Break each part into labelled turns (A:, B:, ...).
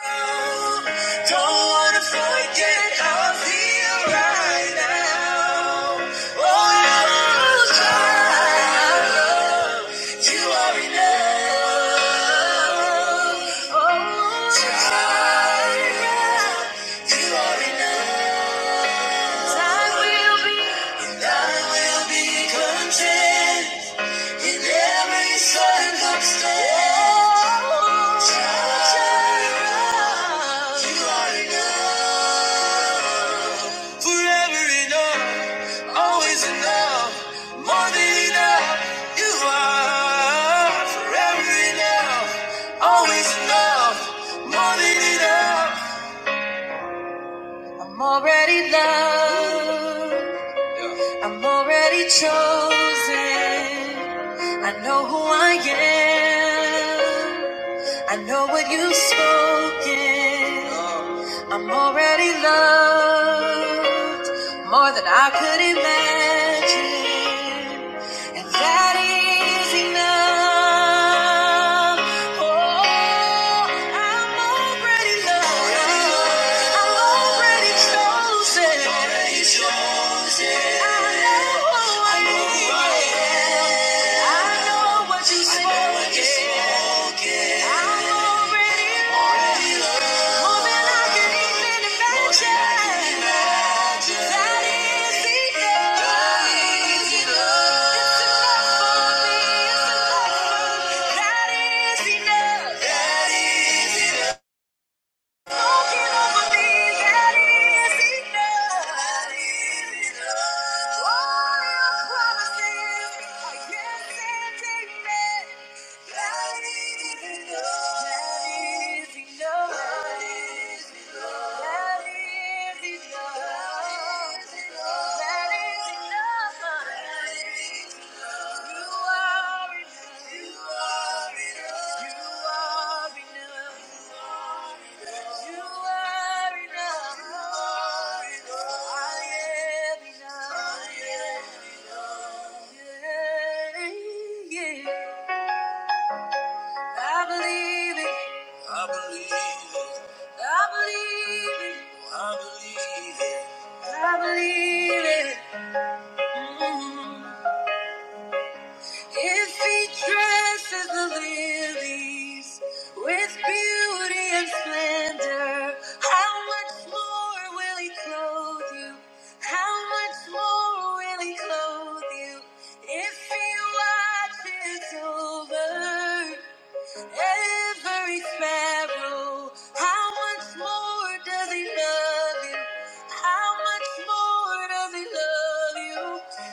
A: Don't wanna forget how I feel right now. Oh, child, you are enough. Child, you are enough. I will be, and I will be content. In every circumstance, you are enough. Forever enough, always enough, more than enough. You are forever enough, always enough, more than enough. I'm already loved. I'm already chosen. I know who I am. I know what you've spoken. I'm already loved more than I could imagine. And that is enough. Oh, I'm already loved. I'm already chosen. I know who I know what you spoke. I know what you spoken. I'm already loved. That is enough. That is enough. I believe it. I believe it. I believe it. I believe it. I believe it. Mm. If he dresses the lilies with beauty and splendor, how much more will he clothe you? How much more will he clothe you? If he watches over every sparrow. How much more does he love you? How much more does he love you?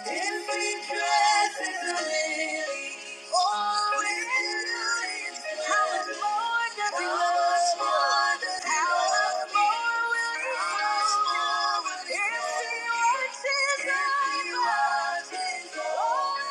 A: If he dresses the lily, oh, with beauty, how much more does he love you? How much more will he love you? If he watches over you,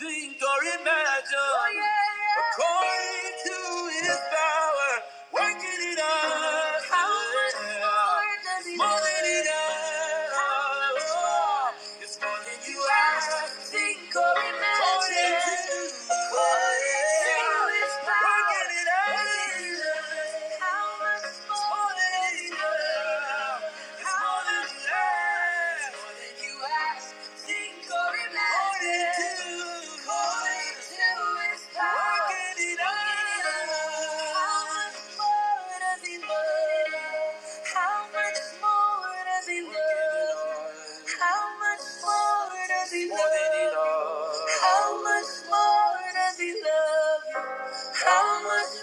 A: Think or imagine done oh, yeah. according to his power, working it out. How much more does he More than he does. How much more? It's more than you ask, think, or imagine. According to, his power, working it out. How much more? more than he does. It's more than you ask. How much more does he love you? How much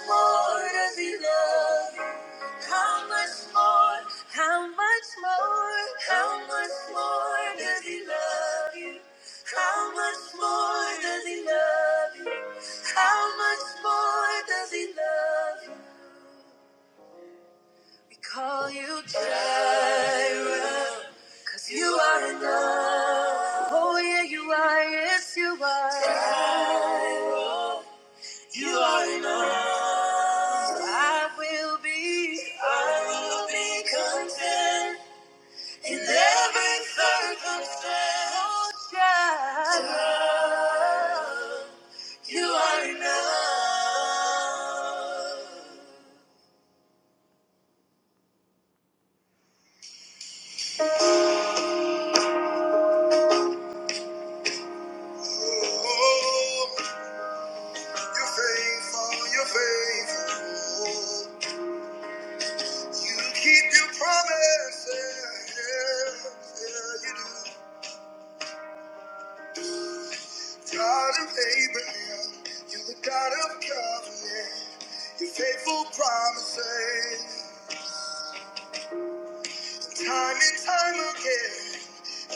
A: more does he love you? How much more, how much more, how much more does he love you? How much more does he love you? How much more does he love you? We call you Jireh, cause you are enough. Oh yeah, you are, yes you are. Jireh, you are enough. I will be, I will be content. In every circumstance, oh, yeah, you are enough. Oh, you're faithful, you're faithful. You keep your promises. Yeah, you do. God of Abraham, you're the God of covenant. Your faithful promises. Time and time again,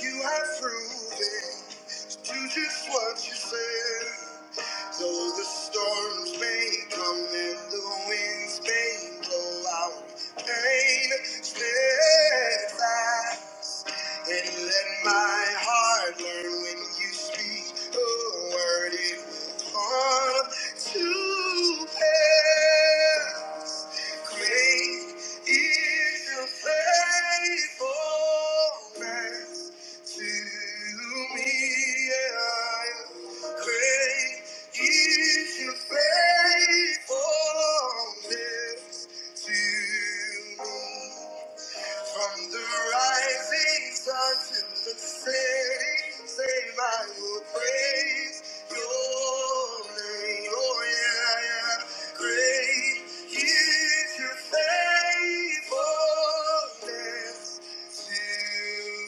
A: you have proven to do just what you said. Though the storms may come and the winds may blow, I will remain steadfast. And let my heart learn when you speak a word, it will come to pass. Great is your faithfulness to me. Yeah. Great is your faithfulness to me. From the rising sun to the setting, same I will praise your name. Oh yeah, yeah. Great is your faithfulness to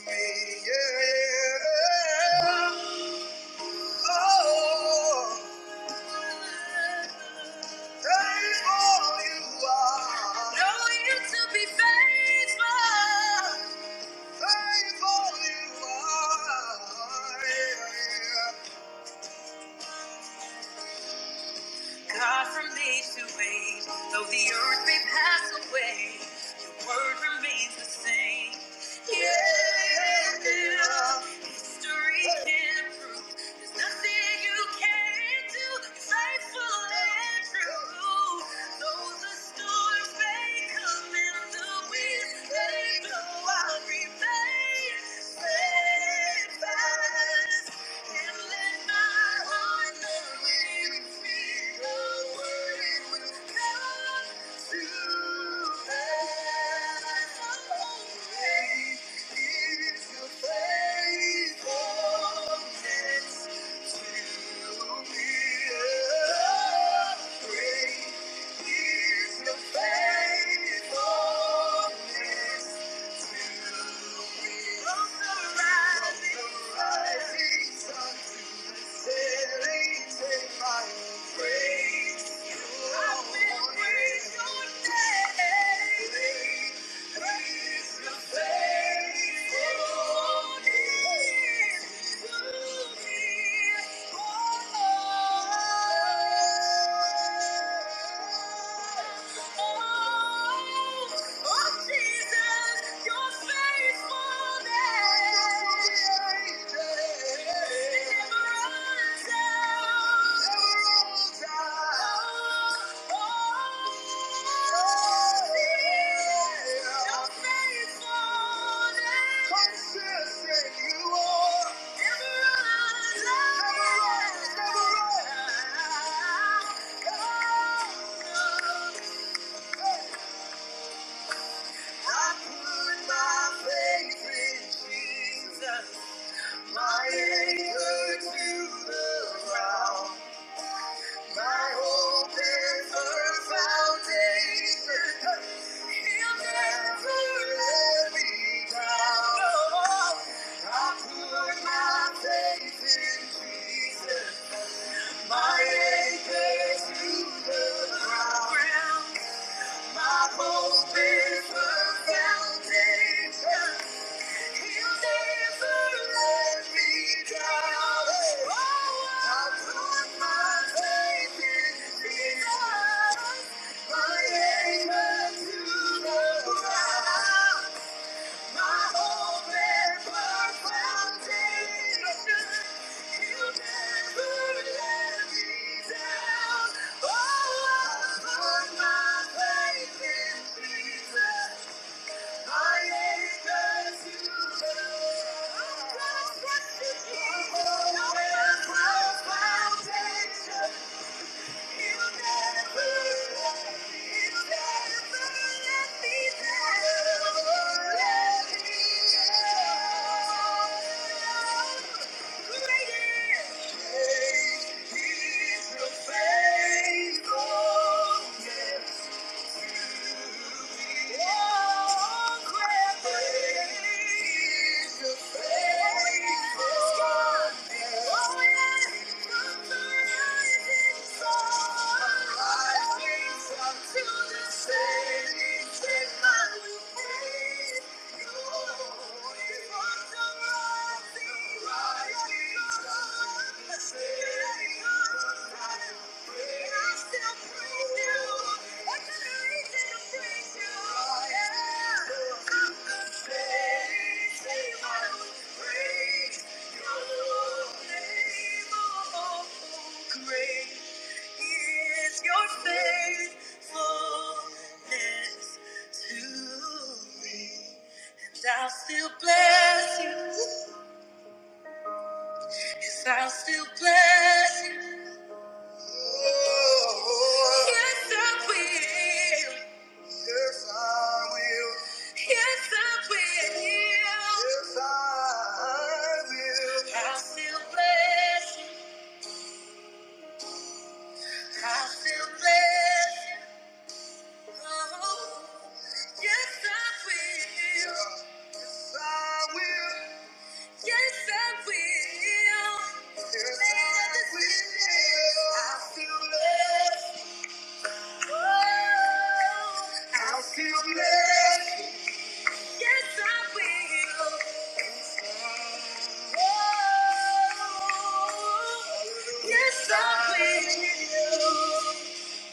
A: me. Yeah, yeah. oh, faithful you are. Know you to be faithful. God remains to wait, though the earth may pass away, your word remains the same. Yeah. History can't prove. There's nothing you. can't do. Faithful and and true. Though the the may may come and the winds may blow, I'll will remain steadfast. and let my heart know it is the word it will come. Thank you. Oh, oh, Jesus, your faith. I put my faith in Jesus. My anchor to the ground, my hope is her foundation. He'll never let me down. No. I put my faith in Jesus, my anchor to the ground. My hope is her foundation. Oh, I put my faith in Jesus. Thank you. Thank you. Great is your faithfulness to me. And I'll still bless you. Yes, I'll still bless you. Yes, I will. Yes, I Yes, I will. Yes, I will. I still bless you. I still bless Oh, yes, I will. I will. Yes, I will. Yes, I will. still bless you. Oh, still bless Yes, I will. Yes, I will.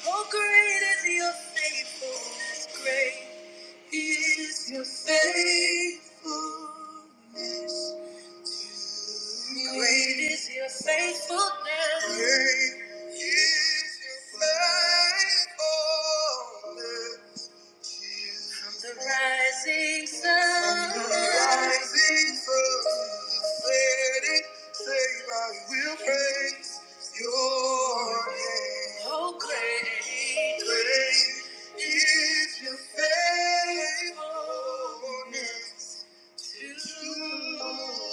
A: Oh, great is your faithfulness. Great is your faithfulness. Great is your faithfulness. Great is your faithfulness. The rising sun. The rising sun. The setting sun. I will praise your name. Oh, great. Great is your faithfulness to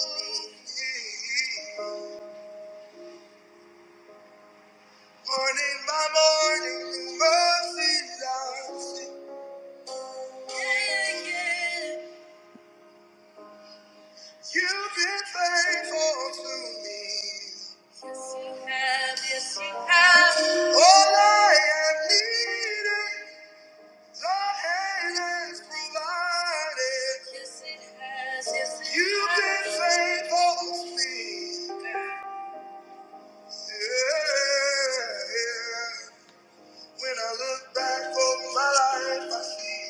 A: me. Morning by morning, mercies I see. Yeah, yeah. You've been faithful to me. Yes, you have. Yes, you have. All I have needed, your hand has provided. Yes, it has. Yes, it You've has. been faithful to me. Yeah. When I look back over my life, I see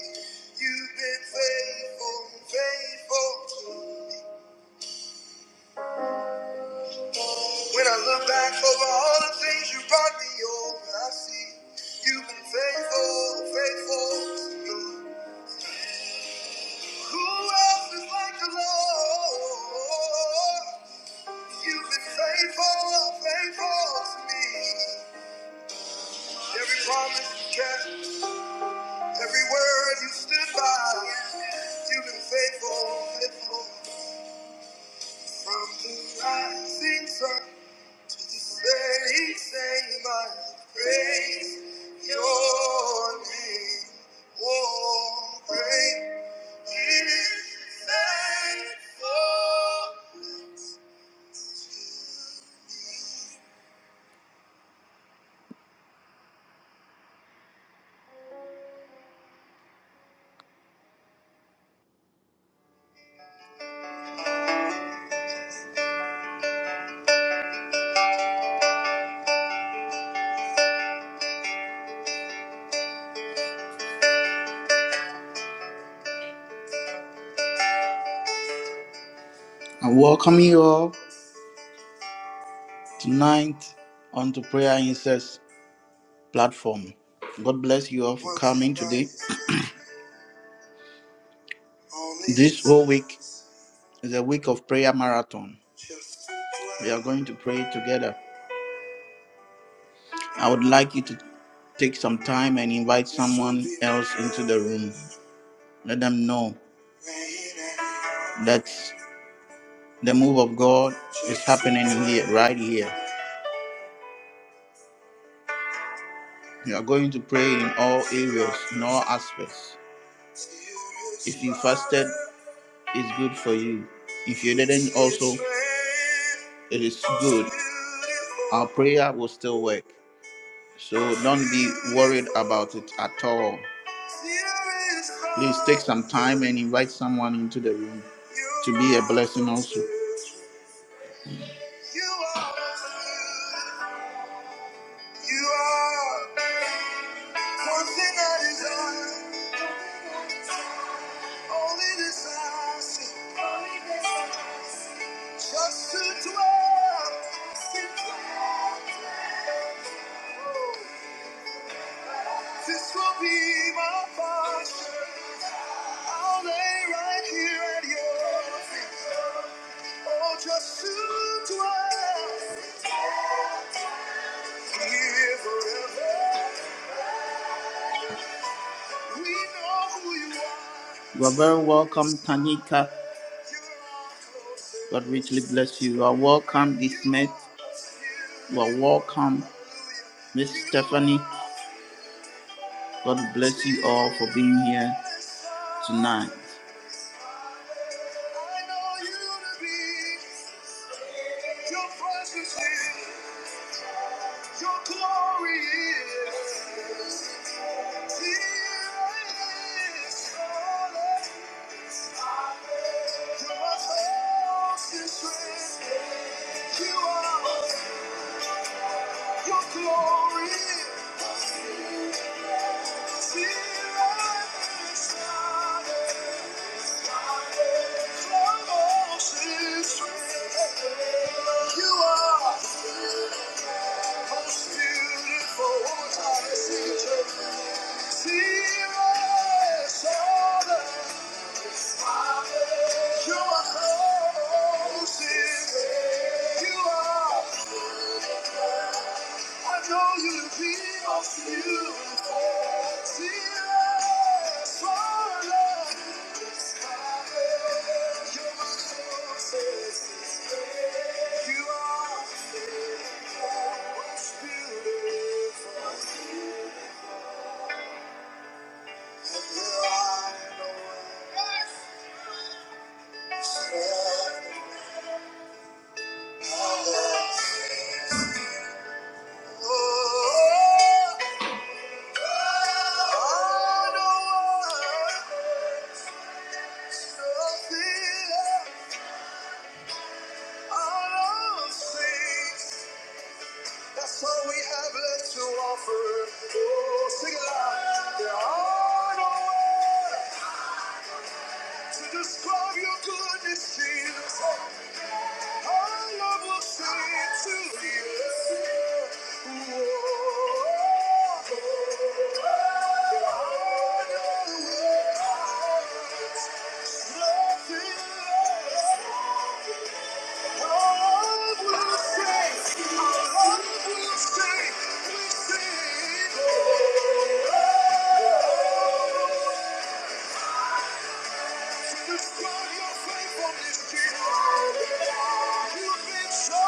A: you've been faithful, faithful to me. When I look back over all the things you brought me over, I see you've been faithful, faithful to me. Who else is like the Lord? You've been faithful, faithful to me. Every promise you kept, every word you stood by. You've been faithful, faithful from the rising sun. Say, say my praise, your name. Oh, great is faithful. I welcome you all tonight onto Prayer incense platform. God bless you all for coming today. This whole week is a week of prayer marathon. We are going to pray together. I would like you to take some time and invite someone else into the room. Let them know. That's the move of God is happening here, right here. You are going to pray in all areas, in all aspects. If you fasted, it's good for you. If you didn't, also, it is good. Our prayer will still work. So don't be worried about it at all. Please take some time and invite someone into the room to be a blessing also. Only this I see, just to dwell, sit down. This will be my portion. I'll lay right here at your feet. Oh, just to dwell here forever. We know who you are. You are very welcome, Tanika. God richly bless you. You are welcome, Dismet. You are welcome, Miss Stephanie. God bless you all for being here tonight. Your presence is, your glory is. Here is falling. You're my constant strength. You are, your glory is. Here is all that is. Your Constant strength. You are most beautiful. One more time, let's sing it, church. You are most beautiful. That's all we have left to offer. Oh, sing it loud. There are no words to describe your goodness, Jesus. Thank you. God, your faithfulness, Jesus. You've been so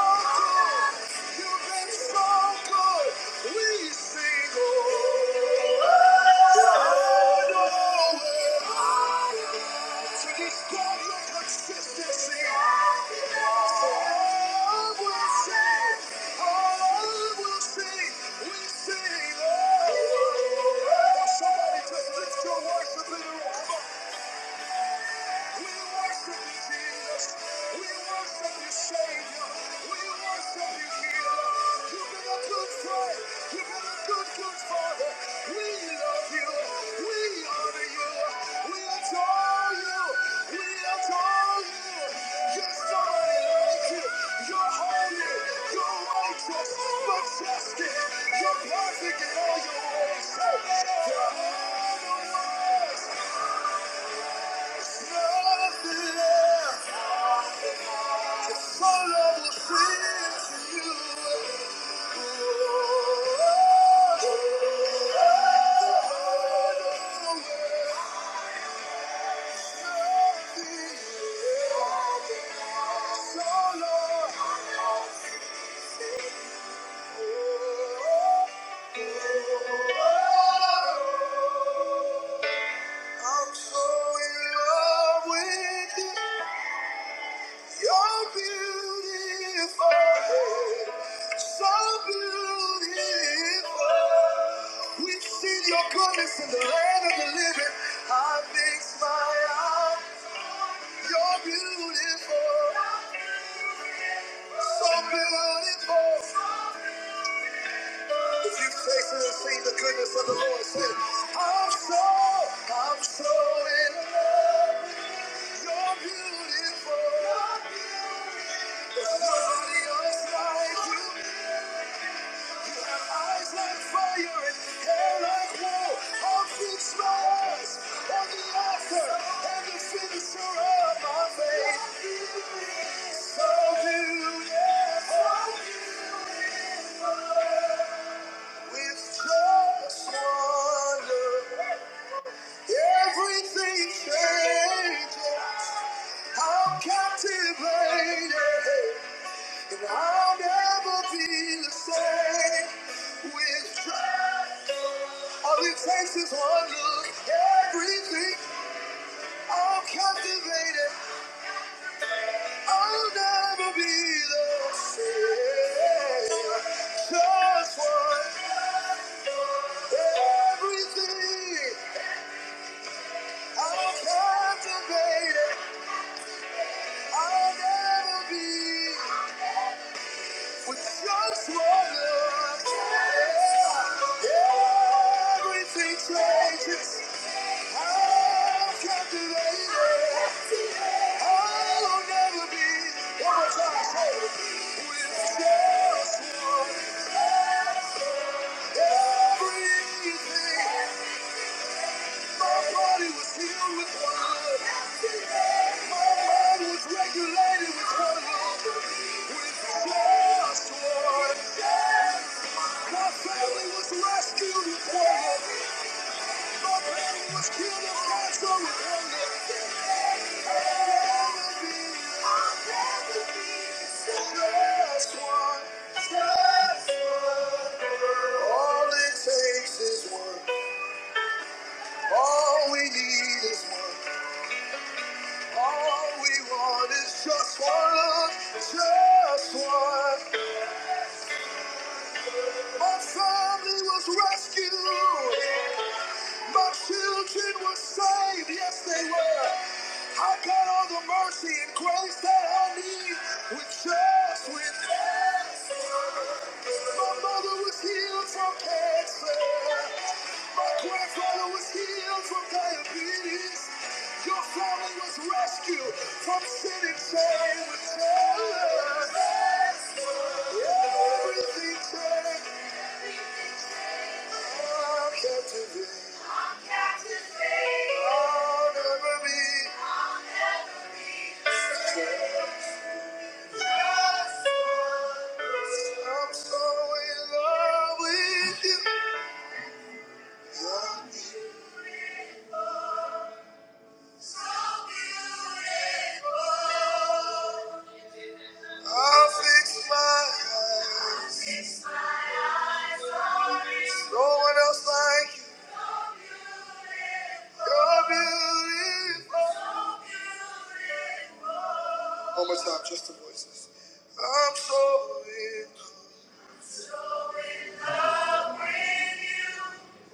A: You've been so We sing, oh, to this your consistency. So will sing, I will sing, we sing, oh. Somebody just lift your voice a little. Come on. We worship you, We worship you, Savior. We worship you, You've good You've good, good Father. We love you. We honor you. We adore you. We adore you. You're somebody like you. You're holy. You're righteous. Majestic. You're perfect all your ways. There are no words. Nothing left. Yes, My love will sing to you. So Lord, I'm so in love with you. You're beautiful. So beautiful. We've seen your goodness in the land of the living. I fix my eyes. You're beautiful. So beautiful. If you've tasted and seen the goodness of the Lord, say, I'm so, I'm so in love. You're beautiful. There's nobody else like you. Eyes like fire and hair like wool. I'll fix my eyes on the author and the finisher of my faith. So do, yeah, so do. Just wonder. Everything changes. I'm captivated and I'll never be the same. With joy, all it takes is one look. Everything Oh, captivated, I'll never be the same. Just one, everything. I'm captivated, I'll never be with just one love. Yeah, everything changes. I'm captivated. I'll never be one time. Hey, with just one, everything. My body was healed with one. My mind was regulated with one. With just one, my family was rescued with one. All it takes is one. All we need is one. All we want is just one just one. My family was rescued. My children were saved. Yes, they were. I got all the mercy and grace that I need with just with hands. My mother was healed from cancer. My grandfather was healed from diabetes. Your family was rescued from sin and shame with just everything turned out captivity. I'll never be. I'm so in love with you. I'll fix my eyes. No one else like you. You're beautiful. One more time, just the voices. I'm so in.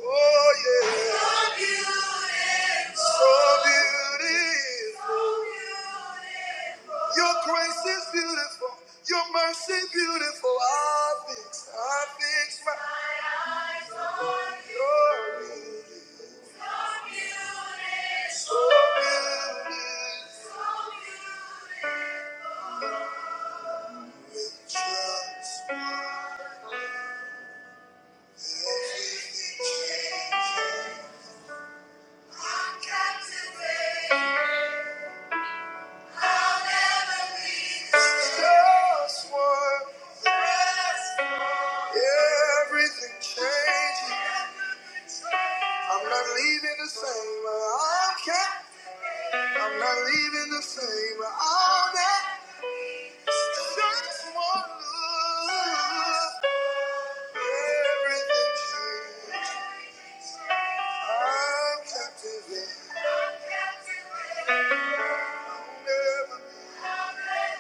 A: Oh yeah, so beautiful. Your grace is beautiful. Your mercy beautiful. I fix, I fix my glory. Trust. Just one, everything changed. I'm not leaving the same. I don't care. I'm not leaving the same. All that. Just one look, everything changed. I'm captivated. Never.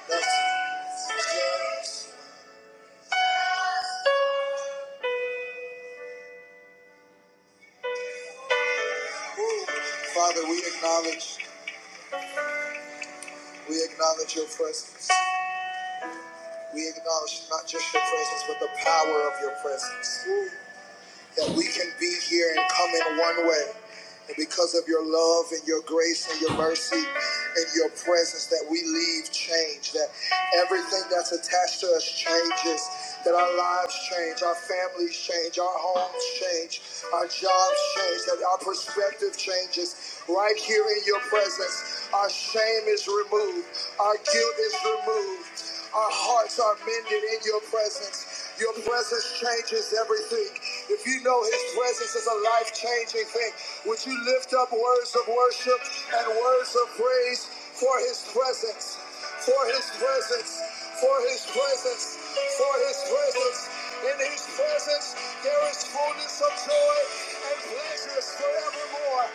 A: That's Father, we acknowledge, we acknowledge your presence. We acknowledge not just your presence, but the power of your presence. That we can be here and come in one way. And because of your love and your grace and your mercy and your presence, that we leave changed. That everything that's attached to us changes. That our lives change, our families change, our homes change, our jobs change, that our perspective changes. Right here in your presence, our shame is removed, our guilt is removed. Our hearts are mended in your presence. Your presence changes everything. If you know his presence is a life changing thing, would you lift up words of worship and words of praise for his presence? For his presence, for his presence, for his presence. In his presence, there is fullness of joy and pleasures forevermore.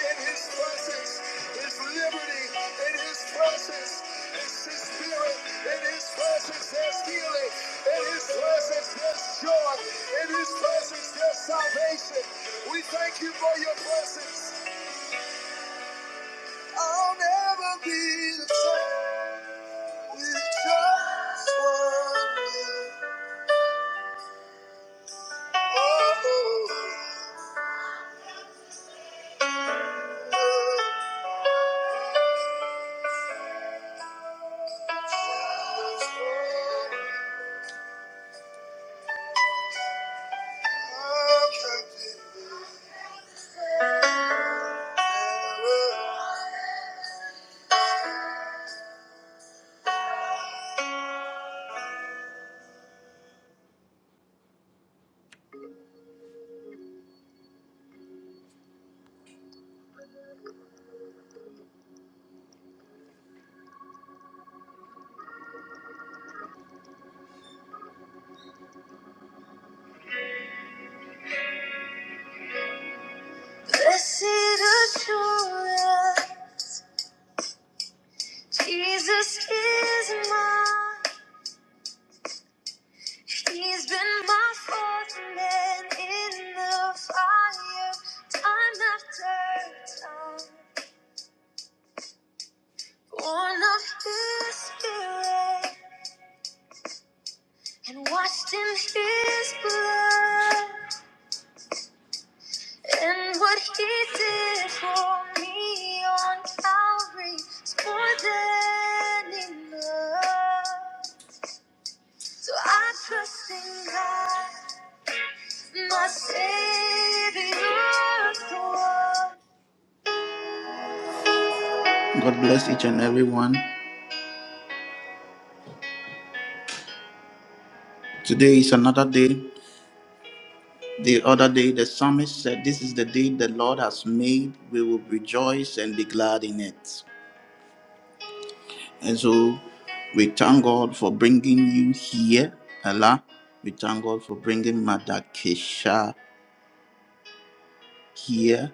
A: In his presence is liberty. In his presence, presence is his spirit. In his presence there's healing. In his presence there's joy. In his presence there's salvation. We thank you for your presence. I'll never be the same. with just one look. Oh, just one minute. Blessed assurance. Jesus is mine. He's been my fourth man in the fire, time after time. Born of His Spirit and washed in His blood. And what He did for me on Calvary is more than enough. So I trust in God. God bless each and every one. Today is another day. The other day, the psalmist said, This is the day the Lord has made. We will rejoice and be glad in it. And so we thank God for bringing you here, Ella. We thank God for bringing Mother Kesha here.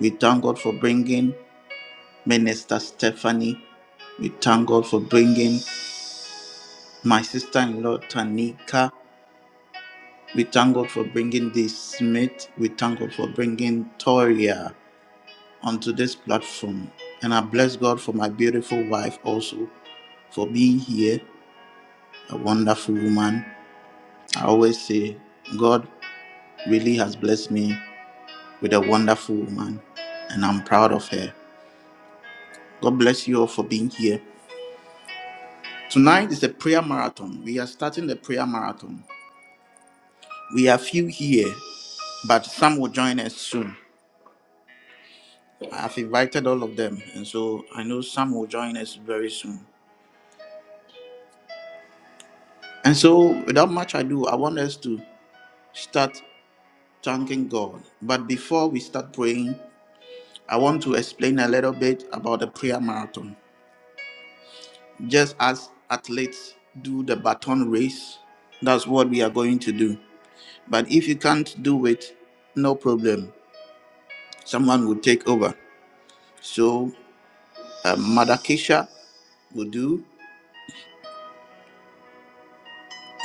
A: We thank God for bringing Minister Stephanie. We thank God for bringing my sister in law, Tanika. We thank God for bringing this Smith. We thank God for bringing Toria onto this platform. And I bless God for my beautiful wife also for being here, a wonderful woman. I always say, God really has blessed me with a wonderful woman, and I'm proud of her. God bless you all for being here. Tonight is a prayer marathon. We are starting the prayer marathon. We are few here, but some will join us soon. I've invited all of them, and so I know some will join us very soon. And so, without much ado, I want us to start thanking God. But before we start praying, I want to explain a little bit about the prayer marathon. Just as athletes do the baton race, that's what we are going to do. But if you can't do it, no problem. Someone will take over. So, uh, Mother Keisha will do,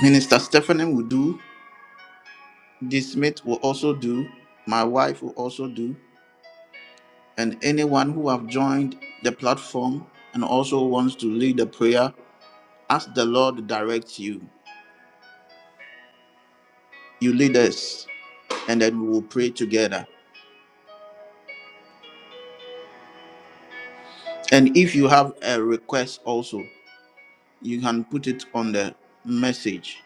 A: Minister Stephanie will do, D. Smith will also do, my wife will also do, and anyone who have joined the platform and also wants to lead a prayer, ask the Lord directs you. You lead us, and then we will pray together. And if you have a request also, you can put it on the message,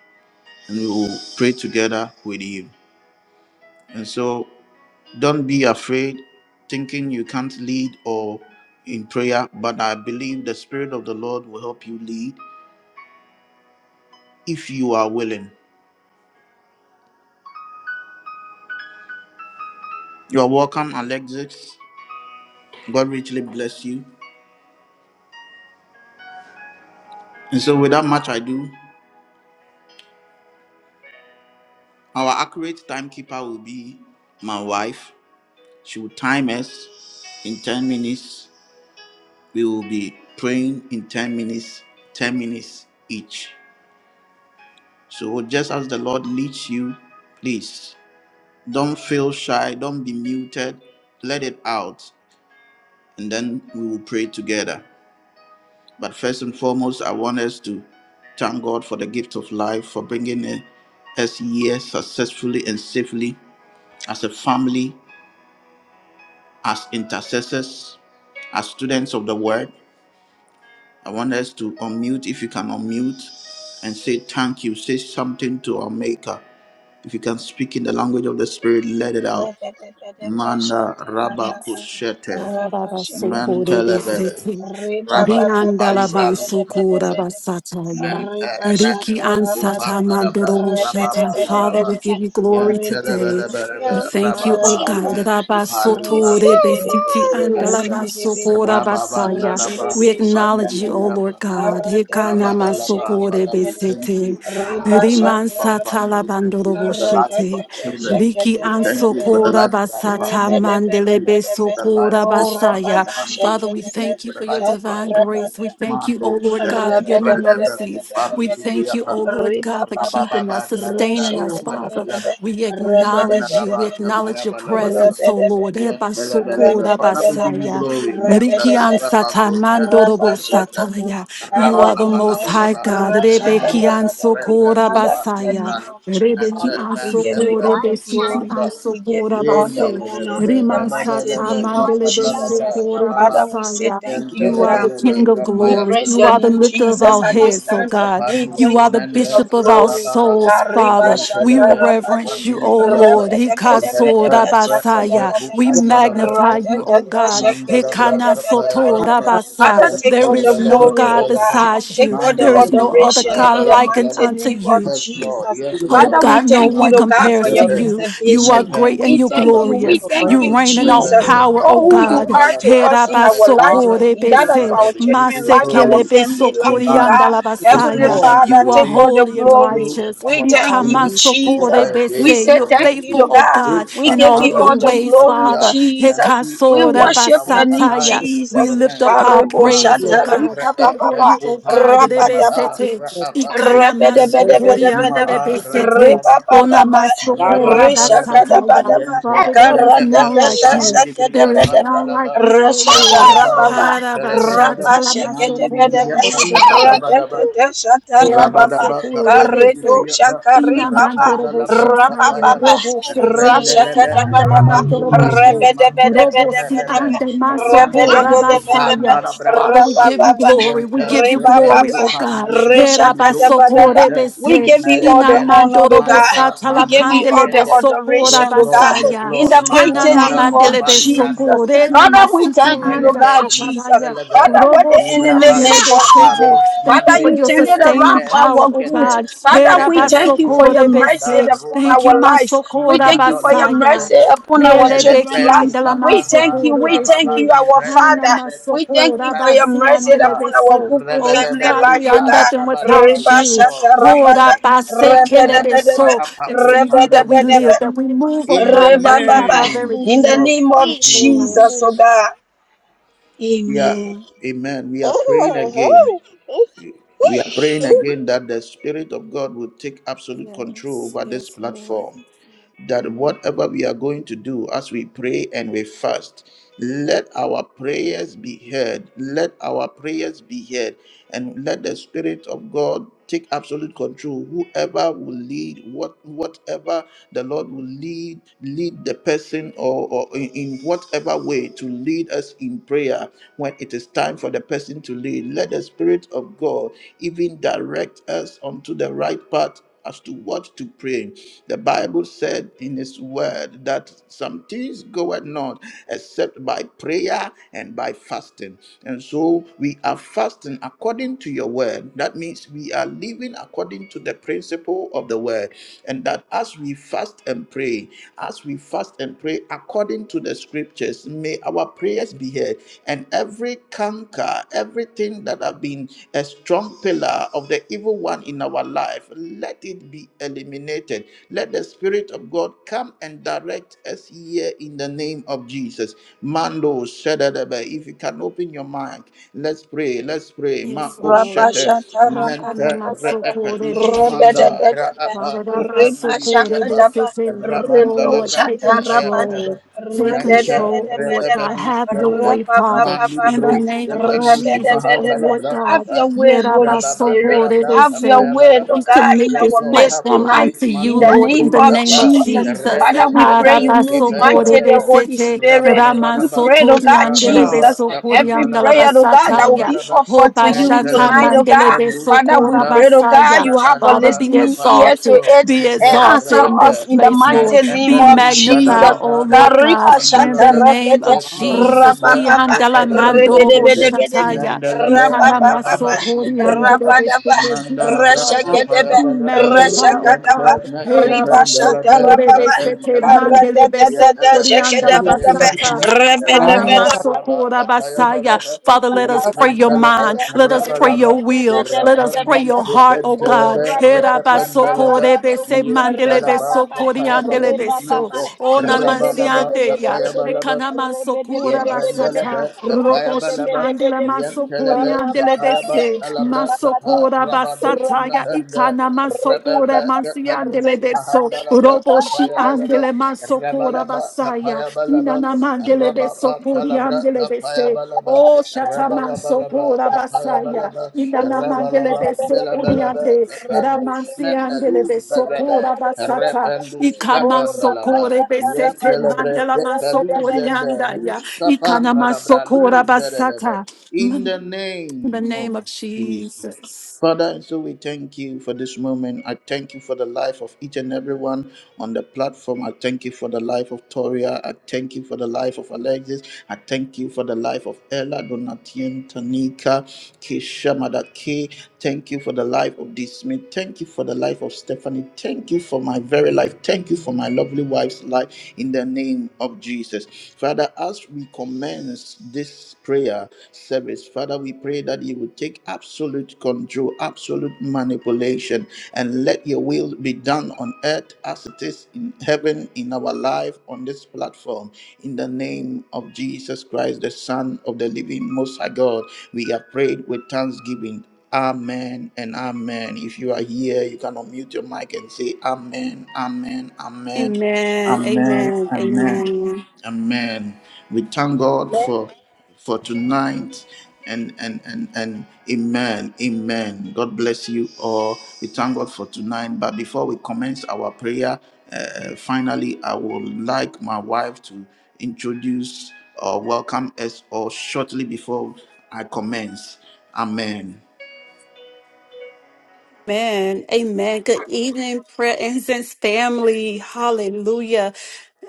A: and we will pray together with you. And so, don't be afraid, thinking you can't lead or in prayer, but I believe the Spirit of the Lord will help you lead if you are willing. You are welcome, Alexis. God richly bless you. And so, without much ado, our accurate timekeeper will be my wife. She will time us in 10 minutes. We will be praying in 10 minutes, 10 minutes each. So, just as the Lord leads you, please don't feel shy, don't be muted, let it out, and then we will pray together. But first and foremost, I want us to thank God for the gift of life, for bringing eh, us here successfully and safely as a family, as intercessors, as students of the word. I want us to unmute, if you can unmute, and say thank you. Say something to our Maker. If you can speak in the language of the Spirit, let it out.
B: Rebedebedebe
A: Manda
B: shanta rabaka
A: rabakushete,
B: raba shekedebedebe
A: mentelebere
C: Rabasukurebesete,
A: rabaku
B: ribababa
A: rabakupalivralus,
B: shekedebedebedebe
C: Biandalabansukurabasataya,
A: Nanta
B: riba
A: Rata
C: Riki
B: shanta
A: Upa
B: rabada
C: ansata
A: Nadabra Rababa
C: mandoroboshata. Father,
A: Nalaba
C: we
B: rebedebedebedebe
C: give you
A: Yan
C: glory today.
A: Telebelebe
B: ribidibidibidi
C: We thank you,
A: Rababa
C: O God.
B: karabababa
A: Upaluka
B: ribidibidibidi
C: Rabasotorebesiti
B: ribidibidibidi
A: Rababa
C: andalamansukurabasaya.
A: Nalabra
C: We
B: ribidibidi
A: Padmi
C: acknowledge you, O
B: shakadaba
A: Rapa
C: Lord God.
B: karadadada
A: Rabadalaba. Father, we
B: shekedebedebe
A: thank
C: Hikanamasukurebesete,
A: you
B: riba
A: for the life of
B: shanta
A: our family.
B: rababa
A: We thank you
B: Oh,
A: for the
B: Rabba,
A: life of
C: Rimansatalabandarobosete.
A: our children.
B: shake
C: Liki
A: We thank you for the
C: ansokora
A: life of our
C: basata
A: family. We thank you
C: mandelebe
A: for the life
C: sokora
A: of our family.
C: basaya.
A: Mando,
C: Father,
B: it,
C: we
A: we thank you
C: thank you
A: for the
C: for your
A: life of
B: shut
A: our
C: divine
A: church.
C: grace. We
B: the
C: thank you, O
A: Mando,
C: Lord
B: Father,
A: Shetta,
C: God, for your
B: in
C: new
B: the
A: Brenda,
C: mercies. We
A: Family,
C: thank you,
A: Yapa,
C: O Lord God, for keeping
A: Rabababa,
C: us,
A: Nada,
C: sustaining
D: Glory.
C: us,
A: Tapaya,
C: Father.
A: Balaba,
C: We
A: Randa,
C: acknowledge you.
A: Laba,
C: We acknowledge
A: Tapaya,
C: your
A: Balabalaba.
C: presence, O Lord.
A: Yes,
C: Eba
A: bele, bele, bele.
C: sokora
A: Father, we give you
C: basaya.
A: glory. Manda,
C: Rikian
A: rabako, shen,
C: satamando robo
A: bele, bele, bele.
C: sataya. You
A: Rabba,
C: are
D: Hallelujah.
C: the
A: laba,
C: most
A: laba,
D: We
C: high
A: laba.
C: God.
D: bless
A: Mente,
C: Rebekian
D: you.
A: repe,
C: sokora
A: upa,
C: basaya.
A: liva,
B: name of Jesus,
A: mente,
C: Rebekian
B: we give
A: mente,
D: Hallelujah.
B: you
C: sokore
B: all the
A: pendus,
C: besiti
B: glory.
A: manda.
C: an
B: We give you
C: sokora
B: all
A: In,
B: the
C: base.
A: bele, bele,
B: honor
A: bele.
B: in the
C: Riman
A: Rebe,
B: mighty
A: bele, bele.
B: name of
A: Kapa,
C: satamandelebe
A: laba, bra,
B: Jesus.
C: sokora
A: rabba, ba.
B: Father, we say
C: basaya.
B: thank you,
A: Mente,
D: Glory
B: to
C: You
D: to
C: are
A: lebe,
B: God.
C: the
A: lebe.
C: King of
A: Kapa,
B: We
A: ya,
C: glory.
A: bele,
B: praise
C: You
B: your
A: bele.
C: are the
B: name,
C: lifter of
B: Jesus,
C: our
A: Mandi,
B: at this
A: libi,
C: heads, oh
B: time.
A: kapa,
C: God.
B: We
A: nus,
C: You
B: thank
C: are
B: you,
C: the
A: mende,
B: King
C: Bishop
B: of
C: of our
A: rabba,
B: Glory.
A: ba,
C: souls,
B: Kariba
C: Father.
A: Mente,
C: We
B: shata
A: lebe,
D: God.
A: kapa,
B: rabado,
C: reverence you,
A: libi,
C: oh
A: ya,
C: Lord.
A: ba.
B: rabada
A: Yes,
B: bada bada
A: Lord.
B: bada shaka da
C: Hikasorabasaya.
B: bada
C: We
B: ba,
C: magnify
B: rata
C: you,
B: da
C: oh
B: da
C: God.
B: shaka da bada bada bada ba. Father,
D: Hallelujah.
C: Hikanasotorabasa.
B: take
C: There
B: all the
C: is no
B: glory,
C: God
B: O God.
C: besides
B: Take
C: you.
B: all the
C: There is
D: Thank
C: no
D: you
C: other
B: adoration in
C: God
B: the
C: likened
B: mighty
C: unto
B: name
C: you.
B: of Jesus.
A: Yes,
C: Oh
D: Lord.
A: Lord.
B: Father, we
C: God, no
B: thank you,
A: Ma-
C: one
D: Thank
B: Lord
D: you for
B: God, for
C: compares
B: your
C: to
A: Pepe,
D: loving
C: you.
D: us.
C: You are
B: preservation.
A: Nepe,
C: great and
B: We
C: you're
A: Ubaba,
B: thank you.
D: Thank you
B: We
A: Mi,
C: glorious.
D: for
B: thank
D: bringing us
C: You
B: you,
A: Mahalus,
C: reign in
D: together.
C: all
B: Jesus,
D: Lord.
A: Prevede,
C: power,
B: for
C: oh
B: who
D: Hallelujah.
B: you
C: God.
B: are to
A: Randalaba,
B: us in
A: Tapaya,
B: our life,
A: Balaba,
D: Hallelujah.
B: in that of
C: Herabasokorebese,
A: Father,
B: our
A: we give
B: children
A: you
D: Give
B: life,
D: us
B: our
A: glory
B: family life, oh
A: tonight.
B: God.
D: To
A: At this
B: Heavenly
C: masekelebesokoreandalabasaya.
D: restore.
A: moment, if
B: Father,
C: You
A: we
C: are
B: take
A: live,
B: all the
C: holy
A: we
C: and
A: can
B: glory.
A: move, and
C: righteous.
A: have
B: We
A: our
B: thank you,
A: being,
D: Hallelujah.
A: it is by
B: Jesus.
A: your
B: We
A: grace
C: Ikamasokorebese.
A: and
B: say
C: You're
A: your
B: thank you,
A: mercy.
C: faithful,
B: Lord
C: oh oh
B: God.
C: God,
A: which
B: We
A: are
C: in
B: give
C: all of
B: you
A: founded
B: all
C: your
B: the
A: just
C: ways,
A: as we
B: glory,
C: Father.
A: are,
B: Jesus.
A: empty
B: We
D: Give
C: Hikasora
D: us
A: handed
B: worship
D: a
A: are
D: hunger
A: we
B: your
D: for
B: name,
C: basataya.
A: alive
D: you.
A: in
C: We
B: Jesus.
A: your
C: lift
A: hands.
D: Give us
C: up
D: a
C: our
B: Karebo
C: praise, oh
D: feel
B: shata
A: Mande
D: right.
C: God,
B: rika ba ba
C: before
A: re'e
B: ba,
C: you, oh God.
A: upandi
B: rapa da
A: maha
B: ba.
D: you
C: Rebesete,
A: ra'abaku ente
B: Rabadabadabadabadaba.
C: ikanamasokoreandelebesete,
A: maha
B: Ribabababa.
C: onamasokora
A: Rabalabalaba,
C: basataya.
B: Rishakadabadaba.
A: Yente
C: Father, there is
A: Repe
C: none like
B: Karadadada.
A: Upan
C: you. There
A: Midibria
C: is
B: Shakadabadaba.
C: none like
A: Pandalaba,
C: you, O Lord.
A: Rabalabalaba,
B: Rashakarababa.
A: Telebelebe, Nandi Bria
B: Rabashakadabadaba.
C: Harabashatalamasokoriandelebese.
A: Padabalaba,
B: Radadada.
D: Hallelujah.
C: Era da
B: Shatarababa.
A: Rabadaba
C: secure bese.
B: Karedo
A: Kapanibriapa,
C: Ina
B: shakaribaba.
C: mandorobo
A: Rapandalabra
C: shataya.
B: Rabababa.
A: Kapayaba,
C: Robo se telebesi
A: Rendelebe,
C: anda la
B: Rashakadabadaba.
C: mandorobo
A: Rabakupani
C: she.
A: Mante
C: Robo si
A: Rebebe,
B: Rabadabadabadabadaba.
C: ande maso
A: Randu
B: Rabadabadabadaba.
C: basaya.
A: Hikandalabra
C: Father, we
A: Kapa,
C: give you
B: Rabababa.
C: glory. We
A: Yentel
C: give you
A: Rebe
C: glory,
B: Rebababa,
C: oh God.
A: Kupani
C: Era
A: Mandibru
C: baso
B: reshakatabadaba.
C: pore
A: Mate,
B: We
C: bese.
B: give you all
C: Ina
B: the honor,
A: Melebrelus
B: Lord
C: mandorobo
B: God.
A: Manta
B: We
C: satala
B: give you
A: Manus
C: pandele
B: all the
A: Tende,
C: beso
B: adoration,
A: Yes,
B: Lord God.
A: Lord. Yes,
C: basaya.
B: In
A: Lord.
B: the
C: Ena
B: mighty
C: na
B: name
A: Mandalabra,
C: mandele
B: of
A: Upa
C: beso
A: Libra,
B: Jesus.
A: Nus,
C: pore na
A: Mante,
B: Father, we
C: masisi
B: thank you, Lord
C: anda
A: Meleve,
B: God,
A: Nus,
B: Jesus.
C: shatabaya.
A: Peleve,
B: Father, what
C: Robo
B: the enemy
A: Libravandi,
C: siandele
B: meant for
A: Papa,
B: evil.
C: besete.
A: Nus,
C: Thank you
B: Father,
A: Mande,
C: for
B: you
C: your
B: turned it
C: sustaining
B: around
A: Meleve,
B: for
A: Nus,
C: power,
B: our
C: oh
B: good.
A: Kende,
C: God.
B: Father,
C: Hera
B: we
A: Rebebe,
B: thank you for
A: Nus,
B: your
C: basokore
B: mercy
A: Manda,
C: bese.
B: upon
C: Thank you,
A: Rubaba,
B: our lives.
A: nus
B: We
C: Masokora
B: thank you for
A: Mandoli
B: your
C: Basaya.
B: mercy
A: zede
B: upon our
C: Hele
A: mele
B: children's
A: pelu
B: lives.
C: bekiandela
B: We
A: kapanda
B: thank you.
C: masokore
B: We thank
C: bese.
B: you,
A: rababandi
B: our
C: Ana
A: repele
B: Father.
A: pelu
B: We thank you
C: masokora
B: for
A: alprandu
B: your mercy
A: mata
C: basiandele
B: upon our
C: beso.
B: Google
C: Oh
B: family
A: rebebebe
C: God, we
B: life,
C: are
B: oh
A: luka
C: nothing
B: God.
A: rabalaba
C: without
B: Reba
A: yes
C: you.
A: lord
B: shata
A: yes
B: rabada,
C: Hora
A: lord mante
C: basekele
B: rebede bedebe,
C: beso.
A: raapaku
C: It's in you
B: rebede
C: that we
B: bedebe,
C: live,
A: panimbriapa
C: that we move, oh
A: in the
C: God, and that
B: reba
C: we have
B: baba.
C: our very
A: name
B: In the
A: of
C: being.
B: name of
C: Yes, Lord.
B: Jesus, oh
A: Jesus
B: God.
A: we are
B: Amen.
A: amen we are praying again we are praying again that the spirit of God will take absolute control
C: Yes,
A: over this
C: yes, Lord.
A: platform that whatever we are going to do as we pray and we fast, let our prayers be heard. Let our prayers be heard. And let the Spirit of God take absolute control. Whoever will lead, what whatever the Lord will lead, lead the person or, or in, in whatever way to lead us in prayer when it is time for the person to lead. Let the Spirit of God even direct us onto the right path as to what to pray. The Bible said in His Word that some things goeth not except by prayer and by fasting. And so we are fasting according to your Word. That means we are living according to the principle of the Word. And that as we fast and pray, as we fast and pray according to the Scriptures, may our prayers be heard. And every canker, everything that have been a strong pillar of the of the evil one in our life, let it be eliminated. Let the Spirit of God come and direct us here in the name of Jesus. Mando Shadadaba, if you can open your mic, let's pray, let's pray.
C: Yes,
A: Mako
C: Lord.
A: Shete,
B: Rabashata
A: Mente
B: rabadabadaba
A: Reepelis
C: Ha-ha-na-ma-so-ko-re-be-se-te.
A: Manda,
B: rabadabadaba
A: Raapa, Upadilibriapa,
B: ribashakadaba
C: Ba-da-da-ba-so-ko-re-be-se-te. Oh Lord,
A: Rabandalabra,
C: take
B: riboshata
A: Tapaya
B: rabada
C: control.
A: badaba
C: Take
A: Mente
C: control, oh Lord
B: rabadabadabadaba
C: God.
A: Reebedus
C: Have your
A: Mente,
C: way, Father. In
D: We
B: rabababababa
C: the
A: Mandibros,
C: name of
A: Epelus
C: Jesus, oh
B: rabadabadaba.
C: Lord
A: Mahandalabra,
B: Have
C: God.
B: your
A: Tapa
B: way, Holy Spirit. Have your
C: Ye-ra-ba-so-ko-re-be-se.
B: way,
A: Rababandarabrakapayabalaba.
B: oh
C: We
B: God,
C: commit
B: in
A: Yes,
C: this
B: our
A: Lord, have
B: midst
A: your
C: platform
A: way.
B: tonight.
C: unto
B: In
C: you,
A: Mani
B: the
C: Lord,
D: welcome
C: in
B: name
C: the
B: of
C: name
A: Brikapa,
C: of
B: Jesus.
C: Jesus.
B: Father,
A: Reben
B: we pray
A: Telebe,
B: you move mighty the
A: Kepayabalebe,
B: Holy
C: Ha-ra-ba-so-ko-re-be-se-te.
B: Spirit. We
A: Rabalabaraba,
B: pray, oh God,
D: in our
A: Rabalaba,
B: Jesus,
D: hearts.
B: every
A: Kapanalabra,
B: prayer, oh God, that will
C: Ra-man-so-to-ri-an-de-le-be-so-ko-ri-an-da-la-ba-sa-ta-ya.
B: be
A: Kapayabalaba,
B: offered to you
D: Hallelujah.
C: Hobashata
A: Mentelebe,
B: tonight, oh God.
C: mandelebe
B: Father, we
C: sokora
A: Kepandushmanda,
B: pray, oh God,
C: basaya.
B: you have a
C: Father,
A: Rabalaba,
C: be
B: listening
A: Kapa,
B: ear
A: yes,
B: to
C: exalted,
A: Lord,
B: it
C: be
A: Mende,
B: and answer
C: exalted in
A: Repe,
C: this
B: us in the
C: place,
A: Ne,
D: Hallelujah.
C: Lord.
B: mighty
D: Hallelujah.
B: name
C: Be
B: of
A: Epelus,
C: magnified,
B: Jesus.
A: Badalaba,
C: O Lord
A: Nika,
C: God,
B: Kariba
C: in
B: shanta
C: the
A: Pandalabra,
C: name
B: rakete
C: of
A: Yes, Lord.
C: Jesus.
A: Nanda
B: rapapapa
A: Re
C: Kiandala
A: Redu
C: mandorobo
A: Skepe,
B: rebedebedebedebe
C: shataya.
A: Nandalaba
B: rapapapa
A: Rababa
C: Ikanamaso koriandelo
A: Libriapa,
B: rapadaba
C: beseto. Be
A: Mandalabra
C: exalted.
B: rashaketebe
C: Be
A: Sapayabalaba,
C: magnified, O
A: Yanta
B: rashakataba
C: God.
B: riba
C: Herabaso
B: shanta
A: Nakapandalaba,
C: basokore
B: rapapa
C: besete
A: Ratantalaba,
C: mandele beso
B: karatatata
A: Yatalaba
C: koriandala
B: shaketebedebe
C: basata.
A: Sapayabalaba,
C: Kana
A: Rabba
B: rebedebedebe
A: Salaba
C: masokora basaya.
A: Sapayabalaba,
C: Father, let us pray your
A: Yatantalaba
C: mind. Let us pray your
A: Rabalaba,
C: will. Let us pray
A: Yarapandi
C: your heart, O
B: Oh,
C: God.
A: Kepentalaba,
B: Rado
C: Hera basokore Herabaso
A: Rapandalaba,
B: Shakarabado,
C: korebese mandelebe
B: Reba
A: Yatalaba
B: Baba,
C: andele
A: Sapayabalu,
B: Reba
C: beso.
B: Baba,
A: Nanta
C: O
B: Rebe
C: nanamasi
B: de
A: Rabalaba
B: Bede
C: ande
B: Bede
C: ya.
B: Bede Bede,
A: Sapayabalaba,
C: Ekana maso
B: Rebe de
C: kura
B: Bede Bede Bede,
A: Yependelebe
C: basata.
B: Rebe de
C: Roboshi
A: kapayabalaba
B: Bede Bede
C: andele
B: Bede,
C: maso kuri
A: yentelebe
C: andele
B: Karababa,
A: kapayaba
C: bese.
A: kalabra
C: Maso
A: kapa
B: Rabadaba,
C: kura
A: rabadush
C: basata ya
B: Rabadaba,
A: mahanda
C: ikana maso
A: rebebe
C: kura
B: Rechakata,
C: mansi
A: kapandush
C: andele beso.
A: mahanda labra
C: Roboshi
B: Rechakata,
A: kapayabalaba
C: andele maso kura
A: rebalaba
C: basaya.
A: kapayabalaba
C: Inana mandele
A: rababa
C: beso kuri
A: kalabra
C: andele bese.
A: kapayabalaba
C: Oh, Shataman
A: Rabalabalaba,
C: Sokora Basaya,
A: Kapayabalaba,
C: Inanamandele
A: Rabalaba, Belabalaba,
C: Besokuriande,
A: Kapandus,
C: Ramansiandele
A: Metaluz, Bavada,
C: Besokora Basata,
A: Repandus, Kapandalaba,
C: Ikamasokore
A: Yen
C: besete
A: Telebre,
C: mandala
A: Kapaluz,
C: masokori
A: and the
C: andaya.
A: Luz Kapanalabra,
C: Ikanamasokora
A: Luz, Verelebe.
C: basata.
A: In the
C: In the
A: name of
C: name of
A: Jesus.
C: Jesus.
A: Father, so we thank you for this moment. I thank you for the life of each and everyone on the platform. I thank you for the life of Toria. I thank you for the life of Alexis. I thank you for the life of Ella, Donatien, Tanika, Kisha, Madake. Thank you for the life of D. Smith. Thank you for the life of Stephanie. Thank you for my very life. Thank you for my lovely wife's life in the name of Jesus. Father, as we commence this prayer service. Father, we pray that you would take absolute control, absolute manipulation, and let your will be done on earth as it is in heaven in our life on this platform. In the name of Jesus Christ, the Son of the living Most High God, we have prayed with thanksgiving. Amen and amen. If you are here, you can unmute your mic and say amen, amen, amen,
C: Amen.
A: amen,
C: Amen.
A: amen.
C: Amen.
A: Amen. We thank God for for tonight. And and and and amen. Amen. God bless you all. We thank God for tonight. But before we commence our prayer, uh, finally, I would like my wife to introduce or welcome us all shortly before I commence. Amen.
C: Amen. Amen. Good evening, presence family. Hallelujah.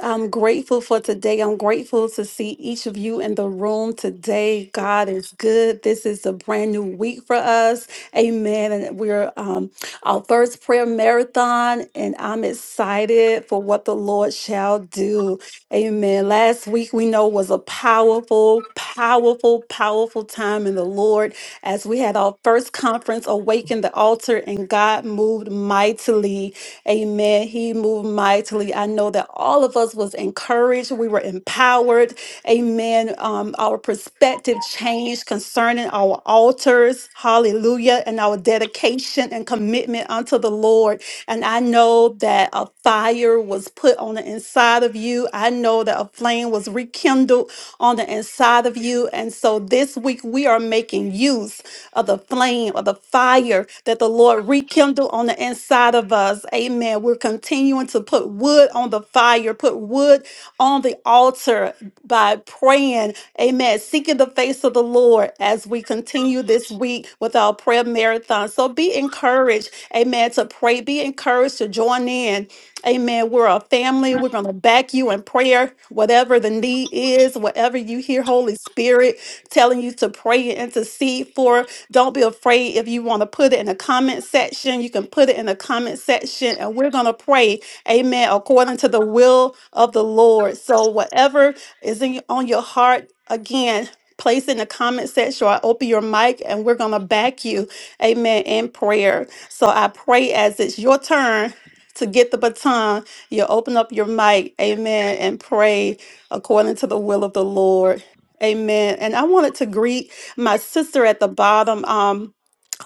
C: I'm grateful for today. I'm grateful to see each of you in the room today. God is good. This is a brand new week for us. Amen. And we're um, our first prayer marathon, and I'm excited for what the Lord shall do. Amen. Last week, we know, was a powerful, powerful, powerful time in the Lord as we had our first conference, Awaken the Altar, and God moved mightily. Amen. He moved mightily. I know that all of us was encouraged. We were empowered. Amen. Um, our perspective changed concerning our altars. Hallelujah. And our dedication and commitment unto the Lord. And I know that a fire was put on the inside of you. I know that a flame was rekindled on the inside of you. And so this week we are making use of the flame of the fire that the Lord rekindle on the inside of us. Amen. We're continuing to put wood on the fire, put wood on the altar by praying. Amen. Seeking the face of the Lord as we continue this week with our prayer marathon. So be encouraged. Amen. To pray, be encouraged to join in. Amen. We're a family. We're going to back you in prayer, whatever the need is, whatever you hear, Holy Spirit telling you to pray and intercede for. Don't be afraid if you want to put it in the comment section. You can put it in the comment section and we're going to pray, amen, according to the will of the Lord. So, whatever is in, on your heart, again, place in the comment section or open your mic and we're going to back you, amen, in prayer. So, I pray as it's your turn to get the baton, you open up your mic, amen, and pray according to the will of the Lord. Amen. And I wanted to greet my sister at the bottom, um,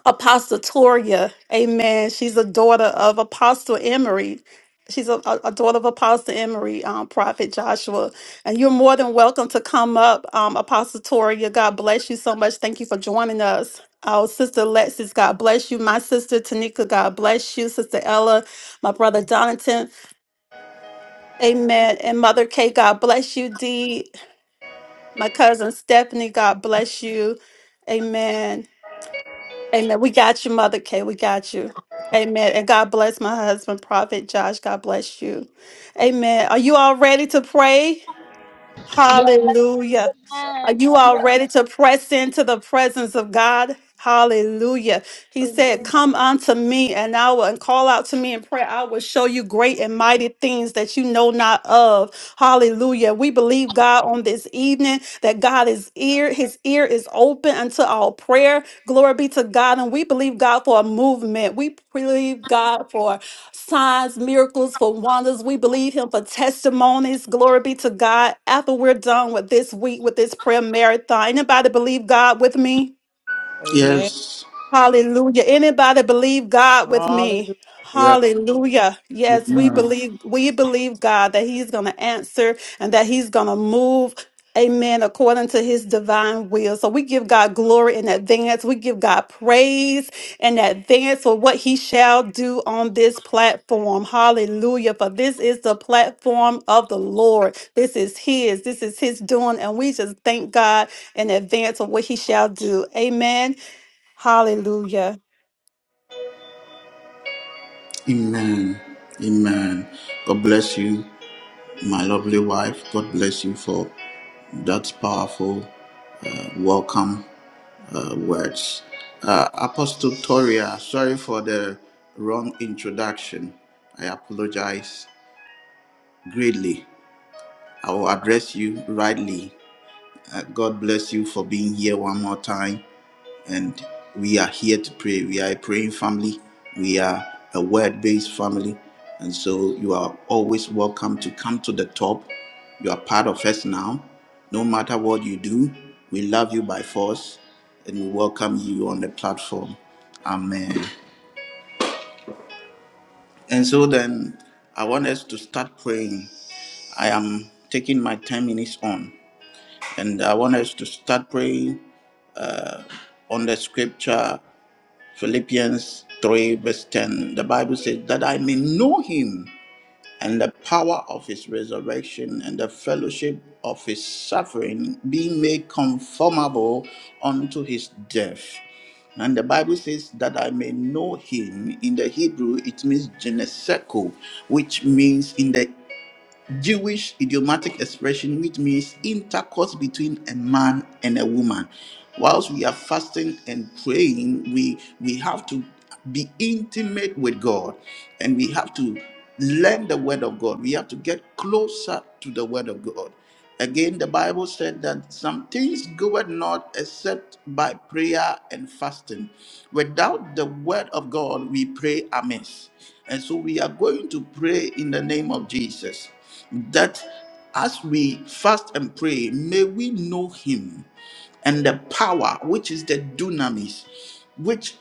C: Apostle Toria. Amen. She's a daughter of Apostle Emery. She's a, a a daughter of Apostle Emery, um, Prophet Joshua. And you're more than welcome to come up, um, Apostle Toria. God bless you so much. Thank you for joining us. Our sister Lexis, God bless you. My sister Tanika, God bless you. Sister Ella, my brother Donatan, amen. And Mother Kay, God bless you. Dee, my cousin Stephanie, God bless you. Amen. Amen. We got you, Mother Kay. We got you. Amen. And God bless my husband, Prophet Josh. God bless you. Amen. Are you all ready to pray? Hallelujah. Are you all ready to press into the presence of God? Hallelujah. He said, Come unto me and I will and call out to me in prayer. I will show you great and mighty things that you know not of. Hallelujah. We believe God on this evening that God is ear, his ear is open unto all prayer. Glory be to God. And we believe God for a movement. We believe God for signs, miracles, for wonders. We believe him for testimonies. Glory be to God. After we're done with this week, with this prayer marathon, anybody believe God with me?
D: Amen.
A: Yes.
C: Hallelujah. Anybody believe God with me?
D: Hallelujah.
C: Hallelujah. Yes, we believe we believe God that he's going to answer and that he's going to move Amen. According to his divine will. So we give God glory in advance. We give God praise in advance for what he shall do on this platform. Hallelujah. For this is the platform of the Lord. This is his. This is his doing. And we just thank God in advance of what he shall do. Amen. Hallelujah.
A: Amen. Amen. God bless you. my lovely wife. God bless you for that powerful uh, welcome uh, words. Uh, Apostle Toria, sorry for the wrong introduction. I apologize greatly. I will address you rightly. Uh, God bless you for being here one more time and we are here to pray. We are a praying family. We are a word-based family, and so you are always welcome to come to the top. You are part of us now. No matter what you do, we love you by force, and we welcome you on the platform. Amen. And so then, I want us to start praying. I am taking my 10 minutes on, and I want us to start praying on the scripture Philippians 3, verse 10, the Bible says, That I may know him and the power of his resurrection and the fellowship of his suffering, being made conformable unto his death. And the Bible says that I may know him. In the Hebrew, it means geneseko, which means in the Jewish idiomatic expression which means intercourse between a man and a woman. Whilst we are fasting and praying, we we have to be intimate with God and we have to learn the word of God. We have to get closer to the word of God. Again, the Bible said that some things goeth not except by prayer and fasting. Without the word of God, we pray amiss. And so we are going to pray in the name of Jesus that as we fast and pray, may we know Him and the power, which is the dunamis, which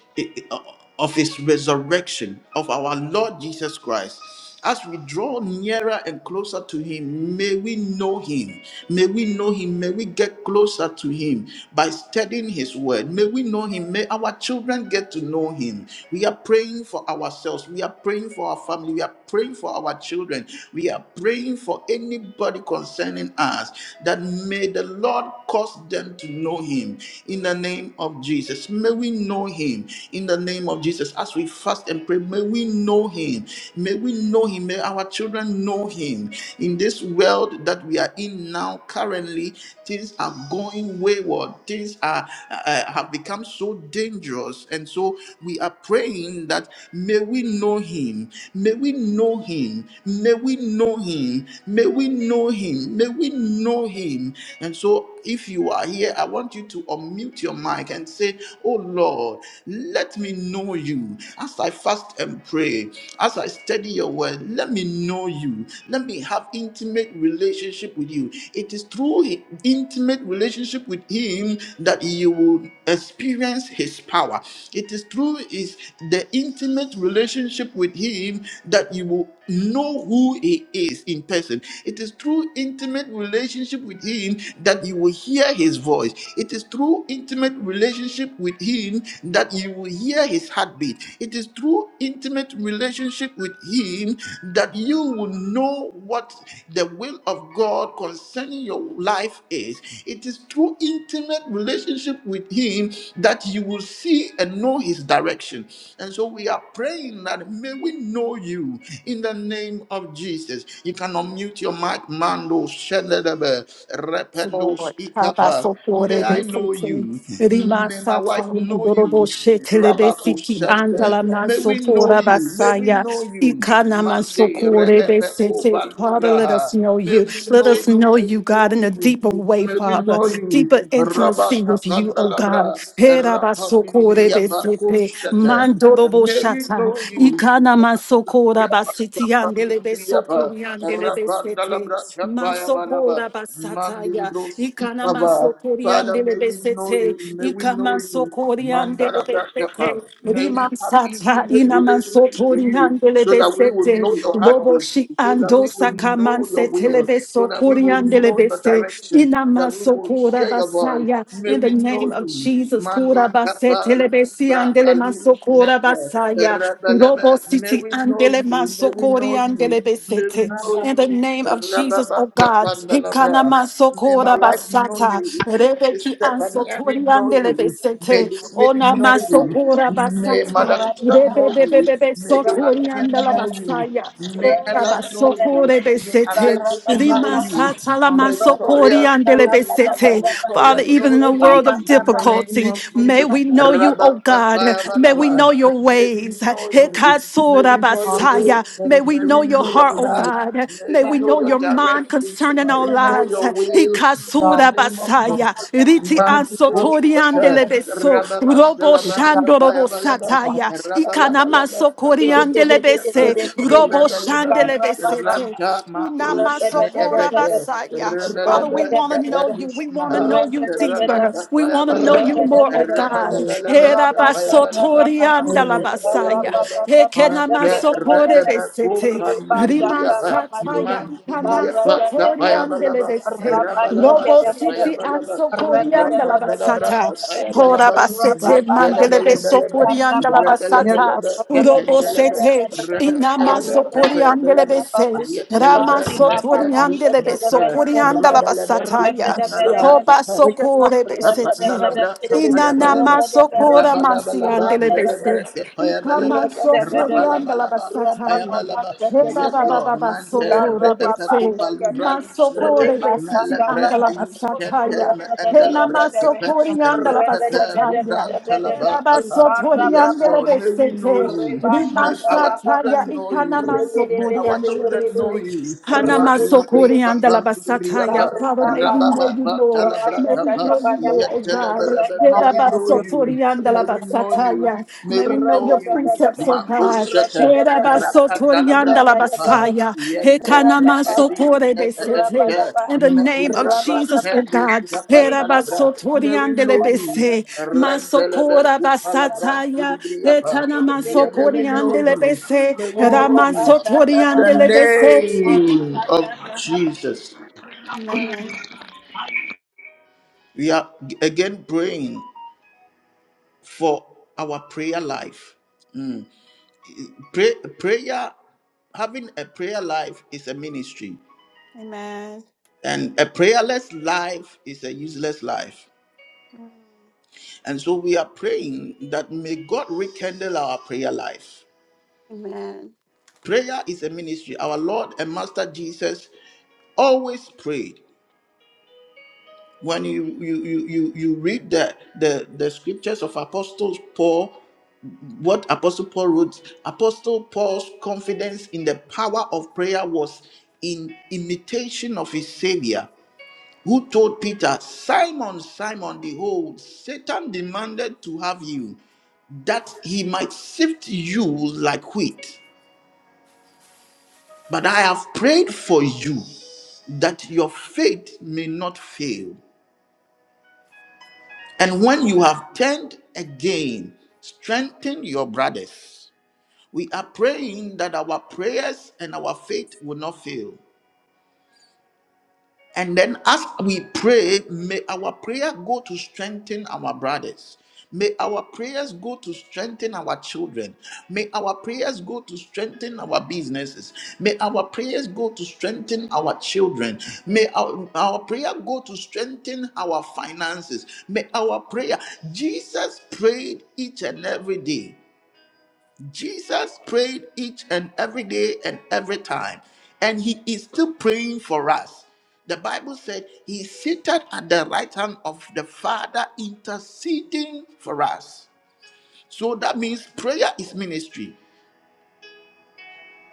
A: of his resurrection of our Lord Jesus Christ. As we draw nearer and closer to him, may we know him. May we know him. May we get closer to him by studying his word. May we know him. May our children get to know him. We are praying for ourselves. We are praying for our family. We are praying for our children. We are praying for anybody concerning us that may the the Lord cause them to know him in the name of Jesus. May we know him in the name of Jesus. As we fast and pray, may we know him. May we know him. May our children know him. In this world that we are in now, currently, things are going wayward. Things are uh, have become so dangerous. And so we are praying that may we know him. May we know him. May we know him. May we know him. May we know him. And so, if you are here, I want you to unmute your mic and say, Oh Lord, let me know you. As I fast and pray, as I study your word, let me know you. Let me have intimate relationship with you. It is through hi- intimate relationship with him that you will experience his power. It is through is the intimate relationship with him that you will know who he is in person it is through intimate relationship with him that you will hear his voice it is through intimate relationship with him that you will hear his heartbeat it is through intimate relationship with him that you will know what the will of god concerning your life is it is through intimate relationship with him that you will see and know his direction and so we are praying that may we know you you in the name of Jesus. You can unmute your mic, Mando Shenedebe, Rependo
C: Lord.
A: Ikapa. May I know
C: Habasokorebesete,
A: you. May my wife know you. Rabako
C: rimasakandoroboshetelebesiki,
A: Shente. May we know you. May we
C: andalamansokorabasaya,
A: know you. Mande Reepeko
C: ikanamansokorebesete. Father, let us
A: Balubraha.
C: know
A: May
C: you.
A: we
C: Let
A: know
C: us
A: you.
C: know
A: May
C: you,
A: we know
C: God, in a
A: you.
C: deeper way,
A: May we
C: Father.
A: know you.
C: Deeper intimacy
A: Rabaka
C: with you, oh God.
A: Pandalabra. Rapamini Briapa
C: Herabasokorebesete,
A: May we
C: mandoroboshata.
A: know you.
C: Ikana masokora basiti andelebe sokori andelebe
D: Hallelujah.
C: sete. Masokora basataya. Ikana masokori
A: Father, may
C: andelebe
A: we know
C: sete.
A: you, may we know
C: Ikama
A: you,
C: sokori
A: Mandala
C: andelebe
A: Brakapa.
C: sete.
A: May we
C: Riman
A: have
C: sata
A: intimate
C: inaman
A: relationship with
C: sotori
A: you so
C: andelebe
A: that we will
C: sete.
A: know your
C: Lobo
A: heartbeat,
C: shi
A: so that
C: ando
A: we will
C: sakaman
A: know your will,
C: setelebe
A: so that we
C: sokori
A: will know
C: andelebe
A: your
C: se.
A: direction, that
C: Inama
A: we will
C: sokora
A: hear your voice.
C: basaya.
A: May
C: In the
A: we know
C: name of
A: you.
C: Jesus,
A: Mandi
C: kora
A: kapa
C: basetelebe si
A: libra
C: andelema
A: alu
C: sokora
A: nete,
C: basaya. Robo
A: rabalaba. May
C: City
A: we know
C: Andele
A: you. May we
C: Masokori
A: know you.
C: Andele
A: May we
C: Besete.
A: know
C: In the
A: you.
C: name of Jesus, oh
A: Rababa
C: God.
A: kapa
C: Hikana
A: nalabra. May my
C: Masokora
A: wife know
C: Basata.
A: you. May
C: Rebeki
A: Stephanie Henry
C: Ansokori
A: know
C: Andele
A: you. May
C: Besete.
A: Smith
C: Ona
A: know you.
C: Masokora
A: May
C: Basata.
A: Mother Christian know you.
C: Rebebebebebe
A: May
C: Sotori
A: Donatien
C: Andela
A: know you.
C: Basaya.
D: Hallelujah.
A: May
C: Ora
A: Ella know you.
C: Basokore
A: May
C: Besete.
A: Alexis know
C: Rima
A: you.
C: Satala
A: May
D: Hallelujah.
A: Toria
C: Masokori
A: know
C: Andele
A: you. May
C: Besete.
A: Apostle
D: Glory to
A: Toria
C: Father, even
A: know
C: in a
A: you.
C: world of
A: In the name
C: difficulty,
A: of
C: may
A: Jesus.
C: we know you, oh
A: Rabba Kappa
C: God. May
D: your
C: we
D: name,
C: know
A: Balaba.
C: your
D: Lord.
A: May we
C: ways.
A: know you. May
C: Hekasura
A: we know your
D: Hallelujah.
C: basaya.
A: ways.
D: Hallelujah. Let
C: May
D: us
C: we
D: be
A: May
C: know
A: we
D: holy
C: your
A: know your
C: heart,
D: before
C: oh
D: you, Lord
A: path.
C: God.
D: God.
A: May
C: May
A: we
C: we
A: know
C: know
A: your
C: your mind
A: direction.
C: concerning
A: May
C: our
A: we
D: Let
A: know
D: us
C: lives.
A: your will
D: get
A: in the
D: all the
C: Hikasura
A: name of
D: glory.
C: basaya.
A: Jesus.
C: Riti
D: Let us be
A: Manko
D: trusted
C: ansotori
A: Shaka,
C: andelebeso.
D: to
A: Rababa,
C: Robo
A: Jalaba,
D: get out of
C: shandorobo
D: the
A: Tapayabalaba,
D: God.
C: sataya.
B: Yes.
A: Rabalabalaba,
C: Ikanamaso
B: Rabba
A: Tapaliya,
C: koriandelebese. Robo
A: Rebeleba,
C: shandelebesete.
A: Ranta Matus
C: Inamasokora
A: Nebeke,
C: basaya. Father,
A: Rebeleba,
C: we want to know you. We want to
A: Nepelishma,
C: know you
A: Rabba
C: deeper. We want to know
A: Tapayabalaba,
C: you
D: In the name
C: more, oh
D: of God,
C: God.
D: we
A: Rabalabalaba,
C: Hera
A: Tapayabalaba,
C: basotori
D: pray, Lord.
A: Yet,
D: Hallelujah.
A: Telebe,
C: andalabasaya. Ekenama sokore besete. Riman sataya ikanan sotori andele bese. Lobo siti an sokori andala basata. Hora
D: So,
C: basete mandele beso kori andala
D: Yes,
C: basata.
D: I
B: Rabba
D: thought I didn't
C: Robo sete
D: get it. Lord,
C: inama sokori andele bese.
D: this
C: Rama sotori
A: Netta, Miss
C: andele beso
A: Netta,
C: kori andala
A: Rabalebe,
D: is
C: basataya.
D: my
A: Upan, Nalabra,
D: prayer.
C: Hoba
A: Netta,
D: We can have
C: sokore besete.
D: it.
A: Kapandalabra,
D: in It is.
C: Inana
A: kapayabalaba,
D: Yes,
C: masokora
A: rabalabalaba,
C: masiandele
A: ndelebre,
C: beses.
A: kapayabalaba,
C: Ikama sokoriandala
A: rabalabalaba,
C: basataya.
A: kapayabalaba.
C: Heba
A: Yes,
C: baba
A: Lord,
C: baba
A: mante,
C: sotore
D: yes.
A: repepe
C: bese.
A: kupa luvra lusnete,
C: Masokore besiti
A: melebre,
C: andala
A: iluskente,
C: basataya.
A: me
C: Hena
A: endelebre, kepe,
C: masokoriandala
B: Rabba
A: repepe luvra
C: basataya.
A: talaba.
C: Heba
A: kapa. Yes,
C: basotoriandele
A: Lord, may we know
C: besete.
A: you.
C: Rima
A: May our
C: sataya
A: children know
C: ikana
A: you. May our
C: masokoriandele
A: children know
C: bese.
A: you.
C: Hana
D: Yes,
C: masokoriandala
D: yes, yes.
A: Mandilibrikapandilibriyapa,
C: basataya. Father, may we know you more. May we
A: rabababatalabrapapa,
C: know you, Lord, oh God.
A: yetelebelebe. May we know
D: Hallelujah.
A: you. May we know you.
C: Redabasotoriandalabasataya.
A: May
C: May
A: we
C: we know
A: know
C: your
A: you.
C: precepts, oh God.
A: Makoshete, rapandalabrapapa,
C: Redabasotoriandalabasaya.
A: yete, meedi,
C: Hekanamasokorebesete.
A: neteente,
C: In the name of Jesus, oh
A: melubrabatendu,
C: God.
A: sapandalabra. May we know you.
C: Redabasotoriandelebese.
A: Rentelebe,
C: Masokorabasataya.
A: kupalabrantilibri. Yeah, may we know you.
C: Hetanamasokoreandelebese.
A: May we know you. In the
C: Ramasotoriandelebese.
A: name of Jesus.
C: Amen.
A: We are again praying for our prayer life. Mm. Pray, prayer, having a prayer life is a ministry,
C: Amen.
A: and a prayerless life is a useless life. And so we are praying that may God rekindle our prayer life.
C: Amen.
A: Prayer is a ministry. Our Lord and Master Jesus always prayed. when you you you you, you read the, the the scriptures of apostles paul what apostle paul wrote apostle paul's confidence in the power of prayer was in imitation of his savior who told peter simon simon behold satan demanded to have you that he might sift you like wheat but i have prayed for you that your faith may not fail And when you have turned again, strengthen your brothers. We are praying that our prayers and our faith will not fail. And then as we pray, may our prayer go to strengthen our brothers. May our prayers go to strengthen our children. May our prayers go to strengthen our businesses. May our prayers go to strengthen our children. May our, our prayer go to strengthen our finances. May our prayer. Jesus prayed each and every day. Jesus prayed each and every day and every time, and he is still praying for us. The Bible said he is seated at the right hand of the Father, interceding for us. So that means prayer is ministry.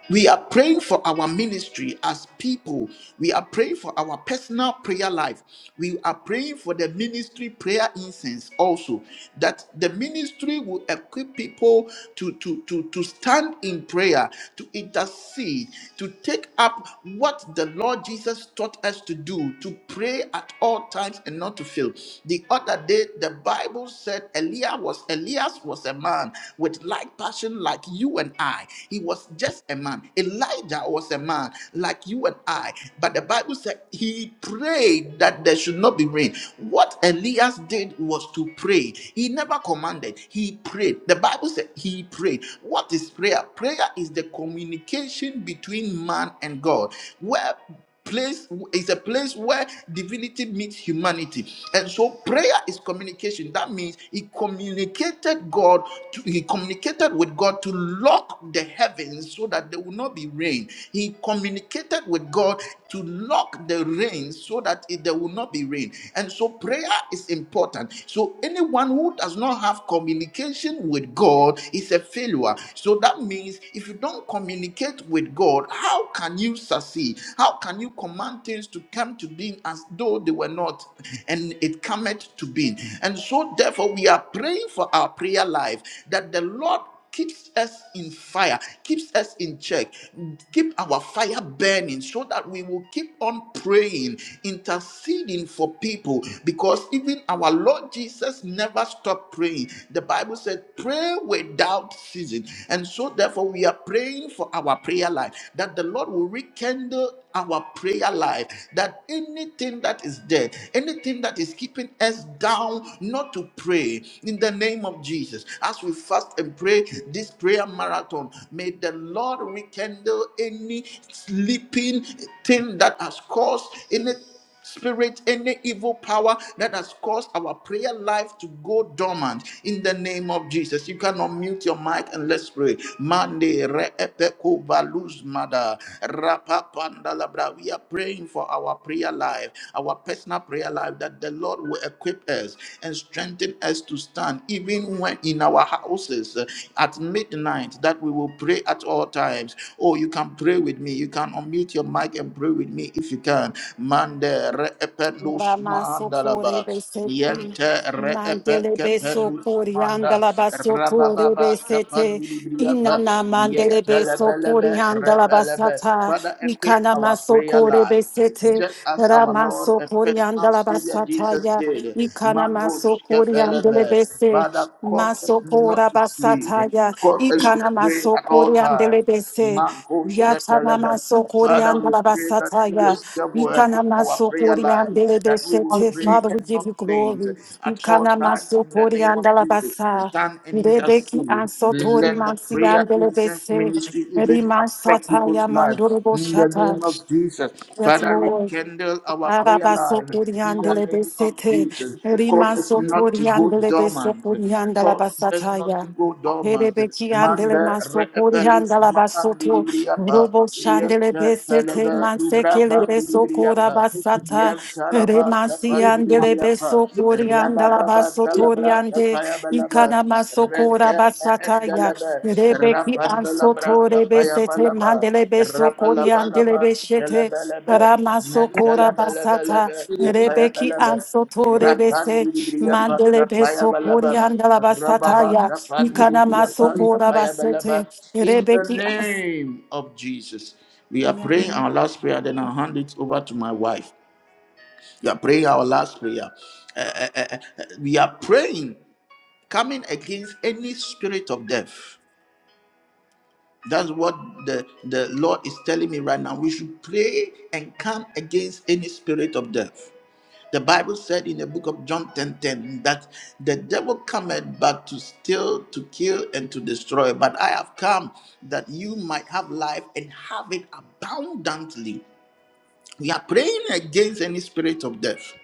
A: We are praying for our ministry as people. We are praying for our personal prayer life. We are praying for the ministry prayer incense also. That the ministry will equip people to, to, to, to stand in prayer, to intercede, to take up what the Lord Jesus taught us to do, to pray at all times and not to fail. The other day, the Bible said Elias was Elias was a man with like passion like you and I. He was just a man. Elijah was a man like you and I. But the Bible said he prayed that there should not be rain. What Elias did was to pray. He never commanded, he prayed. The Bible said he prayed. What is prayer? Prayer is the communication between man and God. Where place is a place where divinity meets humanity and so prayer is communication that means he communicated god to, he communicated with god to lock the heavens so that there will not be rain he communicated with god to lock the rain so that it, there will not be rain and so prayer is important so anyone who does not have communication with god is a failure so that means if you don't don't communicate with God, how can you succeed? How can you command things to come to being as though they were not, and it cometh to being? And so, therefore, we are praying for our prayer life that the Lord keeps us in fire, keeps us in check, keep our fire burning so that we will keep on praying, interceding for people because even our Lord Jesus never stopped praying. The Bible. Bible said pray without ceasing. And so, therefore, we are praying for our prayer life that the Lord will rekindle our prayer life, that anything that is dead, anything that is keeping us down not to pray in the name of Jesus. As we fast and pray this prayer marathon, may the Lord rekindle any sleeping thing that has caused any spirit, any evil power that has caused our prayer life to go dormant in the name of Jesus. You can unmute your mic and let's pray. Mande re epeko baluz mada rapapanda labra. We are praying for our prayer life, our personal prayer life, that the Lord will equip us and strengthen us to stand, even when in our houses uh, at midnight, that we will pray at all times. Oh, you can pray with me. You can you can unmute your mic and pray with me if you can. Mande re ependus
C: Ramasocore
A: mandalaba.
C: besete,
A: Niente re epe
C: Mandele
A: kependus
C: Besocori,
A: manda.
C: Andalabasocore
A: Rabababa
C: Besete,
A: kapandibriapa.
C: Inana Mandele
A: Niente
C: Besocori,
A: lebelebe rebelebe.
C: Andalabasata,
A: Father, equip
C: Nikana
A: our prayer
C: Masocore
A: life.
C: Besete,
A: Just as our Lord and
C: Ramasocori,
A: personal Savior Jesus
C: Andalabasataya,
A: did,
C: Nikana
A: Manos
C: Masocori,
A: kepelebe.
C: Andelebese,
A: Father, cause us not
C: Masopora
A: to sleep,
C: Basataya,
A: cause us to
C: Ikana
A: pray at all
C: Masocori,
A: times.
C: Andelebese,
A: Marco
C: Yatana
A: Shetelebe.
C: Masocori,
A: Father, we pray that you
C: Andalabasataya.
A: yourself will equip our prayer life, that we will
C: Ikanamasokoryandelebesete.
A: pray
C: Father,
D: Hallelujah.
C: we
A: and not
C: give you
A: faint
C: glory.
A: at all times in the name of Jesus.
C: Ikanamasokoryandelebasa.
A: Stand and
C: Rebeki
A: intercede.
D: Hallelujah.
C: ansotori
A: Let the prayer incense
C: mansiyandelebese.
A: ministry even affect people's
C: Erimansataya
A: lives in the
C: mandorobosata.
A: name of Jesus.
C: Yes,
A: Father,
C: Lord.
A: rekindle our prayer
C: Arabaso
A: life in the
C: Puriandele
A: name of
C: Besete,
A: Jesus. Cause us
C: Rimaso
A: not to go
C: Puriandele Beso
A: dormant.
C: Puriandala
A: Because does not
C: Basataya.
A: go dormant.
C: Herebeki andele
A: Manda
C: maso
A: repelus
C: puriandala basoto,
A: mandilibriapa.
C: robo shandele
A: Yanta
C: besete,
A: talaba lubra
C: mansekele beso kura
A: bandilibriapa.
C: basata,
A: Yanta laba
C: remasi
D: We are
C: andele
A: tapandilibriapa.
C: beso puriandala
A: Rabababa
C: basoto
A: dalabra
C: riande,
A: tapayabalaba.
C: ikana maso kura
A: Renta
C: basataya,
A: mandalaba.
C: rebeki
A: Rapandalabra
C: ansoto rebesete,
A: tapayabalaba.
C: mandele beso koriandele
A: Rapalabalaba.
C: beshete,
A: Talabalaba.
C: Ramasokora basata
A: Nantalabalabalaba. Tapaya
C: rebeki
A: balaba.
C: ansoto rebese
A: Rapandibriapa
C: mandele
A: Tapaya
C: beso
A: Balaba.
C: korianda la basata
A: Rababa
C: ya ikana
A: Tapandibriapa
C: masokora
A: Tapaya Balaba.
C: basete
A: In the
C: rebeki as.
A: name of Jesus. We are praying our last prayer, then I'll hand it over to my wife. We are praying our last prayer. Eh, eh, eh, eh, eh, we are praying, coming against any spirit of death. That's what the, the Lord is telling me right now. We should pray and come against any spirit of death the Bible said in the book of John 10:10 that the devil cometh but to steal, to kill, and to destroy. But I have come that you might have life and have it abundantly. We are praying against any spirit of death.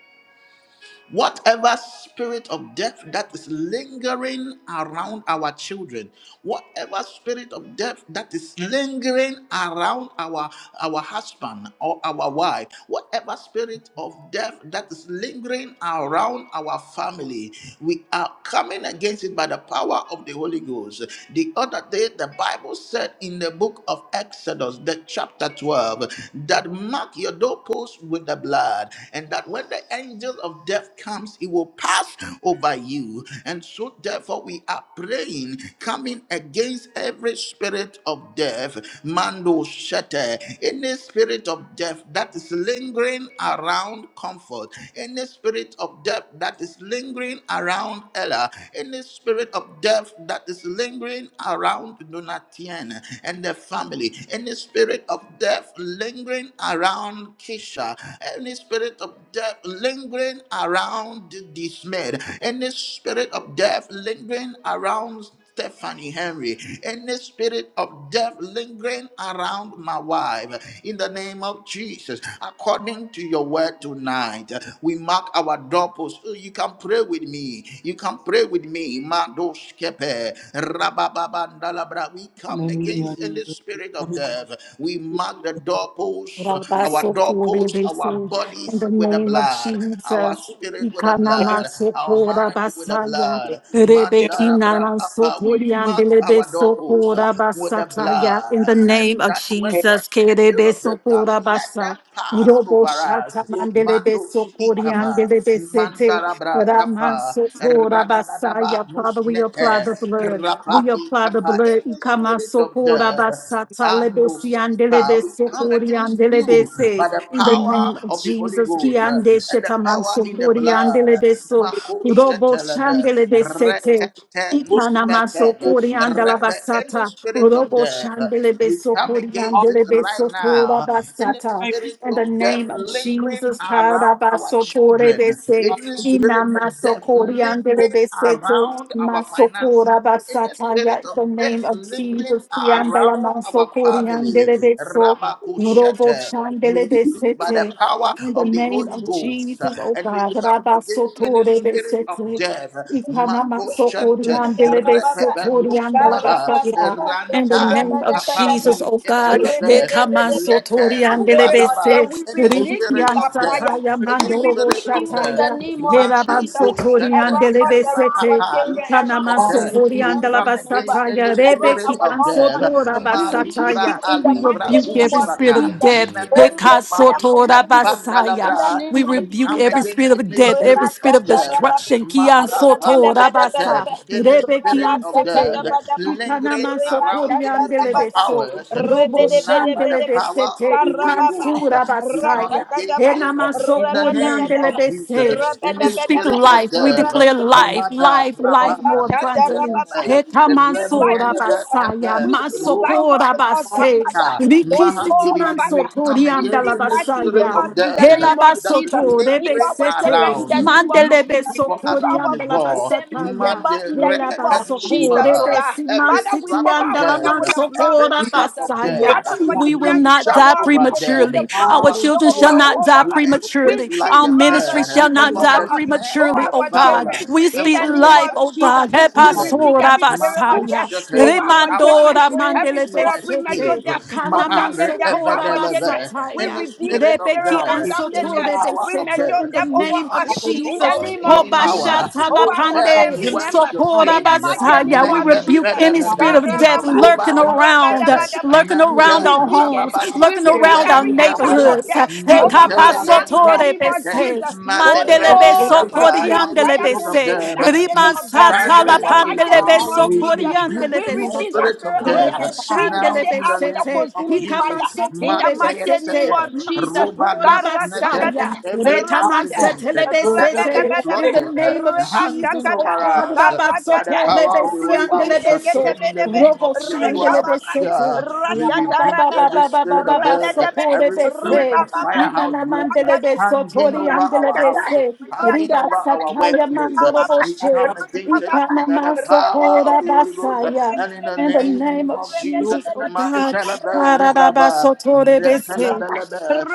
A: Whatever spirit of death that is lingering around our children, whatever spirit of death that is lingering around our our husband or our wife, whatever spirit of death that is lingering around our family, we are coming against it by the power of the Holy Ghost. The other day, the Bible said in the book of Exodus, the chapter 12, that mark your doorposts with the blood, and that when the angels of of death comes, it will pass over you. And so, therefore, we are praying, coming against every spirit of death, Mando Shete, any spirit of death that is lingering around comfort, any spirit of death that is lingering around Ella, any spirit of death that is lingering around Donatien and the family, any spirit of death lingering around Kisha, any spirit of death lingering lingering around this man, any spirit of death lingering around Stephanie Henry, any spirit of death lingering around my wife, in the name of Jesus, according to your word tonight, we mark our doorpost. Oh, You can pray with me. You can pray with me. Madoskepe, rabababandalabra. We come against any spirit of death. We mark the doorpost, our doorpost, our
C: Rabasokorebese,
A: bodies
C: In the
A: with the
C: name of
A: blood blood, our
C: Jesus,
A: spirit with the blood, our mind with the
C: Ikanamasokorabasaya,
A: blood. Mandara bra apa. We mark our doorposts uh, with the
C: Rebekinamasotoriandelebesokorabasataya.
A: blood,
C: in the
A: and
C: name of
A: that when the
C: Jesus,
A: angel of death comes, let
C: Kerebesokorabasa,
A: them pass over us. Manu ikaba,
C: Roboshatamandelebesokoreandelebesete,
A: mandara bra apa,
C: Ramasokorabasaya.
A: radadadaba
C: Father, we apply
A: nusnete,
C: the blood. We
A: rapani
C: apply the
A: kapa.
C: blood.
A: Any
C: Ikama
A: spirit of
C: sokora
A: death.
C: basata
A: And no
C: lebesi
A: skipper,
C: andelebe
A: we come
C: sokori
A: against you
C: andelebese.
A: by the
C: In the
A: power
C: name of
A: of the Holy
C: Jesus,
A: Ghost uh,
C: kiande
A: and the
C: shetaman
A: power in the
C: sokori
A: blood.
C: andelebeso.
A: Mako
C: Robo
A: shetelebe,
C: shandelebesete.
A: retete
C: Ikana
A: nuspetebe,
C: masokori
A: repe, Any
C: andalabasata.
A: spirit of
C: Robo
A: death, uh,
C: shandelebe
A: we come
C: sokori
A: against it
C: andelebe
A: right
C: sotora
A: now. Any
C: basata.
A: spirit
C: In the
A: of death
C: name of
A: lingering
C: Jesus,
A: around our
C: Tarabasotore
A: children,
C: bese.
A: any
C: Tarabasotorebese,
A: spirit of death
C: Inamasokori
A: lingering
C: andelebese,
A: around our finances.
C: Masokora
A: Any spirit
C: basataya, in
A: of
C: the name
A: death
C: of
A: lingering
C: Jesus, Yandala
A: around our
C: Masokori
A: family,
C: Andelebeso, Robo
A: Rabakushete, we speak by the
C: Chandelebesete,
A: power
C: in the
A: of the
C: name
A: Holy
C: of
A: Ghost uh,
C: Jesus, O
A: and we
C: God,
A: come against any
C: Rabasotore
A: spirit of
C: Besete,
A: death.
C: Ikanama Sokori
A: Makoshente,
C: Andelebeso, Tori Andala
A: Repepenusmaha,
C: Basata, in the name of Jesus,
A: Rantanukapami,
C: O God,
A: Epelebe,
C: Ekama Sotori
A: Lete
B: You spirit of the
A: Rubalaba,
C: Andelebese,
B: weary
A: any spirit
B: you
C: Ribikian
B: by
A: of death,
B: fire.
C: Sataya,
A: any
B: We
C: Mandorobo
B: rebuke
A: spirit of
B: you in
A: death,
C: Shataya,
B: the name of
C: Heraban
A: Mande
B: Jesus.
C: Sotori
A: Koshete,
B: Around us, around
C: Andelebesete,
B: our
A: Rapapa,
B: children, around our
A: Lushkete.
B: beautiful
A: We
B: family
A: come against
B: members,
A: any
B: around
A: spirit
B: our
A: of
B: loved ones.
A: death.
E: Satan, the
B: We
E: blood of
B: rebuke
A: Malibra
B: you
E: Jesus,
B: in the
C: we
E: that
A: alibra
E: no
B: mighty
C: rebuke
B: name
E: spirit
C: every
B: of
E: of death
C: spirit
A: kusata.
C: of
B: Jesus.
E: can
C: death.
E: come near.
A: Memen
B: Holy Ghost fire
A: gumani
B: consume you.
C: Hekasotorabasaya.
B: In the
A: kepandalabra.
C: We
B: name
A: We
B: of
C: rebuke
A: come
C: every
B: Jesus.
C: spirit
A: against
B: We
C: of
B: speak
A: any
C: death, every
A: spirit
C: spirit
A: of
B: life
C: of
A: death.
C: destruction.
A: Makapa
C: Kiansotorabasa,
A: lushkete. Any spirit of death.
C: rebekianseteya.
A: Lingering around anything of
C: Ikanamansokoriandelebeso,
A: ours. Tonight by the power of
C: roboshandelebesete,
A: the Holy Ghost. We come
C: ikansurabasaya.
A: against sick uh, in the name of Jesus. uh,
C: Enamansokoriandelebese,
A: In the
C: we speak
A: spirit of
C: life. We
A: death, uh,
C: declare life,
A: Mada
C: life,
A: Rapa
C: life more abundantly.
A: Retelebe
C: Etamansora
B: into
A: Rengelebe
B: us.
A: Kepe
C: basaya,
B: We speak life
C: masokora
B: into
A: Rubabadu
B: us by
C: base,
B: fire.
A: Skita
B: Holy
C: rikisiti
A: Mahandiri.
B: Ghost
A: We
B: fire.
A: come
C: mansotori
B: We
A: against
C: andala
B: speak
A: in the
B: life into
A: spirit
C: basaya,
B: us
A: of
B: in the
A: death uh,
B: name of
A: that is
B: Jesus,
C: helabasoto
B: into
A: lingering
B: our
C: rebesete,
B: children in
A: around,
B: the name of
C: mandelebe
A: looking
B: Jesus,
A: for us
B: into
C: sokori
A: to
B: our
C: andala
B: Google
A: devour.
B: families,
C: basataya,
B: member
A: Mande
B: in the name of
A: Repetus
D: prophets.
C: helabasoko
B: Jesus, oh
A: Maha.
B: God.
C: rebesi
A: Every
B: Father, we
A: trap
C: mansiti
B: cover
A: of
C: andala
A: death,
B: ourselves with
A: uh,
B: the blood
A: every
B: of
D: We
C: mansokora
A: trap
B: Jesus.
A: of
C: basaya,
B: Father,
A: death.
B: for
D: forgive
B: you
C: we will
B: said
A: We
B: in
C: not
B: the
A: jump
C: die
B: world when
A: over
B: they see
A: them.
B: the
C: prematurely.
B: blood,
C: Our
A: Our
B: they
C: children
B: will
D: Hallelujah.
C: shall
B: pass
C: not
A: soul
B: over
C: die
A: will
B: us.
A: escape
B: We
C: prematurely.
A: like
C: Our
B: speak
A: a
B: blood
C: ministry
B: of
A: bird
C: shall
B: Jesus
C: not
A: from
B: over
C: die
A: the
D: Hallelujah.
B: us,
D: We
A: snare
B: over
A: of
D: bind
C: prematurely,
A: the
C: oh
B: our
D: the
C: God.
A: fowler
B: children.
C: We
A: and
B: In
C: speak
B: the
A: from the
B: name
C: life,
B: of
C: oh
A: noisome
D: God.
B: Jesus,
C: God.
D: We
B: we
D: bind
A: pestilence.
B: rebuke
C: Hepasora
B: every
D: the
B: spirit
D: spirit
A: Marco
B: of
D: of
C: basaya.
B: death over
D: failure.
B: our
A: Our
B: children.
C: Remandora
B: Every
A: souls
C: mandele
A: will
B: spirit of premature
A: escape.
C: besete.
B: death,
D: Hallelujah.
B: untimely
A: Mahare
B: death over
C: Kanamansekora
B: our children.
A: Evedeleve.
B: We
A: In
C: basataya.
A: the
B: rebuke the
A: spirit of
B: spirit
C: Rebeki
B: of
A: death,
D: We bind
B: untimely
A: in the
D: the
B: death,
C: ansotore
A: power
D: God.
A: of
C: besete.
A: death,
B: premature
C: In the
B: death
A: we
B: over
C: name of
B: us.
A: strip
D: Hallelujah.
A: you
B: In the
C: Jesus.
A: of
E: Lord,
B: name
E: in the
A: your
B: of
E: name
B: Jesus,
A: power.
E: of Jesus
B: over
D: God.
A: O
B: our
E: of
A: death,
D: Our
C: Hobashatalapande.
B: family
E: Nazareth,
A: where is
D: generation
B: members.
A: your
D: comes,
C: Sokora
B: In the
A: sting?
E: do
D: our
B: mighty
E: not
D: Lord.
B: name
C: basaya.
E: die,
C: We
E: O
B: of
E: Lord,
C: rebuke
B: Jesus.
E: but
D: God.
C: any
E: live
D: Our
E: and
C: spirit
E: declare
A: Make
C: of
D: enemies,
E: your
C: death
B: Karababa.
D: Lord.
E: goodness,
C: lurking
E: O Holy
D: Our
A: Robadu
C: around,
A: Sete,
B: Rabadabadaba.
C: lurking
D: hallelujah.
C: around
D: We
B: We
C: around
D: declare,
A: Manta
C: our
B: rebuke
C: homes,
B: it.
E: Spirit,
A: Rababandu
D: God,
B: We
C: looking
D: we share,
B: rebuke
C: around
A: Sete
C: our
B: every
D: Lord,
E: Holy spirit
B: attack
D: hallelujah.
A: Lubravada,
B: of
C: neighborhoods.
B: death
E: of death,
D: Heal,
E: in the
B: over
D: Lord.
E: mighty
B: us
D: Our
A: Manteleve
B: now
E: name
D: shall
E: of
B: in
D: be
A: du
B: the
D: our portion.
B: name of
A: Sete,
C: Hekapasotore-bese,
B: Jesus.
D: Hallelujah.
B: Holy
E: destroy
A: Malebre
D: No
E: every
D: death
B: Ghost
E: spirit of
D: shall
A: Lubrava,
E: death
D: be
B: fire.
A: in
E: in
D: our
A: the
D: portion.
B: Fire
A: spirit of
C: mandelebe-sokoriandelebe-se,
B: consume
A: death,
D: Hallelujah.
B: that spirit
A: we
B: of death
D: Have your
A: shine
D: way,
B: in
A: over
B: the
D: Lord.
A: it,
B: mighty name of
A: we
D: Hallelujah.
B: Jesus. We
A: rebuke you,
B: refuse
D: Hallelujah.
B: that
C: rimansatalapandelebe-sokoriandelebe-soto,
A: spirit of
B: spirit of
A: death,
B: death. We just
A: now
B: say
A: in
B: I
A: the
B: with the
A: name
C: roboshandelebe-sete, ikamansotorebesete, mansokorabasaya, retamansetelebe besete.
A: of
B: consuming
A: Jesus.
B: fire in the
C: ikamansetore
B: mighty
C: besete,
B: name
A: Makayesete,
B: of Jesus.
A: Roba
C: masokora
A: Lusnete,
C: basaya,
B: Karashakata,
A: every
B: rabata,
A: accident
C: retamansetele
A: that have
C: besete.
A: been
C: In
B: rabadabadaba,
C: the
A: plotted, uh,
C: name of Jesus,
A: handing
C: oh
B: rebashakata,
A: over
C: God,
A: us uh,
C: beso.
A: by the
B: karatata,
A: power of the Holy
E: the better
A: Ghost, uh,
C: so
A: and in the
B: rebosheketebedebe,
A: name of
C: shandele
A: Yeshua
B: rekababa,
C: besete.
A: Mashiach, we
C: In the
A: rebuke
B: rashatarabada,
A: every spirit of death, uh,
B: rabadabe,
A: every spirit of
B: ribababa,
A: fire outbreak, uh,
B: rakata.
A: hanging over our houses, hanging over our workplace. uh, We come against it by the power of the Holy Ghost, uh, and in the name
C: name
A: name
C: of
A: of Jesus.
C: Jesus, oh God, in
A: Matalaba Lubraba, Netalabelebe,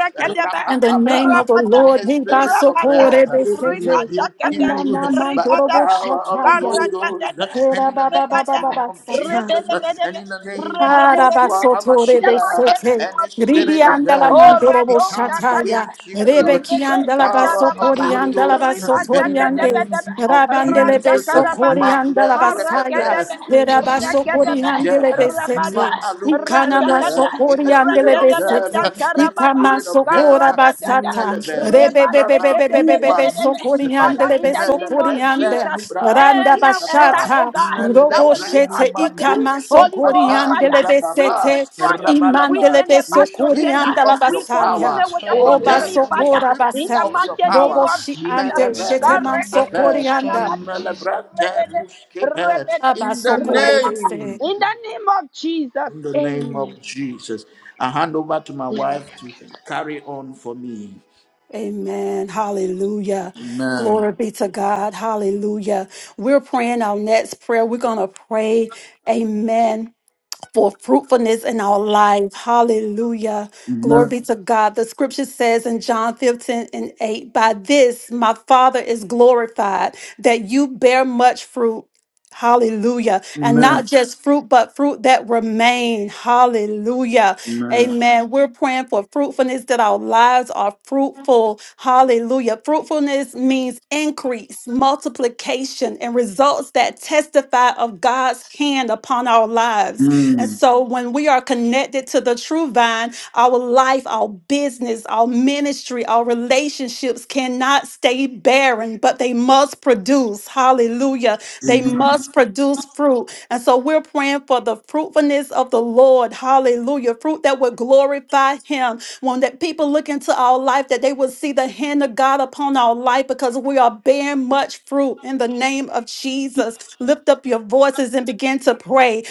C: the name
A: Rapapapa.
C: of the
B: Ribata,
A: In the
C: Lord, in the
A: spirit of death, we rebuke you by the power of the Holy
C: name
B: ribata,
A: Ghost
B: ribata,
C: of
A: and in the
B: Rebata,
A: name of
C: the Lord,
A: Jesus
B: rebede, bede,
A: and
B: be,
A: in the name of
B: rebede, bede, be.
A: Yeshua
C: Arabasoto
B: In the mighty
A: HaMashiach
C: rebesete,
B: name
A: and
B: of
A: the spirit
B: Jesus.
A: of
C: ribiandala
B: Oh,
A: death, we
C: mandorobo
B: Rato
A: come
B: Shakata,
C: shataya,
A: against you by
B: Rekete
A: the
C: rebekiandala
B: Shakara
A: power of
E: place of
B: Baba,
A: the Holy
E: Nazareth.
C: basokoriandala
A: Ghost
E: We
B: Ripa
A: and in the
B: Shakata
C: basotoriande,
B: Baba,
A: name of
C: rabandele
B: Rasakara
A: Jesus.
B: Baba,
C: besokoriandala
A: Manda
C: basaya,
A: Rekete,
B: Marakata,
A: we
E: of Jesus,
A: rebuke
E: come
A: you,
E: and
B: Rakata,
E: have
A: death.
C: verabasokoriandele
E: it.
B: Rabata,
C: besete,
A: Ma'aluz
C: ikana
A: Zede,
B: Rasakata,
A: in the spirit of
B: Rakata
C: Ngelebesete,
A: death, in
B: Shakara
A: the
B: Baba,
C: Ikama
A: spirit of
C: sokora
A: death.
B: Karatata,
C: basata,
A: Melebe, Luz
B: Reba
A: Brava,
C: rebebebebebebebebe
B: Shakata,
A: Cuba,
C: sokoriande
B: Father, in
C: lebe
B: the name of
C: sokoriande,
A: Nelebrente
B: Jesus,
A: nubran
C: randa
B: and now attack,
A: panikapa,
B: oh
C: bashata,
B: God, that
C: robo
B: will
A: nelebre
B: lead
C: shete
B: us to death.
A: numando
C: ikama
B: Holy Ghost
A: skipapa
C: sokoriande
B: fire,
C: lebe
B: we
A: lubrababa,
C: sete,
B: destroy it. We
C: imande
A: rabalaba.
B: send
C: lebe
B: it
A: We
B: back to
A: strip
B: sender.
A: you
C: sokorianda la
A: of
B: We
A: your
B: consume
C: basaya,
A: power.
B: it with
E: destroy
B: the
E: it
A: O
E: in the
C: oba
A: death,
B: consuming
E: mighty
A: we
E: name of
B: fire.
C: sokora
A: strip
B: In
A: you
E: Jesus
B: the
C: basa,
A: of
E: Christ of
A: your
E: Nazareth.
B: mighty name
A: power.
C: robo
B: of
C: shi
E: May
B: Jesus.
C: ande
E: every
C: shete
B: God,
E: spirit
A: Meleventu
C: man
E: of death be
A: skepe,
B: reba-
C: sokorianda,
E: destroyed in Jesus.
B: shakarabado,
A: melebrente
E: name.
B: rebede,
A: muskepe.
B: rebede,
A: In the
B: rebaba.
C: abasokore
A: name,
B: In the name of Jesus,
A: in the name
B: amen.
A: of Jesus. I hand over to my wife to carry on for me.
C: Amen. Hallelujah.
A: Amen.
C: Glory be to God. Hallelujah. We're praying our next prayer. We're going to pray. Amen for fruitfulness in our life. Hallelujah. Glory
A: Amen.
C: be to God. The scripture says in John 15 and 8, by this my Father is glorified, that you bear much fruit. Hallelujah. And
A: Amen.
C: not just fruit, but fruit that remain. Hallelujah.
A: Amen.
C: Amen. We're praying for fruitfulness that our lives are fruitful. Hallelujah. Fruitfulness means increase, multiplication, and results that testify of God's hand upon our lives.
A: Mm.
C: And so when we are connected to the true vine, our life, our business, our ministry, our relationships cannot stay barren, but they must produce. Hallelujah. They must produce fruit. And so we're praying for the fruitfulness of the Lord. Hallelujah. Fruit that would glorify him. When that people look into our life, that they will see the hand of God upon our life because we are bearing much fruit in the name of Jesus. Lift lift up your voices and begin to pray.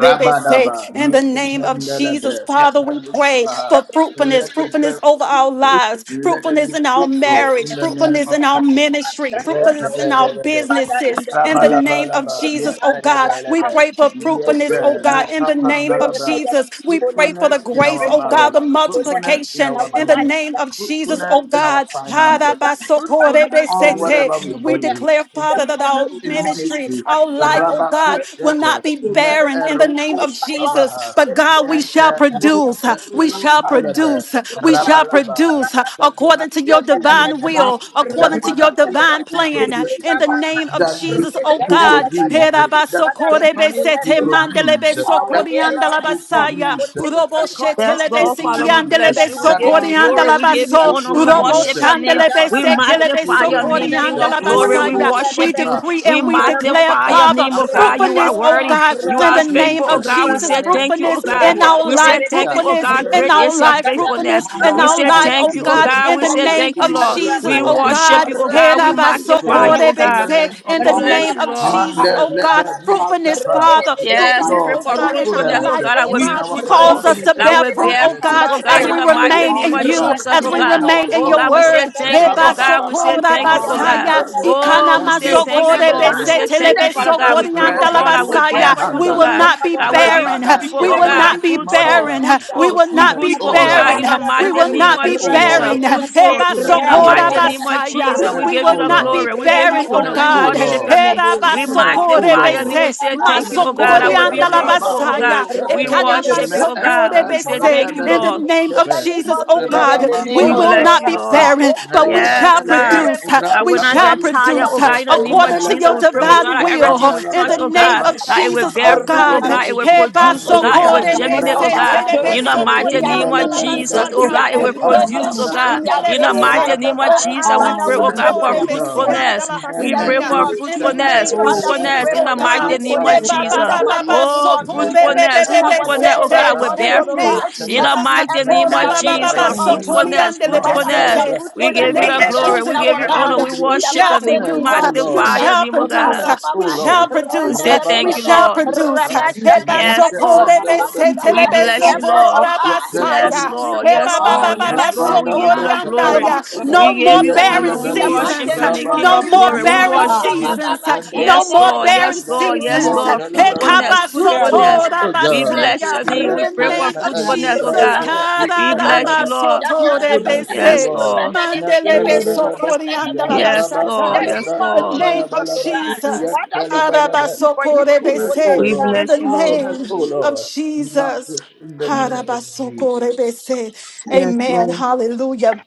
A: Rabadaba,
C: In the name of
A: Nipendalabre,
C: Jesus,
A: Yep.
C: Father, we pray for fruitfulness,
A: let it bear
C: fruitfulness over our
A: fruitful,
C: lives,
A: let it be
C: fruitfulness in our
A: fruitful in
C: marriage,
A: the name
C: fruitfulness
A: of
C: in our
A: Jesus.
C: ministry,
B: Father,
C: fruitfulness in our
A: Retelebelebe.
B: in
C: businesses.
B: the
C: In the
B: name of
C: name
B: Jesus,
C: of
A: Rabalabalaba.
B: oh
C: Jesus, oh
B: God,
C: God,
B: that
C: we
A: Nepelebelebe.
B: as
C: pray
B: we
C: for
B: begin to
A: Yes,
C: fruitfulness,
B: pray,
A: sir.
C: oh
B: oh
A: No
C: God.
B: God,
C: In the
B: we
C: name
B: pray
C: of
A: kapandalaba.
B: for your
C: Jesus, we pray for
B: faithfulness.
A: Fruitfulness
C: the
B: We
A: in
C: grace,
A: our
B: pray
C: oh
B: for
C: God,
B: your
C: the
A: marriage,
B: faithfulness
A: fruitfulness in
B: in
C: multiplication.
B: our
A: our
C: In the
A: business,
B: life, oh
C: name
B: God.
C: of
B: In
C: Jesus,
A: fruitfulness
C: oh
A: in our
B: everything
C: God.
B: that we do, oh
A: finances,
B: God, Father, we
A: fruitfulness
B: pray
A: in
B: for your
A: whatever we
C: We
A: do,
B: faithfulness
C: declare,
B: in
A: and
B: the
C: Father, that our
B: mighty
A: fruitfulness in
B: name of
C: ministry,
A: ministry.
B: Jesus.
C: our life,
B: Father,
C: oh
B: we
C: God,
B: pray for
C: will
A: Rabakushete.
C: not be
B: your
C: barren in
B: faithfulness
C: the name
B: and the
C: of
A: Me'eru'us
B: power of
C: Jesus.
B: the
C: But
B: Holy
C: God,
B: Ghost
C: we
A: Nanta
C: shall
B: in the mighty
C: produce,
A: Nataka
C: uh,
B: name
C: we
A: Kush
B: of
C: shall
B: Jesus.
A: Naraba
C: produce, uh, we shall
A: Rabalaba
C: produce uh,
A: that
C: according to your
A: Donatien will
C: divine
A: produce,
C: will,
A: that
C: according to your
A: Mother Teacher
C: divine
A: will
C: plan. uh, In
A: produce,
C: the name of
A: that
C: Jesus, oh
A: Bishop will
C: God.
A: produce, that
B: Father,
A: Stephanie
B: peacefulness,
A: will
C: Herabasokorebesete
B: oh God,
A: produce,
B: in our
D: Hallelujah.
A: that
B: daily
A: Ella
B: life,
A: will
D: Glory
C: mandelebesokoriandalabasaya.
A: produce,
B: peacefulness in our
D: to
A: that
D: God.
C: Uroboshete
F: Yes,
A: Comfort will
F: Lord,
B: daily
F: Father,
B: life,
F: we
A: produce,
B: in the
F: bless you. We
B: mighty
F: give
A: that
F: you
B: name
D: Hallelujah.
A: and
B: of
F: glory.
A: let
F: We
A: this
F: give you
C: so
B: Jesus.
A: you
F: honor. We
C: robo
A: produce
F: worship
A: uh,
B: Karabata,
F: your name.
A: that
C: shandelebe
F: We
A: Pastor
B: karabata,
A: Jeff
C: sekelebe
A: you
F: magnify your name,
B: rabata,
A: produce,
F: King
A: uh,
F: of
C: sokoriandala
B: rabata,
F: glory.
D: Glory
F: We
A: Michael
C: basaya.
D: to the
C: We
F: worship
B: rabata,
F: you.
A: Skipper,
C: decree
F: We
C: and we
B: rabata,
A: fruitfulness
C: declare,
F: magnify
D: Father,
A: that
F: your
C: Father,
B: Rabba
F: name, oh
D: to
F: God.
D: the Son,
A: Apostle
F: You are
C: fruitfulness, oh
A: Toria
F: worthy.
C: God,
A: will
F: You
C: in
F: are
C: the
A: produce
C: name
F: faithful,
D: to
F: oh
C: of
A: uh,
D: the
F: God. We
A: in the
C: Jesus,
F: say
A: name
F: thank you, oh
A: of
C: fruitfulness
F: God.
C: in
D: Holy
A: Yeshua
C: our
F: We
C: life,
F: say thank
A: HaMashiach,
F: you, oh
C: fruitfulness
A: in
F: God.
A: the
C: in
F: Great
A: name
D: Spirit,
C: our
F: is
A: of
F: your
C: life,
A: Jesus.
C: fruitfulness
F: faithfulness.
A: Let
C: in
F: We
A: us
C: our
F: say
C: life,
F: thank
C: oh
F: you,
A: produce
F: oh
A: uh,
C: God,
F: God.
C: in
F: We
C: the
F: say
D: to
A: corpus
C: name
F: thank
A: to
D: the
F: you,
C: of
A: be
D: High
F: Lord.
C: Jesus,
F: We
C: oh
A: fruitful,
C: God.
F: worship you, oh
A: corpus
F: God.
A: to
F: We
A: be
F: magnify
D: Priest.
A: fruitful
F: you, oh
C: Herabasokorebe
A: in
F: God.
A: the
C: se,
A: name
C: In
F: We
A: of
C: the
A: Jesus.
F: bless
C: name
D: Hallelujah.
F: you,
C: of
F: Lord.
D: Are
C: Jesus,
D: not
A: Manda
C: oh God,
A: leva
D: Father,
C: fruitfulness,
A: nustapa.
D: okay,
C: Father,
A: Yes,
F: Yes,
D: like
F: we
C: fruitfulness,
F: pray
A: Lord,
C: oh
B: we
F: for
D: Father.
C: God, in
B: pray
C: our
F: fruitfulness,
D: God.
F: oh
A: fruitfulness
C: life,
F: God, I
C: oh
F: will
D: We
A: in
F: be
C: God,
A: our
D: be
F: fruitful,
C: calls us
A: finances,
C: to
D: foolish
F: I
D: in
C: bear
F: will
C: bear
D: Father.
C: fruit,
F: bear
C: oh
D: God,
F: fruit,
C: God,
F: oh God,
C: as
D: carry.
F: in
C: we
F: the mighty
C: remain
F: name
C: in
F: of
C: you,
A: Rabakusipa,
D: Hallelujah,
F: Jesus,
C: as
F: oh
D: Lord
C: we
A: even in
F: God.
A: our
C: remain in
F: Oh
C: your
D: God.
F: God,
A: bodies,
F: we
C: word.
F: say thank you, oh
C: Heba
F: God, we say
A: Rabababa,
C: sokora
F: thank
B: for
F: you,
B: your
F: oh God.
A: Ranta
C: basaya,
D: Hallelujah,
B: fruitfulness, O
D: Lord God.
B: God.
C: ikana
F: Oh, we say
A: Muskepende,
D: We'll be
F: thank you,
B: Fruitfulness, O
C: masokore
D: faithful,
F: Lord.
D: Lord
F: We
B: God.
A: Kepereve,
F: say
D: God.
C: besetele
B: In
F: thank
B: the
F: you,
D: And
F: Father
B: name
F: God.
B: of
D: serve
F: We
C: besokori
F: pray, oh
B: Jesus,
D: never
C: andala
F: God, I
D: before.
A: Repenus
B: we
F: will
B: pray
F: bear
C: basaya.
B: for your
F: fruit,
C: We
F: oh
D: Hallelujah.
C: will
F: God.
A: Mahandalaba,
B: fruitfulness,
C: not be
B: our
F: I will
D: Lord,
F: be
B: Father.
C: barren.
D: we
A: Rabada
D: speak
B: We
F: fruitful,
D: it
C: We
F: oh
B: pray
D: right
C: will
B: for
D: now.
B: your
F: God.
C: not
A: Kepenus
C: be
F: Fruitful,
B: fruitfulness,
A: Mahanda,
C: barren.
B: Jesus.
C: We
F: fruitful,
C: will
D: We
C: not
A: fruitfulness,
C: be
D: speak it
F: fruitful,
A: O
F: oh
D: in the
F: God,
A: Lord,
C: barren.
F: in the
D: atmosphere.
C: We
F: mighty
C: will
F: name
A: fruitfulness,
C: not
F: of
C: be
D: Hallelujah.
A: O
F: Jesus.
A: Lord,
C: barren.
D: You
F: Fruitful,
D: said
C: Heba
D: we
A: fruitfulness,
F: in the
A: O
D: shall be
C: sokora
F: mighty
D: fruitful
A: Lord,
F: name of
D: and
C: basaya.
F: Jesus.
D: multiply
F: We
D: right now.
C: We
A: fruitfulness,
F: give you
A: O
C: will
F: the
C: not be
A: Lord,
F: glory. We give you
C: barren, oh
F: honor. We
A: fruitfulness, O
D: You
C: God.
D: said it
F: worship your
D: in
A: Lord,
F: name.
D: your
C: Heba
D: word,
F: We
D: Heavenly
A: fruitfulness,
D: Father.
A: O
C: basokore
F: magnify your name.
A: Lord,
F: We
C: bese,
F: say thank you,
A: Fruitfulness,
F: oh
A: O
D: Hallelujah.
F: God. I
C: masokori
D: Right
F: will
A: Lord,
D: now, in
F: be
D: the
C: andala
D: name of
A: Rabba
B: In
F: fruitful, oh
D: Jesus,
F: God.
C: Basaya,
D: Lord
F: We
A: Koshente,
D: We
F: worship
D: declare
F: you, oh God.
A: Me'ente
C: Ekanamasokore
F: We say
C: Bese.
F: thank you,
C: In
D: Hallelujah.
A: Re'ebedu
C: the
F: Lord.
C: name of
A: Shepe,
B: the name
C: Jesus,
D: You
B: of
C: oh
D: let
B: Jesus,
D: it ask
C: God,
E: In the
D: you
A: Rababa
D: to
C: we
E: name
F: We
E: of
B: Holy
C: will
D: make
A: Taraba
D: it
F: bless
C: not
F: you,
C: be
B: Ghost,
F: Lord.
A: Tapa,
C: barren,
B: Holy
C: but we
B: Ghost,
A: Meriente
F: Yes,
C: shall
B: we
A: Leve
F: God.
B: pray
C: produce.
B: for the
A: Nubra
F: Like
C: We
F: when I
A: Tapa
C: shall
F: get
B: fruitfulness. In
F: tired,
B: the
C: produce
F: oh
A: Luzente,
F: God, in the
D: Hallelujah.
B: mighty name
F: name of
C: according to
F: Jesus,
A: Meleve
C: your
B: of
F: we
B: Jesus.
F: pray, oh God,
C: divine
F: that
A: Mustapa
C: will.
F: everything we
C: In the
F: touch,
A: Melabra
F: oh
D: In
C: name
F: God,
A: Tapa,
D: the
C: of
F: that
D: name
F: it will
C: Jesus,
F: bear
C: oh
B: for
A: Ma'anni
F: fruit, oh
C: God.
F: God, it
A: Libros
F: will produce, oh
A: Ipani
F: God, it
B: the
C: Hebasokore
F: will
A: Me'elevre
B: fruitfulness
F: germinate,
B: of
F: oh
C: Bese,
B: our
F: God, in
B: children
F: the
A: Luzente,
F: mighty
B: in their
F: name of
C: Telebesokoriandala
B: schooling,
A: Melebelebe
F: Jesus, oh
B: in
C: Basata,
F: God, it
B: their
F: will
A: Mustapa
C: Robo
B: education,
F: produce, oh
A: Melabra
F: God,
B: in their
A: Tapa,
C: Shandele
F: in the
B: daily
F: mighty
B: life,
C: Bese,
B: oh
F: name of
B: God.
A: Rababa
F: Jesus, we pray,
B: Father, we
F: oh
B: pray
F: God,
A: Fruitfulness,
B: for
F: for
C: Okanansotore
A: O
B: your
A: God.
B: fruitfulness
F: fruitfulness.
C: Besiandala
A: Me
B: in
D: of
F: We
B: the
F: pray
C: Basaya.
B: name
A: endu
F: for
D: Jesus,
B: of
C: In the
B: Jesus.
A: sete
C: name
F: fruitfulness,
C: of
A: me
C: Jesus.
D: glory
B: Father,
D: to
B: we
D: your
C: Jesus,
F: fruitfulness
B: pray
D: name,
F: in
B: for
C: oh
F: the
A: erebe
B: your
A: ko
D: God.
C: God.
F: mighty name of
C: Eh,
B: fruitfulness
D: In
C: ba,
A: palumbra
B: in
C: ba,
F: Jesus.
B: the
C: ba, ba,
A: andi
B: mighty
C: ba,
B: name
F: Oh,
C: so,
D: the
B: of
D: name
A: me
C: ko,
D: of Jesus, glory
C: re,
B: Jesus.
C: be, be,
F: fruitfulness,
A: enta
C: be,
B: In
C: be,
B: our
C: se,
F: fruitfulness, oh
B: daily
F: God, I
C: te.
B: life
A: raababa
F: will
C: In the
F: bear
B: also, oh
F: fruit.
C: name
B: God.
C: of
F: In
A: nikusete,
F: the
B: Father,
C: Jesus.
B: in
C: ha,
D: to
A: sete
F: mighty
C: ho,
F: name
B: everything
C: ra,
F: of
B: that
C: ba, ba, ba,
F: Jesus,
A: mendelebre
C: ba,
B: pertains us,
C: so, ko, ri,
A: etus
B: Jesus.
C: an,
F: fruitfulness,
C: de, le,
D: your
C: be,
B: Father,
C: se,
B: may
F: fruitfulness,
B: your
C: te.
A: mahandalabra
D: name,
F: we
C: In
D: God.
C: the
B: fruitfulness
F: give you
C: name
F: the
C: of
A: rababa
B: manifest
F: glory.
C: Jesus,
B: in
F: We give
C: oh
D: Hallelujah.
B: our
F: you
A: tapandi
B: life
F: honor.
C: God.
F: We
A: libri
B: in
C: We
B: the
F: worship
C: shall
F: your name.
B: mighty
F: We
A: fruitfulness,
B: name
C: produce.
A: O
C: ha,
B: of
C: We
A: Lord,
F: magnify your
B: Jesus.
C: shall
F: name, oh God.
C: produce.
A: fruitfulness,
C: ha,
A: O
C: We
B: Karababa,
D: Yes,
A: Lord,
C: shall
F: We
C: produce.
F: say
C: ha,
A: rababa
C: We
F: thank
D: God.
F: you,
B: Rabadabadaba,
C: shall
F: Lord.
C: produce.
A: nibriata
C: ha. Eh,
D: Jesus,
C: ba,
D: Jesus,
C: so,
F: Yes,
A: nete
D: Lord
B: Rabashakadabadaba.
C: ko,
F: Lord.
C: re,
D: God.
C: be,
A: pendelebre
B: Father
C: se,
D: We thank
C: te,
F: We
D: you,
C: le,
B: God,
C: be, so,
F: bless
D: Lord
B: help
F: you,
A: kebelebe
B: us,
F: Lord.
D: God.
B: oh
C: ba,
B: God,
D: Hallelujah, Lord.
B: to
F: Yes,
B: be
F: Lord.
C: Eh,
B: fruitful,
F: Yes,
C: ba, ba,
B: Lord.
C: ba,
F: Lord.
C: ba,
F: Yes,
C: ba,
B: Help
D: Hallelujah.
C: so,
B: us,
F: Lord. We
B: oh
A: Rabandala
F: give you the
B: God,
A: brata
D: Oh,
A: paya
B: to
F: glory.
D: God,
B: be
A: banda
D: damn
A: ba
D: it.
B: fruitful,
C: No
F: We give
C: more
A: iya
F: you
B: Jesus.
D: in the
C: barren
F: honor.
A: tala
D: name
F: We
D: of
B: In
A: bala
B: the
A: ba
D: Jesus,
F: worship
B: mighty
C: seasons.
F: your
D: Lord.
F: name,
B: name
F: King
A: rababa
B: of
C: No
F: of
C: more
D: We
B: Jesus.
F: glory.
A: iya
F: We
D: are
A: ta
C: barren
D: not.
F: worship you.
A: ra'a
B: Karababa,
C: seasons.
A: banda
C: No
F: Yes,
C: more
A: ra'a
F: Lord.
B: Shakadabadaba,
C: barren
F: Yes,
D: Jesus.
A: banda
F: Lord. Yes,
A: iya
C: seasons.
F: Lord.
A: tala
D: Hallelujah,
A: bala
D: Lord
B: Rabashakadabadaba.
A: ba
D: God.
F: Fruitfulness.
B: In the name
A: kuskuna
F: Fruitfulness. We
A: sugar
D: We
F: bless
C: Hekabasotorabasaya.
D: thank
F: your name.
A: iya
C: In
F: We
C: the
F: pray
A: ta
F: for
C: name
D: you, Lord,
C: of
D: that you have
A: ma'alu
F: fruitfulness, oh
C: Jesus.
D: created
F: God.
D: this
A: brata
D: world.
F: We
A: luka bala
F: bless you,
A: ba
F: Lord.
A: kuskuna
D: Hallelujah.
A: oh
F: Yes,
C: Kararabasotorebese.
A: Lord
F: Lord.
A: na
D: Yeah,
A: tala
D: Lord, if
A: bala
D: I- Yeah,
A: ba ya
F: Yes,
A: rababa
D: yeah, yeah,
C: Mandelebesokoriandalabasata.
F: Lord.
A: tala
F: Yes,
C: In
B: of
C: the
A: brata
F: Lord.
A: paya
C: name
B: Jesus,
C: of
A: bala
B: oh
A: ba
B: God.
D: yeah.
A: iya
C: Jesus.
B: Father, we
A: tala
B: say
A: bala
B: thank
A: ba
B: you for your
A: kuskuna oh
C: Karabasokorebese.
F: We
B: fruitfulness, oh
A: Lord
C: In the
F: bless you, Lord.
A: kuskuna
C: name
A: oh
C: of
A: Lord
C: Jesus.
A: Match in the name of Jesus.
C: Harabasokorebese.
F: Yes,
C: Amen.
F: Lord.
C: Hallelujah.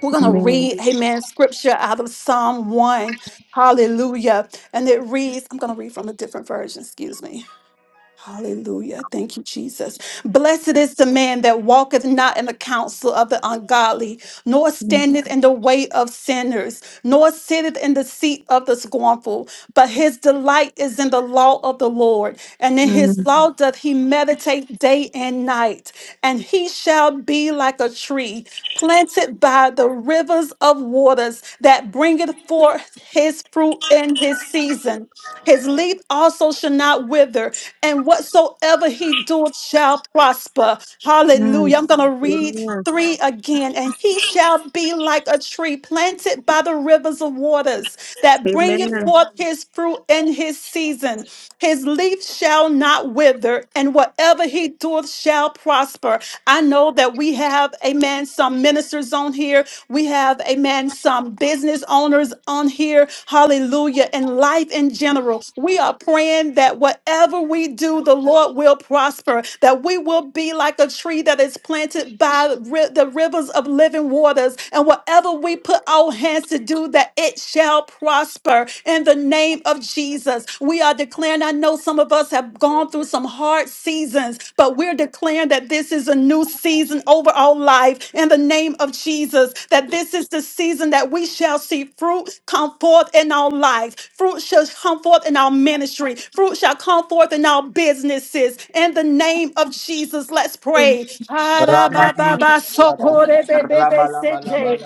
C: We're going to
F: Amen.
C: read, amen, scripture out of Psalm 1. Hallelujah. And it reads, I'm going to read from a different version, excuse me. Hallelujah. Thank you, Jesus. Blessed is the man that walketh not in the counsel of the ungodly, nor
F: Mm,
C: standeth in the way of sinners, nor sitteth in the seat of the scornful. But his delight is in the law of the Lord, and in
F: mm,
C: his law doth he meditate day and night. And he shall be like a tree planted by the rivers of waters that bringeth forth his fruit in his season. His leaf also also shall not wither, and whatsoever he doeth shall prosper.
F: mm.
C: Hallelujah. I'm going to read
F: Amen.
C: three again. And he shall be like a tree planted by the rivers of waters that bringeth
F: Amen.
C: forth his fruit in his season. His leaf shall not wither, and whatever he doeth shall prosper. I know that we have, amen, some ministers on here. We have, amen, some business owners on here. Hallelujah. And life faith in general, we are praying that whatever we do, the Lord will prosper, that we will be like a tree that is planted by ri- the rivers of living waters, and whatever we put our hands to do, that it shall prosper in the name of Jesus. We are declaring, I know some of us have gone through some hard seasons, but we're declaring that this is a new season over our life in the name of Jesus, that this is the season that we shall see fruit come forth forth in our lives. Fruit shall come forth in our ministry. Fruit shall come forth in our businesses. In the name of Jesus, let's pray.
D: Hallelujah.
A: Rabalabalaba, rabalabalabalaba,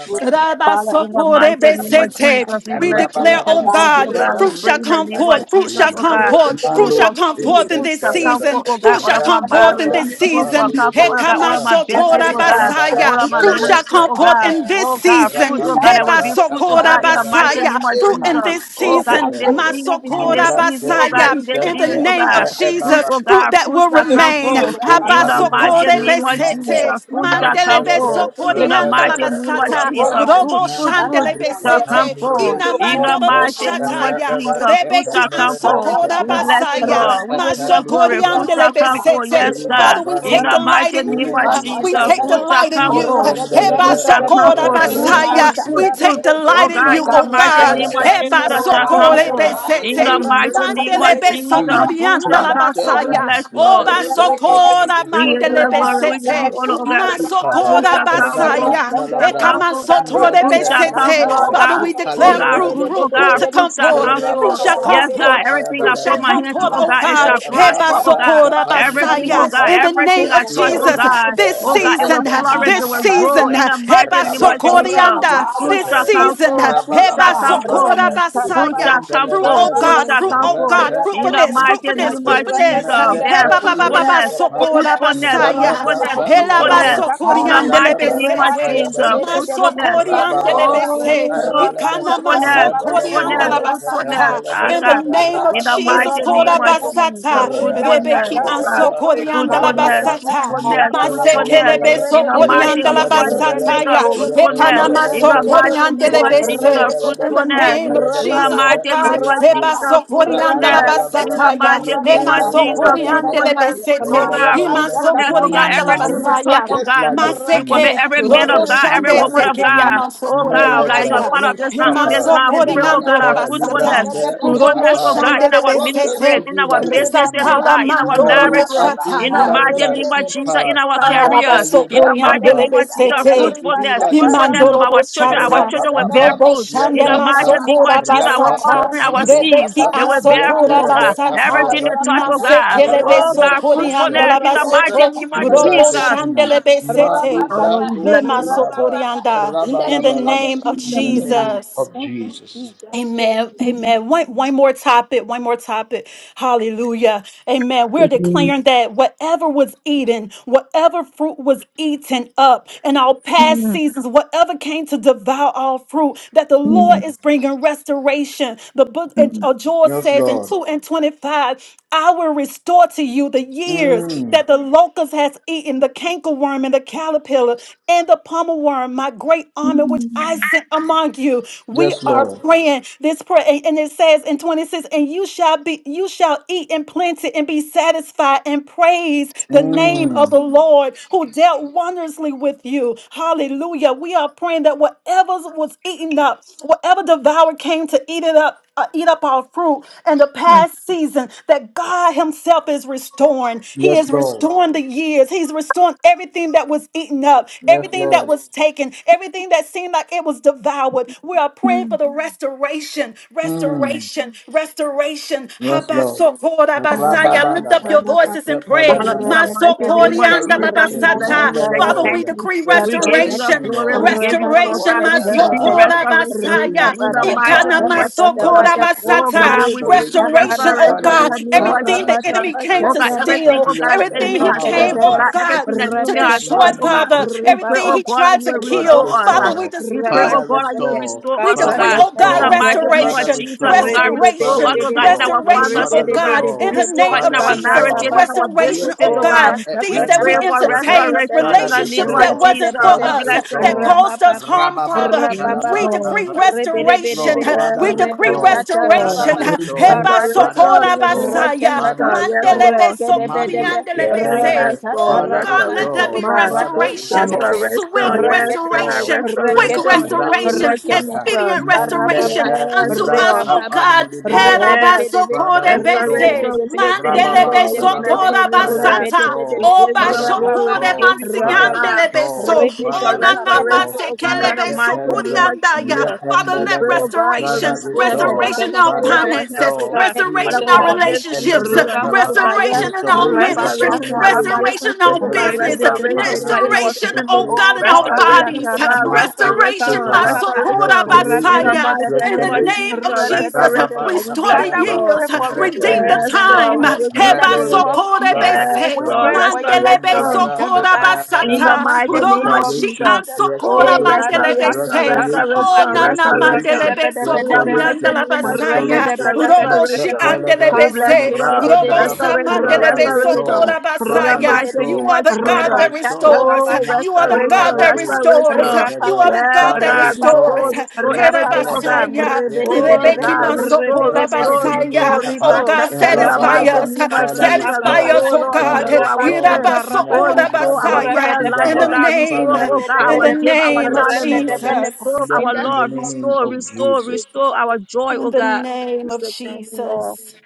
D: Lord,
F: Father, in the mighty
D: Lord,
F: name
B: God.
F: of
A: rabalabalabalaba,
F: Jesus, we
B: Father,
C: We
F: bless you. We
C: declare,
A: rabalaba.
C: oh
F: thank you, thank
D: God, we
F: you,
D: thank
F: oh
C: God,
F: God.
A: Father,
F: We
C: fruit
A: make
F: pray
C: shall
F: in the
A: us
C: come
F: name
A: like
D: you,
F: of
A: a
C: forth. Fruit
F: Jesus,
C: shall
A: tree.
F: oh
C: come
F: God.
C: forth. Fruit
F: Truth
A: Mano
C: shall
F: for
C: come
D: Lord. We
F: truth,
C: forth
D: thank
C: in
F: food
C: this
F: shall come
A: itetalaba,
F: for,
C: season.
F: oh God,
C: Fruit
F: all
C: shall
F: of my
C: come
D: you,
C: forth
B: in
C: in
A: ratalaba,
F: marriage.
B: the
C: this
B: name
D: Lord.
B: of
F: Truth for
C: season.
B: Jesus,
F: come for,
A: apamidibre
F: oh God,
D: God.
F: all of
A: apa,
F: my
D: That we
B: Father,
F: business,
D: still
B: we
F: oh
D: look
F: God.
B: command
D: like
B: your
F: All of
B: peace
C: Hekamasotorabasaya.
F: my
D: the
C: Fruit
A: rabababantalaba,
C: shall
F: ministry,
C: come
F: oh
D: Father.
B: to
C: forth
F: God.
A: ratata,
B: rest
C: in
B: in my
C: this
B: life,
F: Oh God,
C: season.
F: fruit,
B: in
F: oh
D: You
B: that
F: God,
B: of
F: that will
B: my
A: rapandalaba,
F: be fruit,
B: children's
F: oh
B: life,
C: Masokora
F: God, in the
B: in
A: apayabalaba.
B: the
F: mighty
B: life
F: name
C: Basaya,
B: of
F: of
C: fruit
B: my
C: in
B: life,
F: Jesus.
A: Emando,
C: this
B: in
F: Oh
B: the
F: God,
D: live
C: season,
F: in
D: like
B: mighty
F: this
A: sheketelele,
B: name
F: season,
B: of
F: in
D: Father.
C: Masokora
F: this
A: nobramte,
F: season, oh God,
B: Jesus.
C: Basaya,
F: in
D: You've
F: this
D: given
C: in
D: us
A: nisente,
C: the
F: season, oh
C: name
F: God.
C: of
F: Fruit,
C: Jesus,
A: reebaba.
F: oh
C: fruit
F: God,
C: that
F: fruit
C: will
F: shall
D: a
A: Rapaya
F: come
D: good
C: remain.
D: bill,
F: for.
D: Lord
B: Father,
D: God.
F: In the
D: Lord God,
F: mighty
C: Habasokore
F: name of Jesus,
C: Besete,
D: Father,
F: fruit shall
D: God.
C: Mandele
F: come for. In
D: That you
F: the
C: Besokorianda
D: plant
C: la
F: mighty name of
D: will
C: Basata,
D: grow
F: Jesus,
D: like never
F: fruit,
C: Robo
F: fruit,
B: I
D: before,
F: fruit
C: Shandele
B: pray
D: God,
B: for
D: Lord.
F: shall
B: your
F: come
C: Besete,
B: people
D: That
B: now,
F: forth.
D: you are
B: Lord,
F: In the
D: watering us,
C: Inamandorobo
B: in the
F: mighty
D: Lord God.
F: name
B: mighty
F: of
C: Shataya,
B: name of
F: Jesus, fruit
B: Jesus.
C: Rebeki
F: shall come
D: Lord
F: forth.
D: God, that
C: Ansokora
D: our
F: We
B: Karababa,
F: bless you,
D: harvest
C: Basaya,
F: Lord. We
D: God,
F: give you
B: rababa,
F: the
D: by
C: masokori
F: glory.
D: His
F: Fruit
D: time,
B: rababa,
F: shall
C: Masokoriandele
F: come
D: God,
F: forth.
D: to
F: Yes,
C: Besete.
D: grow
B: reba,
F: God.
C: Father, we
D: and
F: In
D: serve
C: take
F: the
D: like
B: karababa,
C: delight
F: mighty
C: in
D: never
F: name
D: before,
C: you.
F: of
D: Father,
C: We
F: Jesus,
C: take
F: fruit
B: karababa,
F: shall
C: delight in
F: come
D: God.
C: you.
F: forth.
D: Hallelujah.
F: Fruit shall come forth.
D: In the
F: Fruit,
A: balaba,
D: mighty
F: fruit,
C: Basaya.
D: name
F: fruit,
C: We
A: yet,
D: of
C: take
F: fruit.
B: Ripashatarapoto,
D: Jesus,
F: Oh
C: delight
D: Lord
C: in
F: God,
C: you,
D: God.
F: in
A: rapada,
F: the
C: oh
F: mighty
C: God.
F: name
A: papaya
F: of
B: Karatata,
A: ba,
C: Heba
F: Jesus shall
C: soko
F: come
D: Rekekelebahaya,
F: forth.
C: lebe
A: Rabalaba,
B: Rekatata,
A: that
F: In the
C: sete.
D: mahaleluya.
A: you make
F: mighty
A: us
F: name
B: Rasakata,
F: of
A: like
C: Mandelebe
A: a
F: Jesus,
A: tree
F: fruit
C: sokorianda
F: shall
C: la
B: Arapapata,
F: come forth.
A: planted
F: We
D: Rekekelebahaya,
A: uh,
C: basaya.
B: Rapata,
F: bless you,
A: by
F: Lord.
A: the
C: Oba
A: rivers
B: Rapata,
A: of
C: sokora
A: living
F: We give you that
A: water.
C: mandelebe
F: glory.
D: rekekelebahaya.
F: We give
C: sete.
F: you
B: Rapata,
F: honor, oh God.
A: Makustaha,
F: Fruit
C: Masokora
B: Ripatata,
F: shall come
D: Mahaleluya.
A: Rabba
F: forth.
C: basaya.
F: Fruit shall
B: Rasakata,
F: come
A: Calabra,
C: Ekama
F: forth.
D: Rekekelebahaya,
F: Fruit
C: sotorebe
A: Yete,
B: Karatata,
F: shall come
C: sete.
F: forth, oh
A: Rete,
C: Father,
B: Satarapapa,
F: God.
C: we
F: Oh
C: declare
F: God,
A: Upalura,
D: rekekelebahaya.
C: fruit,
F: fruit, oh
C: fruit, fruit
F: God,
A: Lustete,
C: to
B: Ripidipidipidip,
F: fruit
C: come
D: Right
F: shall
C: forth.
F: come
C: Fruit
F: forth.
C: shall
A: Rabadaba,
C: come
F: Yes,
B: Ripidipidipidip,
F: God,
D: now,
C: forth.
F: everything I
C: Fruit
F: put
C: shall
A: Kapayabalaba,
F: my
D: in the
C: come
F: hand to,
C: forth,
B: Ripapapa,
F: oh
C: oh
F: God, it
A: Mente,
C: God.
F: shall
B: Ripata,
C: Heba
F: prosper, oh
A: Rababa,
F: God.
C: sokora
F: Everything, oh
C: basaya.
A: Kapanibriapa,
F: God,
C: In the
B: Karibashatarapato,
F: everything
C: name
A: Yes,
F: I
C: of
F: touch,
A: Lord,
F: oh
C: Jesus,
F: God,
A: Mate,
B: Ripoto,
C: this
F: oh God, it will
C: season,
A: Rete,
B: Rabba
F: flourish, it
A: Nushma,
F: will
C: this
F: grow
C: season,
A: Anta,
F: in
C: uh,
F: the mighty
C: Heba
F: name of
A: Rababa,
F: Jesus.
C: Sokorianda,
F: Fruit
C: this
A: Netushete,
F: shall come
C: season, uh,
F: forth, fruit
C: Heba
F: shall come
C: Sokora
A: Rabalabalabate,
F: forth, fruit
C: Basaya,
F: shall
A: Rete,
F: come
C: fruit,
F: forth,
C: oh
A: Lebelebe,
F: fruit
C: God,
F: shall
C: fruit,
F: come
C: oh
F: forth
C: God,
A: Rente,
F: in the
C: fruitfulness,
F: mighty
C: fruitfulness,
F: name
A: Makushente,
F: of
D: name of
C: fruitfulness, uh,
F: Jesus.
D: Jesus,
F: Yeah,
A: Melebre,
C: Heba
D: Lord.
C: Baba Baba
F: fruitfulness,
D: Lord,
A: Lustete,
C: Sokora
F: fruitfulness,
C: Basaya,
D: never
F: fruitfulness,
D: before,
A: Rabababam
D: Lord
C: Hela
D: God.
F: fruitfulness.
A: talabra,
F: In the
C: Basokorianda
D: Hallelujah.
F: mighty
D: Thrive.
A: rababa
F: name of
C: Lebesete,
A: tapaya
F: Jesus,
A: balaba,
F: fruitfulness.
D: Hallelujah.
C: Masokorianda
D: Grow.
A: rabababa
D: Hallelujah.
C: Lebese,
A: tapaya
F: Oh,
A: balaba,
C: Ikana
D: Hallelujah.
F: fruitfulness,
C: Masokorianda
F: fruitfulness,
A: rabalabalaba
D: Hallelujah.
F: fruitfulness.
C: Labasata,
F: Ah,
A: tapandalaba,
C: in the
F: God.
C: name of
F: In the
A: rabalaba
C: Jesus,
F: mighty
D: I
F: name
C: Kora
A: tapaya
F: of
D: do your
A: balaba,
D: I
C: Basata,
F: Jesus,
D: should never
F: fruitfulness,
C: Rebeki
F: oh
D: try from
F: God.
D: this
A: rabalabalabalaba
D: day
C: Ansokorianda
A: tapaya
F: Fruitfulness,
A: balaba,
D: forward.
F: fruitfulness,
C: Labasata,
B: Rapapa,
F: fruitfulness.
C: Sekelebe
A: yatalabalabalaba,
F: In the mighty
C: sokoriandala
F: name of
D: Hallelujah.
A: yatalabalabalaba,
D: Hallelujah.
F: Jesus,
C: basataya.
D: Glory to your
F: fruitfulness.
D: name.
C: Etanama
F: In
A: yatalabalabalaba,
F: the
A: yatalabalabalaba,
F: mighty name
D: Glory
F: of
D: to
C: sokoriandelebese.
F: Jesus,
A: yatalabalabalaba,
C: In
D: your
C: the
F: fruitfulness.
C: name of
F: In the
C: Jesus, oh
F: mighty
D: name.
C: God,
F: name of
C: Eba
A: Yatalabalabalaba,
F: Jesus,
C: sokoriandala
D: Yes,
F: fruitfulness. In
A: Rapalabalaba,
F: the
C: basataya.
F: mighty name
C: Ema
F: of Jesus,
A: yepalabalaba,
F: fruitfulness. Oh
C: sokoriandelebesete.
F: God,
C: Ima
A: yepalabalaba.
F: fruitfulness, oh God,
C: sokoriandala
A: Mm,
F: everything we
A: You
F: touch,
A: make
C: basaya.
F: oh
A: us
F: God,
A: like a
F: we
A: tree.
F: commit
B: Rabada,
C: Maseke,
F: every
A: Want
F: man
C: Robo
F: of
A: us to
F: God,
A: be
F: every
C: Shande
B: Ripatata
A: like
F: woman
A: a
F: of
C: Seke
A: tree.
F: God,
B: Rabada,
C: Yamanso
F: oh God,
B: Rabada,
F: like it's
A: Melevre,
F: a
C: Coriandaya.
F: part of this land, on
A: luskapa,
F: this
C: Himaso
F: land, we
B: Rabada,
F: pray, oh
C: Coriando
F: God,
A: mente,
F: our
C: Robasata.
F: fruitfulness,
A: lubrante,
D: Hallelujah.
C: Robo
F: fruitfulness,
A: mukapa.
F: oh God,
C: Shande
F: in our
A: Cause us to
C: Lebesete.
F: ministries, in
A: be
F: our
A: like a
F: businesses,
A: tree.
F: oh
C: Isakala
F: God, in our
C: Mandoro
A: Malu
F: marriages, in the
C: Beshataya.
F: mighty
A: atundandar
F: name of
A: ipa
F: Jesus, in our
A: na
F: careers, in the mighty
A: elubratapa.
F: name of Jesus,
A: Cause us
C: Arabasokoriyambelebesete.
A: to be
F: fruitfulness,
A: like a
F: fruitfulness
A: tree.
F: of our children, our
C: Imandoroboshata.
F: children will
A: Rapapapa
F: bear fruit. In the
A: yatata
F: mighty name of Jesus, our
A: rapapa
C: Roboshandemasokorabasata.
B: Rabada,
F: offspring, our
B: Rabada,
F: seeds,
A: nibritapa
C: Rebeki
F: they will bear fruit.
A: yetelebe
F: Ah,
C: ansokorabasata.
F: Everything
A: kapayaba
F: they touch, oh God.
A: yepalaba
F: Oh
A: no
F: God,
A: shante.
F: fruitfulness in the
A: Cause
F: mighty
A: us
C: Masekelebesokoriandalabasoto.
A: to
F: name
A: be
F: of
A: like a
F: Jesus.
A: tree.
C: Roboshandelebesete.
A: Malu
F: Oh, we
A: branto
F: bless you, Lord.
A: ibaba
C: Lemasokorianda.
B: in the
C: In the
B: name of
A: rabalabalaba.
C: name of
B: Jesus,
A: In the
B: oh
F: Mm,
A: name
B: God.
C: Jesus.
A: of
B: Thank you,
A: Jesus.
B: Jesus.
C: Amen.
F: mm,
C: Amen. One, one more topic. One more topic. Hallelujah. Amen. We're
F: mm,
C: declaring that whatever was eaten, whatever fruit was eaten up in our past seasons, whatever came to devour our fruit, that the
F: mm,
C: Lord is bringing restoration. The book
F: mm,
C: of Joel
A: Yes,
C: says in
A: Lord.
C: 2 and 25, I will restore to you the years
A: Mm.
C: that the locust has eaten, the cankerworm and the caterpillar and the pommel worm, my great army which I
F: mm,
C: sent among you. We
A: Yes,
C: are
A: Lord.
C: praying this prayer, and and it says in 26, and you shall be, you shall eat in plenty and be satisfied and praise the name
A: Mm.
C: of the Lord who dealt wondrously with you. Hallelujah. We are praying that whatever was eaten up, whatever devoured came to eat it up uh, eat up our fruit and the
F: mm,
C: past season that God Himself is restoring. He
A: Yes,
C: is
A: Lord.
C: restoring the years. He's restoring everything that was eaten up,
A: Yes,
C: everything that
A: Lord.
C: was taken, everything that seemed like it was devoured. We are
F: mm,
C: praying for the restoration,
A: Mm.
C: restoration, restoration.
A: Yes, Lord.
C: Habasokordabasaya. Lift up
A: Ra-ba-ba-ba-ba.
C: your voices and pray.
F: Father, in the
A: Yep-yep-ba-la-ba-la-ba.
B: Rabba
F: mighty name of Jesus, we
A: Restoration,
F: bless you.
C: Masokoriandalabasata.
F: We tell you
C: Father,
A: mandala
C: we
F: thank you.
C: decree
F: We give you the
A: restoration,
C: restoration,
F: glory. We
A: Lord.
F: give you all oh
C: restoration.
F: God. We
A: Whatever
F: decree
A: has been
F: restoration.
A: eaten
C: Masokorabasaya
F: In
A: in
F: the
A: our
F: mighty name
A: past,
F: of
C: ikanamasoko
F: Jesus.
A: Father, we pray
F: Oh
A: for
C: basata
F: God, we decree
A: restoration.
C: Restoration, oh
A: Father,
F: restoration in
C: God.
F: the name
A: restore
F: of
C: Everything the
A: us.
F: Jesus.
C: enemy came
F: Oh
A: What
C: to
F: God,
A: a
F: everything,
C: steal,
F: oh
A: caterpillar
F: God,
A: and
F: the
A: the
F: enemy
C: everything he
F: has
A: palmer
C: came,
F: taken,
A: worm
F: oh
C: oh
F: God,
A: has
C: God,
F: everything that
A: eaten,
C: to
F: enemy has
C: destroy,
F: stolen, oh God.
A: Mandy
C: Father.
F: We pray,
C: Everything
F: oh
C: he
F: God, that
C: tried
F: you
C: to
F: will
A: Father
C: kill,
F: restore us.
B: Ribababa,
F: ah.
C: Father. We
A: restore,
C: just
F: We pray,
C: we
F: oh
A: Father
F: God, that you will
B: Rabashakate,
A: restore,
F: restore
C: we
F: us, oh
A: Father
F: God.
C: decree, oh
F: In
C: God,
F: the
A: restore,
F: mighty name of
B: Karatashakatabata,
A: Father
C: restoration,
F: Jesus, oh
A: restore,
F: God, restore
A: Father
F: us,
C: restoration,
F: oh
B: Ribidibidibidib,
F: God, in our
A: restore,
C: restoration,
F: finances,
A: Father
C: oh
F: oh God,
C: God, in
A: restore,
C: the
B: Ribidibidibidib,
F: restore
C: name
F: us. in
C: of
A: Father
F: our
C: Jesus,
F: marriages,
A: restore.
F: in
B: Karabababa,
F: our
C: restoration, oh
F: businesses, oh
C: God,
F: God. We
C: things that
F: pray
C: we
F: for
A: Yeterepenustebe.
C: entertained,
F: restoration
B: Orakakatabashakatabata,
F: in
A: Father
F: the name
C: relationships
F: of
C: that
A: restore,
F: Jesus.
C: wasn't for
F: We
B: Rabadabadab,
A: Father
C: us,
F: bless your
C: that
A: restore.
F: name.
C: caused
B: Rabababa,
C: us harm,
A: Rababa,
C: Father.
F: Yes,
C: We
B: Rabababa,
F: Lord.
C: decree
A: Talaba, Yes,
B: Ribidibidib,
C: restoration.
A: Lord. Father,
C: We decree
A: restore.
F: Yes, Lord.
A: Father,
C: restoration.
B: Ribishatarababa,
A: restore.
C: Heba
A: Father,
B: Karatata,
F: Restoration in
C: sokora
F: the name
A: restore.
F: of
C: basaya,
F: Jesus.
B: Rashakata,
A: Father,
F: Yes,
A: restore.
F: Lord.
C: mandelebe
A: Monday,
B: Rakedebedebe,
A: get
C: sokoriandelebe se.
F: Yes,
A: delivered.
B: Ripasata
F: Lord.
C: Oh
A: Father,
C: God,
B: Rapapa,
C: let there
F: Restoration, oh
A: restore.
C: be
F: God.
B: Maratu
A: Father,
C: restoration
B: Shikete,
A: restore.
F: Restoration.
C: swift
A: Father,
F: Yes,
B: Rakete,
F: God.
A: restore.
C: restoration, quick
A: Me
B: Rakete,
F: Restoration in the
A: libra
F: name
C: restoration,
F: of
B: Rakete,
A: kusata.
F: Jesus.
C: expedient
A: Me
B: Barababa,
C: restoration
A: lente
F: Yes,
C: unto
A: nubra
C: us,
F: Lord.
C: O
A: tapa
B: Ribababa,
C: God.
A: nubria.
F: Yes.
B: Ribedebedebe,
A: Father,
C: Herabasokorebese,
F: restoration.
A: restore.
F: We
B: Ribedebedebe,
F: say thank you,
A: Rababa
F: Lord. We bless
B: Ribedebedebe,
A: Jalaba,
F: your name, oh
A: Father,
F: God.
C: mandelebesokorabasata,
F: We
A: restore.
B: Ribedebedebe,
F: give you a
A: Father,
F: glory.
B: Rababa,
F: We
A: restore.
F: give you honor, oh
A: Father,
B: Rababa,
F: God.
A: restore.
C: obashokoremansihandelebeso,
F: Thank you for
A: Father,
B: Ribeshata
F: restoration,
A: restore.
B: Rababa,
F: oh God, in
A: Make
F: the
B: Karata,
A: the
F: mighty name
A: pelebe,
F: of
C: onanamasekelebesoburiandaya.
F: Jesus.
A: yet and
C: Father,
F: We
C: let
F: pray,
B: Ribashata
F: oh
A: the
F: God, you
C: restoration,
A: Father,
B: Oh,
F: restore us, oh
B: rabashata
A: restore.
C: restoration
F: God,
C: in our
F: restore
A: Father,
F: our health,
C: finances,
F: oh
A: restore.
F: God.
C: restoration
F: Father
A: Yet
C: in
F: God, we
C: our
A: and
F: commit thank you
C: relationships,
F: in your
A: Elubra
F: hands,
A: Kappa.
F: oh God.
C: restoration
F: Yes.
C: in our on
A: Restoration of
C: ministry,
A: our
F: Restoration in our
A: marriages,
C: restoration
F: relationships,
C: on
F: oh God.
A: restoration
C: business,
A: of our
F: Restoration, oh God, in
A: finances,
F: our
C: restoration,
F: family.
C: oh
A: restoration
C: God, in
A: of our
C: our
F: Restoration,
A: business,
C: bodies,
F: oh God.
B: rabata,
A: Marco
C: restoration,
F: Restoration,
C: my
A: Skipper,
B: karababa,
C: support,
F: restoration. In the
A: restoration,
C: Abasaya.
F: mighty
C: In
D: Hallelujah.
F: name
C: the
B: rabadabadabadaba,
F: of
A: restoration,
F: Jesus,
C: name of Jesus,
A: Rababa
B: rabadabadaba.
F: restoration. We
C: restore
F: bless
C: the
B: Father,
F: you,
A: Papayapa
B: we
F: Lord.
B: pray
C: years,
B: for
C: redeem the
F: Yes,
A: Repedus
B: restoration,
F: Lord,
C: time.
F: we
B: Lord,
A: Mete
F: give you
B: in
F: the
B: the
C: Heba
F: glory.
B: name
A: redelebe
B: of
C: sokore
B: Jesus.
A: Father
F: Yes,
B: We
C: bese,
F: Lord,
B: pray
A: restore
B: for your
C: mandele
F: restoration.
A: Mandalaba
B: restoration, oh
C: besokora
B: God,
F: In
B: in
A: Papayabalaba
B: the
F: the
C: basata,
F: mighty
B: mighty
F: name
B: name
C: robo
F: of
B: of
C: shi
A: restoration
F: Jesus.
C: an
B: Jesus.
C: sokora
F: Oh,
B: Eh,
A: restoration
C: mandele
B: kariba
F: restoration,
C: bese.
B: shatara
A: restoration
B: baba.
C: Oh,
F: restoration,
C: nana
A: restoration
C: mandele
F: restoration. In the
C: besokori
F: mighty
A: restoration
B: Rabadabadabadabadaba.
C: andala
F: name of Jesus,
A: restoration
C: basaya. Robo shi
B: Rabadabadabadabadaba.
F: restoration.
A: Mekepelebe
F: We bless
C: andelebese.
F: you, Lord.
C: Robo
B: Karachekedede.
A: Rapandalaba
F: Restoration,
A: Father
C: samandelebeso
B: Rekedede.
F: restoration.
A: restore
F: In the
A: Father
C: korabasaya.
F: mighty
B: Rebedebe.
C: You
F: name
A: restore
C: are
F: of
C: the
A: Father
C: God
B: Reba
F: Jesus.
C: that
A: restore
B: shatara
C: restores.
F: Oh,
B: bada.
C: You are the God
F: restoration,
C: that
B: Rababa.
A: Makepeledus
C: restores.
F: restoration.
C: You are
A: Ekede
C: the
B: Rababa.
F: Yes,
C: God
A: Father
C: that
F: God,
B: Rapapa,
C: restores.
F: restore,
A: restore
F: restore everything,
B: rapapa,
F: oh God.
A: Mekelebe
C: Herabasaya.
F: Oh,
B: rebedebedebe,
C: Rebeki
F: God,
A: Yetendelebe,
C: maso
F: restore,
B: rebedebedebe,
F: restore,
A: Rapandilibi,
F: restore,
C: korabasaya. Oh
A: Kappa,
F: restore.
C: God,
B: ribashata
F: In the
C: satisfy
F: mighty
B: rabata,
A: Rabalaba,
C: us.
F: name of
A: Father
F: Jesus,
C: Satisfy
A: restore,
B: karapapapapa,
C: us,
F: restore,
C: oh
F: Lord,
C: God.
A: Father
F: restore our strength.
A: restore,
B: rabashata
C: Herabaso
F: Oh,
B: rabata,
F: restore our
A: Nelivrantus
F: prayer
C: korabasaya.
F: life,
C: In
F: oh
C: the
B: rebedebedebe,
A: Kivaha,
F: God.
C: name,
F: Restore,
A: Father
F: oh God,
C: in
F: our
C: the
A: restore,
B: rebedebedebe,
F: give, our
C: name of
F: talent.
A: Rabalaba,
B: rebedebedebe.
F: Restore
C: Jesus.
A: yeah,
B: In
F: our
B: the
A: in the
F: love.
B: name of
A: name
F: Restore,
A: of
F: restore,
A: Jesus,
F: restore our joy, oh
C: In the
F: God. We
C: name of
F: say thank you, Lord.
C: Jesus.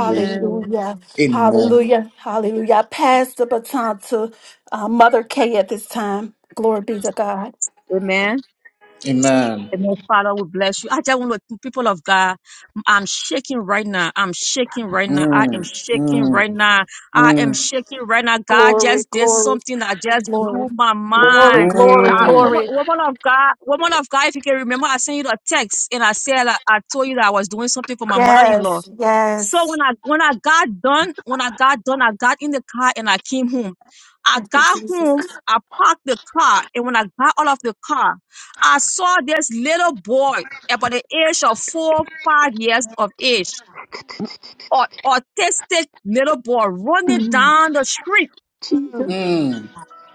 A: Jesus. Amen.
C: Hallelujah. Hallelujah. I pass the baton to uh, Mother Kay at this time. Glory be to God.
F: Amen.
A: Amen.
F: And most Father, we bless you. I just want to, people of God, I'm shaking right now. I'm shaking right now. I am
A: Mm,
F: shaking right
A: mm,
F: now. I am
A: mm,
F: shaking right now.
C: Glo-
F: God just did something that just blew my
C: Glory.
F: mind. Uh,
A: mm,
F: woman, woman of God, woman of God, if you can remember, I sent you a text and I said, I, I told you that I was doing something for my mother-in-law.
C: Yes.
F: So when
C: Yes.
F: I, when I got done, when I got done, I got in the car and I came home. I
C: Thank you,
F: got home.
C: Jesus.
F: I parked the car. And when I got out of the car, I saw this little boy about the age of four, five years of age, or autistic little boy running down the street.
C: Mm,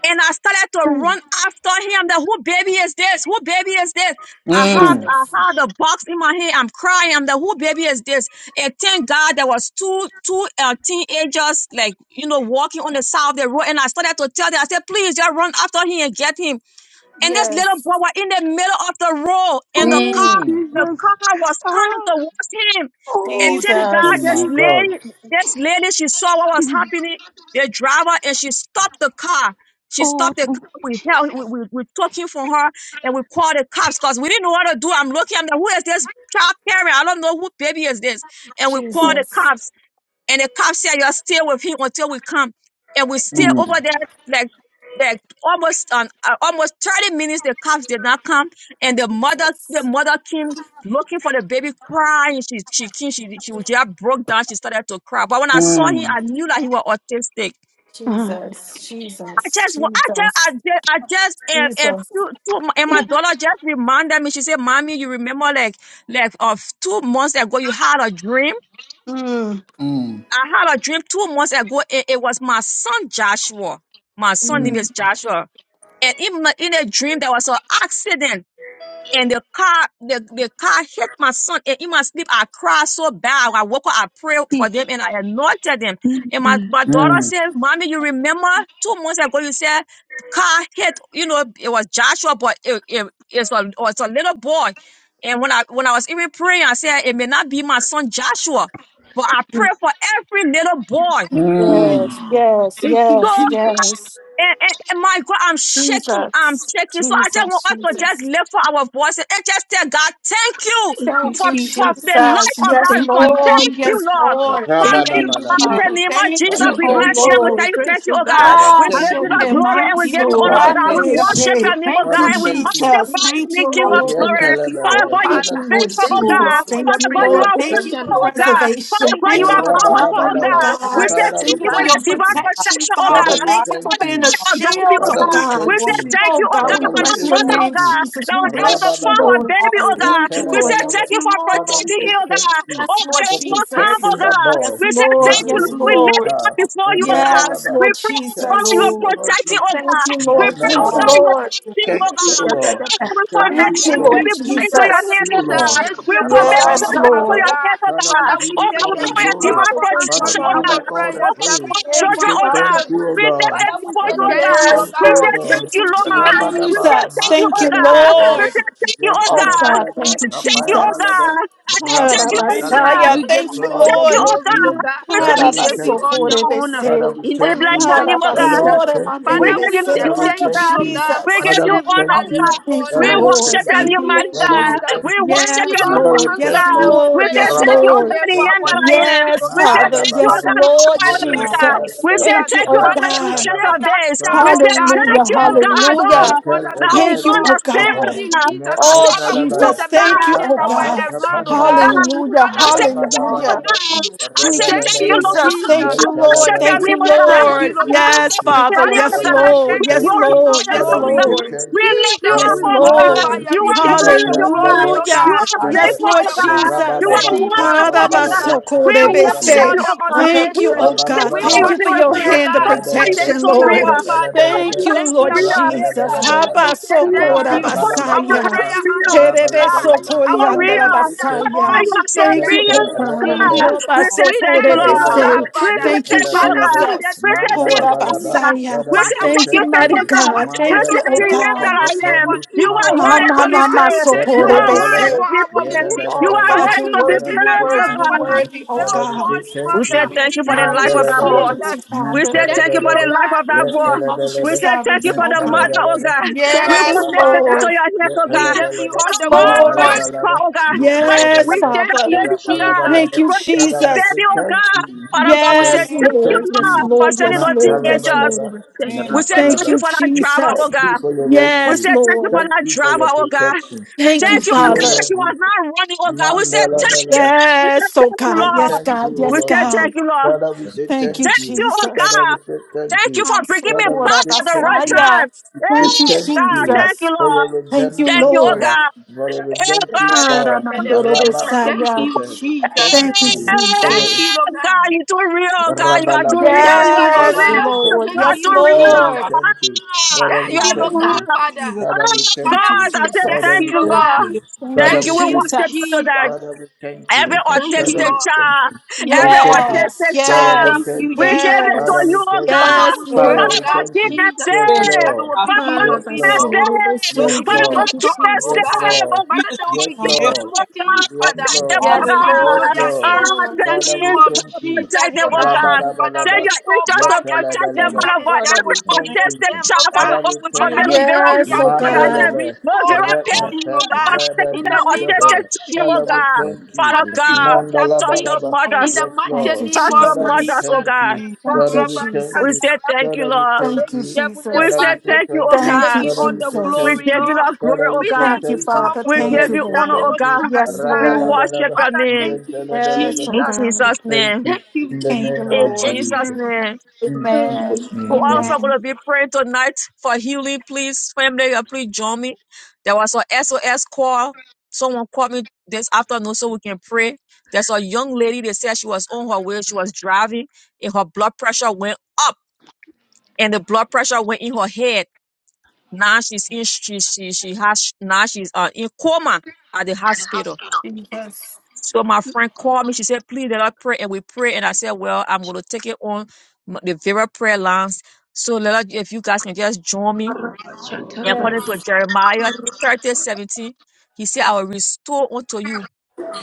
F: And I started to run after him. That who baby is this? Who baby is this? I have
A: mm,
F: I
C: Jesus.
F: had a box in my hand. I'm crying. I'm the who baby is this? And thank God there was two two uh, teenagers like you know walking on the side of the road. And I started to tell them. I said, please just run after him and get him. And this little
C: Yes.
F: boy was in the middle of the road, and the car,
A: mm.
F: the car was coming towards him. And thank
A: Oh
F: God, this
C: Jesus.
A: my God.
F: lady, this lady, she saw what was happening. The driver, and she stopped the car. She stopped the car. We held, we, we, we took him from her, and we called the cops because we didn't know what to do. I'm looking. I'm like, who is this child parent? I don't know who baby is this. And we called the
C: Jesus.
F: cops. And the cop said, You're still with him until we come. And we stay over
A: Mm,
F: there like like almost um, uh, almost 30 minutes the cops did not come and the mother the
C: Jesus.
F: mother came looking for the baby crying she she came, she she was just broke down she started to cry but when i saw him
A: mm,
F: i knew that he was autistic
C: Jesus.
F: i
C: Jesus.
F: just wa- i just i
C: Jesus.
F: just, I just and, and,
C: Jesus.
F: few, two, mo- and my daughter just reminded me she said mommy you remember like like of two months ago you had a dream
C: Mm.
A: mm,
F: I had a dream two months ago. It, it was my son Joshua. My son name
A: mm,
F: is Joshua. And in, my, in a dream, there was an accident and the car the, the car hit my son and in my sleep i cried so bad i woke up i prayed for them and i anointed them and my, my daughter
A: mm,
F: said mommy you remember two months ago you said car hit you know it was joshua but it, it, it's, a, it was a little boy and when i when i was even praying i said it may not be my son joshua but i pray for every little boy
A: mm,
C: Yes. Yes.
F: so
C: Yes. Yes.
F: and, and, and my God, I'm shaking. I'm
C: Jesus,
F: shaking. So I just want
C: Jesus,
F: us to just
C: Jesus.
F: lift for our voices and just tell God, thank you
C: Thank
F: for,
C: you,
F: for the
C: Jesus.
F: life of
C: Yes,
F: that. For
C: Lord.
F: thank you,
C: Yes,
F: Lord.
C: Lord.
F: Father, in
C: Thank
F: the
C: you,
F: mighty
C: Father.
F: name of
C: Thank
F: Jesus,
C: you,
A: Father,
F: we
C: oh
A: thank
F: bless you and
A: you.
F: we
B: Jesus,
F: tell
C: Lord.
F: you
B: praise
F: thank you,
B: to
F: oh
B: God.
F: God.
A: Father,
F: We
C: Ah,
F: give
B: Father,
A: thank
F: you
B: we
F: the
A: you.
C: shete
B: say
F: glory and
B: thank
F: we
B: you,
F: give
C: maso,
F: you
B: Lord.
F: honor, oh
A: Father,
F: God. We
A: thank
C: rande
A: you.
F: worship your
C: she.
F: name, oh
C: Thank
F: God,
C: you,
A: Father,
F: and we
A: thank you.
B: you,
C: Jesus.
B: King
F: magnify
B: of
F: you,
C: Thank
F: name,
C: you,
F: King
B: glory.
F: of
A: Yeah,
C: Lord.
D: Hallelujah.
F: glory.
A: tell
B: Thank
A: her,
B: you,
A: tell
F: Father
B: our
A: her.
F: God, you
C: Thank
F: are
C: you,
A: Father,
B: Father.
C: Lord
F: faithful,
A: thank
B: Thank
F: oh
A: you.
B: you,
D: Oh,
F: God.
C: Jesus.
B: Lord, for
D: Lord.
B: your
C: Thank you,
F: Father God, you
C: Lord.
A: Father,
F: are
C: Thank
A: thank
C: you
B: preservation,
C: for
F: wonderful,
B: oh
A: you.
F: oh God.
B: God.
F: Father
C: preservation.
B: Thank
F: God,
B: you,
F: you
C: Thank you
F: are
B: Lord,
C: for
B: for
A: Rabba,
F: powerful,
A: dabba,
F: oh
C: covering,
B: answering
C: oh
A: dabba.
F: God.
B: our
F: We
D: Hallelujah.
C: God.
F: say
B: prayers,
A: Father,
B: oh
F: thank
A: we
C: Thank you
F: you
C: for
F: for
B: God.
A: thank
F: your
C: your
F: divine
A: you.
D: Your people
C: protection,
F: protection, oh God.
D: are
A: Father,
C: Father.
A: we
D: watching
C: Thank you
F: Over
A: thank
C: for
F: the
C: being
A: you.
C: a
F: life
D: out
F: of
D: for.
F: Gandhi,
C: shield,
F: oh
C: oh
A: Father,
F: God.
A: we
F: We
C: God.
A: thank
D: Before
F: say
A: you.
D: things
F: thank
C: Oh
F: you,
D: we
F: oh
D: do,
C: God,
F: God,
C: we
A: Father,
F: for
A: we
F: the
D: we should
C: bless
A: say
C: your
F: mother,
D: know,
F: oh
C: name,
A: thank you.
F: God,
C: Jesus.
F: that
C: We
F: was able
D: Lord.
F: to
C: bless you,
F: find
A: Rabadaba,
F: her
C: Lord.
F: baby, oh
D: Hallelujah.
F: God.
C: Thank
D: We
C: you,
F: We say
C: Lord. Thank
F: thank
A: yetelebelebe.
F: you
C: you,
F: for
A: Father,
C: Lord.
D: give
A: we
F: protecting
D: you
A: say
F: him, oh
A: thank
F: God.
A: you
F: Oh
C: Yes,
F: God,
C: Lord
F: there
A: for
F: was no harm,
D: praise,
F: oh
A: protecting
C: Jesus.
A: the
D: Lord.
F: God.
A: boy.
C: Yes,
F: We say
C: Lord.
F: thank you,
C: Yes,
A: Mando
F: Lord. We
D: Hallelujah. man.
F: lift him
C: Lord.
F: up
A: Skipper,
F: before you, oh God.
C: Yes,
F: We
A: Rabalaba.
C: Lord
F: pray, oh
A: Thank
F: God, that you are
C: Jesus.
A: you, O
D: Hallelujah.
A: Lord
F: protecting, oh
A: Jesus.
C: Thank
F: God.
C: you,
F: We
C: Lord.
F: pray,
C: Thank
F: oh God,
C: you,
F: that you
A: Mandalabalaba.
F: are
C: Lord.
D: Hallelujah.
F: protecting,
D: Thank
F: oh
A: Thank you, O
F: God.
A: Lord.
F: We commit
A: Thank
D: thank
B: Father,
D: you.
C: Thank
A: you, O
C: you,
F: every
B: thank
C: Lord
A: Lord.
B: you,
F: baby boy
B: Jesus,
F: into
A: Thank
F: your
B: for the
C: Jesus.
F: hands,
A: you, O
F: oh
A: Lord.
F: God.
D: Hallelujah.
F: We
B: preservation of
F: commit
B: that
A: Rabba,
D: Thank
C: Yes,
D: you,
F: children
A: rabba,
B: child,
F: into
B: oh
C: Lord.
A: rabba.
F: your
D: Lord.
B: God.
F: hands, oh
A: Father, we
F: God.
D: Hallelujah.
B: Father,
A: give
B: we
A: you
F: Oh
B: say
F: God, we
A: all
F: pray
A: the
B: thank
F: for
C: Thank
B: you,
C: you,
F: your
A: glory.
B: Lord,
F: divine
C: Father.
B: for
C: Thank you,
A: Father,
D: Hallelujah. Lord,
F: protection,
A: we
B: answering
F: oh
A: give
F: God.
B: our
C: Father.
A: you
D: you are
A: all the
B: prayers
F: Over
A: praise.
B: every
F: our
B: day
A: We
C: Thank
B: for
C: you,
F: children,
A: say
F: oh
B: our
F: God.
C: Father.
A: thank you, O
B: children.
F: We lift
A: God.
B: Father,
F: them
B: we
F: before
B: say
F: you,
A: Father,
F: oh
A: we
B: thank
A: say
B: you,
F: God.
B: oh
C: Yes,
D: God,
A: thank
F: We
A: you,
B: God.
A: O
F: say
C: Lord. Thank
F: thank
A: God.
F: you,
C: you,
D: we provide for
F: Lord.
A: Rabba,
D: us,
F: We say
A: rabba,
C: Jesus.
F: thank
D: Lord.
F: you,
A: man,
C: Thank
F: oh
C: you,
A: tele,
F: God.
A: bele,
F: We say
A: bele.
C: Lord.
F: thank you,
A: Yet,
F: oh
C: Oh,
A: tele,
F: God.
A: bele,
C: God.
F: I
A: bele.
C: Thank you,
F: say thank you,
A: Kapaya,
D: Hallelujah.
F: oh
A: bele, bele.
C: Jesus.
F: God. I say
A: Rabba,
F: thank
A: ba,
F: you, oh
B: Jesus.
D: Thank you.
A: tele,
F: God.
C: Harabasaya.
B: We
F: We
B: give
C: Thank
B: you
C: you,
F: say
A: Father,
D: Hallelujah.
B: all
A: we
B: the
F: thank you,
C: Lord.
F: oh
A: thank
B: glory,
F: God.
B: Lord
A: you.
B: God.
F: We say
A: Father,
B: We
A: we
F: thank
B: give
F: you,
B: you
A: thank
B: all
A: you.
B: the
F: Lord.
B: honor
A: Father,
C: Harabasokorebese.
A: we
B: in
F: We
B: the
A: thank
F: bless
A: you.
B: name
F: your
B: of
F: name, oh
A: Father,
F: God.
A: we
B: Jesus.
A: thank
F: We
B: Father,
A: you.
F: give you
B: we
F: the
C: Harabasoremanerebese.
A: Father,
B: say
A: we
F: glory,
C: Thank
F: oh
C: you,
B: thank
A: thank
B: you,
F: God.
B: Lord
A: you.
B: God,
F: We
B: for
F: give
C: Jesus.
A: Father,
F: you
A: we
B: saving
F: honor,
A: thank
F: oh
B: that little
F: God.
A: you.
C: Thank
B: boy
C: you,
F: We
A: Father, we
B: life.
C: Lord.
F: worship
A: thank
F: your
A: you.
B: Thank
C: Thank
F: new
C: you,
B: you,
F: mighty
A: Father,
C: Lord.
D: Hallelujah.
A: we
F: God.
B: Jesus.
F: We
A: thank you.
B: Thank
F: worship
B: you,
C: Yes,
F: your
B: Lord,
F: new
A: Father,
B: for
A: we
C: Lord.
F: faithful
A: thank
C: Yes,
B: answering
F: God.
D: Hallelujah!
A: you.
B: our
F: We
C: Lord.
F: say
C: Yes,
B: prayers
F: thank you,
B: every
F: oh
A: Rabaku
C: Lord.
F: God,
B: day
F: the
B: for
F: end
B: our
F: that
A: Center.
F: I am.
B: children,
C: Yes,
B: Lord
F: We say
B: God.
C: Father.
F: thank you, oh
C: Yes,
A: Mandalabalaba.
B: Father,
F: God,
B: they
F: the
C: Lord
B: don't go
F: final and
B: in
F: Omega.
B: vain,
C: Jesus.
F: We
A: Yadalabalaba.
F: say
B: Jesus.
C: Thank you,
F: thank you,
C: oh
F: oh God,
B: Father,
F: the
B: you
C: God.
F: ancient
A: Rapandalaba.
F: of
B: saved that
F: days.
B: child,
F: We
A: Father, we
B: oh
F: say
A: say
B: God,
F: thank
C: Hallelujah.
A: thank
F: you,
B: today,
A: you.
F: oh
B: oh
F: God,
B: God,
C: Hallelujah.
B: through
F: Lord.
A: Nakal
B: mother
A: and
F: Thou one that
A: the
F: will
B: care,
C: Thank you,
B: Lord.
C: oh
F: understand
A: Edishkapa.
B: Thank you,
C: God.
F: us.
B: Jesus,
F: I
B: and
F: say
C: Oh,
B: other
F: thank
A: Nakandalaba.
F: you,
B: good
C: Jesus.
F: oh
C: Thank
F: God.
C: you,
B: Samaritan
C: oh
B: that
F: I
B: were
C: God.
F: say thank
B: around,
F: you,
B: oh
D: Hallelujah.
F: oh
A: Rapapatapandalaba.
B: God.
F: God.
C: Hallelujah.
F: I
B: Father, we
F: say
B: say
F: thank you,
B: thank
F: oh
C: Hallelujah.
B: you.
A: Rabalabalaba.
F: God.
D: Hallelujah.
F: I say
C: Thank you,
B: Thank
F: thank you,
B: you,
A: Rabalabalaba,
C: Jesus.
F: Lord.
C: Thank
B: Jesus.
F: I
C: you,
D: Yes,
C: Lord.
F: worship your
C: Thank
A: yatalabalaba.
B: We
C: you,
F: name, O
B: say
F: God. I
D: Lord.
B: thank
A: Father, we
C: Lord.
B: you, Lord
A: say
B: God.
C: Yes,
A: thank
F: magnify
A: you.
D: Thank
F: your
C: Father.
D: you,
F: name,
D: Lord.
B: Father,
F: O
C: Yes,
B: we
A: Father,
F: God.
A: we
B: say
A: say
C: Lord.
B: thank
F: We
C: Yes,
B: you,
A: thank you.
B: King
F: glorify
B: of
C: Lord.
F: your
C: Yes,
A: Father,
F: name, O
A: we
B: glory.
F: God.
A: say
D: Hallelujah.
C: Lord.
F: We
A: thank you.
F: lift you
B: Jesus,
A: Father,
F: up,
C: Yes,
A: we
F: O
B: we
A: say
F: God.
A: thank
B: glorify
C: Lord.
A: you.
B: you.
F: You
D: Hallelujah.
B: We
F: are
B: take all
F: worthy,
B: the
F: O
A: Nata
B: glory,
F: God.
A: laba
B: Lord
C: Hallelujah.
F: You
B: God.
F: are
D: Hallelujah.
A: luskape.
C: Yes,
B: Take
F: faithful,
B: all
C: Lord
F: O
B: the
F: God.
B: honor in
F: You
C: Jesus.
F: are
D: That
B: the
A: Rabadaba
D: you lead
B: name of
F: wonderful,
D: us, Lord.
F: O God.
B: Jesus.
A: takandalabra
F: We
B: We give you
F: worship
D: Hallelujah.
A: ayabalaba.
B: all
F: you,
D: We
F: O
B: the
C: Harabasokorebese.
F: God.
D: surrender.
C: Thank
F: We
C: you,
B: adoration.
C: oh God.
B: We
F: magnify you,
C: Thank
A: Rabalabalaba,
D: Lord. Hallelujah.
C: you for
F: O
B: worship
C: your
B: you,
F: God.
B: Lord
C: hand of
B: God.
F: Father, what is
A: ratalabalaba,
F: your
B: Thank
C: protection,
F: son
B: you,
F: real?
B: our
C: Lord.
D: Glory.
B: Father.
F: What have I
A: rabalabalaba,
C: Thank you,
F: not
B: Thank
F: so
B: you,
C: Lord
B: our
F: real?
C: Jesus.
F: What
B: Maker.
F: have I
D: Hallelujah.
A: ratalabalaba,
B: We
F: not so
B: say
F: real?
B: thank you.
F: What have
A: rapandalaba,
F: I
B: Our
D: Yes,
F: not
C: Habasokorabasaya.
F: so
B: prayer
F: real?
B: answering
F: What have
B: God.
F: I
A: rabalabalaba.
F: not so
B: Our
A: Father, we
F: real?
A: say
B: victorious
F: What
A: thank
F: have I
C: Perebesotoriandalabasaya.
B: God,
A: you.
B: we
F: not
B: say
F: so
C: Thank
B: thank
C: you,
F: real?
C: oh
B: you,
F: Oh
C: God.
F: God,
A: Nata
B: Jesus.
F: we
D: Lord.
F: say
B: We
F: thank you,
B: thank you, Lord
F: Lord.
B: God,
A: Palabalaba,
C: Rabasokorebese.
F: We
A: yeah,
F: say
B: Father.
C: Thank you,
F: thank you, Lord
B: Father,
A: palabalaba,
B: we
F: God.
B: say
C: Jesus.
F: We say
B: thank
F: thank
B: you,
F: you, my
A: mandalabalaba.
B: Jesus.
F: God.
C: Horabasaya.
A: Father,
F: We
A: we
F: say
B: Father,
A: say
B: what
F: thank
C: Thank
F: you,
C: you,
B: the
A: thank
C: mighty
F: faithful
A: you.
B: enemy
F: God.
C: God.
B: was
F: We
A: Manda,
C: Thank you,
B: Satan
F: say
C: oh
B: in
F: to
A: re,
B: his
A: e,
F: him that
C: God
A: e, e,
F: I
B: agent
A: e,
B: meant
F: am.
B: for
A: nus,
F: You are
B: evil.
A: manta.
C: ha
F: worthy
C: na
F: to
B: But
F: be
C: na
B: Lord,
C: na
B: you
F: praised.
C: so ho
B: turn it
F: You
C: re
F: are
C: be
F: worthy
B: around
A: Yadadadadada,
B: for
F: to be
B: our
F: praised.
B: good.
F: You
C: Oh
F: are
C: God,
A: yadadadadada.
B: Father,
F: worthy
C: you're
B: you
F: to be
B: turn
C: worthy,
A: Father,
B: it
A: we
C: you're
A: say
F: praised, oh
C: worthy,
B: around
C: you're
A: thank
B: for
F: God.
B: that
A: you.
C: worthy, oh
D: Hallelujah.
A: Father,
B: little
A: we
C: God.
A: say
B: boy's
F: We
A: thank
F: say
B: mother.
A: you.
C: We
F: thank you for the
B: Thank
C: acknowledge
F: life
B: you,
C: your
F: of that boy.
A: Mantaladalada,
C: sovereignty,
B: Jesus.
F: We say
C: Father.
B: Thank
F: thank you for
B: you,
F: the
A: mantaladalada,
B: Lord
F: life
B: God.
F: of
C: We
F: that
D: Thank
F: boy.
C: acknowledge your
F: We
A: yataladalada,
F: say thank you
C: sovereignty,
F: for
C: oh
F: the
C: God.
F: mother, oh
D: you.
A: mantaladalada,
F: God. We
B: Thank
C: Yes,
B: you,
F: commit them
A: rabalabalaba,
F: into
B: Father.
C: Lord.
F: your hands, oh
B: We
F: God.
B: give you
A: yatalabalaba,
B: all
F: Father
C: Yes,
B: the
F: God,
D: Hallelujah.
B: glory.
C: Lord.
F: protect her,
A: yatalabalaba,
F: oh God. Father
C: Yes,
F: God, protect
B: We
A: yatalabalaba,
F: that
B: thank
C: Father.
B: you,
F: baby, oh God.
B: Jesus.
C: Thank
A: rabalabalaba.
C: you,
F: Protect
A: Father,
F: that
A: we
C: Jesus.
F: baby,
A: say
F: oh
A: thank
F: God.
A: you.
F: Father God, we
A: Father,
F: say
A: we
C: Yes,
A: say
D: Thank
F: thank
D: you,
F: you,
C: Lord.
A: thank
C: Yes,
F: Lord,
A: you.
D: Lord.
F: for
C: Lord.
F: sending
C: Yes,
F: those
C: Lord. Yes,
F: teenagers.
A: Mantalabalaba,
C: Lord.
B: Thank
F: We
D: Amen.
B: you,
F: say
C: Thank
B: Jesus.
F: thank you
C: you,
A: rabalaba,
F: for that driver,
A: Thank
F: oh
C: Jesus.
A: you
F: God.
A: for your
F: We
C: Yes,
A: rescue.
F: say thank you
C: Lord.
F: for
A: Thank
F: that
A: you for your
F: driver, oh God.
A: protection.
C: Thank you,
F: Thank
A: Thank
F: you, oh
A: you, O
F: God.
C: Father.
A: Lord
F: She was
A: Jesus.
F: not running, oh God. We say
A: Mandala
F: thank you.
A: balala.
F: We say
C: Yes, oh
F: thank you,
A: We
C: God.
F: Lord.
C: Yes,
A: thank
C: God.
A: you, O
F: We
C: Yes,
A: Lord
F: say
A: Jesus.
C: God.
F: thank you, Lord.
A: Father, we say
C: Thank
A: thank
C: you,
F: Thank
A: you.
F: you, oh
C: Jesus.
A: Father, we
F: God.
A: say thank
F: Thank you
A: you.
F: for
C: I'm
F: bringing
C: so
F: me
A: Father, we
C: Lord of
F: back
A: say
F: at the
A: thank
F: right
A: you.
C: Messiah.
F: time.
A: We
C: Thank
A: say
C: you,
F: Yes,
A: thank
F: God.
A: you
F: Thank you,
C: Jesus.
A: for
F: Lord.
A: your
C: Thank you,
F: Thank
A: redemption
F: you, oh
C: Lord.
A: power,
F: God.
A: for your
F: Hey, God.
A: redemptive power.
C: Aramandoro
A: Rabba
B: Thank
C: Messiah.
B: you,
A: Koshete. Thank
B: Jesus.
C: Thank you,
A: you for
B: Thank
A: your
B: you,
C: Jesus.
B: Lord
F: Hey, God,
B: God.
F: you too real, God. You are too real.
A: Rabalabalaba.
B: Thank
F: You
B: you,
F: are too
B: Lord
A: Father,
C: Yes,
A: we
D: Yes.
F: real.
B: God.
A: thank
C: Lord.
F: You
B: Thank
A: you.
F: are
C: Yes,
B: you,
F: too
A: Father,
F: real.
A: we
C: Lord.
B: Jesus.
A: thank you.
F: Ah,
A: Father,
B: Thank
A: we
F: you are
B: you,
F: too
B: Lord
A: thank
D: Hallelujah,
B: God,
A: you.
F: real.
B: Father.
D: Jesus.
A: Father,
F: Oh,
A: we
D: Keep
A: thank
C: Thank
B: Father,
C: you,
A: you.
F: God,
B: we
F: I
B: say
F: said
B: thank
A: Father,
C: Jesus.
F: thank
B: you,
A: we
F: you,
B: Lord
D: your
A: thank
B: God.
A: you.
F: Lord.
D: living
C: Thank
A: Father,
D: in
C: you,
F: Thank you.
A: we
B: Thank
F: We
A: thank
B: you,
A: you.
F: worship you
C: Jesus.
F: today.
B: Jesus.
A: Father, we thank
F: Every
A: you.
B: Thank you,
A: Father, we
F: autistic
B: Lord.
A: thank you.
F: child,
B: Yes,
A: We
F: every
A: thank
B: Lord.
A: you.
C: Yes,
F: autistic
A: Father, we
F: child,
B: Thank
C: yes,
A: thank
B: you,
F: we
A: you.
F: give it
B: Jesus.
F: to
A: Father,
F: you,
A: we
C: yes,
F: oh
A: thank
B: Father,
A: you.
C: yes,
F: God.
B: we
D: your
B: pray,
A: Father,
B: oh
F: Father,
A: we
C: Lord.
F: God,
B: God,
A: thank
F: keep
A: you.
F: them
B: Jesus,
A: Yes,
D: prayer.
F: safe.
B: that they
A: Lord.
B: will
D: I
F: Father,
B: begin
F: God,
B: to
A: Yes,
F: keep
B: be
F: them
A: Lord.
B: normal.
C: Arabasoro
F: safe.
B: They will
A: Yes,
C: Messiah.
B: begin
F: Father,
B: to
F: God,
A: Lord.
C: Thank you,
F: keep
B: talk,
F: them
B: oh
A: Yes,
C: Jesus.
B: God.
F: safe, oh
A: Lord.
D: see
B: Father,
D: the
B: they will
D: season
F: God.
A: Yes,
B: begin
D: on
F: Protect
B: to
F: them,
A: Lord.
B: do
D: Abraham.
F: oh God.
B: things,
A: Yes,
B: Father,
F: Protect them,
A: Lord.
F: oh
C: Yes,
D: Hallelujah.
B: according
A: Yes,
B: to
C: Lord.
F: God.
C: Yes,
B: their
A: Lord.
B: age,
F: Ah,
C: Lord.
B: in
F: send
B: the
F: your
A: Father,
B: name
A: we
B: of
F: angels
A: thank
F: to
A: you.
F: protect
B: Jesus,
F: them,
B: oh
F: oh
B: God.
A: Rabba,
F: God.
A: rabba,
B: Father,
F: Send
A: rabba.
F: your
B: restore
F: angels
A: Yes,
F: to
B: back
A: rabba,
F: protect them,
B: everything
D: Thank
A: rabba.
B: that
F: Father,
B: the
F: God.
A: Father,
F: Every
B: devil
A: we
B: took
A: thank
D: thank
B: from
A: you.
F: autistic
B: them,
F: child,
B: oh
F: Father,
A: Father,
B: God.
A: we
F: God, we
B: Father,
D: you.
A: thank
F: forbid
A: you.
F: Vera
B: restore
C: Yes,
F: Wilson,
B: their
C: oh
F: Father, God.
B: senses,
C: God.
A: Mandelebe,
F: No
B: restore
F: Vera parents,
B: everything,
A: Repepe,
B: oh
F: Father, God.
B: God,
D: Hallelujah. On
F: I take it
B: in
F: to
D: the
B: the
F: the
D: great
B: name
A: Rebediskepe.
B: of
F: autistic children, oh
A: Father, we
B: Jesus.
F: God.
A: thank you.
F: Father
B: Father,
F: God,
B: restore their
F: touch
B: speech
F: the
A: Mandalabalaba.
B: in
F: mothers,
D: hallelujah.
B: the
D: Thank
A: Yes,
C: Thank
B: mighty
C: you,
A: Lord.
B: name
F: touch
B: of
F: the
A: Father, we
F: mothers,
C: Jesus.
F: oh
A: thank
B: Jesus.
F: God.
A: you.
C: Thank
A: Father,
C: you,
A: we thank
F: We
A: you.
C: Jesus.
F: say thank
B: Sharabashatarababa.
F: you,
A: Father, we
F: Lord.
A: thank
C: Thank
B: Thank
C: you,
B: you,
A: you.
F: We
B: Heavenly
A: Father, we
C: Jesus.
F: say
A: say
B: Father.
F: thank you,
A: thank
F: oh
B: We
A: you.
C: Thank
B: give
F: God.
C: you,
B: you
A: Father,
B: all
A: we
B: the
A: say
F: We
C: Jesus.
A: thank
B: glory,
F: give
A: you.
F: you
B: Lord.
F: the glory,
A: Father,
F: oh
A: we
B: We
A: say
F: God.
B: thank
C: Thank you,
B: you,
A: thank you.
B: Lord,
C: Father.
B: for
F: We
A: Father,
C: Thank
F: give
A: we
C: you,
F: you
B: saving
A: say
B: that
F: honor, oh
C: Lord.
B: little
A: thank you.
F: God.
B: child of
C: Yes,
F: We
B: God.
C: Lord.
F: worship
A: Rabalabalaba.
F: your
B: Father,
F: name.
B: thank you,
C: Yes,
A: Yentelebelebe.
C: oh
F: In
B: Jesus.
C: God.
A: We
F: Jesus'
A: thank
F: name.
A: you
B: Thank
A: in
B: you,
A: the
C: Thank you,
A: name
B: Jesus.
F: In
A: of
C: Lord.
F: Jesus'
A: Jesus.
F: name.
A: In
C: Amen.
A: Jesus'
F: We're
A: name, amen.
F: also going
C: Amen.
F: to be praying tonight for healing, please. Family, uh, please join me. There was a SOS call. Someone called me this afternoon so we can pray. There's a young lady that said she was on her way. She was driving and her blood pressure went up and the blood pressure went in her head. Now she's in, she, she, she has, now she's uh, in coma at the hospital.
C: Yes.
F: So my friend called me. She said, please let us pray. And we pray. And I said, well, I'm going to take it on m- the Vera prayer lines. So let us, if you guys can just join me. And according
C: Yes.
F: to Jeremiah 30:17, he said, I will restore unto you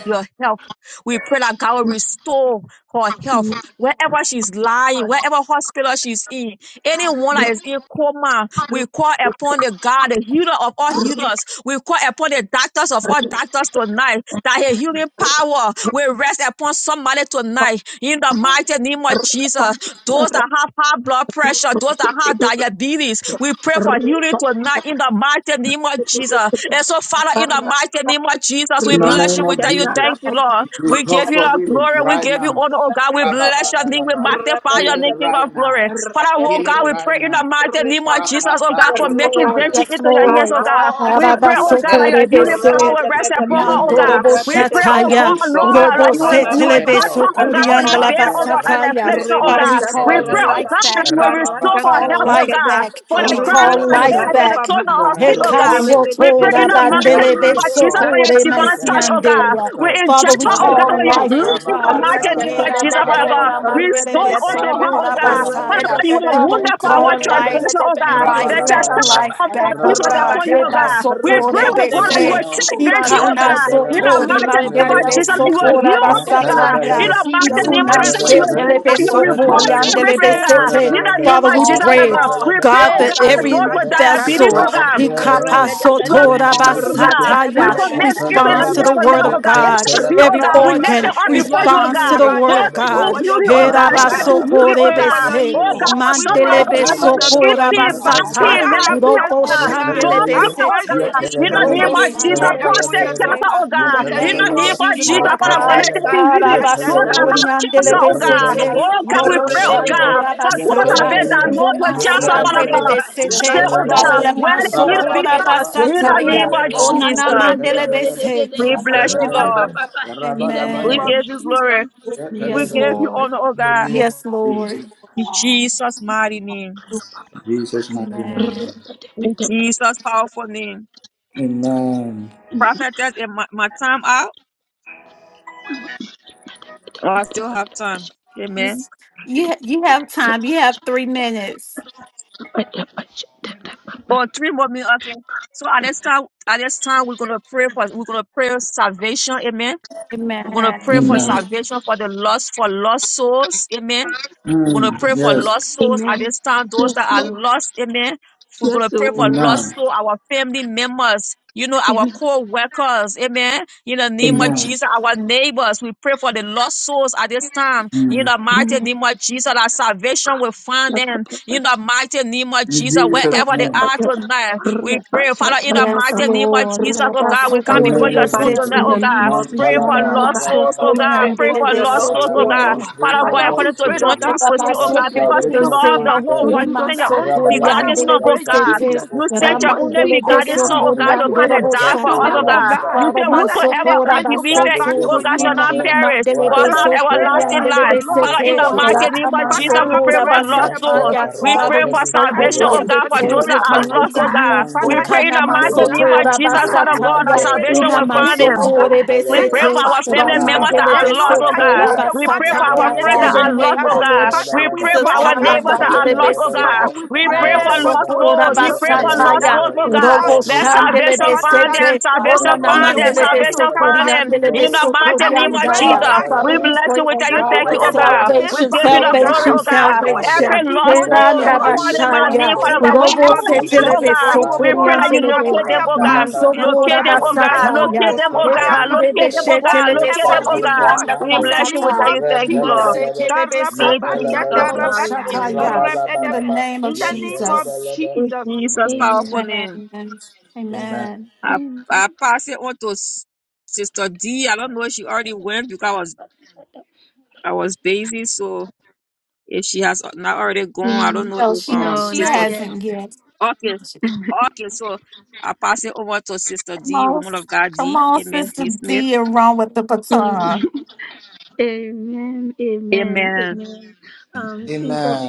F: your health. We pray that God will restore her health wherever she's lying, wherever hospital she's in. Anyone that is in coma, we call upon the God, the healer of all healers. We call upon the doctors of all doctors tonight that her
D: you.
F: healing power will rest upon somebody tonight in the
D: Hallelujah.
F: mighty name of Jesus those that have high blood pressure, those that have diabetes. We pray for healing tonight in the mighty name of Jesus. And so, Father, in the mighty name of Jesus, we
A: In the
F: bless
A: name
F: you. We
A: of
F: tell you,
D: Hallelujah.
A: Jesus,
F: thank you,
B: Rabashatarababa.
F: Lord.
B: Rapa
A: we
F: We
A: call
F: give you
A: for
F: the
A: healing
F: glory. We
A: right
F: give you
A: now.
F: honor, oh God. We bless your name. We
A: Rababadalaba.
F: magnify your
A: Healing
F: name, King
A: right
F: of
A: now.
F: glory. Father, oh God,
A: Healing
F: we
A: right
F: pray in
A: now.
F: the mighty name of Jesus, oh God, for making
C: Lord.
A: Rapapapushete.
F: venture
C: Yes,
F: into your hands,
C: Lord.
F: oh God.
A: Restore
F: We pray,
A: unto
F: oh oh God, like
A: her
F: Your
A: her
F: healing
C: Arabasokorebese.
A: health
F: power rest upon
A: in the
F: her, oh
A: name
F: God.
C: Nandorobo
A: of
F: We
A: Jesus.
F: pray, oh
C: shataya.
F: God,
A: Restore
F: Lord,
C: Robo
F: like
A: unto
F: you will, you
A: her
F: will
A: her
F: touch her,
C: setelebeso
A: health.
F: oh God, on our
C: kuriandala
F: bed,
A: Mande
F: over an
C: basataya.
F: affliction, oh
C: Father,
D: Give
F: God.
C: we
A: repetus
D: us
F: We
C: call
F: pray,
D: relief.
A: neevede.
F: oh
C: life
F: God, that
C: back.
F: you will
C: We
F: restore her
C: call
F: health,
A: Ramabantalaba.
D: We
F: oh
C: life
F: God.
C: back.
F: For
A: Restore
F: the
C: We
A: unto
F: crown of
A: her
C: call
F: her
A: her
D: feel
F: head,
C: life
A: health
F: and the
C: back.
F: soles
A: in
F: of
A: the
D: God.
F: her feet,
A: name of
F: oh God.
D: Hallelujah.
A: Jesus.
F: We pray in
C: Hekasotora
F: the
A: Let her
F: mighty
A: health be
F: name of
D: The
C: bandelebeso
F: Jesus
D: moment
F: for
A: restored.
D: of
F: your
C: kore
A: Let
D: rest.
F: divine
A: her
F: touch, oh
A: health be
F: God.
C: mansiandeya.
F: We
A: restored.
C: Father,
F: inject
C: we
F: her,
D: Lord,
F: oh
D: I
F: God,
C: call
F: with your
D: feel
C: life,
A: Mandalaba.
B: Repete,
C: oh
D: work.
F: blood in
D: You're
F: the
C: God.
D: doing
F: mighty name
A: Rababantalaba.
D: work.
F: of
C: Hera
F: Jesus, Father
B: Rashatadabedebe,
F: God. God.
C: mandora
A: Papayabalaba.
D: You
F: Restore
D: restore.
F: unto
C: mandelebeso
B: Repetebedebe,
F: her, oh
C: kora
F: God.
D: I
F: Father
A: Rababantelebelebe,
C: basaya.
F: God, you are
B: Repetebedebe,
C: Father, we
F: wonderful, our
C: call
A: Yentelebelebe,
F: transgression,
C: life.
F: oh
B: Repetebedebe,
F: God. The
D: feel it.
C: Life back,
A: Rabalabalaba,
C: life
B: Ripapapa,
F: chastisement of
D: Right
F: our
C: back,
D: now. I
F: peace
C: oh
F: was
C: God.
F: upon you,
B: Repata,
F: oh
C: Reba
A: Rababakalaba,
F: God. We pray,
C: sopore
D: feel it.
A: Discord
F: oh God, that you
C: bese.
F: will
B: Rashatadabedebe,
A: Health,
F: take
D: Feel
F: Benji, oh
C: Ikana
F: God.
B: Karatata,
F: In
D: it.
A: Yentelebe,
F: the
D: Feel
C: sotori
F: mighty
A: in the
F: name
C: mandele
F: of
B: Repata,
A: name of
F: Jesus,
D: it.
F: that
C: beso
F: you will
A: Jesus,
C: kora
F: heal oh
D: Lord,
F: God.
B: Repetebedebe,
D: I
C: basataya.
F: In
D: feel
A: Mentelebelebe,
D: you
F: the
B: Jesus,
F: mighty
D: turn like
B: we
F: name of
B: pray
C: Ikunan
F: Jesus, that
B: for
D: this,
F: you
B: your
D: oh
F: will,
A: Yentelebelebe,
C: shetele
D: Lord.
F: that
B: mercy
F: you will
B: for
C: beso
B: healing.
C: kori
F: revolt
A: Yentelebelebe,
B: We
C: andele
D: Hallelujah.
F: everything,
B: pray for
F: God.
B: your
C: besete.
F: In the
B: mercy
A: Yentelebelebe,
F: name
C: Father,
B: for
F: of
C: we
F: Jesus,
B: healing,
F: oh
C: pray,
F: God.
D: Hallelujah.
B: Lord.
F: We
A: Yentelebelebe,
F: pray,
C: God,
F: oh
B: Eh,
D: Have
C: that
F: God,
D: your
F: for
D: way.
F: those
C: every
B: kariba
F: with
A: Yentelebelebe,
B: shatara
F: diabetes,
C: vessel
A: Discord
F: oh
A: of
B: baba.
F: God
D: Hallelujah.
C: ikapa
A: Health,
D: God.
A: in
F: blood
A: the
B: Rabadabadaba.
C: sotora
A: name
F: pressure,
A: of
D: Hallelujah.
F: oh
D: We
A: Jesus,
F: God. We
D: thank you,
C: basataya,
B: Rabadabadaba.
F: commit
D: Lord
F: it
D: God.
F: into your
C: responds to
F: hands
C: the
A: Mentelebelebe,
F: for now,
C: word
F: oh
C: of
B: Rabababa.
F: God.
C: God.
F: HIV, oh
A: Yentelebelebe,
C: Every
D: You
F: God.
D: are
F: We
D: our
F: lift
C: organ
F: it
B: Rabababa.
F: up
D: corner.
F: before
B: Your
F: you, oh
D: You
C: responds to
B: healing,
F: God.
C: the
D: created.
C: word
B: Father,
F: Lord,
C: of
A: Yentelebelebe, Rabba
F: I need
C: God.
B: over your
F: beauty, oh
B: daughter,
F: God.
C: Hera
B: oh
F: Let there
B: God.
F: be
D: Hallelujah.
B: We
F: beauty,
C: basokore
F: oh
B: pray for
F: God.
B: your
C: bese.
F: Oh
D: So
B: healing.
F: God, for
D: hallelujah.
B: We
F: somebody,
D: All
B: pray,
F: oh
C: Mandelebe
F: God. do
D: power.
F: that
B: Jesus, for
F: skip
B: your
C: sokora
D: Lord
F: it,
B: healing.
D: God.
F: back
D: Hallelujah.
C: basata,
B: Father,
F: in,
B: have
F: nasty, oh
C: robo
B: mercy,
D: Power,
F: God.
B: oh God.
F: Don't
C: shandelebe
D: Lord
F: be,
B: Have
D: God.
F: oh
B: mercy
C: sete,
F: God.
B: and
F: In the
B: stretch
D: You
B: your
F: name
C: robo
F: of
D: said, Lord,
B: healing
F: Jesus,
D: I
B: hand
C: sandelebe
B: upon
F: prostate
B: your
D: want
C: sete.
F: cancer, oh
B: daughter
C: In
F: God.
C: the
B: in the
F: In
C: name
F: the
B: name
C: of
F: name
B: of
F: of
C: Jesus,
F: Jesus,
C: oh
D: power
B: Jesus.
F: Father
D: right
F: God,
C: God,
B: Eh,
F: let there be beauty.
B: tarifa
F: Those
B: shata
F: that
D: Lord.
C: harabasokori
F: have
B: rabaka,
F: cancer,
D: Let
C: andelebe
F: oh
D: us
F: God.
C: sete,
D: rise.
B: rebede,
F: Oh God, we
D: Hallelujah.
C: robo
F: pray, oh
B: rebede,
F: God.
C: shandora
B: bedebe,
F: For those that have
C: basata,
D: Glory
F: been
D: to
B: rebede,
F: diagnosed
B: bedebe,
F: with
D: God.
C: romasi
F: cancer, Father
D: Hallelujah.
F: God.
C: andelebe
B: rabababa,
F: Today,
C: sete.
F: oh
C: Father,
F: God,
C: let
B: karachakete,
F: where
C: my
D: Hallelujah.
F: they need to be
C: sokora
B: rakete,
F: found.
D: They
F: In
D: came
C: basata
F: the
D: in
F: name
C: ya,
F: of
B: rakete,
C: onana
D: high.
F: Jesus,
C: mandelebe
B: rebede,
C: se.
B: bedebe,
F: we bless you, Lord.
B: rebababa. In the name
F: We
B: of
C: Amen.
F: give you
B: Jesus,
F: glory.
A: in
F: We
B: amen.
C: Yes,
F: give you
C: Lord.
F: honor, oh
A: the
F: God.
A: name of
C: Yes,
A: Jesus.
C: Lord.
F: In Jesus' mighty name.
A: Jesus' mighty name.
C: Amen.
F: In Jesus' powerful name.
A: Amen.
F: Prophetess, in my, my time out, Oh, I still have time.
C: You
F: Amen.
C: you you have time. You have three minutes.
F: Oh, three more minutes. Okay. So at this time, at this time, we're gonna pray for we're gonna pray salvation. Amen. We're going to pray for
A: Amen.
B: Amen.
F: salvation for the lost, for lost souls. Amen. We're going to
A: Mm,
F: pray for
A: yes.
F: lost souls at
B: Amen.
F: this time, those that
B: Yes,
F: are
B: Lord.
F: lost. Amen. We're going to
B: Yes,
F: pray for
B: Lord.
F: lost
A: Amen.
F: souls, our family members, you know, our
B: Amen.
F: co workers. Amen. In the name of
A: Amen.
B: Amen.
F: Jesus, our neighbors, we pray for the lost souls at this time. In
A: Mm.
F: the mighty name of Jesus, our salvation will find them. In the
B: Amen.
F: mighty name of
A: In
F: Jesus,
B: Father,
A: Jesus'
F: wherever they
A: name.
F: are tonight, we pray, Father, in the
C: Yes,
F: mighty name of
C: Lord.
F: Jesus,
C: That
F: oh
C: I
F: God, we
C: so
A: In
F: come
A: the
C: forty
F: before
A: name
F: your
C: they
A: of
F: throne
C: sit
A: Jesus.
F: tonight,
B: in
F: oh
B: the
C: me.
F: God.
B: name of
A: Nam
F: Praying for
B: Jesus, oh
A: talaba,
C: Nana
B: God,
F: lost
C: so
F: souls, oh
B: we
C: forty
F: God.
A: rababadaba,
C: and
B: pray
F: Praying
C: Billy
F: for
B: for
C: they
B: your
F: lost
C: so
B: Lord,
F: souls, oh
B: oh
C: forty
A: rabalaba.
F: God.
A: We
B: Lord.
C: and
A: pray
F: Father
A: for
F: God,
B: Father,
A: lost
B: we
F: according to
B: pray, oh
F: John
A: souls
F: 3
B: God, for
C: Baba
B: your
F: sixteen, oh
A: that
C: so
F: God,
B: children
F: because
C: forty
F: you
C: they
A: salvation
B: to
A: will
F: love
B: come
C: say.
F: the
B: back
A: find
F: whole
B: to
F: world,
A: them.
B: you,
F: you
B: oh
C: Rima
F: send your
B: God.
C: so
F: only
C: forty
B: Father,
F: begotten
C: and
B: we
F: son,
A: Rabalaba,
C: Billy
A: that
C: they
F: oh
B: pray,
C: sit
F: God.
C: it.
A: salvation
B: Jesus,
F: You
A: will
B: that
F: sent
B: you
A: find
F: your
B: will
C: Raman
F: only
A: them.
B: speak
C: Billy they
B: to
F: begotten
C: so
F: son,
B: them,
F: oh
C: forty
A: Mandi
B: that
F: God, to
B: you
C: and
B: will
F: come and
C: Durable
B: appear
F: die for
B: to
F: us,
A: epeko
F: oh
B: them,
C: Shataya.
B: oh
F: God.
A: balubra
B: God.
F: You
C: Father,
F: say,
C: man
B: Father,
A: alaba.
C: so
B: and
F: Whosoever
B: make
C: forty
F: that
B: them
A: That
C: about
B: to
F: believes
B: come
C: sit
F: that in
B: back
F: you,
C: it.
A: salvation
F: oh
B: to
A: will
F: God,
B: you,
F: shall
A: find
F: not
B: Jesus.
A: them
C: Inanama
F: perish,
C: Billy
F: but
C: they
B: Father,
F: have
A: wherever
B: we
C: so
B: pray,
A: they
C: forty
B: oh
C: and
F: everlasting
B: God,
A: are.
C: Billy
B: for
F: life.
C: they
B: lost
C: sit
F: Father,
A: Let
F: in the
C: it.
B: soul, oh
F: mighty
B: God.
A: salvation
F: name of
C: Rataman
B: Father,
A: find
F: Jesus,
C: so
F: we
B: have
A: them.
F: pray for
C: forty
B: mercy
F: lost
A: Let
B: upon
F: souls.
B: us,
C: Yes,
B: oh
F: We
A: the
C: Father,
F: pray
B: God.
C: we
F: for
A: repentance
C: pray,
B: Father,
C: oh
B: and
F: salvation, oh
C: God,
B: take
C: that
F: God,
C: the
B: your
F: for those
C: souls
A: Let
C: will
F: that
B: children
C: come
F: are
B: back, oh
F: lost,
C: unto
F: oh
A: salvation
B: God.
F: God.
C: you.
A: find
F: We
B: Father,
A: them
F: pray
B: help
F: in the
A: in
B: us,
A: the
B: oh
F: mighty name
A: name
B: God.
F: of
A: of
C: Ikanamasotora
F: Jesus,
B: Father,
A: Jesus,
F: Father
B: help your
F: God, that
A: Mande
C: basataya,
B: children to
F: salvation will find
B: repent,
F: them.
A: Repetus
B: oh
C: inamansocore
A: and
B: God,
F: We
B: and
A: Telebe,
F: pray
B: come
F: for
C: besete,
F: our
B: back to
F: family
B: you
F: members that
C: ramandele
F: are
A: Rabababa,
B: and know
F: lost, oh
B: that
F: God.
C: besotora
B: you,
A: Talabalaba,
B: the
F: We
B: one
F: pray for
B: that
F: our
C: basataya.
F: friends
C: In
F: that
B: created
C: the
F: are
B: them, oh
A: Rabalabalaba,
F: lost,
C: name of
F: oh
C: the
B: God.
C: Lord
F: God.
B: Father,
F: We
B: we
F: pray
A: Tapayabalaba,
F: for
C: Jesus,
B: pray, oh
F: our
B: God,
A: Yet
F: neighbors
D: Hallelujah.
F: that are
C: Talabandele
B: Jesus.
F: lost, oh
D: Lord
C: bese.
F: God.
B: Father,
D: God.
A: Telebelebelebe,
B: we
F: We
D: I
F: pray
B: pray
F: for
B: for
F: lost
A: Tapayabalaba,
D: pray
B: those your
C: Namasokora
F: souls. We
D: that
A: Yet
F: pray
D: someone
F: for
B: children
D: will
B: that
F: lost
C: basataya,
D: keep a
B: have
F: souls,
A: Telebelebe,
F: oh
B: been
A: let
D: kind word, Lord
F: God.
D: God. In
B: lost,
C: robo
B: oh
F: Let
B: God.
A: salvation
C: shandele
F: salvation
A: find
B: Father,
F: find
B: that
A: them.
B: do
F: them.
C: besete,
D: God,
B: not
F: Salvation
C: ona
B: know
D: prove
F: find
B: the
F: them.
D: them
A: Rabalaba,
C: namandele
D: right
B: way to
F: Salvation
D: now.
B: come
A: whoever
F: find
B: back
A: is
F: them.
B: to
C: besokoriandele
F: In
B: you.
F: the
A: lost,
F: mighty
B: Father,
D: It
F: name
B: we
D: will
F: of
B: pray,
D: draw
B: oh
C: besokoriandaya.
F: Jesus,
D: them
B: God,
D: closer
C: Father,
F: we
D: to
C: we
A: Rabalabalaba,
F: bless
C: pray,
B: Jesus
F: you.
D: you.
F: We
C: oh
F: tell you
B: that
A: Yet
B: you
C: God,
F: thank
D: That
C: for
F: you,
D: they
B: will
F: oh
D: will
F: God.
B: accept
A: Telebelebe,
B: them
F: We
C: salvation,
F: give
D: be
B: back,
F: you the
A: let
B: oh
D: like never
F: glory,
B: God,
C: salvation,
F: oh
D: before,
A: salvation
B: that
F: God.
D: Lord
B: they will
D: God.
A: find
B: serve
C: salvation.
A: them,
F: Every
B: thee
F: lost
B: more
D: They
A: let
B: than
D: search
F: soul, we
C: Heranda
B: ever
D: after
F: call them
D: you
A: salvation
D: and
F: by
B: before.
F: name,
A: find
C: bashaya,
D: Father,
F: Father
B: In
F: God.
A: them,
B: the
D: Lord God.
B: name
C: robo
F: Wherever
A: let
B: of
D: You
F: they
D: said
F: are,
C: setele
B: Jesus,
D: in
F: oh
D: your
A: salvation
D: word,
F: God,
B: that you will
F: we
A: find
D: Father, you
F: pray
A: them.
F: that
B: pour
F: you
C: besokoriandele
B: their
F: locate them,
B: fire
C: be,
F: oh
B: back
F: God.
A: Randalaba,
B: to them, oh
D: shall
F: Locate
C: masokora
B: God,
F: them,
D: find,
F: oh
D: Lord
A: Yente,
B: that
F: God.
D: God.
B: they'll be
C: basataya,
F: Locate
D: Your mouth will shall
F: them,
B: on
A: Eke
F: oh
D: be
B: fire
F: God.
B: for
C: etande
F: Locate
B: you
F: them, oh
A: Peluzada,
D: open, Lord
B: more
D: God.
F: God.
C: beshetele
B: than
A: let
F: Locate
B: ever
F: them, oh God.
D: Hallelujah,
A: salvation
B: before.
D: Lord.
C: besokoriandele
A: find
F: We
B: In
A: them.
B: the
F: bless you
D: I
F: with
B: name
D: pray
C: basata,
F: you
B: of
D: for those
F: thank you,
D: who are
B: Jesus.
F: Lord.
D: in
A: Randalabalaba,
C: masetele
D: the Lord
F: In
B: Karababa,
D: God.
F: Jesus'
C: besokoriandele
A: Yakalabalaba,
F: mighty
B: shatarabada,
D: They shall.
F: name.
C: besataya. In the
B: rabadaba.
A: Rabalabalaba,
C: name of
B: In the name of
C: Jesus.
A: Yentalabalaba.
F: In
B: Jesus.
F: Jesus'
A: Amen.
F: powerful
C: Yes.
F: name.
A: Amen.
C: Amen.
F: I, I pass it on to S- Sister D. I don't know if she already went because I was I was busy. So if she has not already gone, I don't know if
C: No, she
F: um
C: she
F: Sister
C: hasn't yet.
F: Okay,
C: Come
F: okay, so I pass it over to Sister D,
C: on,
F: woman of God
C: come
F: D.
C: on,
F: Amen.
C: Sister
F: D Smith.
C: D, and run with the baton.
B: Amen. Amen.
F: Amen.
B: Amen. Um, saints of.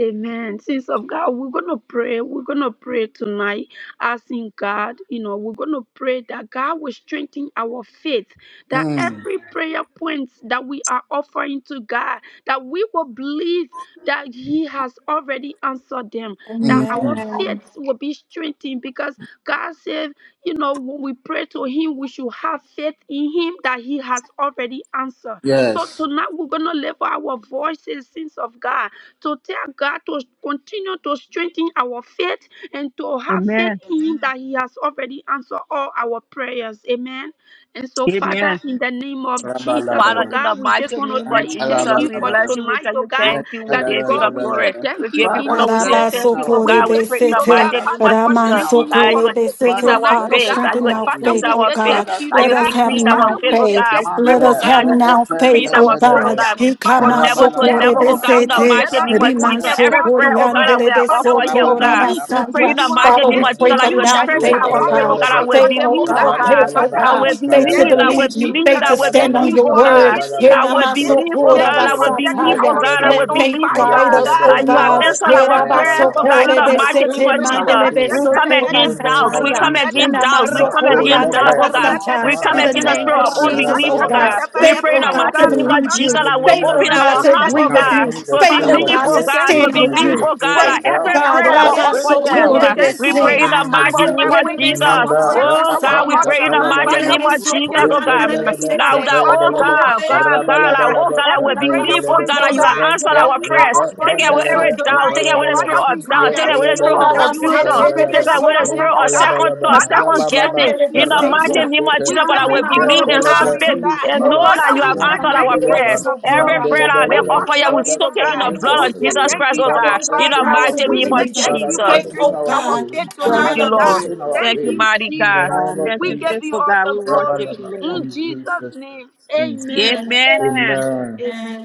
B: Amen. Saints of God, we're going to pray. We're going to pray tonight, asking God, you know, we're going to pray that God will strengthen our faith, that every prayer point that we are offering to God, that we will believe that He has already answered them, that our
A: Amen.
C: Amen.
B: faith will be strengthened because God said, you know, when we pray to Him, we should have faith in Him that He has already answered answer. So
A: Yes.
B: tonight we're gonna lift our voices, sins of God, to tell God to continue to strengthen our faith and to have faith
F: Amen.
B: in Him that He has already answered all our prayers. Amen. And so, Father,
F: Amen.
B: in the name of Jesus, oh
F: Father,
A: Rabalabalaba,
F: in the
B: God, we just
F: mighty
B: want to
F: name of
B: tell you thank
F: Jesus,
B: you
F: we
B: for
F: bless
A: Randalabalabalaba.
F: you. We
B: tonight,
F: tell
B: oh
F: you
B: God.
F: thank
A: Yes,
F: you. We
B: That
A: hello,
B: is
F: give you
A: hello,
F: the
B: God, we
A: hello,
B: say
F: glory.
A: hello.
F: We
B: thank you,
F: give you
B: King
A: Father,
F: honor.
B: of
F: We say
A: strengthen
F: thank
B: Glory.
C: Karabaso
F: you, oh
A: our
C: kore
B: We
F: God. We
A: faith.
B: thank
F: pray in
B: you,
F: the
B: Lord
C: besete,
B: God,
F: mighty
A: Father,
F: name of
B: Father, for
A: strengthen
F: Jesus
C: Ramanso
A: our
B: strengthening
F: that you
B: our
A: faith.
C: kore
F: will
B: faith
F: increase
C: besete.
A: Father,
F: our
B: tonight, oh
C: Father,
F: faith,
B: God.
A: strengthen
F: that you
C: strengthen
F: will
A: our
C: our
B: Father,
F: increase
C: faith,
A: faith.
B: we
C: O
F: our
B: say thank
F: faith,
C: God.
A: Father,
B: you,
F: that
B: Lord
C: Let
F: you will
C: us
B: God.
A: strengthen
C: have
F: increase
A: our
F: our
B: Father,
C: now
A: faith.
F: faith,
B: we
F: oh
B: say
C: faith.
B: thank
F: God. We pray,
C: Let
B: you,
F: oh
C: us
A: Mata
F: God,
C: have
B: Jesus.
F: that you
B: for
C: now
F: will
A: reepe
C: faith,
F: increase
B: answering
C: O
F: our
B: Our
F: faith, oh
C: God.
A: kepelebe.
B: prayer,
F: God.
B: Father,
F: From
B: for
F: level
B: you
C: Hikamaso
F: to
B: said
C: kore
F: level,
B: when
A: Rabalabalaba.
F: oh
B: we
F: God, in
B: come
F: the
C: besete,
F: mighty
A: Ranta
B: together
F: name of
B: in one
F: Jesus.
C: Ikamasokorebesete,
F: Every
B: accord to
F: prayer, oh God,
A: reependelebe.
B: pray,
F: that we are
B: Father, we
F: offering here, oh
B: should
F: God.
B: believe,
F: We
A: Rabalabalaba.
F: pray
B: we
C: Rimansokoriandelebesotorabasaya.
F: in
B: should
F: the
B: have
F: mighty
C: Father,
F: name
C: we
B: faith
F: of Jesus
B: in
C: pray
A: Shapayabalaba.
C: for
F: that you will
B: you
C: now
B: that you
F: strengthen
C: faith,
A: Yet,
B: have
C: O
F: our
D: Hallelujah.
F: faith, oh
B: already
C: God.
F: God,
A: Yakalabalaba,
F: that we
C: Faith,
B: answered them,
C: oh
B: oh
F: believe, oh
C: God,
B: God.
F: God.
C: faith, oh
B: Father,
A: Rabalabalaba,
F: I
B: and
C: God,
F: will
B: we say
C: faith to
B: thank
F: believe, I
A: Tapayabalaba,
B: you,
F: will
C: believe you,
F: believe,
B: Jesus.
C: faith
F: I
C: to
F: will
C: stand
B: Thank
A: Rabalaba,
C: on
F: believe,
B: you
C: your
F: oh
B: for
C: word.
F: God.
B: strengthening
A: Tapayabalaba,
F: I
B: our
F: will
B: faith.
F: believe, oh
B: Thank
F: God,
B: you
F: I
B: for
A: Yakalabalaba,
F: will
B: setting
F: believe,
D: Hallelujah.
F: oh
B: our
C: Yenamasokora-basataya.
F: God, I
B: faith
F: will
C: Let
A: Yakalabalaba,
B: on
C: faith
F: believe, oh
B: fire,
C: guide
B: oh
F: God,
C: us,
B: God.
C: oh
F: that you have
C: God.
A: Yakalabalabalaba,
B: Oh
F: answered
B: God,
F: our
B: Ripa
F: prayers,
A: Tapayabalaba.
F: oh
B: Shata
F: God, in the
A: Father,
B: Rapapa,
F: mighty name of
A: strengthen our
F: Jesus.
B: Rapa
F: We
A: faith.
F: come
B: Shata
A: In the
F: against
B: Bedeva,
A: name
F: doubts,
A: of
F: we
D: Hallelujah.
C: Yerabasokore-besete-mandelebesokora-sataya.
F: come
B: Rapeda,
A: Jesus,
F: against doubts, we come
B: Rapapa,
F: against doubts,
A: Makolevre
F: oh God.
D: Hallelujah.
A: Elus
C: Inamasokoriandalabasata.
B: Rapeda
F: We come
C: In the
F: against
B: Bedeva,
F: the
C: name
A: Mahanda,
F: spirit
C: of
F: of
D: Hallelujah.
B: Ripa
C: Jesus,
F: unbelief,
C: oh
F: oh
A: Rabalaba,
C: God,
F: God.
B: Shata
F: We
C: faith,
B: Bedeva,
F: pray
A: strengthen
F: in
C: oh
F: the
A: our
C: God, to
F: mighty name
A: faith.
F: of
C: believe
F: Jesus
B: Karapapa,
A: In
C: you,
A: the
F: that we
A: name
C: faith,
A: of
F: open
C: oh
D: Hallelujah.
C: God,
F: our
A: Jesus,
B: Rapeda
C: to
F: hearts,
A: we
F: oh
C: agree
A: come
C: with
F: God,
C: you,
B: Bedeva,
A: against
F: to
A: the
C: faith, oh
A: spirit
B: Father,
A: of
D: Glory.
B: we
F: believe,
C: God,
F: oh
C: to
B: say
A: fear,
F: God,
B: thank
A: we
F: to
B: you,
C: stand
A: come
B: Lord
C: with
F: believe,
A: against
C: you,
A: the
B: God,
F: oh
A: spirit
F: God,
B: for
F: that
A: of
C: faith, oh
A: doubt,
F: every
B: strengthening
D: Hallelujah.
C: God, that
B: our
F: prayer that
A: Father,
F: will
B: faith.
F: offer
A: strengthen
B: We
F: them.
B: say
A: our faith
B: thank
F: We
B: you,
A: in
B: Lord
F: pray
A: the
F: in
B: God,
F: the
A: name of
B: for
F: mighty name
A: Jesus.
F: of
B: awakening
C: I
F: Jesus
B: our
A: Manda
C: Sokora
B: faith on
F: Oh
B: our
D: Hallelujah.
F: God,
A: Raapa
F: we
C: Basaya,
F: pray in
B: altar.
F: the
A: Sapaya
F: mighty
A: Balaba.
F: name
B: Father,
C: Mandelebe
B: we
F: of
B: say
F: Jesus,
C: Sokori
D: Glory.
B: thank
F: oh
B: you,
F: God.
C: Mandelebe
A: Yependalaba
B: Jesus.
F: Now
C: Sete,
F: that,
A: Sapaya
F: oh
B: Father,
A: Balaba.
B: we
C: Father,
B: have
F: God,
C: thank
B: faith
F: God,
B: in
F: God,
B: you
F: like,
B: that
F: oh
A: Rabalabalaba
C: God.
F: God, like, we
B: every
A: Sapaya
C: Rabba
B: prayer
F: believe, oh
A: Balaba.
B: point,
F: God,
B: oh
F: like, you
C: Sokore
F: have
B: God,
F: answered
A: Ranta
C: Bete,
B: that
F: our
B: we are
F: prayers.
A: Rapa
B: offering
F: Take
C: Mandelebe
F: away
B: to you
A: Pandalaba
F: every
C: Sokori
F: doubt, take
B: tonight.
A: Sapaya
F: away the
C: Mandelebe
F: spirit
A: Balaba.
B: Father, we
F: of
B: have
F: doubt, take
B: faith
F: away
C: Sataya,
F: the
B: in
F: spirit
B: you
F: of
C: Ora
A: Yetalabalaba
D: Hallelujah.
B: that you have
F: confusion,
A: Sapaya
C: Basete
B: already
C: Lebe
F: take
A: Balaba.
F: away the
B: answered
C: Sokori
F: spirit
B: them, oh
F: of
B: God.
F: second
A: Yantalabalaba,
F: thought,
B: Father,
C: Robo
B: we
F: second
B: say
A: Rabababa,
F: guessing.
B: thank
F: In
C: Shandelebe
B: you,
F: the mighty
A: Ranto
C: Sete,
B: Jesus.
F: name of
A: Sete,
B: We
F: Jesus, but
B: give
F: I
C: Nana
B: you
F: will
B: all
F: believe
B: the
F: and
C: Mandobo
F: have
B: glory,
A: Nakantalabra,
B: oh
F: faith
C: Sete,
B: God.
F: and know
C: Robo
A: Luspava,
F: that
B: Father,
F: you
B: we
F: have
B: say
C: Sandala
F: answered
B: thank
F: our
B: you,
C: Mandelebe
F: prayers.
B: King
A: Nandibriaba,
B: of
C: Sokori
F: Every
B: glory.
F: prayer
G: they
F: that I've
C: Mandelebe.
B: We
F: been
G: say that
C: Oh,
F: offered,
A: Mandelebelebe,
F: you
B: worship
F: will
C: God,
B: you,
A: Father
B: oh
F: soak it in
B: God.
F: the
A: strengthen
C: Thank you,
A: our
F: blood
B: We
F: of
B: say
C: Spirit.
A: faith,
F: Jesus
B: thank
F: Christ,
B: you,
F: oh
A: Father
F: God.
B: our
C: Faith,
F: In
C: oh
F: the
A: strengthen
B: Father.
C: God,
A: our
C: to
F: mighty
B: We
F: name
A: faith,
F: of
B: say
C: believe
B: thank
C: us.
B: you
A: Father
F: Jesus.
B: for
C: Faith,
A: strengthen
C: oh
B: strengthening
A: our
B: our
C: God.
A: faith,
B: faith
D: Hallelujah.
F: Thank
B: tonight,
C: Hide
F: you,
B: oh
A: Father
F: Lord.
B: God.
A: strengthen our
B: Thank
F: Thank you,
A: faith,
B: you,
F: mighty
A: in the
F: God.
B: Jesus.
A: name of
F: Thank
B: We
F: you,
B: give
A: Jesus,
B: you
F: faithful
B: all
F: God. We
B: the
F: worship
B: glory
F: you,
A: Rabalaba,
F: Lord.
D: Yes,
B: in
A: in
B: Jesus'
A: Jesus.
B: name.
A: name.
B: Amen.
C: Amen.
F: Amen.
B: Amen.
A: Amen.
B: Amen.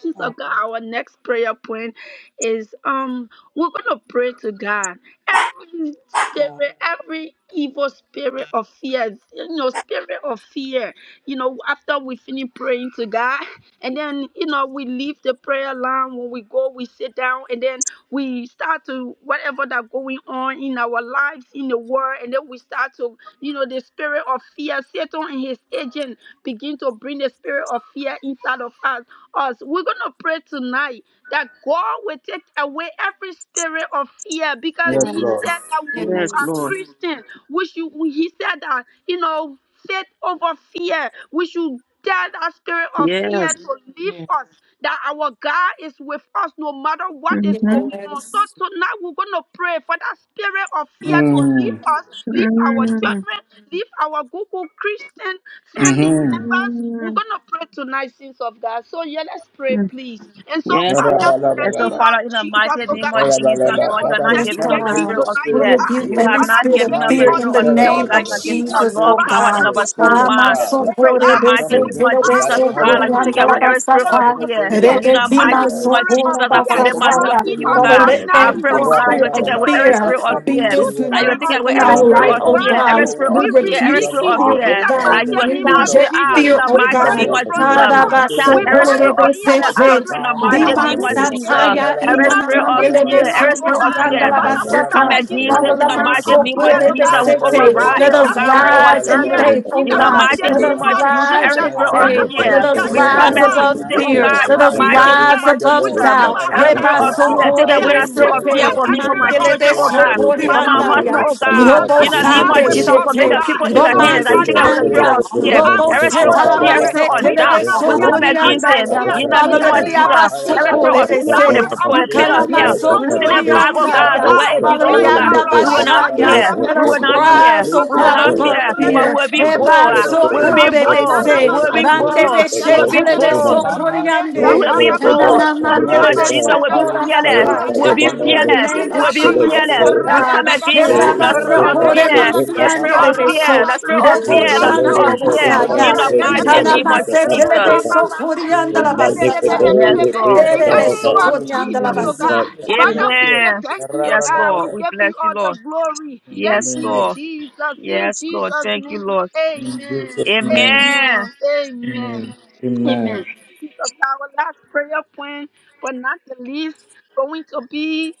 B: Jesus, oh
D: God.
B: God, our next prayer point is um we're gonna pray to God. Every
D: God.
B: spirit, every evil spirit of fear, you know, spirit of fear. You know, after we finish praying to God, and then you know we leave the prayer line when we go, we sit down, and then we start to whatever that going on in our lives in the world and then we start to you know the spirit of fear satan and his agent begin to bring the spirit of fear inside of us us we're gonna pray tonight that god will take away every spirit of fear because
A: Yes,
B: he said
A: Lord.
B: that when we
F: Yes,
B: are
F: Lord.
B: christian we should we- he said that you know faith over fear we should tell that spirit of fear
F: Yes.
B: to leave
D: Yeah.
B: us that our God is with us no matter what is
F: Mm-hmm.
B: going on. So
C: Yes.
B: tonight we're going to pray for that spirit of fear to leave
A: Mm.
B: us, leave our
F: Mm-hmm.
B: children, leave our Google Christian family
A: Mm-hmm.
B: members. We're going to pray tonight, sins of God. So yeah, let's pray,
F: Mm-hmm.
B: please. And so,
F: Yes,
B: Father,
F: Lord.
B: in
F: And
B: the
F: so,
A: Rabalaba.
B: name of
F: Father, in the
B: Jesus,
F: mighty
B: oh
F: name
B: God,
F: of Jesus,
B: we just
A: rabba
F: Lord,
B: want
F: you are
A: Father,
B: to
F: not
A: we
B: tell
C: Yes,
B: you
F: giving
A: come
F: up
B: thank
F: the
B: you
A: against
F: spirit
A: the
C: God.
F: of
B: tonight,
A: spirit
B: oh
C: We
F: fear.
A: of
B: God.
C: rebuke
F: You have
A: fear.
C: every
B: Father,
F: not
B: we
C: spirit of
F: given
B: give
F: up
B: you
F: the
C: fear
A: Mando,
B: all
C: in
F: spirit
B: the
C: the
F: of fear, oh
C: name
B: glory,
F: God.
C: of
F: You are
A: sarabba
F: giving
B: Jesus.
F: us
C: Jesus,
F: Lord
A: Spirit
C: oh
A: of
B: Father,
F: power and
C: God.
F: of
A: fear,
F: a
D: Get
B: God, as
D: your
A: spirit
B: we
F: sound
D: root
A: of
B: begin
F: mind.
B: to
A: doubt.
F: We
B: pray,
F: pray
B: oh
F: in the
A: We
B: God.
F: mighty
A: come
F: name
B: Father
F: of
A: against it
B: God,
F: Jesus,
A: by
B: we
A: the
F: oh
B: come
F: God,
A: power
F: like
A: of
F: you
A: the
F: take
B: against
A: Holy
F: away
B: every
F: every
A: Ghost.
F: spirit
B: spirit
F: of
C: Ramasokorebesotelebesokoriandalabasata,
B: of
F: fear.
A: Anything
B: fear,
A: that
F: In the
A: will
B: every
F: mighty
A: sway us
F: name of
B: spirit of
F: Jesus, I
A: and
B: fear.
A: cause
F: commit
A: us not
F: myself
A: to
C: rebekimasokorabasataya.
F: to
B: Proceed
F: you, oh
D: walk
B: us
C: Father,
F: God.
B: right
A: believe.
C: let
B: now
F: I
D: out of
B: in
F: pray,
B: the
C: every
D: your
F: oh God,
B: mighty
F: that you
C: spirit
F: take
C: of
B: name
F: away
B: of
F: every
A: Rabba-dabba-dabba.
C: fear
F: spirit of
B: Jesus.
C: be
B: You
F: fear. That you
B: spirit
F: take
B: of
C: dismantled
F: away
C: in
B: fear,
F: every
C: our
F: spirit
C: life,
F: of
B: we
C: oh
F: fear,
B: bind
A: For
F: every
C: God.
B: you,
A: your
F: spirit
C: We
A: word
B: we
F: of fear,
A: says
F: every
C: rebuke
A: you
B: rebuke
A: have
F: spirit
A: not
F: of
B: you
D: heart,
C: fear,
F: fear.
B: in
C: oh
A: given
B: the
A: us
F: That
C: God.
F: you
A: the
B: mighty
F: will
C: We
B: name
A: spirit
F: cast
B: of
F: it
A: of
C: reject
F: out
B: Jesus.
F: in
C: fear,
A: fear,
F: the
C: oh
B: We
A: but
F: mighty
D: out of
B: bind
D: your
A: you
C: God.
F: name
B: you
F: of
A: have
B: from
A: given
B: in
F: Jesus.
A: us the
B: us.
A: spirit
B: We
A: of
F: Cast every
B: bind
F: spirit
B: you
A: love
B: from
F: of
B: in
F: fear
B: our
A: and of
F: out in
C: Harabasokorebesete.
B: children,
F: the
A: sound
D: heart.
B: in
F: mighty
B: our
A: mind.
C: Liban
F: name of
D: Lord,
B: Google
F: Jesus.
B: family,
C: Sataya
B: in
A: Pandalaba,
F: Every
D: God.
C: Inana
B: every
F: spirit of
C: Mandele
F: fear,
C: de
B: Christian
A: Papayabalaba,
F: every
B: life,
D: And
B: oh
F: spirit
D: I'm
F: of
B: God.
C: Sukurianda la
F: fear,
B: Father,
F: we
B: we
A: Rapandalabra,
F: come
B: come
C: Basata.
B: against
F: against it
C: Father
B: every
F: in
C: the
F: the
A: Papayabalaba,
B: spirit
F: mighty
B: of
G: Thank you.
F: name of
B: fear,
C: Masokore
B: oh
C: de
F: Jesus.
B: God.
F: We
D: in
B: We
D: the
C: Sete.
G: Thank
D: mind,
F: override
C: Let
B: rebuke
A: Nantalabalabalaba,
F: it, oh
C: us
B: that
D: Lord,
F: God, we
D: out of
B: spirit of
C: rise
F: overturn
A: Papayabalaba,
C: in
B: fear
D: our heart.
F: it
C: faith,
B: in
C: oh
F: in
B: the
F: the
D: You
C: God.
B: mighty
F: mighty
C: Let
D: say,
F: name
B: name
C: us
F: of
B: of
A: Rababantalabra,
F: Jesus.
C: rise
F: Every
B: Jesus.
C: in
D: Father,
F: spirit
A: Papayaba,
F: of
B: Father,
C: faith.
B: for
F: fear,
B: you
C: Let
D: that
C: us
B: said
F: we
D: we
B: in your
D: have,
F: come
C: rise
A: Yentalabalaba,
F: against
B: word,
C: above
F: it,
B: we
F: oh
C: fear.
B: should
F: God, in
A: Nantara,
C: Let
B: never
F: the
C: us
B: be
F: mighty
A: Epadu,
F: name
C: rise
F: of
B: afraid.
A: Debe,
B: We
C: above
D: Lord,
B: should
F: Jesus.
B: never
C: doubt.
D: that
B: have
F: Every
D: we
B: that
F: spirit
C: Heba
A: Ranta,
D: do
F: of
B: spirit
D: our
F: fear,
B: of
F: take
C: Sokore
F: away
B: fear.
A: Rabandu,
C: de
F: that
D: you
B: We
F: spirit of
B: should
F: fear
A: Epa,
D: create
C: Sete.
B: have
F: for
B: that
F: me, for
A: to
B: spirit
F: my
B: of
A: come
C: Mandele
F: children, oh
A: against
D: our
A: the
B: boldness.
F: God,
D: fifty,
A: spirit
F: for
A: of
B: Father,
F: my
C: de
B: we
A: fear.
F: husband,
C: Rabosaya,
B: pray,
F: oh God,
A: Come
B: Jesus, that
F: in
D: Lord.
F: the
B: you
A: against the
F: name
B: are
F: of
C: Robosande
B: with
D: Hallelujah.
A: spirit
F: Jesus,
A: of
B: us,
F: for
D: Jesus.
F: many
B: oh
C: Shete,
A: fear.
B: God.
F: people in your
B: So
D: Glory
A: Come
F: hands,
B: we
F: that you
B: are
C: Romansi
D: to
A: against
F: take
A: the
B: not
F: away the spirit
A: spirit
D: God.
A: of
C: Anda,
F: of
B: fear. You
A: fear.
F: fear,
D: Hallelujah.
B: are with
F: every
D: God.
F: spirit
B: our
F: of fear,
D: They
A: Rabababa,
F: every
B: children.
F: spirit
C: Robosetalamante,
D: take
F: of
B: We
A: talaba,
F: doubt
B: are not
F: will
A: tapa,
B: fear.
F: come
B: They are
F: against
B: not
F: them
C: Telebesokorianda,
B: fear.
F: in the
B: In
C: Father,
F: name
B: the
C: let
F: of
C: it
A: rabalabalaba,
C: be
B: name of
F: Jesus. Every
B: Jesus,
F: spirit
A: tapayabalaba.
C: Abasokore,
F: of
B: you
C: they
F: fear
B: are
F: for the,
C: say,
B: with
A: Come
F: for
B: our
F: the
A: against
F: pit
A: the
F: of
B: family.
F: hell,
A: spirit
B: So
A: of
F: we
B: we
F: send
A: fear.
B: are
F: it
D: the heart
B: not
F: back, oh
B: fear, oh
F: God, to
C: Ikanamasokorianda,
F: where
B: God.
F: it
C: Father,
A: Rabatalaba,
F: belongs,
B: Eh,
F: oh God.
C: Lianda
F: We will
D: God,
F: not
B: Karabasha, Rabba
C: Bashaya,
D: Father,
A: rabalabalaba.
F: fear.
C: let
F: We
C: us
F: will
A: We
F: not fear.
C: rise,
A: replace
C: O
F: We
A: the
F: will
C: God,
F: not
A: spirit of
F: fear,
C: above
G: you.
D: hallelujah.
A: fear
F: but we
C: fear,
F: will be
A: with the
G: It
F: bold.
G: is
A: spirit of
F: We will
G: It
A: faith,
F: be
C: Ebasokore,
G: is
C: they
A: with the
F: bold.
C: say,
F: We
A: spirit
F: will be
A: of belief,
C: Rande
F: bold.
G: the
D: Your
F: We
A: with
C: beshe
F: will
A: the
G: voice
F: be
D: power,
G: of
A: spirit
C: telebe
G: the
A: of
F: bold.
G: mother
A: someone,
G: God.
A: with
F: We
A: the
G: It
C: sokoriande.
F: will
D: power,
F: be
A: spirit
G: is
A: of
D: God.
F: bold.
A: love,
F: In the name
A: not
F: of
A: the
C: Nananamandelebe
F: Jesus, we will be fearless.
A: Alusada.
F: We
G: the
F: will
C: sokorabasaya.
F: be
A: And
C: In
G: man
A: let
D: Wonderful,
C: the
G: with
F: fearless.
D: God.
C: name
G: that
F: We
A: spirit
C: of
A: of
F: will be
A: fear
G: Shalima
A: not
C: Jesus,
D: Your
F: fearless.
C: oh
A: consume
F: We
G: form.
F: will come
C: God.
A: us.
G: It
F: against the
G: is the
F: spirit
G: great
D: Hallelujah,
F: of
G: that
D: God.
C: Herabasokore
A: Nakalabalaga.
F: fear,
G: form
D: Glory
G: with
A: We
F: the
G: my
D: to
A: come
D: your
F: spirit
D: name,
G: God.
F: of
C: masiandelebe
A: against
F: fear,
A: every
C: so.
B: Karababa,
F: the spirit
A: spirit of
F: of
G: It is
C: Robo
F: fear,
A: fear.
G: the
F: the spirit
A: We
D: Jesus.
F: of
G: Lord
D: Hallelujah,
C: chandelebo
B: Rashakata,
A: rebuke
F: fear.
A: every
D: God.
C: saya.
F: In
G: Shavuman
A: spirit
F: the
A: of
G: in
F: mighty
A: fear
G: one of
F: name
B: Rakadabadaba,
F: of
A: by
G: the
A: the
C: Ikanamase
A: power of
F: Jesus.
A: the
C: telebe
A: Holy
G: Ashtaman.
B: Rebababa,
A: Ghost. We
G: In
A: rebuke every
G: Monday for
A: spirit
C: sokoriandalabasata.
A: of
G: all
F: Yes,
B: Rebedebedebedebe.
A: fear
G: it
F: Lord.
A: by
D: Hallelujah,
G: is
A: the
B: In
D: God.
B: the
C: Herebe
D: Thank
A: power
D: you,
A: of the
B: name
G: Shavuman.
A: Holy
D: Father,
B: of
A: Ghost. We
B: Jesus,
G: It
F: Mm.
B: oh
G: is
A: rebuke
C: sokoriandalabaso.
B: God.
G: that
A: every
D: I
B: Father,
A: spirit
G: Shavuman.
D: am
A: of
B: we say
A: fear.
F: Amen.
B: thank you, oh
F: Yes,
B: God. We
F: Lord.
A: Rabalabala.
F: We
B: give
F: bless
B: you all
F: you, Lord.
B: the glory.
A: In
B: Thank
A: the
F: Yes,
B: you,
A: name of
F: Lord.
B: Jesus. In
F: Yes, Lord.
B: Jesus'
F: Thank you,
B: name,
F: Lord.
A: in
B: amen.
A: Jesus' name.
F: Amen.
B: Amen. Amen.
A: Amen. Amen.
B: Amen. Jesus, our last prayer point, but not the least, going to be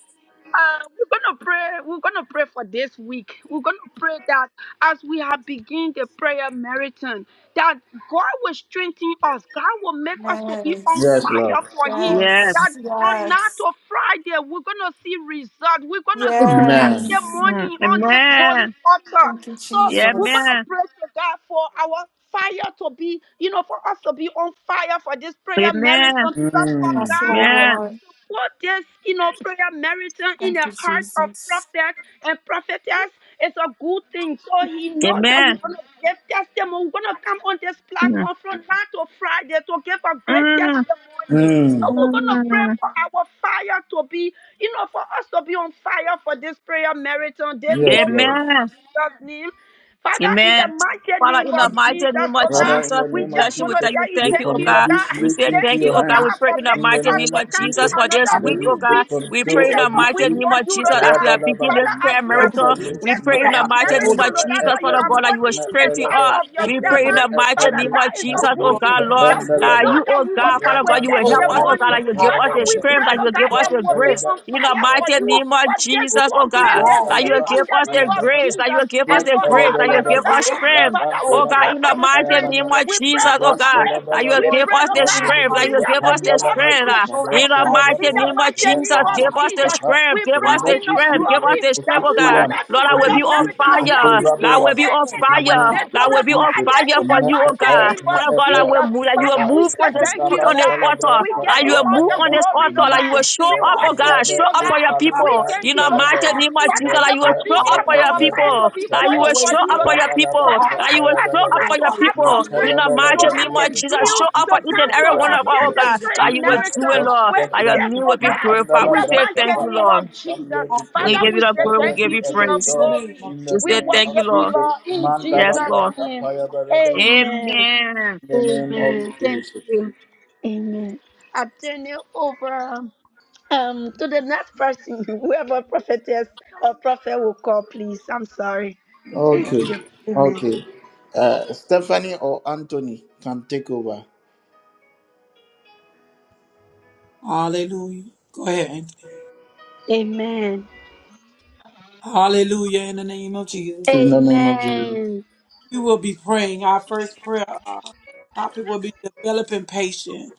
B: uh, we're gonna pray. We're gonna pray for this week. We're gonna pray that as we have begin the prayer marathon, that God will strengthen us. God will make us to be on
C: Yes,
A: Yes, Lord.
B: fire for Him.
F: Yes.
B: That
C: yes,
B: from now
C: yes,
B: to Friday, we're gonna see results. We're gonna see
A: Amen.
C: yes.
B: testimony
F: Mm.
B: on this holy
F: Amen.
B: altar.
C: Thank you,
B: So
F: Yeah,
B: we're
C: Jesus.
B: gonna
F: Amen.
B: pray to God for our fire to be, you know, for us to be on fire for this prayer
F: Amen.
B: marathon. Because for
A: Mm.
C: Yes,
B: God
F: Amen.
C: Lord.
B: put this, you know, prayer meriton in
C: Thank
B: the
C: you,
B: heart of
C: Jesus.
B: prophets and prophetess It's a good thing. So he knows that
F: Amen.
B: we're gonna give testimony. We're gonna come on this
F: Mm.
B: platform from now to Friday to give a great
F: Mm.
B: testimony. So
A: Mm.
B: we're gonna pray
F: Mm.
B: for our fire to be, you know, for us to be on fire for this prayer meriton this
A: Yes,
B: whole
A: Lord.
F: Amen.
B: Jesus' name. Father, in the
F: Amen.
B: mighty
F: Father,
B: name
F: in the
B: of
F: mighty
B: Jesus,
F: name of
B: oh God,
A: Father, in
F: Jesus,
A: the
F: we
B: we
A: name of
B: just
F: bless you.
B: want
F: We
B: to
A: Jesus,
F: thank you.
B: tell you
A: we
F: Thank you,
B: thank
D: responsible.
F: oh
B: you,
A: commit
B: oh
F: God.
A: this
B: God.
F: We
A: week
F: say
A: into
B: Thank
F: thank
B: you,
F: you,
A: your
F: oh
B: oh
F: God. We
B: God,
A: hands.
F: pray
B: for
F: in the
A: In
B: making
A: the
F: mighty
B: us
F: name
A: name
B: to
A: of
F: of
B: come in
F: Jesus
A: Jesus,
G: In
F: for this
G: the
D: I'm
B: another
G: name
A: that
G: of
F: week,
A: you
F: oh
B: new
G: Jesus,
F: God.
A: take
B: week,
F: We pray
A: control
F: in
D: responsible.
F: the
A: of
B: beautiful
A: this
F: mighty
B: week
G: we
A: week.
F: name
B: for
F: of
B: you,
F: Jesus
B: oh
F: as we
B: God.
F: are beginning
A: Rabalaba,
F: this
B: Father, as
F: prayer
B: we have
D: Every single
F: marathon.
B: begun
A: Natatalus,
F: We
B: this
F: pray
D: thing,
F: in
D: God,
B: prayer
F: the mighty
A: Maanta,
G: are
F: name
D: holy
G: going
F: of
B: marathon, oh
G: to
B: God,
G: have
F: Jesus,
B: that you
G: a
F: Father
B: have
G: moment
D: God.
F: God,
A: Raetalus,
F: that you
B: put
F: will
B: in the
F: strengthen
A: Natalaba,
B: life
F: us.
B: of your
D: Every
F: We
D: single
F: pray
D: thing,
F: in
B: servant,
F: the mighty
B: Father,
F: name
D: God,
A: Raetalus,
B: that
F: of
B: is a
D: great
F: Jesus, oh
B: good
G: of
D: God.
A: Natalus,
B: thing
F: God,
G: Shavuman.
F: Lord,
B: that we
F: that
B: know
F: you,
A: Pandalaba,
B: that
F: oh
B: we will
F: God,
B: come
F: Father
B: with
F: God, you will
D: Oh,
F: help
G: It
F: us,
G: is
D: God,
A: Rabantalaba,
F: oh God,
B: testimony.
F: that you
D: I
F: give us
B: Father,
F: the
B: we
A: Rabalaba,
G: the
F: strength,
B: pray,
D: pay,
F: that
B: oh
F: you
A: Rabalaba,
F: give
B: God,
F: us
B: that
A: Ram
F: the
B: we will be
F: grace.
B: be on
F: In the
B: fire for
F: mighty
A: Talaba,
D: I
B: you
F: name of
B: for this
D: pray,
F: Jesus,
D: God,
F: oh
D: the
A: let
B: program
F: God.
A: this
B: this
D: wall.
A: week
F: That you will
B: week in
F: give
B: the
F: us
D: God.
B: name
F: the
B: of
F: grace. That you
B: Jesus
F: will give
B: and
F: us the
D: Hallelujah.
F: grace. That you
B: forever,
F: will
B: oh
F: give us
D: Wherever
B: God.
D: you
F: strength.
B: Father, we
F: Oh
D: go,
F: God,
B: pray
F: in
B: for
F: the
B: the
F: mighty
B: strength.
F: name of
B: We pray
F: Jesus,
B: for
F: oh
D: God,
F: God,
B: grace.
F: that you will
B: We
D: pray,
F: give
B: pray,
F: us
B: oh
F: the
D: get on
B: God.
F: strength, that you
D: fire
B: We
F: will
D: with you,
B: come
F: give us the
B: against
D: God.
B: every
F: strength. ah.
D: Restore
F: in
D: the
F: the
B: distraction
D: altar,
B: in
F: mighty
B: the
D: Lord.
F: name of
B: mighty
D: God,
F: Jesus,
B: name
D: God,
B: of
F: give
D: out
F: us the
B: Jesus. We
F: strength,
D: the
F: give
B: pray,
F: us
D: fire,
F: the
B: King of
F: strength,
D: Lord,
F: give
A: be
B: Glory,
F: us the
A: a
F: strength,
B: that we
F: oh
A: fruitful
B: will
D: God.
F: God.
A: one.
B: start to
F: Lord, I
A: Let
B: see
F: will
D: fire,
F: be
A: this
B: America
F: on
A: week be
B: as
D: fire,
A: a
B: we
D: fire.
B: are
F: fire. Lord,
A: favorable
F: I
B: begin
D: Fall
F: will
A: one.
D: on
F: be
D: us,
B: and
F: on
A: In
D: Heavenly
B: end it
A: the
B: with
F: fire.
A: name
D: Father,
F: Lord, I
A: of
B: victory
F: will
D: Lord
F: be
D: God.
F: on
A: Jesus,
B: Friday
F: fire
B: in
D: Restore,
F: for
B: the
D: Heavenly
F: you,
A: Me'ete,
F: oh
B: mighty
D: Father,
F: God.
B: name
D: Lord
B: of
F: Father
A: Me'ete,
F: God, I will
B: Jesus.
F: move. That you will
B: Father,
A: Shaba,
B: we
F: move
B: say
F: on
D: Give
F: this
D: us
B: thank you,
A: Rabba
F: on
B: Lord
D: blaze,
F: this
B: God.
A: Talabra,
D: Lord
F: altar.
B: We
D: God,
F: That
D: right
B: give
F: you
D: now.
B: you
F: will
B: all
F: move
B: the
F: on
A: Tapayabalaba,
F: this
B: glory,
F: altar.
B: Lord
F: That you
B: God.
F: will
D: Blaze
F: show
B: We
A: Me'ete,
F: up,
D: our
F: oh
D: soul,
B: worship
F: God.
B: you,
A: Rabbe,
F: Show
B: Lord
F: up
D: Lord
F: for
B: God.
F: your
D: God,
B: We
F: people.
D: as
A: Upalubra,
B: thank
F: In
D: a desire for
F: the
D: you,
B: you, Lord
F: mighty
B: God.
A: Telebe,
D: Father,
F: name of
D: Lord
F: Jesus,
B: Father,
F: that
D: God.
F: you
B: never
A: Me'ete,
F: will
B: be
F: show up
B: there
F: for
B: for
F: your
B: our
D: Hallelujah,
A: Re'ete,
B: fire
A: Lu,
B: to
F: people.
B: be
D: Jesus. Have
F: That you will
A: Shaba,
D: your
B: quenched for
F: show
D: way,
B: you,
F: up
D: Lord
B: Lord
F: for your
A: Rabba
B: God.
A: Laba,
F: people.
B: Father,
D: God.
F: That you
B: help
F: will
B: us,
F: show
B: Lord
F: up
B: God,
F: for
D: Hallelujah,
B: to
D: Lord
F: your
D: God. Let
B: have the
A: let
D: our
F: people.
D: work
F: In the
B: strength
D: that
B: to
F: mighty name
B: have
D: we
F: of
B: the
D: do,
A: the
F: Jesus,
A: faith
B: zeal
D: God,
F: show
A: be
F: up
B: to
A: a
F: for
D: be
F: each
B: come
F: and
D: a
A: fruitful
B: to
F: every
A: one.
F: one of us,
D: fire
B: attend
F: oh
G: that
A: Let
B: this
F: God.
D: blaze and
B: prayer
F: That
A: it
F: you
A: be
F: will
D: prayer,
F: do
A: a
F: it,
B: marathon.
D: Father,
F: Lord.
D: Lord
B: We're
A: prosperous
F: That your
A: one.
B: saved,
G: to
F: name
B: oh
F: will be
B: God,
F: glorified.
B: in
G: Thank
A: Maandala
G: you.
F: We
B: the
D: God.
F: say thank
B: mighty
F: you,
D: Father,
A: Brakapa
B: name
D: Lord
F: Lord.
B: of
A: Africa, come here
B: Jesus.
A: to
D: God.
G: will
A: pray.
F: We
B: Father,
F: give
G: take
F: you
B: we
G: the
F: the
B: say
A: Let
F: glory.
G: direction
F: We
A: there
B: thank
F: give
A: be
B: you,
F: you
A: a
B: King of
D: In
F: praise.
D: the
A: result
D: name
B: glory.
D: of
A: in
D: Jesus.
F: We
A: the
B: We
F: say
A: name
F: thank
A: of
F: you,
B: worship you,
F: Lord.
A: Jesus.
B: Lord.
F: Yes,
A: Mandala
F: Lord.
A: Brakapa Yabaraba,
F: Amen.
A: in the name of Jesus. Okay, okay. Uh, Stephanie or Anthony can take over
D: Hallelujah. Go ahead, Anthony. Hallelujah. In the name of Jesus.
A: in the name of Jesus.
D: We will be praying. Our first prayer uh, topic will be developing patience.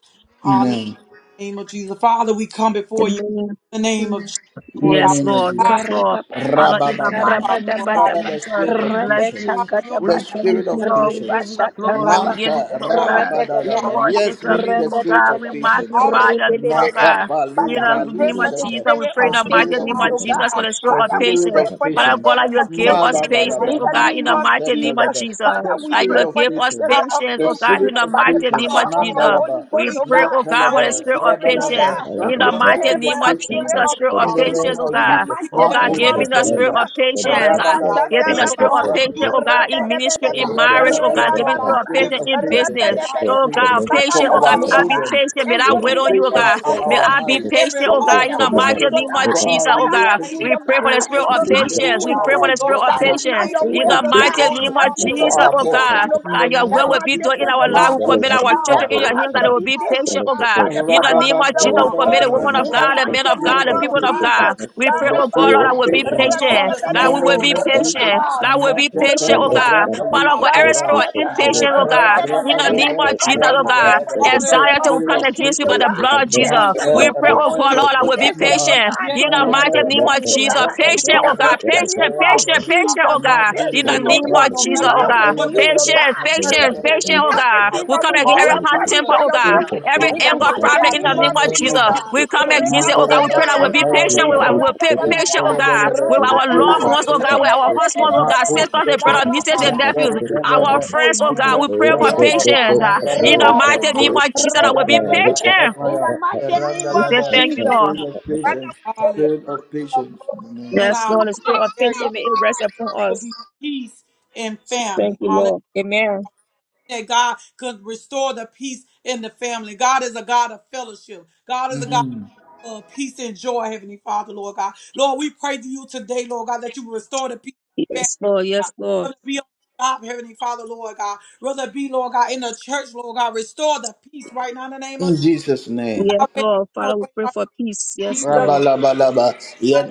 A: Amen.
D: name of Jesus. Father, we come before you
F: Amen.
D: in the name of Jesus,
A: In
D: Lord
A: the
D: God.
F: Yes,
A: name of
F: Lord.
D: We
A: Jesus.
F: Yes,
D: rise,
B: Father, we
F: Lord.
B: pray for
F: Father, in the
A: Rabababa.
F: mighty
D: Father,
F: name
D: Lord
F: of
D: God, and
A: Father, the
D: get
F: Jesus,
D: us,
A: spirit of
F: we bless
A: patience.
F: you.
D: Father, your
F: We
A: The
F: thank
A: spirit
F: you,
A: of
F: Lord. We give you
A: patience.
F: the glory.
D: body,
F: We give you
A: Manta
F: the Lord
D: Lord God,
F: God. We
D: we give our
A: rabadadaba.
F: worship
D: life,
A: Yes, we
F: your
A: need the
F: name,
D: Father.
F: oh
A: spirit
F: God.
A: of
F: We
G: of
D: All
A: patience.
D: your
F: magnify your
G: the
F: name, oh
D: desires,
G: public.
F: God. In
A: Makapalu
F: the name
G: They
F: of
B: the
D: Father,
A: ralusete.
F: Jesus, we
D: Lord
B: spirit
F: pray
A: The
F: in
B: of
D: God.
F: the
G: the one
F: mighty
A: spirit of
G: who
F: name
B: patience,
G: look
D: All
F: of
B: oh
G: at
D: that
G: them
B: God.
A: patience.
F: Jesus for
D: are
G: with
F: the spirit
D: not
G: such
A: The
F: of
G: a
B: Father, we
A: spirit
B: pray
F: patience.
A: of
G: attack
B: for
G: with
B: the
F: Father
G: that
F: God,
A: patience.
F: that
B: spirit
F: you
D: holy
F: will
B: of
D: of the
F: give
D: Holy
F: us
G: open
B: patience
G: the
D: Spirit, right now,
G: book.
F: patience,
B: in
A: Malabadaba.
F: oh
B: the
F: God, in
B: name
F: the
B: of
F: mighty name
D: Lord
F: of
D: God.
B: Jesus.
A: Makusetelebe.
D: Who
F: Jesus.
B: Father,
A: The
B: we
F: That
D: proceed,
F: you
B: pray
A: spirit
F: will
D: Lord
A: of
B: for
F: give
B: the
F: us
A: patience.
B: spirit
D: God,
B: of
F: patience,
A: The
F: oh
D: from
F: God,
B: patience
A: spirit
F: in
D: God,
F: the
A: of
B: by the
F: mighty
D: who is
A: patience.
F: name of
D: love,
B: power of the
D: Lord,
F: Jesus.
D: peace,
B: Holy
A: Mandalaba.
B: Ghost,
F: We
D: patience,
B: oh
F: pray, oh
B: God.
F: God, for
A: Yakalaba,
F: the
B: Holy
F: spirit of
B: Spirit
G: They
D: kindness,
B: of
G: cut
A: Rabalaba,
F: patience.
B: God,
G: out
F: In
A: grant
F: the
B: we
G: of
D: Build
G: this.
A: unto
F: mighty
B: pray
A: us the
B: for
F: name
D: yourself
F: of
B: that
G: They
D: up,
B: spirit
A: patience
G: are
F: Jesus,
B: of
F: spirit
G: spread
A: in
F: of
G: it
D: Father,
A: the
D: Lord
B: patience
A: name
G: before.
F: patience, oh
D: God.
A: of
B: in the
F: God.
A: Jesus.
D: We
F: Oh
B: mighty
D: there,
F: God,
A: Marco
B: name
G: And
D: no
F: give
G: they
F: me
D: Lord
B: of
F: the
D: God,
G: run
F: spirit
D: we,
A: Shakalaba,
F: of
B: Jesus.
G: this for the
D: Father,
F: patience. Ah,
D: Lord
B: Reba
G: necklace.
D: God.
F: give
B: shaka
F: me
G: For
D: We
F: the
A: Rabalabalaba,
G: the
B: raba
F: spirit
G: book
F: of
D: belong
B: ba.
D: to
G: the
F: patience,
D: you,
G: book.
F: oh God,
B: Rebe
F: in
D: Christ,
A: Shapamiribriapa,
B: de be
F: ministry,
B: de
G: For
D: Lord
B: be.
F: in
D: God.
G: the
F: marriage,
D: We
F: oh
D: seek,
F: God.
B: Reba
F: Give
G: the
A: Rabalabalaba,
F: me
D: Lord
B: ba
F: the
G: book.
A: the
D: God,
F: spirit
G: And
B: ba
D: to
F: of
G: they
B: ba.
D: live
A: spirit
F: patience
A: of
G: cut
F: in
G: out
B: Rebe
A: patience
G: the
B: de
F: business.
D: by
B: be
D: the
B: de
G: book
F: Oh
B: be.
A: in-
G: for
D: Spirit.
F: God,
G: the
A: in-
G: book.
B: Father,
A: for
D: We
F: patient, oh
B: help
F: God.
A: our
F: May
B: me,
D: follow the
F: I
G: Everything.
B: Lord
F: be
D: Holy
B: God,
A: children,
F: patient.
D: Spirit
F: May
B: and
F: I
A: spirit
B: give
A: of
D: leading
F: wait
B: me
G: They
F: on
D: us,
G: cut
B: the
F: you, oh
G: out
F: God.
B: spirit
D: Father,
A: patience for
B: of
D: Lord
F: May
D: God,
A: our
G: the
F: I be
D: in
A: marriage,
B: patience
G: book
F: patient,
D: every
B: to
F: oh
A: spirit
D: part
G: for
B: wait
A: of
F: God,
D: of
F: in the
D: our
G: the
B: upon
D: life,
G: book.
F: mighty
B: you,
A: patience
B: Lord
F: name
D: Lord
F: of
D: God.
A: for
B: God.
G: Everything.
A: our
F: Jesus,
D: Give
F: oh
B: Father,
D: us
F: God.
B: help
D: patience
B: me,
A: relationships,
F: We
B: Lord
F: pray for
D: in
F: the
A: spirit
B: God,
D: the name
A: of
F: spirit
D: of
F: of
D: Jesus,
B: to not
G: Jesus.
A: patience
D: Lord
F: patience.
A: for
F: We
B: do
D: God.
F: pray for the
A: our
B: things
D: Lord
F: spirit of
B: that
D: God,
G: They
D: I
B: is
A: workplace,
B: not
F: patience.
D: thank
B: your
A: spirit
F: In
G: the
D: you
A: of
F: the
B: will,
D: for
B: Lord
D: the
G: book.
F: mighty
B: God.
A: patience
D: rolling
F: name
G: So
F: of
B: Help
A: even
B: me
D: that
B: to
A: for
F: Jesus,
B: be
A: our
D: whenever,
F: oh
A: boss.
D: Lord
G: that's
F: God.
D: God,
B: patient, oh
A: In
F: God,
B: God.
A: the
D: we
F: your
G: the
A: name
B: Help
F: will will
D: develop
A: of
B: my
F: be done in
D: we
A: Jesus,
B: children to
F: our
B: be
G: It's
F: life. We
D: encounter
A: Mambo
G: really
F: commit
B: patient.
F: our
D: trials,
F: children
B: Help
F: in your
D: Lord
G: wonderful
D: God.
B: us
F: hands that
G: and
B: to
F: they
D: So
F: will
B: be
G: I'm
F: be
D: calling to
G: sure
F: patient,
B: patient
G: that
F: oh
D: God
G: it
F: God.
B: by
A: the
D: to
B: the
F: In the
B: power
F: name
B: of
F: of
B: the
D: Lord
F: Jesus, we
G: is
B: Holy
D: God,
G: so
F: commit
G: much
F: the
B: Ghost.
F: women
D: hallelujah,
G: and
F: of
B: In
G: that
B: the
D: Lord
F: God,
D: God.
F: the men
B: mighty
F: of
D: We will
B: name
F: God,
A: spirit
F: the
D: be
A: of
G: is
B: of
F: people
G: the
F: of
D: reminded
A: patience,
B: Jesus.
F: God.
D: Lord,
G: equipment
F: We pray,
D: to
A: the
F: oh
D: rest
F: God,
A: spirit
F: Lord,
A: of
F: I
G: is
B: Sarababa,
F: will be
G: really
D: on
G: not
A: patience,
D: your
G: much
F: patient.
G: to
A: in
F: That
A: the
G: have
F: we
B: rabadabadaba,
D: understanding,
F: will
G: to
D: Lord
A: name
F: be
D: God,
A: of
D: that
G: forget
D: the
A: Jesus,
G: about.
F: patient.
D: trials
F: That we will
B: rebababa,
D: and
F: be
A: Mecca
D: proven
G: It's
D: of
F: patient, oh
D: your
G: really
D: faith,
F: God.
A: Levra
G: some
D: Heavenly
G: of
B: reshakato,
F: Father
G: the
D: Father,
F: God,
B: Father,
F: every
D: Lord
A: Elishkaba,
D: God.
G: things
F: spirit of
G: that is really
D: Hallelujah,
F: impatience, oh
G: not
A: Menta
F: God.
D: right now in
F: In
D: the
F: the
D: name
G: it's
D: of
F: name
A: Rebebe
F: of
G: just
D: Jesus,
G: not
F: Jesus,
D: Lord
F: oh
B: we
G: that
D: God.
B: pray
G: much
F: God.
B: for
G: to
A: Renterebe,
B: the
G: look at.
A: the
B: spirit
D: Hallelujah,
F: Anxiety
B: of
F: will
D: have
A: spirit
D: your
F: come
A: of
D: way,
B: patience,
F: against you
B: oh
F: by the
G: It's
A: patience,
D: Jesus.
B: God.
G: a
F: blood of
G: much
F: Jesus.
G: to
D: Thank
G: have
D: you,
B: Patient to
F: We
A: Maka
D: Lord
F: pray,
B: wait
D: God.
F: oh
B: on
F: God,
B: you.
D: Hallelujah,
G: to
A: Rebe
F: Lord, I
G: forget
D: Jesus.
F: will be
G: about.
B: Patient, oh
A: Bushmaha,
F: patient.
B: God,
D: Yeah,
F: In
B: to
F: the
D: let
B: hear
G: It's
D: us
F: mighty
B: your
G: so
D: see
F: name
A: Mahambalaba,
G: much
F: of
D: them
B: voice,
G: of
D: in
G: that
B: oh
D: the right.
F: Jesus.
G: that's
B: God.
D: Give
B: In
G: something
F: Patient,
D: us
B: the
F: oh
G: that's
A: Rapandalabra,
F: God.
D: faith,
B: mighty
G: really not
F: Patient,
B: name
G: a much
B: of
D: Father,
G: to have
F: patient,
A: Rapayabalaba,
D: Lord God.
F: patient, oh
B: Jesus.
D: Right
F: God.
G: to
F: In
D: now in the
F: the
G: think
B: Patient
D: name of
F: name
B: to
G: about. It's not really not a much to have to think about.
D: Jesus
G: It's
F: of
A: Nandidiapa,
B: walk
D: no
F: Jesus,
B: in
F: oh God.
D: matter
B: line
F: God.
B: with
D: what the
B: you, oh
A: Rapalabalaba,
D: situation
F: Patience,
B: God.
F: patience,
D: circumstances
B: Patient
A: Rapayabalaba,
F: patience,
B: in
D: is,
F: oh God.
B: everything
F: We
B: that
F: come
B: we
F: against
B: do
F: every
D: Father.
F: hot
B: according
A: Rapalaba,
D: Hallelujah,
F: temper,
B: to
F: oh
B: your
F: God.
D: Jesus.
A: spirit
B: will.
A: of
G: not
F: Every
G: really
D: Have
B: In the
D: your
G: not
A: patience
F: anger
D: way,
G: a much
D: Lord
F: problem
B: mighty
D: God.
F: in
A: uh,
F: the
A: in
B: name
D: Build us
A: the
F: name
B: of
F: of
D: up,
A: name of
D: Lord
F: Jesus.
G: to have
B: Jesus.
D: God,
F: We
G: to
A: Jesus.
F: come
G: think
D: where
G: about.
D: we
F: against
D: have
B: Reba
F: it, oh
D: no
F: God. We
D: patience
F: pray
A: Mandalaba,
B: shaka
F: that
D: with
F: we'll
G: Jesus,
D: you,
F: be
D: Father,
F: patient.
D: Lord
F: We
A: Laparabala,
D: God.
F: will
B: raba ba.
F: be
D: Remove
F: patient, oh
D: right now, in the name
F: God.
A: Yentelebelebe,
F: With our
B: Repadaba,
A: spirit
F: loved
A: of
F: ones,
D: of
F: oh
D: Jesus,
F: God. With
A: patience,
F: our
D: Lord
A: uh,
F: husbands, oh God.
D: God,
B: repedebedebedebe,
F: Sisters and
A: Mapusheke,
F: brothers,
D: anything that's
F: nieces
D: not of
F: and
D: you,
B: karabababa,
F: nephews.
D: God.
F: Our
A: Mendelebebe,
D: In
F: friends,
D: your son, Jesus' name.
F: oh
B: rasakata,
F: God.
D: Amen.
F: We pray for
D: Amen.
A: Ubrekelebe,
B: repede,
F: patience. ah. In
A: Mendelebe,
F: the
B: repede,
F: mighty name
A: Ebebe,
D: Hallelujah.
F: of Jesus, that we'll be
A: Rabalaba,
B: repedebedebe.
F: patient.
B: In
A: Kapaya,
B: the mighty name
F: We say
A: Erandalaba,
F: thank you, Lord.
A: spirit
D: Hallelujah.
A: of patience,
B: of the
D: Hallelujah.
A: spirit of
B: King of
A: patience in the
B: Glory.
A: name
D: And
A: of
F: Yes,
D: our
F: Lord. The
A: Jesus.
F: spirit
D: next
F: of
D: area
F: patience may it rest upon
D: will
F: us.
D: be peace and
F: Thank
D: family.
F: you, Lord. Amen.
D: that God could restore the peace in the family. God is a God of fellowship. God is a God
A: Mhm.
D: of peace and joy, Heavenly Father, Lord God. Lord, we pray to you today, Lord God, that you restore the peace in the
F: Yes, Lord.
D: family,
F: Yes,
D: God.
F: Lord.
D: Whether it be on the job, Heavenly Father, Lord God. Whether it be, Lord God, in the church, Lord God, restore the peace right now in the name of
A: In
D: Jesus.
A: Jesus' name.
F: Yes,
D: Yahweh,
F: Lord.
D: your
F: Father, we
D: way
F: pray
D: right
F: for peace. Yes, Lord.
A: Rabalabalaba,
D: now,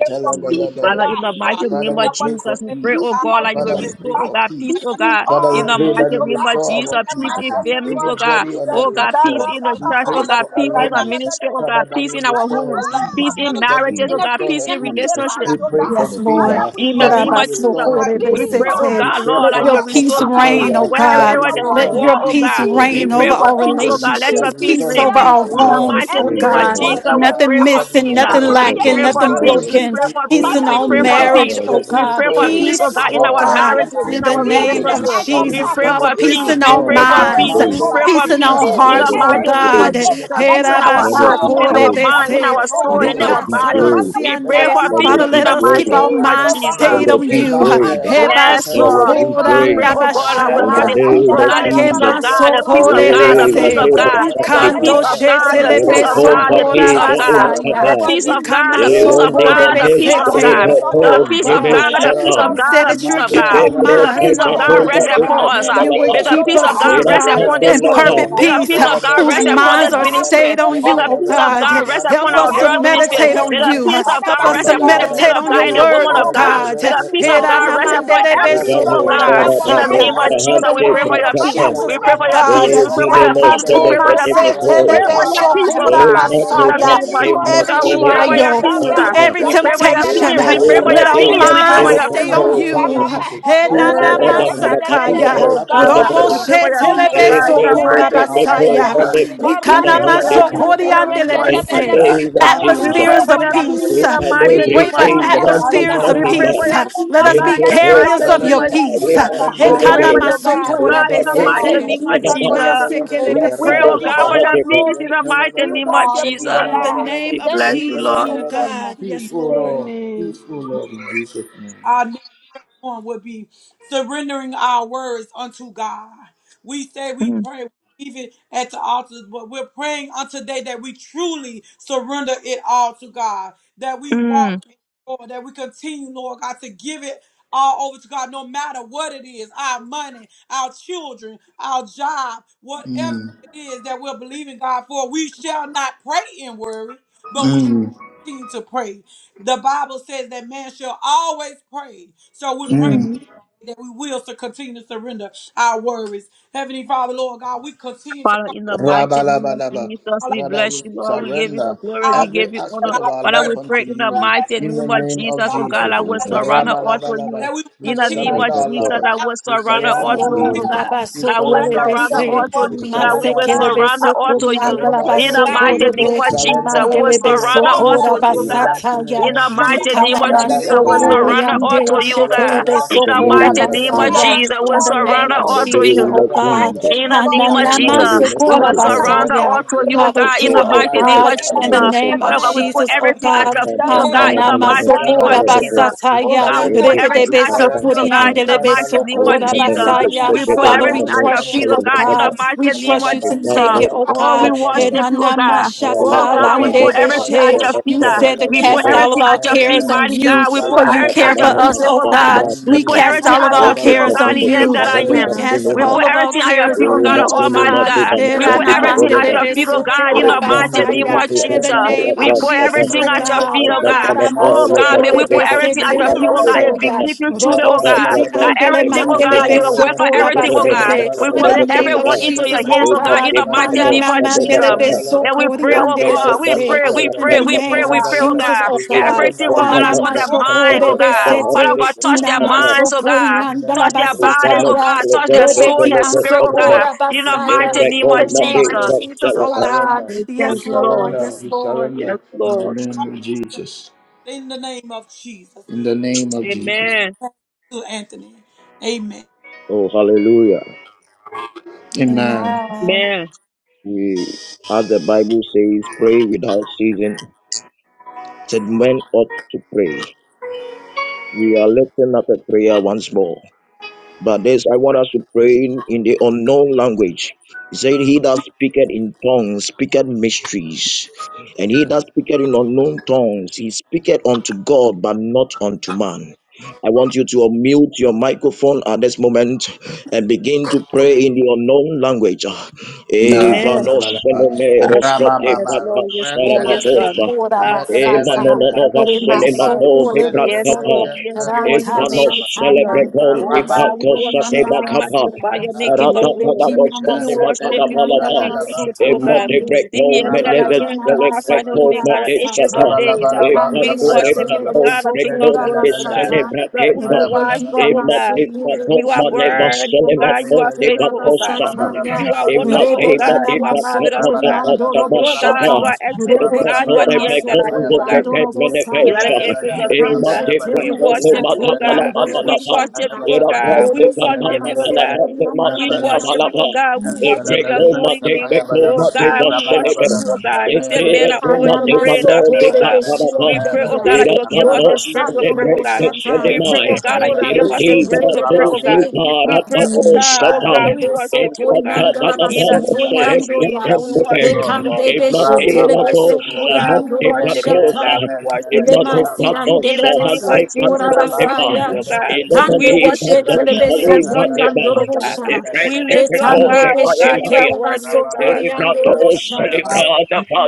F: Father, in the mighty
D: God.
A: Father,
F: name of
A: we pray for
F: Jesus, we pray, oh
A: peace.
F: God, that you will
A: Father, we pray
F: restore, oh
A: for
F: God, peace,
A: peace.
F: oh God.
A: Father, we
F: In the
A: pray that
F: mighty
A: you
F: name of
A: restore our
F: Jesus, peace in
A: peace.
F: families, oh God.
A: Anybody on the
F: Oh God, peace
A: platform,
D: Lord,
F: in the
A: we
F: church, oh
D: restore
A: pray
D: the
F: God,
A: for
D: peace
F: peace in
D: right
F: the
D: now.
A: Alexis.
F: ministry, oh God,
A: Father, that
F: peace
A: you
F: in our
A: restore her
F: homes,
D: Allow
F: peace
A: peace
D: the
F: in
D: fellowship,
A: that he
B: peace
F: marriages,
A: will
B: in
F: oh
B: the
F: God,
A: restore
F: peace
A: her
F: in
B: Christianity
A: peace.
F: relationships.
B: life,
A: We
B: oh
A: pray for
B: God.
C: Yes, Lord.
B: Father,
A: favor
B: we
F: In the
D: all
B: pray
A: that
D: in
A: he
D: the
B: for
F: name of
A: will
B: peace,
F: Jesus,
A: restore
D: body,
A: her
F: we
B: peace
A: peace.
F: pray,
B: all
F: oh
C: Yirabasokorebesete.
A: We
F: God,
B: around the
A: pray
F: Lord, that
C: Let
D: Lord
A: for
F: you
B: world.
C: your
F: will
C: peace
A: Apostle
F: restore
D: God.
B: Father God,
F: peace.
C: reign, oh
B: you
A: Gloria
B: said
A: that he
B: in
C: God.
A: will
F: Wherever
B: your
F: there is
B: word,
D: Father,
A: restore
C: Let
B: oh
D: Lord.
C: your
F: war,
A: her
B: God,
F: oh
A: peace.
C: peace
F: God,
B: peace
A: We
F: we
B: be
C: reign
A: pray
F: pray
C: over
A: for
F: for
C: our
F: peace,
B: restored,
F: oh
A: Anthony
F: God, let
A: that
C: relationships,
F: your
B: peace
A: he
B: be
F: peace
A: restore
C: peace
A: her
C: over
B: still,
F: reign.
A: peace
B: oh
C: our
G: let
F: In
A: and
D: Hallelujah.
G: the
F: the
B: God,
G: peace
A: joy.
C: homes,
F: mighty
B: and
C: oh
D: Restore,
A: We
F: name
G: reign,
F: of
A: pray
B: peace
C: God.
D: restore
A: for
B: was
G: Lord.
D: the
F: Jesus, we
D: peace that
B: still,
A: Ella
B: oh
F: pray
C: Nothing
F: for
B: God.
A: that he
C: missing,
D: we lost,
F: peace.
B: In
D: Lord
B: the
F: uh,
A: restore
C: nothing
G: Jesus,
D: God.
A: her
F: We
G: let
B: mighty
G: the
D: In
C: lacking,
A: peace
F: pray
D: the
G: peace
B: name
A: and
F: for
C: nothing
B: of
D: name of
G: reign.
F: peace.
A: joy.
F: We
C: broken.
D: Jesus,
F: pray
B: Jesus,
A: We
F: for
D: Lord
A: pray
C: Peace
F: peace.
D: God.
C: in
B: Father,
A: for
F: We
C: our
B: we
F: pray
D: Build
G: Spirit
F: for
B: pray
D: the
G: of
B: for
A: Sifa
C: marriage,
F: peace.
G: God,
D: foundation
C: oh
G: let
B: peace,
A: that
D: of
G: us
A: you
F: We pray
G: teach
C: God.
A: restore
D: families,
F: for
A: her
B: peace
G: me.
D: back,
B: in
F: peace,
A: peace
F: oh
B: the
C: Peace,
A: and
F: God,
B: life
F: in
C: oh
B: of
F: our
A: joy.
D: Father,
B: our
C: God,
A: We
D: Lord
F: marriages,
B: children,
D: God.
A: pray
F: in
C: in the
A: for
F: our
G: Jesus,
D: Draw
G: let
B: peace
A: this
D: us
B: in
G: us
C: name
A: night
B: the
C: of
G: teach
F: relationships.
B: life
A: that
D: together
B: of
A: we
F: We
G: me.
C: Jesus,
B: us,
A: restore
F: pray
A: her
F: for
C: Father.
A: peace
C: Peace
D: God.
B: peace
F: peace.
B: in
A: and
C: in
F: We
C: our
G: Let
B: every
A: joy.
F: pray
G: us
F: for
D: Restore
G: teach
B: married
D: the
C: minds,
F: peace.
G: me.
B: home,
A: Man
D: peace
F: We
B: oh
A: knows
F: pray
D: like
F: for
B: God,
C: peace
D: never
C: in
A: keep
F: peace.
C: our
D: before,
B: peace
A: her.
F: In
B: in
G: Let
D: Lord
F: the
C: hearts,
G: us
A: The
C: oh
D: God.
B: every
G: teach
F: mighty
A: Bible
F: name of
G: me.
A: says,
C: God.
D: Peace is
B: ministry
A: for the
F: Jesus,
D: our
A: peace
B: that
F: peace
B: you
F: in
A: that
D: portion.
B: have
F: our
G: Let us
F: heart,
B: called,
A: passeth
D: Love
B: oh
G: teach
F: peace
D: is
A: all
F: in
B: God
F: our
G: me.
D: our
B: that
F: mind,
B: you
F: in
D: portion.
A: understanding,
B: have
C: Herabasokorebese,
F: our
D: Lord,
F: soul,
A: in
B: ordained,
G: Let
F: in
A: the
B: oh
G: us
F: our
A: name
B: God.
A: of
G: teach
D: hallelujah.
F: body.
A: Jesus,
G: me.
B: Father, we
F: We
A: let
F: pray
A: the
D: Right
C: rikasanansiande.
B: pray
F: for
D: now,
B: for
G: Let
A: peace
G: us
C: Father,
F: peace
A: that
F: in
C: let
G: teach
B: peace.
F: the
C: us
D: in the
A: passeth
D: name
C: keep
F: mighty
D: of
G: me.
D: Jesus,
C: our
A: all
F: name
B: Peace,
F: of
D: Lord
B: oh
C: minds
D: God,
B: God.
F: Jesus.
G: Let us
A: understanding,
C: stayed
D: we
C: on
G: teach
B: Peace
D: thank
C: you.
B: for
A: man
B: us,
D: you,
G: me.
A: there,
B: oh
D: Father,
B: God.
D: Lord.
F: Yes,
B: In
G: Let
B: the
A: repedo,
G: us
D: They
F: Lord.
D: can't
B: name
G: teach
B: of
F: We
G: me.
F: pray,
A: snete,
D: get
F: oh
D: up
B: Jesus.
F: God,
D: high,
F: that we
D: I'm
G: In
F: have
G: the
C: Hebasokorandabashaya,
F: the
D: not
A: repapa,
D: kidding.
F: peace,
G: name
F: oh
G: of
F: God, the
D: They
F: peace
G: Jesus.
F: of
B: Re-pa-ta-ta-ra-pa-pa.
D: can't get
F: God, the
D: up
F: peace
D: high. I'm
F: of God, the
B: Re-pa-ta-ta-ta-ta.
F: peace
D: not
F: of
C: rankemasokorebese,
G: Hey,
A: Randalaba,
D: kidding.
G: Abel
F: God, the
D: They can't
G: Sakiba.
F: peace
B: Re-pa-ta-ta-ta-ta.
F: of
A: Papayabalaba,
D: get
F: God,
D: to
F: the
D: the
F: peace
D: high,
A: Rebbe,
D: I'm
F: of
D: not
G: Erokom
F: God,
B: Re-pa-pa-pa-pa.
F: the
A: Telebe,
F: peace
D: kidding.
G: Bakis
F: of
G: and
B: Father
F: God,
B: God,
D: I'm
B: we pray
A: Papayabalaba,
F: the
C: ikandoshetelebeshokorabasaya,
D: not
G: Imakaba.
B: for
F: peace
A: the
D: kidding.
F: of
B: peace.
A: peace
F: God,
A: of
F: the peace
B: Peace,
F: of
A: God,
G: Erondi
F: God,
B: Lord.
F: the
A: the
G: Manesh
F: peace
D: I'm
A: peace
F: of
B: Father,
A: of
D: not
C: besete.
F: God.
B: peace of
A: God,
F: The
D: kidding.
C: Oh
G: Salopro
F: peace
A: the
B: mind.
F: of
A: peace
B: In
G: Gibesh
F: God,
C: God,
A: of
B: the
F: the peace
B: name
C: for
F: of
G: Satan.
B: of
C: you
A: God,
D: I'm not
C: said
F: God, the
C: that you
F: peace
B: Jesus.
C: would
F: of
C: keep
A: Manda,
D: kidding.
F: God.
C: our
B: Father,
F: May
B: we
G: Ebemro
F: the
B: pray
C: minds
F: peace
C: and
B: for
F: of
C: our
B: your
F: God
C: hearts
A: Rependelebe,
B: peace,
G: Pepakomba
F: rest
C: hearts, oh
B: oh
F: upon
C: God.
B: God.
F: us. ah.
C: You would
G: Ekasalata.
F: May
B: Peace,
F: the
B: oh
A: Rebalabalaba,
C: keep
F: peace of
A: the
C: us,
B: God.
C: oh
F: God
A: peace
F: rest
A: of
C: God,
B: Peace
F: upon
B: is
A: God,
F: this
C: in
B: what
G: Irakatulata,
F: room.
B: we
C: perfect
F: May
B: need,
F: the
B: oh
C: peace,
F: peace
C: uh,
F: of
B: God.
F: God
C: whose
F: rest
A: Matalabalaba,
B: Peace,
F: upon
C: minds
B: oh
F: this
C: are
B: God. We
A: Rebbe,
F: ministry.
C: stayed
B: pray
C: on
F: May
B: for
C: you,
F: the
C: oh
B: peace
A: Telebe,
F: peace
B: of
F: of
C: God.
F: God
B: mind
F: rest
B: in
C: Help
F: upon
B: the
F: our
C: us
A: Rantalaba,
C: to
B: life
F: various
B: of our
F: ministry.
C: meditate
F: May
C: on
B: children.
F: the
A: Papayabalaba,
C: you. uh,
F: peace of
B: Father
C: Help
F: God
B: God,
C: us
F: rest
D: He's
C: to
F: upon
B: peace.
F: the
D: falling
F: men
D: up
A: Rabalabalaba,
C: meditate
F: of
C: on
F: God
D: right
F: and
C: your
B: Peace
F: the
D: now.
B: in
C: word,
F: woman
C: oh
F: of
B: our
F: God.
B: Google
C: God.
A: Yantalabalaba,
F: May the
B: family
F: peace of
B: life.
C: Hera
D: No,
F: God rest
A: Payabalaba,
B: We
F: upon
B: pray
C: namandele
B: for
F: every
B: peace
F: woman
B: of
F: of
G: Ujanu
B: mind
C: besokora
B: in
A: Rabalabalaba,
F: God.
B: our
F: In the
B: life
G: Sarababo,
F: name
C: basaya.
F: of
B: also,
C: In
F: Jesus,
C: the
B: oh
F: we
A: Payabalabalaba,
G: Sahante
F: pray
B: God.
F: for
C: name
F: your
C: of
F: peace.
B: Father,
G: Brakata,
B: we
C: Jesus,
F: We
B: pray
F: pray
C: oh
F: for
B: for
F: your
A: Rabalabalabalaba,
C: God,
F: peace.
B: peace,
F: We
B: oh
F: pray
D: no,
F: for
C: I
D: no,
F: your
B: God.
G: Evelino
D: no,
F: peace.
C: come
F: We
C: to
F: pray
A: Yetalabalaba,
B: Peace,
F: for
C: my
B: oh
F: your
G: Celebete
F: peace.
C: set,
B: God.
F: We pray
B: Peace
G: Protosa,
F: for
B: in
D: Father
A: Rabalabalaba,
F: your
C: telebeso,
F: peace,
B: every
F: oh
D: have
C: kora,
D: your
F: God.
B: ministry.
F: In
G: Emate
F: the
D: right
B: In
C: basaya.
F: name
B: the
A: Yetalabalabalaba,
D: now.
F: of
B: name
C: through
B: of
G: Katima
F: Jesus,
C: every
F: we pray for
B: Jesus.
A: Yetalabalaba.
D: Yes,
F: your
C: trial,
F: peace.
A: Father,
C: through
F: God.
G: Celebrakata,
C: every
F: We
D: Give
A: restore
D: us
A: the
F: pray for
D: peace
F: your
D: in
A: peace.
D: our
C: temptation,
F: peace.
B: Sarabashakadabadaba,
F: We
A: Father,
F: pray
D: soul,
F: for
C: let
G: Uvaluma
F: your
A: restore
C: our
D: in
A: our
F: peace.
G: Deva
F: We pray
D: our
A: peace.
F: for
C: minds
B: rabadabadaba,
D: mind,
F: your
D: Lord
C: stay
A: In
F: peace.
A: the
C: on
D: God,
G: Celebrato
A: name of
D: in
C: you.
D: our
B: ribababa,
A: Jesus,
D: heart, Lord
A: peace
D: God.
A: in the
F: Eh,
D: Restore
G: Adamada
D: the
A: family,
D: peace like
A: peace
B: rabashakadabadaba,
A: in the
C: Enanamasakaya,
G: Kalatana
F: oh
D: never
A: heart
D: before,
A: of our
F: God,
D: Lord
C: robo,
G: Celebos,
F: we
D: God.
A: children,
F: pray for your peace,
B: karatoshekede,
A: peace in
D: Hallelujah.
F: oh
A: the
F: God.
A: heart
F: In
D: Over
F: the
A: of
D: this
A: our,
C: Sokora
F: mighty
D: nation,
A: our,
F: name of
D: Lord
A: our
G: Efremetato
C: basaya.
B: rekedebedebedebe,
D: God.
F: Jesus.
A: employees,
D: Yes,
G: Manifest
F: We
D: yes,
C: Ikana
F: pray
A: peace in
F: for
A: the
D: yes,
F: your
G: Sahante,
B: maratototo,
A: hearts
D: yes,
F: peace
A: of
C: masokori
F: in the
D: yes.
A: our
F: name
C: andele
F: of
G: in
A: employers,
G: the
B: rekedebedebe.
F: Jesus.
A: peace in
G: name
A: the
G: of
B: Father,
A: hearts of
F: We
B: we
G: Jesus,
D: Hallelujah,
F: pray
B: pray
A: our
C: Atmospheres
F: for
B: for
C: of
F: your
B: your
A: business,
F: peace
C: peace.
B: peace,
F: in the
A: peace,
C: We
G: Ukano
F: mighty
C: pray
F: name
B: peace
C: for
F: of
B: from
G: Brigade
A: peace
F: Jesus.
B: heaven,
G: Rampu
B: Lord
A: in the
C: atmospheres
B: God.
F: We
C: of
A: name of
F: pray
B: Be
F: for
G: Samiba,
C: peace.
F: your
A: Jesus.
B: upon
F: peace,
C: Let
F: of
B: us
G: In
C: us
B: in
F: God,
C: be
F: in
B: the
G: the
F: the
B: name
G: name
B: of
C: carriers
G: of
F: mighty
C: of
F: name
C: your
G: Jesus,
A: Meketelebe,
F: of
B: Jesus.
C: peace.
F: Jesus.
B: We
F: We pray
C: Ikana
B: thank
F: for
B: you,
A: meketelebelebe,
F: your
B: Lord
F: peace,
B: God.
F: of
C: masokora
F: God, in the
B: Thank
A: erabalebelebe,
F: mighty
B: you,
C: besete.
F: name of
B: Jesus, for your
F: Jesus.
B: peace.
A: mekelebelebe,
C: Masekele
F: We
B: We
F: pray, oh
B: give you
F: God,
B: all
F: for
B: the
F: your
A: erabalebelebe,
F: peace in
B: glory.
F: the mighty
B: We
F: name
A: mekelebelebe,
F: of
B: worship you,
F: Jesus.
B: Lord
C: In the
B: God.
A: erabalebelebe,
C: name
F: Thank
C: of
D: hallelujah.
B: Thank
F: you,
B: you,
C: Jesus,
F: Lord.
D: In
C: oh
D: the
A: mekelebelebe.
B: Jesus.
D: name
C: God,
D: of
A: Peace,
C: yes,
D: Jesus.
A: O
C: Lord.
A: Lord, peace, O Lord, in Jesus'
D: Our
A: name.
D: next one would be surrendering our words unto God. We say we
F: Mm,
D: pray even at the altars, but we're praying on today that we truly surrender it all to God, that we
F: mm,
D: walk, Lord, that we continue, Lord God, to give it all over to God, no matter what it is our money, our children, our job, whatever it is that we're believing God for. We shall not pray in worry. But we continue to pray. The Bible says that man shall always pray. So we're praying
F: mhm.
D: that we will to continue to surrender our worries. Heavenly Father, Lord God, we continue to
F: Father,
D: come
F: in the
D: before you
F: mighty name of
A: Rabalabalaba.
F: Jesus,
D: all
F: we
A: Father, we
F: bless you, Lord.
D: our,
F: We give you the
A: surrender
F: glory.
D: our,
F: We
A: every
F: give you honor.
A: aspect of
D: our
A: our
F: Father, we
A: life
D: burdens.
F: pray
A: unto
F: in the
A: you
F: mighty
A: in
F: name
A: the
F: of
A: name of
F: Jesus, oh
D: Yahweh,
F: God,
A: Jesus.
F: I
D: have
F: will
D: your way, Lord
F: surrender all
D: God.
F: to you.
D: That
A: Rabalabalaba.
D: we will
A: We
F: In the
D: continue
F: name
G: Spirit
A: surrender
F: of
G: of
A: our
D: to
F: Jesus,
G: God,
F: I
A: lives.
F: will
A: We
F: surrender
C: Yes,
A: surrender
G: in
F: all
G: the
A: our
F: to you,
C: Lord,
D: continue
F: oh
D: to
G: name of
A: businesses.
F: God.
A: We
C: Rabaso
F: I
D: hold
G: Jesus,
F: will
A: surrender our
F: surrender
C: Korebese,
F: all
A: children.
G: in
F: to
G: the
A: We
F: you.
G: name of
F: Now we
A: surrender our
F: will
G: Jesus,
A: finances.
F: surrender
D: on,
C: Masekelebeso
F: all
A: We
F: to
D: Lord God.
F: you.
A: surrender
D: We
A: our
F: In
G: in
F: the
C: Koriandalabaso
D: come
G: the
A: ministry.
F: mighty
A: We
D: before
F: name
C: Korebe,
D: your
F: of
D: throne,
G: name
F: Jesus,
A: surrender
D: Lord
F: we will
B: We
D: God.
A: everything
B: pray,
C: Mandelebeso
F: surrender
A: unto
B: oh
F: all
A: you
D: Vulnerable
C: kora
B: God,
F: to you,
D: unto
F: oh
A: in the
D: you,
G: of
B: Jesus,
F: God.
A: mighty name
B: that
C: Rabasokorebese,
F: In
G: Jesus,
B: we
F: the
A: of Jesus.
D: believing,
F: mighty
B: surrender
F: name
D: Lord
B: all
F: of
D: God,
B: to
G: in
A: Rabba
D: that it
F: Jesus,
G: the
B: you,
D: is
G: name
F: we
B: oh
G: of
F: will
G: Jesus,
D: already,
B: God.
F: surrender
B: In
C: Masekelebesokoreandalabasokorobe,
F: all
B: the
F: to you, oh
D: Father.
B: mighty
F: God.
B: name
D: As
A: Yantalabalaba,
B: of
G: in
F: In
C: Mandelebesokorabasataya,
G: the
F: the
C: kora
B: Jesus,
F: mighty
G: name of
F: name
B: we
F: of
D: we
G: Jesus,
A: yantalabalaba,
C: basaya.
D: die,
F: Jesus,
B: surrender
F: we
C: In
F: will
C: the
B: all to
C: name
B: you, oh
F: surrender
C: of
G: in
A: yantalabalaba,
G: the
F: all
G: name of Jesus, in the name of Jesus, in the
F: to
B: God.
C: Jesus,
F: you.
B: In
C: O
B: the
D: surrender
C: God,
G: name
A: labalabalaba.
B: mighty
G: of
F: In the
B: name of
F: name
D: our
F: of
A: Surrender
D: right
G: the
F: Jesus,
A: unto
C: Hananamaso
G: Lord,
A: you.
F: we will
C: kora
F: surround the
D: now.
A: Surrender
C: basaya.
A: unto
F: altar you, O
A: you.
C: Father,
G: the
F: God, in
C: do
F: the
C: it,
G: faith
C: oh
F: mighty
G: of the
F: name
D: We
G: faith,
C: God,
F: of
D: thank
G: the name
A: Narababantalaba,
C: in
D: you
G: of
C: the
D: in
F: Jesus.
G: the
C: name
D: the
G: Lord,
C: of
F: Father God,
D: name
F: we
D: of
F: put
C: Jesus, oh
D: Jesus.
A: rabalabalaba,
F: everything
G: the
F: at
C: God.
F: your
G: name of
F: feet,
G: the Lord,
F: O God, in
A: yantalabalaba,
C: Hanana
G: the
F: the
G: name
F: mighty name
D: Lererebahakatina.
B: Jesus.
F: of
C: masokora
G: of the
A: rabalabalaba.
G: Lord,
F: Jesus.
A: We
F: Oh
C: basataya,
F: God, we
G: Thank
A: surrender.
F: put everything
A: We
C: rededebe
F: at your feet,
D: Nyakakakabahakatanananabahaka.
F: O
A: surrender.
F: God, in the
C: sokoriandelebe
F: mighty
A: Randala
F: name of
C: sokora
A: Kushata.
F: Jesus.
C: basaya.
F: We put
A: Mandala
C: Father, we
F: everything
A: Braka
F: at your
C: trust you,
F: feet, O
A: Pandus
C: oh
F: God, in
A: Manda
F: the
C: God. We
F: mighty name of
C: trust you
A: Rababa
C: to
F: Jesus.
C: take it,
A: Talaba
C: oh
D: Nyanananabahaka.
F: Oh, we
C: God.
A: Kataya Balaba
F: worship you, O
C: Henana
A: Yan
F: God.
D: Have
F: Oh
D: your
A: Talabalaba
F: God,
D: way,
F: we put
D: Heavenly
A: Kataya
D: Father,
F: everything
A: Balaba
F: at
C: mashakalandedeshe.
D: Lord
F: your
D: God.
F: feet,
C: You
F: God.
D: We
C: said to
F: We
D: believe in
F: put
C: cast
A: Rabalabalaba
D: you,
C: all of
D: Lord,
F: everything
C: our
D: for
F: at
A: Kataya
F: your
D: deliverance.
F: feet,
C: cares
A: Balaba
C: on
F: mighty
A: We
C: you,
F: God. We
D: Lord
F: put
C: for
D: God. We
C: you
A: surrender,
F: everything
A: we
C: care
F: at
C: for
F: your
D: believe in
F: feet,
D: you,
C: us,
A: surrender
D: Lord
C: oh
F: faithful
D: God, for
F: God.
C: God.
A: man,
F: We
C: We
F: put
A: Mandili
C: cast
F: everything
C: all
D: coming
C: of
F: at
A: Kataya
C: our
F: your
D: out, Lord
F: feet, oh
A: Balaba
C: cares
D: God.
F: God,
C: on
F: I
A: We
F: am
C: you.
F: that I
C: We
D: Hallelujah,
A: surrender,
F: am.
A: we
D: Jesus.
C: cast
F: We put
C: all of
A: surrender
C: our
D: In
F: everything
D: the
A: we
D: name
F: at your
C: tears
F: feet, oh
C: on
D: of
A: surrender
F: God,
C: you, oh
A: our
F: oh
D: Jesus,
A: faith,
D: Lord.
F: Almighty
C: God.
A: you,
F: God.
C: In
F: We
A: our
C: the
F: put
A: life,
F: everything at
A: our
F: your feet, oh
A: living,
F: God, in the
A: everything
D: Neberebahaya.
F: mighty
A: we do,
F: name
D: You
A: we
F: of
D: said
A: surrender
F: Jesus.
D: you carry
C: name
A: unto
D: our
F: We
C: of
D: burden.
A: you.
F: put
A: In
C: Jesus,
A: the
F: everything
C: oh
F: at
A: name
F: your
A: of
C: God.
D: Our
F: feet, oh
D: burden will
F: God.
A: Jesus,
D: be not
F: Oh
D: with you,
F: God, may
C: Aramasokore
F: we
D: Heavenly
A: Mantalabalaba,
F: put
D: Father.
F: everything at
D: We
F: your
C: besetele
F: feet, oh God,
D: surrender it.
F: and
A: Rabalabalaba,
C: masoya.
F: believe you truly,
C: Robo
F: oh God.
C: siti
A: Rapalabalaba,
D: The
F: That
C: andele
D: word,
F: everything, oh God,
D: the
C: mandele
F: that
D: anxiety,
G: you.
F: you will work
A: Rapalabalaba,
F: for
C: besokora
D: the
F: everything,
G: Oh,
F: oh God.
C: basete.
D: pressure,
F: We
A: Rabalabalaba,
C: In the
D: whatever
F: commit
D: you
C: name of
F: everyone into your
C: Jesus,
A: Yapalabalaba,
C: oh
F: hands,
D: call it,
F: oh God,
C: God.
F: in the
D: Lord
F: mighty
A: Yapalabalaba,
D: Jesus,
F: name
C: Hanana
D: right
F: of
D: now in the
C: mandele
D: name
F: Jesus.
D: of Jesus.
A: Yapalabalaba,
F: And we
C: besokori
F: pray, oh
D: We're
C: andele
D: praying,
A: Rabandala,
F: God, we
D: Lord
C: bese.
F: pray, we
C: In
A: Ustaralaba,
F: pray,
C: the
F: we pray,
C: name of
F: we
D: God,
F: pray, oh
A: Rabalaba.
D: for
C: Jesus,
F: God.
D: the children,
C: oh
A: We
C: God.
A: surrender
F: Everything,
A: our
F: oh
D: Lord God,
F: God,
D: for the Lord God, for
F: that's on
A: children.
D: their
F: their
D: word,
A: We
F: mind,
C: Hanamasokore
F: oh
A: surrender
D: for the
F: God.
C: besete.
F: Father
A: everything
F: God,
D: hallelujah,
F: touch
D: their
F: their
A: concerning us
D: burden,
F: minds,
A: unto
F: oh
A: you.
C: Inamasokori
F: God.
A: In the
C: andala
F: Touch
A: name
D: people,
A: of
F: their
A: Jesus.
F: bodies,
D: still,
F: oh
C: basataya.
F: God.
A: Yes,
F: Touch
D: Heavenly
F: their
A: Lord.
D: Father,
F: soul,
C: Rebeki
F: their
D: right now,
A: Yes,
F: spirit, oh
A: Lord.
F: God.
C: ansokora
F: In the
A: Yes,
D: we,
C: basaya.
F: mighty
A: Lord.
F: name
C: In
F: of
C: the
D: Lord
A: Yes,
D: God,
C: name of
F: Jesus.
A: Lord.
D: worry
C: Jesus,
A: We
C: oh
D: about our,
C: God.
A: surrender.
F: We
A: We
D: what,
F: thank
C: Yes,
F: you, Lord.
C: Lord.
A: surrender.
C: Yes,
A: We
C: Lord.
A: surrender.
F: Yes,
A: In the
F: Lord.
A: name of
D: God,
A: Jesus.
D: In the name of Jesus.
A: In the name of Jesus.
F: Amen.
D: Thank you, Anthony. Amen.
G: hallelujah.
A: Amen.
C: Amen.
F: Amen.
G: We, as the Bible says, pray without ceasing. Said men ought to pray. We are lifting up a prayer once more. But this I want us to pray in, in the unknown language. He said, He that speaketh in tongues speaketh mysteries, and he that speaketh in unknown tongues, he speaketh unto God, but not unto man. I want you to unmute your microphone at this moment and begin to pray in the unknown language.
F: Amen.
G: Evanos, Semene,
F: Yes, thank
G: Rosote,
F: you. Yes,
G: Pata,
F: Lord. Yes, Lord. Yes,
G: Sarabatosa.
F: Lord.
C: Masukura
F: Ah, come the see
C: basata,
F: you, Father God. We
C: ure
G: Emanonovasene
F: bless you, Lord.
G: magove
C: masukure
F: Yes,
G: pratata.
C: besere,
F: Lord. Yes, Lord. In the
C: ranta
G: Efanos
F: name of
C: shanta
F: Jesus.
C: nandule
G: celebreconti
F: Oh, God, we
C: masukuri
G: pacosa de
F: worship you.
C: andala
F: We
G: bacapa.
C: basura,
F: magnify your making of
G: Ratata
C: ure
G: da
F: glory.
C: kina
G: costa
F: We
G: de macada
F: worship
C: masukuri
F: you, Lord.
G: palata.
C: andala
F: We worship you, oh
C: basotori
A: Rabba
F: God.
G: Emote
C: ande,
G: precom
F: The end that
C: ure
F: I
G: meneves
F: am,
C: kina
F: the Alpha and
G: celeprecom
C: masukura
F: Omega, the ancients
G: matesata.
F: of
C: basata,
F: days. We
C: kande
G: Efapore
F: worship
C: shetele
F: you, oh
G: pacom
F: God, the King
G: precom
F: of
C: dosokura
F: glory,
G: de
F: oh God.
C: basata,
G: celebra
F: The
G: quempa.
F: only
C: ure
F: wise God,
C: kina
F: oh
G: Emate
F: God.
C: masukure
G: pacom
F: You are
C: besere,
G: manevas
F: worthy, oh God. You
G: celemacom
F: are
G: de
C: masukura
F: faithful, oh
G: bacosa.
F: God.
C: basata
F: You are wonderful,
G: Emate
F: oh God.
G: mate
C: Rebekina
F: You are
C: maso
F: marvelous, oh God.
C: kuriando
G: pacata
F: You,
C: robo
F: oh God,
G: da
F: you
C: shata.
F: are excellent,
G: in
F: oh
G: the
F: God. You
C: Rebekina
F: are
G: Torah,
F: the
G: my
F: end that
C: maso
F: I
G: tongue
F: am, oh
G: is the
F: God.
C: kuriando
G: great
C: robo
F: You are
C: saya.
F: the
G: manifestation.
F: ancients of
G: In
F: days.
G: the
F: uh,
C: Kanche
G: different
F: We
C: telebe
G: form, we
C: so
F: worship
G: must
F: you, O
G: have a love
F: God.
C: kuriando
G: and a
C: robo
F: We
G: love.
F: worship
C: shata.
F: you, O
G: In a form,
F: God. We
G: we must have
C: Rebekina
F: worship you, O
G: a
C: maso
G: love
F: God.
G: and we must
F: We
C: kuriando
A: Rabba
G: have a
F: worship
G: love.
F: you, O God.
A: we
F: We
A: defy
G: In
A: every
F: worship
G: great
F: your
G: form, I
F: holy
G: take
F: name.
G: the form,
C: robo
F: Oh
G: I take
C: shata.
F: God,
G: the
F: we worship
G: cinema.
F: you, oh God.
G: In
F: You said men
G: theater,
F: are
G: to
F: always
G: my
C: Ana
F: to
G: day, my
F: pray and
C: maso
F: not
G: Lord, in
F: feeble,
C: kore
G: my
F: God.
G: Father.
F: We pray, oh
C: beshiandaya.
F: God,
G: In
F: that you
G: a
F: will give
G: tongue,
F: us
G: no
F: the
C: Robo
F: spirit to
G: cinema,
C: sando
F: pray, oh
C: robo
G: the
F: God.
C: shata.
F: We
G: cinema.
F: pray, oh God, that you will
C: Ora
G: In a
F: give us the
C: basse
G: diva,
F: grace to
C: telebe
F: pray,
G: those
F: oh
G: new
C: se.
F: God.
G: part
F: We
G: of the
F: pray, oh
G: door,
F: God, oh
G: Satan.
F: God, we
C: Mandelebo
G: In
F: worship
C: so
A: oath of
C: Mandelebe
F: you,
G: the
F: oh
C: sokori
F: God.
G: top of
A: humanity
G: the
C: nandalaba
F: In
G: band,
F: the
A: and
G: the
A: we are
F: name
C: sokori
F: of
G: same,
A: speaking
G: the
F: Jesus,
A: of
C: andoya.
F: we
A: you, O
G: temple.
F: worship you,
A: Lord.
F: Lord.
G: Thank
C: Hekandebe
F: We
C: shetelebe
F: worship you, O
C: sokori
A: Ra-a-us-ipa,
F: God. We
C: nandorobo
F: worship you, O God.
C: shata.
F: We worship you, Lord.
C: Lemansi
F: In the
C: andelebe
A: nente-rendele-ipa-vandu-mante,
F: name
A: Yanda,
F: of Jesus,
C: sokora
F: we
A: Raban
F: worship
C: basaya.
F: you, O
A: Telebe,
F: God.
C: can
F: We
A: Ishete,
C: de Kandebe
F: worship your name.
A: Rebe,
C: shetelebe
F: We
C: sokori
F: exalt your
A: Perdalebe,
F: name, O
C: nandorobo
F: God.
C: sha.
F: We
A: Yetelebelebe,
F: lift you
A: and
F: high,
C: Hetandebe
F: O God. You
A: Yaka,
F: are
C: shekeba
F: worthy, O
A: Rababan
F: God.
C: sokori
G: Ibrata
A: Calabra,
C: andorobo sha.
F: Mm.
A: Payabalaba,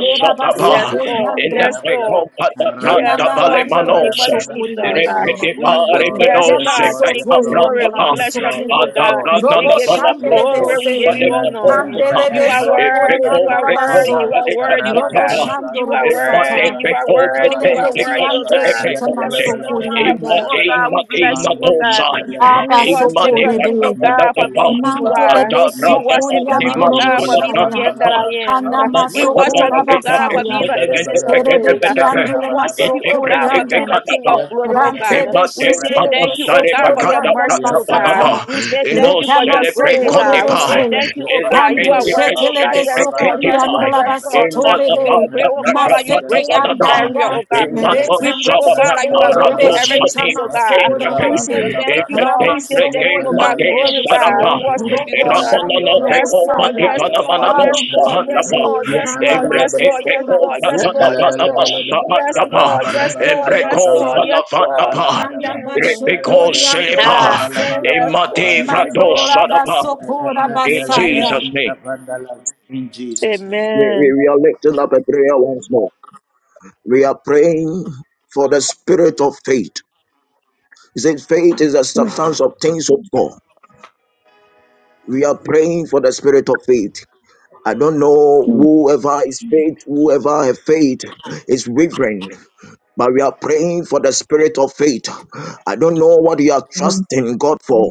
C: Beraba
F: Yes,
C: sokori
F: Lord.
G: in the
C: anda.
F: Yes, Lord.
A: Payabalaba,
G: Pecopata
F: Yes,
G: Pranta
C: Kenana
A: Randalaba,
F: Lord, in the
C: mandele de
F: name of
G: Palemanose,
A: Payabalaba.
F: Jesus.
C: sokori
A: Yes,
F: Uh,
C: andaya.
A: Lord,
F: we
A: yes,
F: would,
G: Rekitipare
A: Lord,
F: yes,
A: yes,
C: Rekema
G: Menose,
F: God,
A: Lord,
F: King
A: yes,
F: of
C: sotori
A: Lord,
F: glory, we
C: andala
G: Capratapa,
A: yes,
F: bless your
A: Lord,
F: name,
C: basoto.
F: oh
A: yes,
F: God.
A: Lord,
F: We
G: Ataprananda
A: yes,
C: Robo
F: give you the
A: Lord, yes,
C: shandele de
F: glory,
G: Palabratus,
A: Lord.
F: we
C: se.
F: give you honor.
A: Nante
G: Salipatontica,
C: Handele
F: You
C: de
F: are
A: re'epe
C: sokori
F: worthy, you
G: Epeco
A: kepe
F: are
C: andala
F: worthy,
G: Peco
F: you
A: manda
C: baso.
F: are worthy, oh
C: Robo
F: God.
G: Palipatapa.
C: shando
F: You are
C: robo
F: worthy,
C: sata.
F: you
A: rabalabalaba
F: are
G: Magnifico
F: worthy,
C: Kele
F: you are
C: de ki
F: worthy, oh
A: Rabalabalaba,
G: Pentecostes
C: ando
F: God.
C: shetana
F: There
G: Epicose,
F: is no
A: Yantalabalaba,
C: sokori
F: one like you,
C: anda.
F: oh
G: Imati
A: Apayabalaba,
F: God. We
G: Mati
F: bless you,
A: Mandu,
F: oh God.
G: Natosai,
F: We
A: Eleven
C: Aba
A: to
F: worship
G: Imani
F: your
C: sokore
A: Sete,
F: name, oh
C: de.
F: God, for
A: Mentus,
F: being
G: Patapadapa,
F: who you
A: Iba
F: are.
A: Alums,
C: Mandelebe
F: We
G: Atabranda
A: Manta,
F: worship your
G: Patni
F: name, oh
C: sokoriandoro
F: God, for
G: Masala
A: Mandiribria
F: being the
C: boshaya.
F: end that
G: Patapa,
A: Pandalabra,
F: I am.
C: Anama
F: We worship your
G: Anatakabana
C: sokora
F: name, oh
A: Yantalabalaba,
G: Dita
F: God, for
C: basaya.
F: being the essence of
A: Mandalabalaba,
F: days.
C: Terebeki
G: Pesenebete,
F: We
C: andole
F: worship
A: Rabalabalaba,
F: you, oh God, for
G: Integrate
F: being
A: Apayabalaba,
C: masokorianda.
F: the King
G: Katapa,
F: of glory, oh God.
A: Yantalabalaba,
C: Rantebe
F: We
G: Emate
F: say
C: shekelebe
F: thank you, oh
G: Babasare
F: God, for your
A: Rapapapalaba,
G: Bakata
C: sokorianda
F: mercies, oh God.
G: Pratapata,
C: basata.
F: We say thank
G: Ino
F: you for your
C: Retama
G: Celebre
F: grace, ah.
C: sokorebe
F: We
G: Konipa,
F: say
C: se.
F: thank you, oh God. You
C: Kande
F: are
G: Elependi
F: worthy, oh God.
C: shetelebe
G: Pesenebe
F: Yes, Lord, yes,
G: Ketipa,
F: Lord,
C: sokorianda
F: yes, Lord. Nah. We
C: basotorebe.
F: pray,
G: Imanapata
F: oh God, that you
G: Prakapata
F: break
C: Maseke
F: every
G: Patata,
F: barrier,
C: andaya.
F: oh God. Nah.
G: Imato
F: We
C: Retama
F: pray, oh God, that you have
C: sokorebe
F: broken
G: Salapatarato
F: every chains,
G: Satin
F: oh
C: shetama
F: God.
C: sora
G: Ketape,
F: We say
C: bande.
F: thank you, Lord.
G: Imate
F: We say
C: Ramanso
G: Preke
F: thank you, oh God.
G: Mate
F: Glory, God.
C: Goriandelebeso,
F: We
G: Sarapa.
F: worship you,
G: In
C: Robo
F: Lord. ah.
C: Shando
F: Yes, Lord,
C: Robosaya.
F: yes, Lord, yes,
C: Father, we
F: Lord,
C: give you
F: yes, Lord,
C: praise.
F: yes, Lord, yes,
C: Ramanso
A: Yet,
F: Lord, yes, Lord, yes,
A: Yet
C: Gorabasaya.
F: Lord, yes, Lord.
A: Alabalabalaba,
F: Yes, Lord.
C: Rebekianso
F: Yes,
A: Rabalabalaba,
F: Lord. Yes, Lord.
C: Gorebese,
A: Pandalaba,
F: Yes, Lord.
A: Rabalabalaba, and
F: Mm.
C: Andabasho
A: Arabalaba,
F: Ah,
A: Rabalabalaba,
C: Goriandelebese,
F: yes, Lord. Yes, Lord.
A: Rabalabalaba,
C: Mandora Baso
F: Mm.
A: and Delaba,
C: basaya.
G: Jesus' name,
A: Pandalaba.
G: we, we,
F: Amen.
G: we are lifting up a prayer once more. We are praying for the spirit of faith. He said, Faith is the
F: Mm,
G: substance of things of God. We are praying for the spirit of faith. I don't know
F: mm,
G: whoever is faith, whoever have faith is wavering. But we are praying for the spirit of faith. I don't know what you are
F: mm,
G: trusting God for,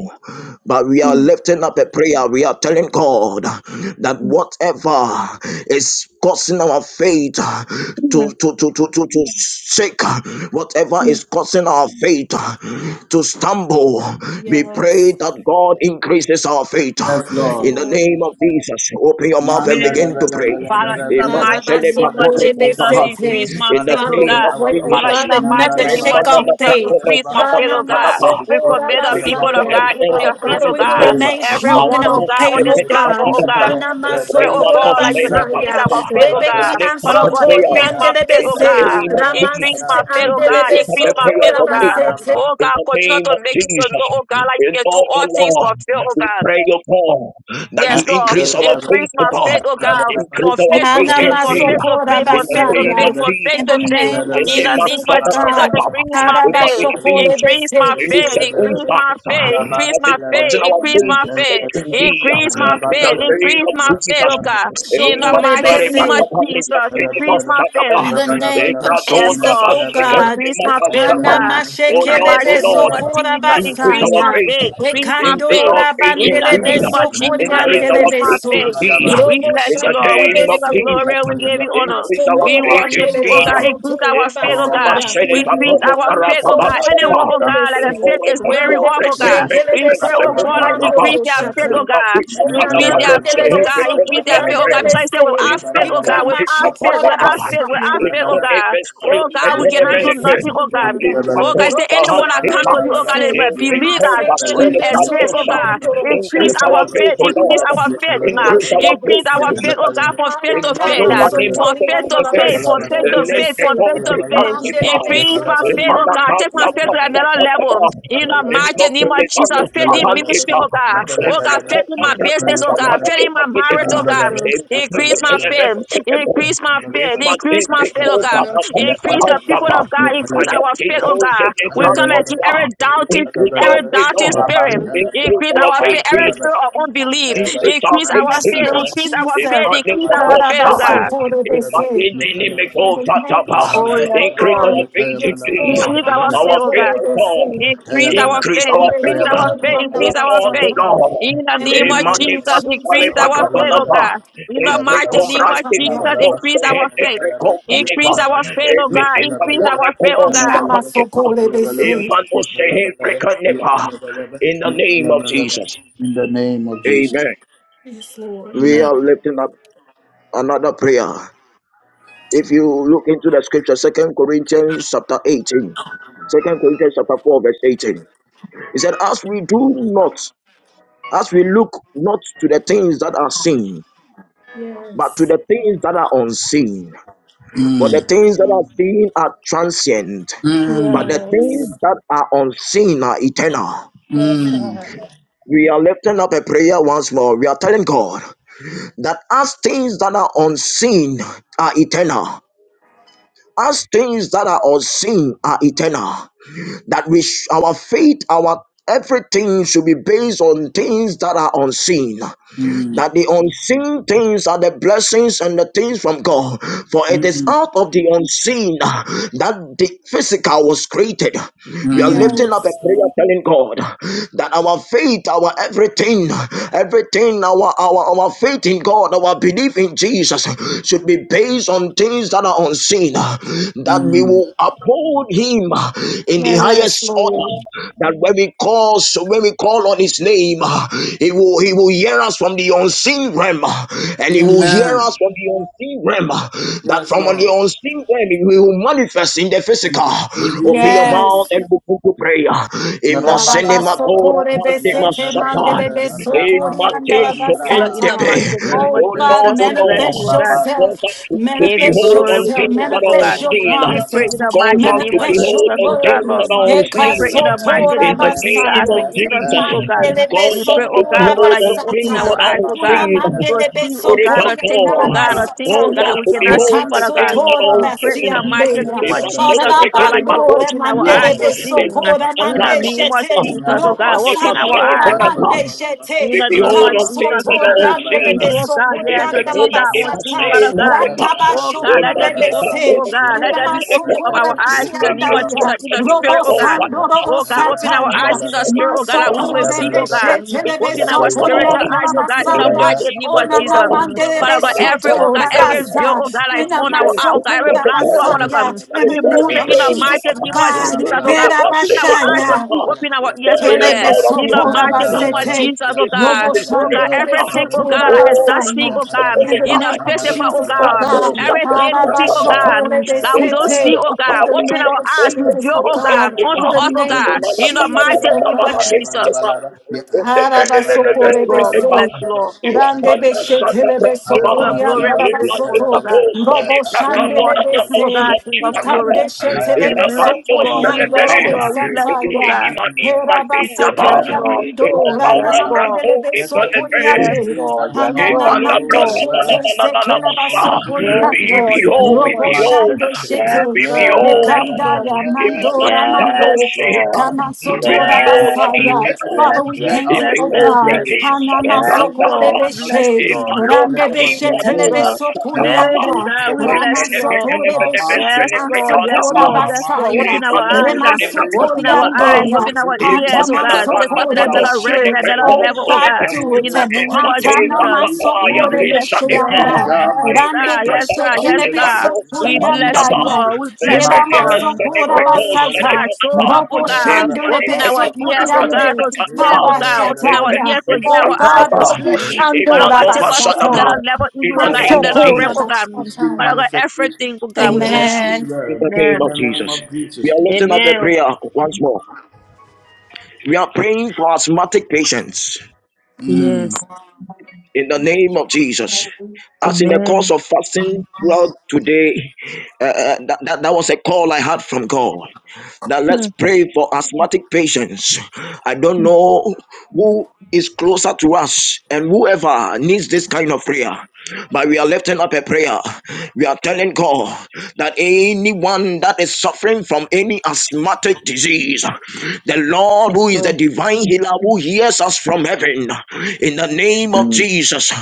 G: but we are
F: mm,
G: lifting up a prayer. We are telling God that
F: mm,
G: whatever is causing our faith
F: mm,
G: to, to, to, to, to, to shake, whatever
F: mm.
G: is causing our faith to stumble, we pray
C: Yes,
G: that God increases our faith.
A: Yes,
C: yes,
A: Lord.
G: In the
C: Lord.
G: name of Jesus, open your mouth and
F: Amen.
A: Mandala,
G: begin to
A: bala,
G: pray
A: bala,
F: Father,
A: bala,
F: in the
A: bala, bala.
F: mighty name
A: Father,
F: of
A: equip
F: Jesus,
A: our faith.
C: Arabasokore-besete.
F: increase my
G: in the
A: Father,
F: faith, oh
C: Father,
G: name
A: equip
C: we
G: of
F: God.
A: our
C: pray, oh
A: faith.
F: Father,
G: Jesus.
C: God,
F: in the
C: that
F: mighty
C: nothing
A: Mandala,
F: name of
C: shake
A: bala, bala.
C: our
F: Jesus,
C: faith.
F: increase
A: Whatever
F: my faith, oh
A: forces our
F: God.
G: Rembalabakolosatakadaba.
A: faith to
F: We
A: faith,
F: commit the
G: This is
A: whatever
F: people
G: the
F: of
C: Hanamasokorabasaya.
A: forces
F: God into
G: evidence
A: our
F: your
G: of
C: But
A: faith
F: hands,
C: Father,
F: oh
C: we
G: Jesus.
A: to
C: will
F: God.
A: waver.
C: remain
A: In
C: strong
A: the
C: in
F: Everyone, oh
C: our
A: name
F: God,
A: of
C: faith,
F: on this
C: oh
A: Jesus.
F: platform,
C: God.
F: oh
G: Abadosekedebakadaba.
F: God.
A: Nante,
F: We
A: bala,
F: pray,
A: bala,
F: oh
A: bala.
F: God, like you
A: Nibrade,
F: increase
C: Hanamasokorabasaya.
F: our
G: Remanosenekakaba.
F: faith, oh
A: ipala,
G: We
C: Rebeki
A: bala.
F: God.
G: lift up
F: Father
G: the
F: God,
A: Manu,
C: ansotori
G: prayer
F: increase my
A: bala.
F: faith,
G: in
F: oh
G: the
A: Nante,
C: andelebese.
F: God.
G: name of
A: bala,
F: Increase
G: Jesus.
F: my
C: Ramansiti
A: bala.
F: faith, oh
G: We
F: God.
G: lift up
F: Increase
G: the
F: my
G: prayer
F: faith, oh
G: of
A: Nante,
F: God.
G: faith.
A: bala.
C: andelebesokorabasete.
F: Oh
G: In
F: God,
G: the
F: continue
G: name
F: to
G: of
F: make it so
G: Jesus,
F: know, oh God, like you
G: in
F: can do
G: all the
F: all things
G: law,
F: for faith, oh
G: we
F: God.
G: pray, O God, that
A: Rabba
G: you
F: Yes, Lord.
G: increase our
F: Increase
G: faith, O
F: my
G: God.
F: faith, oh God, from
G: Increase our
F: faith to
G: faith
F: faith,
G: in
F: from
G: you.
F: faith to faith,
G: In
F: from
G: the
F: faith to
G: name of
F: faith,
C: Hanamasokorabasaya.
F: from faith
C: In
G: Jesus.
C: the
F: to faith.
C: name
G: In
C: of
F: In
G: the
F: the name
C: Jesus,
F: of
C: oh
G: Masada
F: Jesus,
C: God.
G: Bakaba.
F: increase my
G: In the
F: faith.
G: enemies,
F: Increase my
C: Arabashokorebese.
G: in the
F: faith, increase my
G: circumstance
F: faith, increase
G: that
F: my
G: is
F: faith,
G: causing our
F: increase
G: faith
F: my
G: to sink
F: faith,
G: in thee.
F: increase my
G: In the
F: faith,
G: name
F: increase
G: of
F: my faith,
G: Jesus.
F: oh God.
G: In the
F: In the mighty
G: Masada
F: name of
C: Shokorebese.
G: Bakaba. In
F: Jesus,
G: the
F: increase my
G: Masada
F: faith.
C: In the
G: Bakaba. In
C: name of
F: Yes,
C: Jesus,
F: God.
C: oh God.
F: Increase
G: the
F: my faith,
G: Masada
F: oh
G: Bakaba.
F: God.
G: Oh
F: In the
G: Lord, oh
F: mighty name
G: Lord,
F: of Jesus,
G: increase
F: increase
G: our
F: my
C: Hanamashekelebesokorabasaya.
G: faith,
F: faith. Increase my
G: increase our
F: faith.
G: faith
F: In
G: in
F: the
G: thee,
F: name of
A: our
F: Jesus,
G: increase our
F: increase my
G: faith in
C: Ekandorabandelebesokoreandelebeso.
F: faith.
G: thee,
F: We bless
G: in
F: you,
G: the
F: Lord. We
G: name
F: give
G: of
F: you the
C: Roboshandelebese.
F: glory.
G: Jesus,
F: We give you honor.
G: increase our
F: We
G: faith in
F: worship you,
A: feast
F: oh
G: thee.
F: God.
A: time
F: Increase our faith, oh
A: strong
F: God.
A: in
F: We
A: the name of
F: increase our
A: Jesus.
F: faith, oh
A: May
F: God.
A: our faith
F: Anyone, oh
A: stand
F: God, that the
A: strong
F: faith is
A: in the
F: wearing off, oh
A: name of
F: God.
A: Jesus.
F: We pray, oh God, like
A: Rabalabalaba,
F: increase their
A: rabalabalaba,
F: faith, oh God. Increase
C: Onana
F: their
A: rabalabalaba,
F: faith, oh
C: madelebe
F: God. Increase their faith, oh God. Because
C: sokoriandelebe
A: rabalabalaba,
F: you said,
A: rabalabalaba,
C: se.
F: without faith, oh God,
A: rabalabalaba, rabalabalaba,
C: Ikama
F: without
A: yes,
F: faith,
C: shokora
F: without faith, without
C: basaya.
F: faith, oh
A: rabalabalaba,
F: God. Oh God, we cannot do
G: Thank
F: nothing, oh
A: yes,
F: God. Oh
A: rabalabalaba,
F: God, say
G: Limakosa
C: Robo
F: anyone that comes
G: Hantita.
C: standele
F: to you, oh God,
A: rabalabalaba,
F: let
C: bese,
F: me
A: yes,
F: believe that
C: masete
F: you
A: rabalabalaba,
C: bebe
A: yes,
F: exist, oh
A: rabalabalaba,
F: God.
C: sopremiando robo
F: Increase
A: yes,
G: Increase
C: shata,
F: our
G: our
F: faith,
G: faith, O
A: rabalabalaba,
F: increase
G: Lord.
F: our
A: yes,
F: faith, God.
G: Increase
A: rabalabalaba,
G: our
C: masokoriandele
G: faith,
F: Increase
A: yes,
F: our
C: bese,
F: faith, oh God,
G: Jesus.
F: from
A: rabalabalaba,
F: faith
G: In
F: to
A: Yep,
C: ananama
F: faith.
G: Manova name I
F: From
G: said to
F: faith to
C: sokorianda
G: the
C: la
G: day.
F: faith, from faith to
C: basokore
G: And let
F: faith,
G: the
F: from
C: bese,
G: God
F: faith to
G: be
F: faith.
C: mandele
G: justified.
C: bese
F: Increase my
G: In my
F: faith, oh
G: God,
C: okurianda
F: God.
C: la
F: Take my
G: I
F: faith to
G: must
C: basokore.
G: stop
F: another
G: at the
F: level.
G: Pashatada.
F: In the
G: In
F: mighty
G: my
F: name
G: God,
F: of
G: I
F: Jesus,
G: must
F: faith
G: stop
F: in
G: at the
F: ministry,
G: Sahantita.
F: oh God.
G: In
F: Oh
G: the
F: God, faith in
G: Kota
F: my business, oh
G: Kota
F: God. Faith in
G: the
F: my
G: Tikita.
F: marriage, oh God.
G: In Matiko
F: Increase my faith.
G: Eleven.
F: Increase my
G: In
F: faith. Increase my faith,
G: Matiko
F: oh God.
G: Panadima
F: Increase the people
G: Sahantapa.
F: of God.
G: I
F: Increase
G: am
F: our faith,
G: people
F: oh
G: in
F: God.
G: the
F: We
G: front
F: come
G: of
F: against
G: God.
F: every doubting
G: Increase our
F: every
G: faith,
F: doubting
G: Lord.
F: spirit.
G: Increase
F: Increase
G: our
F: our
G: faith,
F: faith, every
G: Jesus.
F: spirit of unbelief.
G: Increase our
F: Increase
G: faith,
F: our
C: Yes,
F: faith,
G: Jesus.
C: Lord
F: increase our
G: In
C: Jesus,
G: my
F: faith,
G: name
F: increase
G: of
F: our
G: God,
F: faith, oh
G: Sai.
F: God.
C: karabasokore
G: In my
C: bese,
G: name, in the name
C: in
G: of
C: the
G: God,
C: name of
F: Oh,
C: Jesus,
F: yes,
C: oh
G: Increase
F: Lord.
G: our
C: God,
G: faith in
C: yes,
G: thee.
C: Lord,
F: Increase our faith,
G: Our
F: oh
G: faith,
F: God.
C: abasokore
G: O God.
C: bese,
F: Increase our
G: Increase
F: faith.
G: our
F: Increase
G: faith.
F: our faith.
G: Oh
F: Increase our
G: Lord, oh
F: faith. In
G: Lord.
F: the
C: In the
F: name
G: In
F: of
G: my
C: name
G: name
C: of
G: of
F: Jesus,
G: Sale
C: Jesus,
F: increase
C: oh
F: our faith, oh
C: God.
G: Bakabanaba.
F: God. In
G: In
F: the
G: the
F: mighty name of
G: combrante
C: Harabanshataya.
F: Jesus,
G: Pacose,
F: increase
G: in
F: our faith.
G: the combrante,
F: Increase our faith,
G: in
F: oh God.
G: the
F: Increase our faith, oh God.
G: in the name of Jesus. Amen
C: Yes, Lord.
G: we are lifting up another prayer. If you look into the scripture, Second Corinthians chapter 18, Second Corinthians chapter 4, verse 18. He said, As we do not, as we look not to the things that are seen, but to
C: Yes.
G: the things that are unseen. For the things that are seen are transient, but the things
C: Yes.
G: that are unseen are eternal.
C: Yes, God.
G: We are lifting up a prayer once more. We are telling God that as things that are unseen are eternal, as things that are unseen are eternal that we sh- our faith our everything should be based on things that are unseen
A: Mm.
G: that the unseen things are the blessings and the things from God. For it is
A: Mm,
G: out of the unseen that the physical was created. We are
A: mm,
G: lifting up a
C: Yes.
G: prayer telling God that our faith, our everything, everything, our, our, our faith in God, our belief in Jesus should be based on things that are unseen, that we
A: mm.
G: will uphold Him in the
C: Yes,
G: highest order
C: Lord.
G: that when we call, so when we call on His name, ah, He will He will hear us from the unseen realm, ah, and He will hear us
A: Amen.
G: from the unseen realm. ah, That
A: Yes,
G: from the
A: Lord.
G: unseen realm, He will manifest in the physical.
A: In in
G: Open your
A: Jesus' name.
G: mouth
C: Yes.
G: and begin to pray. ah. In Masenema
A: Rabadabadaba.
G: Kora
C: Arabasokore
G: Pandema
C: besete
G: Shatai,
C: mandele
A: Yantalalaba.
G: in
C: besokori
A: Rapakopa
C: andala
G: Mateso
F: Father, in
A: livraha.
F: the
G: Kentepe,
F: mighty name of
C: Oh
G: oh
A: Rente
C: God,
G: Lord,
A: me
F: Jesus,
G: oh
F: we bless you,
G: Lord,
C: manifest
F: oh
A: aluba
F: God.
A: bande
G: cause
C: yourself,
G: us to, to
F: Give you
A: alaba.
C: manifest
G: behold
F: glory,
G: on
F: we
C: yourself,
F: give
G: things
F: you
G: that
A: Naben
F: honor, oh
G: are
F: God.
C: manifest
A: so
C: your
G: unseen.
F: We pray
A: sadalaba.
F: in
C: promises,
F: the
G: Cause
F: mighty
G: us
F: name
G: to
F: of
A: Nelebre
C: manifest
F: Jesus,
C: your
G: behold on
F: oh
C: word.
F: God,
G: things that
A: kapelu
F: Lord.
G: are
F: We
A: malebre
G: unseen.
F: pray in the
A: bede.
F: mighty
G: In
C: Ekasotora
F: name
G: the
F: of Jesus
G: name
F: as
G: of
F: we
C: basaya,
A: Nerbende
G: Jesus.
F: intercede, oh
A: kapele
F: God.
C: mandele
G: Cause
F: We
A: benus
G: us
F: pray,
G: to
F: oh
A: mende
F: God,
C: besokora
F: Lord,
G: behold
F: that
G: on
F: you open
G: things
F: our
G: that
A: kape.
C: basata
F: eyes,
G: are
F: oh God,
A: Rababan
G: unseen.
F: to
C: mandele
A: telebe
F: see, oh
C: beso
A: kupal
G: Spirit
F: God,
C: beso
G: of
F: the
A: benus
F: things, oh
G: God,
F: God, the
A: mala.
F: things, oh
G: cause
F: God, that
G: us
F: we
G: to
F: cannot
A: Rapapan
G: behold
F: see,
G: the
F: Father
A: lebe
G: things
F: God.
G: that
C: beso
G: are
F: We
A: kapa.
F: pray in
G: unseen.
F: the mighty name
G: They
F: of
G: must say
A: Yantelebelebe
F: Jesus,
G: the
F: oh
C: basata
F: God, that
G: beginning
F: you
G: of
F: will
G: us.
C: kora
F: open our
C: mande
F: eyes to
A: kapelebe.
F: see.
G: They must
F: In
C: mande
G: not
F: the
G: come
F: name of Jesus, oh
C: robo
F: God,
G: they
F: open
G: must
F: our
G: say the
C: sandora
F: eyes.
G: beginning. of As
F: In
G: we
F: the name
G: behold
F: of
G: the
F: Jesus,
G: things
F: oh
G: that are
F: God.
G: unseen,
F: We pray, oh God,
G: if
F: yes, the
G: they
F: tea
G: come and
F: that
G: give
F: on
G: us
F: team, Father
G: name, they
F: God.
G: must. say nothing
F: Oh
G: else.
F: God,
G: They
F: let there
G: must
F: be
G: let
C: Ranta
G: us
F: opening,
G: go
C: se
F: oh
G: to the
F: God.
C: and
F: Let
G: Lord,
C: the
F: there be opening of
C: Masokora
F: our eyes
G: If
F: in the
G: they
F: name of
G: just
F: Jesus,
C: Beshandaya,
F: in the
G: tell us that
F: spirit,
C: Robo
F: oh
G: all
F: God.
G: that they
C: Sando
G: must.
C: Robo
F: Oh God, open our
G: They
F: eyes
C: Sataya,
G: must
F: in the spirit, oh God, that we
G: celebrate
F: will
C: Masokore
F: see, oh
G: the
C: Beshe
F: God.
G: Spirit of
F: Open our
G: the
C: Telebeso
G: God,
F: spiritual
C: Koyanda
F: eyes, oh
G: you
F: God, in the
G: are
C: Basaya,
F: mighty
G: seeing
F: name
G: of
F: of
G: the
F: Jesus.
C: Onana
G: God,
C: Mandebe
F: Father
G: that
F: God,
G: is
F: every,
G: what
F: oh
C: Soto
G: we
F: God,
G: praise
F: every veil,
C: Rabasa,
F: oh God, that
G: him.
F: is
C: Nena
F: on
G: You
F: our
G: are
F: eye, oh
G: seeing
F: God, every
G: of
C: Masokora
G: the
F: black cloth,
G: God,
F: Father God.
C: Basaya,
G: that
C: in
G: is
F: We
C: the
G: why
F: move
G: we
C: name
F: it
C: of
F: in the
G: praise
A: Yes,
C: Jesus
F: mighty
C: oh
F: name of
G: him.
C: God,
F: Jesus,
G: We
F: oh
G: never
F: God.
G: not
F: Open
G: shake
F: our eyes
G: the
F: to
C: Herabashaya.
F: see,
G: God,
F: open our ears
G: for
F: to
G: it is
F: hear.
C: Telebe
G: out of
F: In
G: your
F: the
C: sotora
F: mighty
G: spirit that
F: name of
C: basete.
F: Jesus, oh
G: is seen
F: God.
C: Lobo
G: the
F: Oh God,
G: Spirit of
C: shandelebe
G: God.
F: everything, oh God,
C: sotora
F: that is
G: Oh,
F: not
G: that
F: seen,
G: is
C: basaya.
F: oh
G: the
F: God.
C: In
G: Holy
C: the
F: In the
G: God,
C: name of
F: physical, oh
C: Jesus, oh
G: that
F: God.
G: who
C: God.
G: shall
F: Every
G: be the
F: hidden thing,
G: God,
F: oh God.
C: Harabashokore
G: That
F: That we
G: is a
F: don't see,
C: besete.
G: gift
F: oh
G: of
C: In
G: God
F: God.
C: the
F: Open
C: name
F: our
C: of
F: eyes,
C: Jesus,
F: reveal,
C: oh
F: oh
C: God.
F: God, unto
C: In the
F: us, oh
C: name
F: God.
C: of
F: In the
C: Jesus,
F: mighty
C: oh
F: name of
C: God.
F: Jesus. Yes, Lord, we
C: Harabasokorebese.
F: bless you, Lord.
A: Yep, you will
C: Randebeshe
F: Give you the glory, we give you honor,
C: telebesokoriandalabasoto.
F: oh God.
C: Robo
F: We worship you, oh
C: shandelebese.
F: God, King of glory.
C: Ikandeshe
F: We bless you, Lord. We bless you,
A: empower
F: Lord.
A: us
F: We
A: in
F: bless
A: the
F: you, oh
C: telebesokoriandorabosataya.
F: God.
A: unseen realm.
F: We say thank you,
C: Herabasakaya
F: Lord.
C: mundo.
F: Yes,
A: Rebadakalubalaba.
F: Lord.
A: Just as
G: Thank
A: you
G: you.
A: spoke
F: Yes,
C: Rananamandelebesokoriande.
A: things
F: Lord.
A: that were
F: Yes,
A: not
C: Kanana
F: Lord.
A: as
G: Ifanda
F: Yes,
A: though
C: mande
A: they
F: Lord.
G: branda bana
C: shete
A: were
G: bana bana
A: from
C: sekela
A: the
G: basa.
C: baso
A: unseen
F: Yes,
A: realm
G: Be
A: and
C: korinando.
F: Lord.
A: it
F: Yes,
G: behold, be
A: became
F: Lord.
C: Robo
G: behold,
C: shande
A: manifested.
C: shete.
F: Yes,
G: be
F: Lord. We
G: behold.
F: bless you,
C: Rekanda
F: Lord.
A: Let us
G: Imatana
C: mandora
A: speak
G: brano
F: Yes,
C: mande.
A: from the
F: Lord.
G: shehita.
C: Kana
A: unseen
G: Be
C: sotora
A: realm.
G: behold
F: Yes,
G: on the
A: And
C: basaya.
A: let
G: teka.
A: us
F: yes,
C: Father, we
F: yes,
A: let
C: thank
A: our
C: you,
G: Ibe
F: yes,
C: O
A: faith be
F: yes,
G: gold
C: God.
F: yes.
G: pike
A: big
G: sata
C: Hanama
A: on
F: Yes,
G: branda
A: things
G: pa.
C: sokore
A: that
F: Lord.
A: are
F: We
A: not
F: bless you,
C: beshe.
F: Lord.
A: seen.
G: Imalo
C: Rande
A: Let
G: pakim
A: our
C: beshe
F: Yes,
G: pato
C: tele
A: believe
F: Lord.
G: pasata
A: and our
F: Hey,
G: kapa.
A: faith,
C: kurianda.
A: the
F: God, we
A: word
C: Rama
F: bless you,
A: that
G: Imene
A: comes
F: Lord.
A: from
G: mene
C: sokore
A: our
G: mene
A: mouth, the
C: beshiti
F: Yes,
G: besene
A: word
F: Lord.
A: that
G: brekanda
F: Yes,
G: pa.
A: proceeds
F: Lord.
A: our
F: Yes, Lord.
A: mouth,
C: Rabasaya,
F: Open our
G: Irimado
A: even
F: eyes.
A: with
F: God.
G: sene
A: courage,
F: Open our
G: brekanda
A: we
G: pa.
F: eyes.
C: Remasotoriandeya,
A: we,
F: Open
A: we,
F: our
A: we, we
F: ears, oh
G: Imatana
F: God. Take
G: branda
F: us to
A: galvanize
F: that
G: pano
F: another
A: our
F: realm,
G: sene
F: that
A: unseen
C: Hatamasokorebeshe.
F: another
G: breko
C: Oh
F: level,
A: realm
F: oh
C: God,
F: God.
G: sene.
A: that will
C: do it.
F: In the
A: make
F: name
A: our
F: of
G: Mate Papa
F: Jesus.
A: physicality
F: We
A: and
F: will
G: Yati
A: things
F: bless
A: in
F: you.
A: the
G: Satipa,
C: Hatamasokorebesheanda.
A: physical
F: Yes,
C: Rande
A: manifest
F: God.
G: Ibrahim
F: Yes,
C: beshe
F: God. Yes,
C: kelebe
A: beautifully
F: God.
G: Pato
A: in the
F: We
A: name
C: sokorianda.
F: bless
A: of
F: you,
G: Sahataba,
F: Lord.
A: Jesus.
F: We bless you,
C: Hera
G: Ibrahim
F: God.
C: masokora
G: Senipeko
F: Oh
C: basata.
F: God,
A: Mata
F: show
G: Senipapa,
A: we
F: up, oh
C: Robo
F: God.
G: Imani
F: Open
C: shandelebe
F: our ears, oh God,
C: sokoriande.
F: to hear,
G: Pekataba,
F: oh God. Open our
C: Habashataya.
F: ears to hear,
C: Oh
F: our
A: speak
F: eyes
C: God,
F: to
G: Ipesinipataba,
C: robo
F: see.
A: manifestation
F: Father
A: from
C: shandora
F: God,
A: the
F: take
G: Imanova
F: us to
A: unseen
G: Satapa,
C: basata.
F: another
A: realm
F: level in
G: in
F: you,
A: in
F: oh
G: the
A: the
F: God,
G: name
A: name
G: of
F: another
A: of
F: realm,
C: Masokora
G: Jesus.
F: oh
A: Jesus. We
F: God.
A: speak
C: basata.
F: Father God,
A: manifestation
F: everything, oh God,
A: from
F: we
A: the
F: bless you.
C: Amen.
A: unseen
G: In
A: realm
G: the name
A: in
F: Amen.
G: of
A: the name
G: Jesus.
A: of
G: We
A: Jesus.
G: are lifting up a
F: Amen.
G: prayer once more. We are praying for asthmatic patients.
F: Yes.
G: in the name of Jesus. As in the course
F: Amen.
G: of fasting throughout today, uh, uh, that, that, that was a call I had from God. Now let's
F: Mm,
G: pray for asthmatic patients. I don't
F: mm,
G: know who is closer to us and whoever needs this kind of prayer. But we are lifting up a prayer. We are telling God that anyone that is suffering from any asthmatic disease, the Lord
F: Thank
G: who is the
F: you.
G: divine healer who hears us from heaven, in the name of Jesus,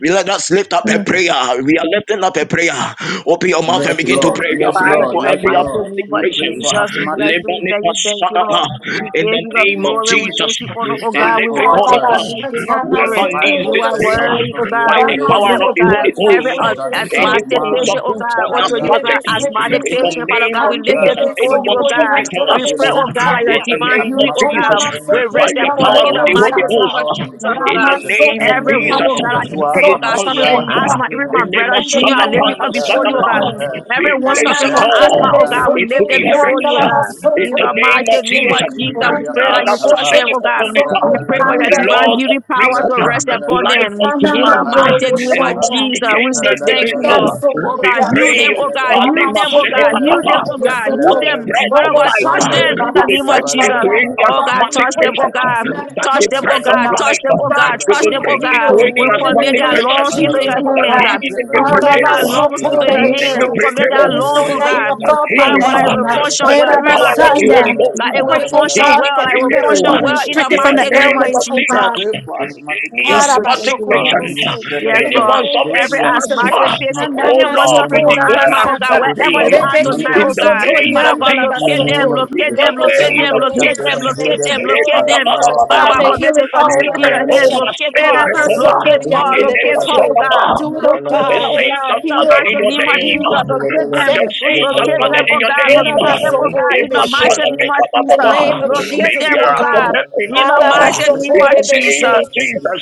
G: we let us lift up a
F: Mm,
G: prayer. We are lifting up a prayer. Open your mouth and begin
A: Yes,
G: begin to
A: Lord.
G: pray. You are
A: Yes,
F: Father,
G: praying
A: Lord.
F: in
G: for
F: the
A: Yes,
G: every
F: mighty
A: Lord.
G: athletic
F: name
A: We
F: of
A: pray
G: patience.
A: for
F: Jesus, we
G: In
A: asthmatic
F: bless you. We thank
A: patients.
F: you, thank you, Lord.
A: Right
F: We
A: now,
F: give
G: the
F: you
A: in
F: the
A: the
G: name
A: name
G: of
A: of
F: glory. We
A: Jesus,
G: Jesus,
F: give you honor,
A: we
F: oh God.
A: stand
F: We
A: on your
F: worship the
G: Elepekonapa.
A: word.
F: new King of
A: The
F: glory.
G: whoever needs
F: You
A: Bible
G: this
F: are
A: said in the
G: prayer
A: book
F: worthy,
A: of
F: oh
G: by
F: God. We
G: the power
F: commit,
A: Revelation
G: of
F: oh
G: the
F: God,
A: that
G: Holy
F: every
G: Ghost,
A: so
F: as
A: shall the Son of
F: asthmatic
G: anyone
F: patient,
A: Man
F: oh
G: suffering from
F: God,
A: rise
F: unto you, oh
A: up with
F: God,
G: asthmatic,
A: healing in
F: asthmatic
A: his
G: in the
F: patient, Father
A: wings.
G: name
F: God.
G: of
F: We lift this
G: Jesus,
A: Father,
F: before
A: we
F: you,
G: anyone
F: oh
A: decree
F: God.
A: and
G: suffering from
A: declare
F: We pray,
G: asthma,
F: oh
A: healing
F: God, like a
G: in
A: for
G: the
A: any
F: divine
G: name of
F: healing, oh
A: asthmatic
G: Jesus,
F: God.
A: patient
F: We
G: by
F: rest
G: the
F: upon
G: power
F: it
A: right
F: in
G: of
F: the
G: the
A: now
G: Holy
F: mighty
A: by the
F: name
G: Ghost,
F: of
A: power of the
F: Jesus,
A: Holy
F: oh
G: in
F: God.
G: the
A: Ghost
G: name
A: and
G: of
A: in the
F: Everyone,
A: name
G: Jesus,
F: oh
A: of
F: God, is
G: be
F: sick,
A: Yeshua
F: oh
G: it
F: God, suffering from
G: transcend
A: Amashiach,
F: asthma.
A: in
F: Even
A: the
F: my
G: in
C: Ramasso
A: name
G: the
A: of
F: brother,
C: in the
G: Masan
F: Junior, I
A: Jesus,
F: lift
C: name
G: upon
F: you up
C: of
F: before you, oh
G: Masakapa,
A: Master,
F: God.
C: Jesus.
A: Master,
G: we
C: and
F: Everyone
C: then the
G: place
F: suffering
G: a
F: from
C: Andanda mandele
F: asthma,
A: Master,
F: oh
C: de
G: call
A: Master,
F: God, we
G: into
F: lift
G: the
F: them
C: sotori
A: Lucifer,
F: before
C: and the
F: you, oh
G: heavens
F: God.
G: in
F: In
G: the
F: the
C: basotori de
G: name of
F: mighty name of
C: sotori.
G: Jesus.
F: Jesus, we pray
C: Rande de
F: that
A: Mandilibriyapa
F: you touch them,
C: shotere
A: kapa,
F: oh God.
G: The
F: We pray for
A: randalaba
F: your
C: and
A: kapa,
F: divine
G: Lord
C: the.
G: of
F: healing power to rest
G: freedom,
F: upon
A: rapandalaba,
G: life
F: them.
G: unto
F: In the
G: man,
F: mighty name
G: and
F: of
A: rapandilibriyapa,
G: man
C: Anamandoroboshaya.
F: Jesus, we
G: became a
F: say thank
G: living
F: you,
C: Yam
A: yatandalabalaba,
F: Lord.
G: soul.
F: Oh
C: so
G: We
F: God,
C: yam
F: heal
G: pray,
F: them,
C: de.
F: oh
A: yatandalabalaba,
F: God,
G: Father,
F: heal
C: Rama
F: them, oh
C: so
G: Masan
F: God,
A: yatandalabalaba,
F: heal
C: yam de
F: them, oh
G: Makapa
F: God, heal
G: that the
C: soto.
F: them.
A: yatandalabalaba,
G: bread
F: Father
G: of
C: Robo
F: God,
G: life
F: touch
G: uh,
C: shangur
F: them
A: yatandalabalaba,
F: in the
G: will
C: baba
G: be
F: name of
G: brought into
F: Jesus.
C: sataya.
G: any
F: Oh
A: yabalabalabalaba,
F: God,
C: Father, we
G: asthmatic
F: touch
C: pray
F: them, oh
C: for
G: patient.
A: yatandalabalaba,
F: God.
G: uh,
C: asthmatic
G: That
F: Touch
G: the
F: them, oh
C: patients
G: bread of
F: God,
C: tonight.
A: yabalabalabalaba,
F: touch
G: life
F: them,
G: uh,
F: oh
C: God,
F: God,
G: we
C: that
F: touch
C: you
G: will
F: them,
C: will
F: oh
G: bring
A: apayabalabalaba,
G: into
F: God.
C: heal
G: any
F: We
C: in the
F: commit
G: asthmatic
A: yatandalabalaba,
F: their
C: name of
G: patient.
F: lungs into
C: Jesus,
G: uh,
F: your
C: oh
G: That
A: apayabalabalaba,
F: hands.
C: God.
G: healing
F: We
G: will
F: commit
G: prevail.
A: yatandalabalaba,
F: our
G: uh,
F: lungs into your
G: Healing
C: Arabasokorebeshe.
F: hands.
G: will
F: We
A: apayabalabalaba,
F: commit
A: we
G: prevail.
A: pray
F: our
C: There is
F: lungs,
C: no
F: oh
C: name
F: God.
G: Instant
C: above your
F: Father
G: healing
F: God,
C: name.
F: I
G: uh,
F: will function
G: by
F: well.
G: the
F: Even my
G: power of the
F: patience,
G: Holy
C: Herabasaya.
G: Ghost.
F: like
C: We
F: it
G: uh,
F: will
C: pray, oh
F: function
C: God,
G: Healing
F: well. Like
C: that
F: it will
G: prevail
C: nothing
F: function
C: will
G: uh,
C: be
F: well in the
C: restricted
G: in
C: from
G: the
C: the
F: mighty name
G: name
F: of
G: of
C: airways, oh
F: Jesus.
G: Jesus.
C: God.
A: for asthmatic
G: Any
F: Yes, we
A: patients,
F: thank
G: asthmatic
F: you, Lord.
G: patient,
A: Mando
G: uh,
C: Harabashokorobose.
F: Yes,
C: In
A: Shadabebe,
C: the
F: God.
G: anyone
C: name of
A: those
G: suffering
F: Every
A: who
G: from
A: are sick
C: Jesus.
F: asthmatic
G: asthma,
F: patient,
A: asthmatic,
G: Oh
F: anyone
A: in
G: Lord,
A: the
G: we
F: suffering from
A: name
C: Anamasokora
A: of
G: declare
F: asthma,
G: us
A: Jesus,
F: oh God,
G: more
C: basata.
A: those who
F: wherever
G: free
A: have
F: they are
C: Rebeki
A: asthmatic
F: tonight,
G: in
F: oh
G: the
F: God.
C: ansotori
G: name
F: Father
G: of
A: sickness,
F: God,
A: in
G: Jesus.
A: the
F: locate them,
A: name
C: andalabasoto.
A: of
G: In
F: locate
A: Jesus,
G: the
F: them,
C: Robo
A: that
F: locate
G: name
A: you
F: them,
G: of
A: will touch
F: locate
A: them
F: them,
G: Jesus.
A: and heal
F: locate
C: shadorebesete.
F: them,
A: them
F: locate
A: by the
C: Oh, you
F: them.
C: are the
A: power of the
F: Father
C: God
F: God,
A: Holy
G: Re-ba-ba-ba-ba-ba-ba-ba.
C: that
A: Ghost.
F: commit it
C: healeth
F: to
C: all
F: you in your
C: plants.
F: hands. Locate her,
G: Re-be-ko-ma-se-ne-be-ko-ba.
F: locate
C: Rerabasotori
F: her,
G: In
F: locate her, oh
C: andelebese.
F: God.
G: the
C: Do it, oh
G: as
F: Locate
G: your
F: her,
C: God.
F: oh
G: saints
F: God.
G: are
F: In the
G: gathered in
F: mighty
C: Heal.
G: your
F: name of
G: name,
C: Heal.
F: Jesus, locate
G: as
F: them.
G: your
C: Set free,
G: saints
C: oh
G: are
F: Locate them,
G: gathered
C: God.
G: in
F: oh
G: your
F: God.
G: name,
F: Locate them, oh God.
G: if
F: In the
G: a son
C: Rerabasokorebeshe.
F: mighty
G: of a
F: name of
C: In the
F: Jesus.
C: name
G: kabababa,
C: of
G: may
D: Thank
F: Locate
G: you
D: you,
C: Jesus,
F: them,
G: hear
C: oh
F: oh
D: Lord.
G: us from
F: God.
C: God.
D: Hallelujah.
G: heaven, O
F: In the
G: God,
F: mighty name
G: in
F: of
G: the name
F: Jesus.
G: of
C: Arabasokorebeshe.
G: Jesus.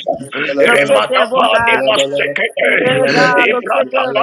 F: Locate them, oh
G: Rematapa
F: God.
G: nemasekete,
F: Hey, God, locate them,
G: ibratapa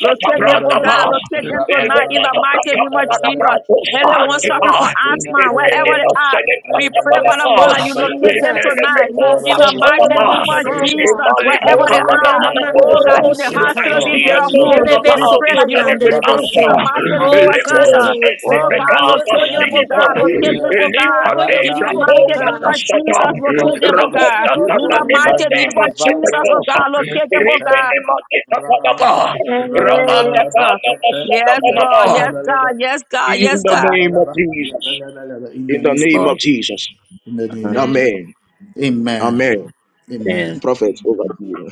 F: locate them, oh
G: bratapa,
F: God, locate them tonight in the
G: rematapa
F: mighty name of
G: kababana
F: Jesus.
G: bratusa
F: Anyone suffering from
G: hantipa, I
A: Yes,
F: asthma, wherever they are, we pray,
C: Yes,
F: Father God,
C: Lord
F: that you locate them
C: Jesus.
F: tonight in the mighty
C: Masokora
F: name of
C: basaya.
F: Jesus, wherever they are.
C: Remandala
F: Oh God,
C: mandorobo
F: in the hospitals,
C: shataya.
A: Lord,
G: see
F: if there are
A: yes,
G: angels
A: Lord,
G: from
F: wounds,
A: yes,
F: we
G: above
C: Elebeso
A: Lord.
F: pray that you
G: descending with
F: locate
A: Asthmatic
F: them in
G: answer.
F: the
C: kuriandelebese.
A: patients,
F: mighty name
A: Mambo
C: Oh
F: of
C: God,
G: Lemos
F: Jesus.
A: Cerebral.
C: do
G: and
C: it.
G: the
A: Father,
F: Oh
A: we
F: God,
A: pray
C: Do it
G: Pegama
A: for
C: for
F: locate
C: your
F: them,
D: Hallelujah.
F: oh
A: them.
G: Sinita.
C: people,
F: God,
A: Heal
C: Lord.
F: locate them, oh
A: them
C: Do
F: God.
C: it
G: Limpa
C: for
G: de
A: right
C: your
F: In
A: now
F: the
A: in
C: people,
A: the
C: oh
F: mighty
A: name
G: Bracoma
A: of
F: name
C: God.
F: of
A: Jesus.
G: Casata.
F: Jesus,
A: Those who are
C: Do it
F: locate
A: in
C: for
F: them,
C: your
F: oh
A: home,
F: God.
C: people,
G: Rabanda
C: oh
A: heal
F: In
G: Tata
F: the
C: God.
A: them
F: mighty
A: right
F: name
A: now.
G: Ematema
F: of
A: Revive
F: Jesus, oh
A: them.
G: Setacosa.
F: God,
A: Next
F: locate them,
A: step,
F: oh God.
A: elevate.
G: Ripenema
A: Rabalaba,
G: Tatanaba. Rabanda
F: Yes,
A: Rabalabalaba,
F: God.
G: Tata
F: Yes,
A: Yes,
F: God.
G: Masanaba.
F: Yes,
A: Rabalaba,
F: God. Yes, God.
G: In
F: Yes,
G: the
F: God.
G: name of Jesus.
A: Rabalabalaba, In
G: In
A: the
G: the
A: name of
G: name of
F: Yes,
G: Jesus.
A: in the name
F: Lord.
A: of Jesus.
C: Amen.
G: Amen.
A: Amen.
G: Amen.
A: Amen.
G: Prophet over to you.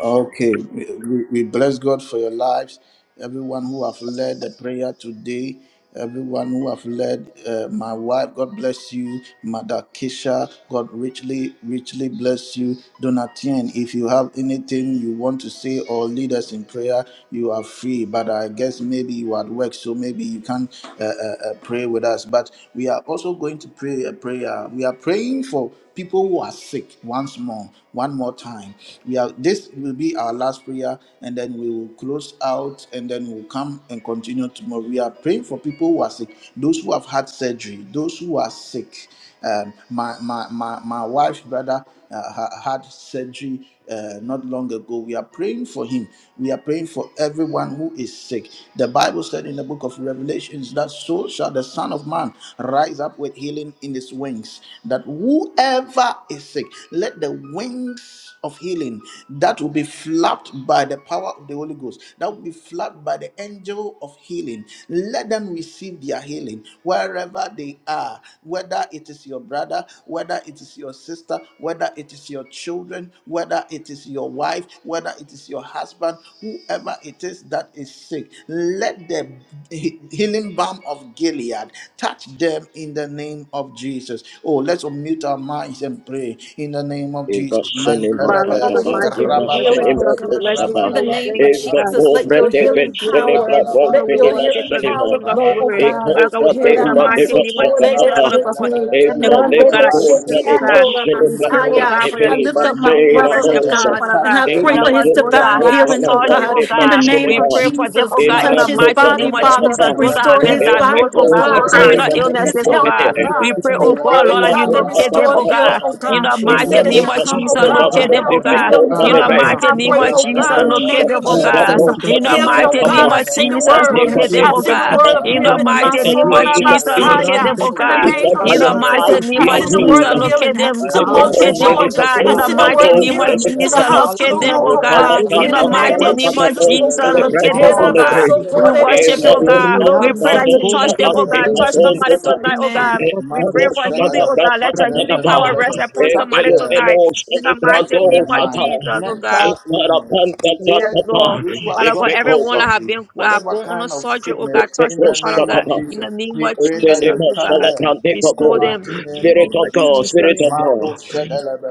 A: Okay. We, we we bless God for your lives. Everyone who have led the prayer today, everyone who have led uh, my wife, God bless you. Mother Kisha, God richly, richly bless you. Donatien, if you have anything you want to say or lead us in prayer, you are free. But I guess maybe you are at work, so maybe you can't uh, uh, uh, pray with us. But we are also going to pray a prayer. We are praying for for people who are sick once more, one more time. We are this will be our last prayer, and then we will close out, and then we'll come and continue tomorrow. We are praying for people who are sick, those who have had surgery, those who are sick. Um, my my my my wife's brother uh, ha- had surgery uh, not long ago. We are praying for him. We are praying for everyone who is sick. The Bible said in the book of Revelations that so shall the Son of Man rise up with healing in his wings. That whoever is sick, let the wings of healing that will be flapped by the power of the Holy Ghost, that will be flapped by the angel of healing. Let them receive their healing wherever they are, whether it is your brother, whether it is your sister, whether it is your children, whether it is your wife, whether it is your husband, whoever it is that is sick. Let the he- healing balm of Gilead touch them in the name of Jesus. Oh, let's unmute our minds and pray in the name of
G: Eva
A: Jesus.
G: senema ka
F: Father, in
A: Mantelebe,
C: Father,
F: the
G: aba,
C: we
F: mighty
C: decree
G: eva
F: name of
C: healing,
A: rabababa,
F: Jesus,
C: oh
G: senema
F: we
G: ko
C: God.
F: bless you,
G: saba,
F: we
C: In the
F: thank you,
A: rabalaba,
C: name
F: thank
C: of
F: you, oh
G: eva
F: God.
C: Jesus, let
G: pobre
F: We
C: your
G: de
F: give
A: yapandusmete,
G: ve
C: healing
F: you glory, we
C: power,
G: the
F: give you
G: ko
A: rabalaba,
F: honor,
C: let
F: we
C: your
G: venema
F: worship
A: telebe,
C: healing
F: your name,
G: senema,
C: power
F: King of
C: flow, oh
F: glory.
G: eko
C: God.
F: Father
A: rabantelebe,
F: God, we
G: fra
C: I
F: pray
G: de
C: lift
F: in
C: up
F: the
G: ma de
F: mighty
G: ve
F: name of
A: kapelebelebe,
F: Jesus,
G: saka
F: Father God, for any-
G: Emma
F: anyone, oh
G: leva
F: God,
A: whoever
F: that is
A: is
G: come
F: sick, oh
G: le
A: sick,
F: God.
G: basse le
F: We
A: in the
F: pray, oh
A: name
G: platò
A: of
F: God,
G: e
F: for your
G: veniva
A: Jesus,
F: divine
C: my
F: healing
A: Marco
F: to
G: sera
C: brother,
F: rest
C: oh
A: Sete,
F: upon them,
G: mosa.
C: God,
F: Father
A: touch
C: and
F: God.
C: I
A: them
C: pray
G: Emma
F: Father
A: with
C: for
A: the
F: God,
C: his
F: those
A: healing
G: tocca
F: that
C: divine
A: balm
F: have
G: coppa
A: of
C: healing,
G: la
C: oh
A: Gilead.
F: surgery,
C: God,
F: oh
G: parte
A: In
C: in
A: the
C: the
F: God,
G: basse
A: name
C: name
G: le
F: we
A: of
C: of
G: va.
F: pray for
A: Jesus,
F: them,
C: Jesus.
F: oh God, in
G: Emma
C: Touch
F: the
C: his
A: Mando
F: mighty
G: tocca
C: body,
F: name of
A: Sheve,
G: la
C: Father.
G: papà.
F: Jesus. Those that have
C: Restore
F: been
H: Right.
C: his
G: E
A: Rebelebelebe,
C: body,
G: le
F: diagnosed,
C: oh
F: oh God,
G: cose
F: with
C: God.
F: terminal
G: come
C: Restore
H: Ibrundeliya,
A: Ependelebelebe,
G: ti
C: his
F: illnesses,
G: passo
F: oh
C: health, oh
F: God,
G: vedere.
F: we
C: God.
F: pray,
C: For
G: E
F: oh
H: Ibrundeliya,
A: Yentelebelebelebe,
C: you are
F: God,
C: the
F: Lord,
G: prima
F: that you
C: God that
H: Turkiya,
G: tocca
A: Rababa,
F: locate them,
G: la
F: oh
C: restores
F: God.
G: papà.
C: health, oh
A: Capandalabra,
F: In
C: God.
F: the
C: You
G: In the name
F: mighty
C: said
G: of
H: Turkiya,
C: that
F: name
C: you
F: of
A: Capayabalaba,
C: come,
F: Jesus,
C: oh God,
H: Zatadaba,
F: locate
C: with
F: them, oh
C: health and healing
F: God.
C: healing,
F: In the
C: Father.
H: Randaba,
F: mighty
C: I
F: name
C: pray,
F: of
C: oh
F: Jesus,
H: Rakatutu,
C: God, in the
F: locate
C: name
F: them,
C: of
F: oh God.
C: Jesus. uh,
F: In
H: Ibrundeliya,
F: the
C: Healing, oh
F: mighty name
C: God, I
F: of
C: send a
F: Jesus,
C: word.
F: locate them,
C: I
F: oh
H: Ibrundeliya,
C: send a
F: God.
C: word
D: Hallelujah.
C: of
F: In the
H: Turkiya,
C: healing, my
F: mighty name
C: soul,
F: of
H: Tabi,
F: Jesus,
G: Jesus,
F: locate
C: Abasaya.
F: them, oh
H: Randaba,
D: for
C: In
G: for
C: the
F: God.
G: you
C: name
G: said
C: of
G: by
D: restoration,
F: In
G: your
F: the
H: Tatalaba,
C: Jesus, uh,
D: Lord
F: mighty
G: side
F: name
G: we
C: I
D: God.
F: of
G: are
C: send a word
F: Jesus,
G: healed.
C: of healing
F: locate
C: uh,
F: them.
H: a
C: to
G: They take
D: Restore their
H: house
C: Moultrie,
F: Locate
H: of
G: home
F: them,
D: body,
F: oh
G: many
C: Georgia.
F: God.
G: pieces
C: I
F: In
H: healing,
G: of
F: the
D: Father
C: send a
H: a
F: mighty
C: word of
G: those
F: name
H: faith
D: God.
F: of
C: healing to the
H: of
F: Jesus,
G: children.
F: locate
C: hospital
D: Hallelujah.
F: them,
C: room,
G: We
F: oh
D: Jesus,
C: oh
H: of
G: call
F: God.
G: it that,
C: God.
A: Yes,
G: that,
C: In
H: healing
F: In
C: the
F: the
D: in the mighty
G: call
A: Whoever
C: name
F: mighty
H: power,
G: it
C: of
D: name.
G: that,
F: name
G: that
F: of
C: Jesus,
G: most
C: oh
F: Jesus,
H: that is
C: God.
H: in
G: celebrate
F: locate
H: the
F: them,
G: home
F: oh
G: on
H: faith of
G: the
F: God.
G: day.
D: Hallelujah,
H: Jesus.
F: We
D: God.
G: In
F: worship you,
G: my
F: oh
D: Restore
C: Erabasotorebeshe,
G: Lord,
F: God.
G: my
F: We
G: Lord, my
F: pray
H: Rianda,
F: that
C: Orobosete.
F: you
G: Lord,
C: In the
F: touch
G: shall
F: them,
G: have
F: oh
H: Bondele,
F: God.
C: name of
G: people
F: Touch
H: Bondi,
G: born
F: somebody
C: Jesus.
F: tonight,
A: is
F: oh God.
C: Amen.
D: their
A: sick,
G: Spirit
H: Ibrundeliya,
F: We
G: of
A: Mando
F: pray
G: God,
F: for
H: Tataba,
G: Spirit
F: healing, oh
A: Shagalaba,
F: God. Let your healing
G: of
F: power rest
A: Nepandalaba,
F: upon
D: spirit,
A: touch
F: somebody
A: them.
F: tonight. In the
A: Sickness
F: mighty
A: in
F: name
A: the
F: of
G: God,
A: mind,
F: Jesus, oh God.
A: mental illness,
F: Yes,
A: surgery,
F: Lord.
A: those who have
F: Father God,
A: gone for
F: everyone that have
A: surgery,
F: been uh,
A: whatever
F: going on a
A: kind of
F: surgery, oh
A: sickness,
F: God, touch
A: in
F: them,
A: the
F: Father
A: name
F: God,
A: of
F: in
A: Jesus,
F: the name of Jesus, oh
A: cut
F: God.
A: them,
F: Restore them
A: in the
F: in
A: name
F: the
A: of
F: name of
A: Jesus,
F: Jesus.
D: Yes,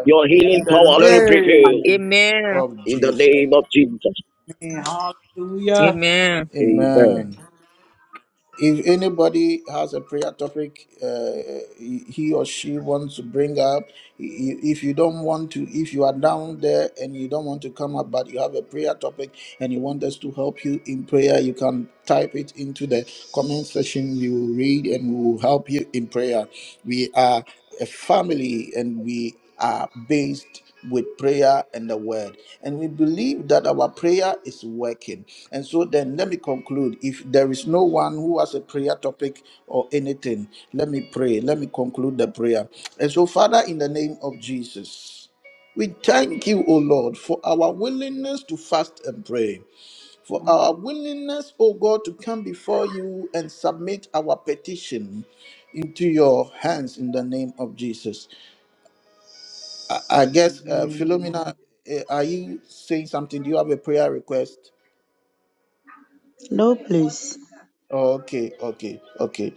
G: your
A: in the name
G: healing power, let it prevail
F: Amen.
D: Father.
A: of
G: in the
A: Jesus.
G: name of Jesus.
D: Man, hallelujah.
F: Amen.
G: Amen.
A: Amen. If anybody has a prayer topic, uh, he he or she wants to bring up, i- i- if you don't want to, if you are down there and you don't want to come up, but you have a prayer topic and you want us to help you in prayer, you can type it into the comment section. We will read and we will help you in prayer. We are a family and we are based with prayer and the word. And we believe that our prayer is working. And so then let me conclude. If there is no one who has a prayer topic or anything, let me pray. Let me conclude the prayer. And so, Father, in the name of Jesus. We thank you, O Lord, for our willingness to fast and pray, for our willingness, O God, to come before you and submit our petition into your hands in the name of Jesus. I, I guess, uh, Philomena, eh, are you saying something? Do you have a prayer request? Oh, okay, okay, okay.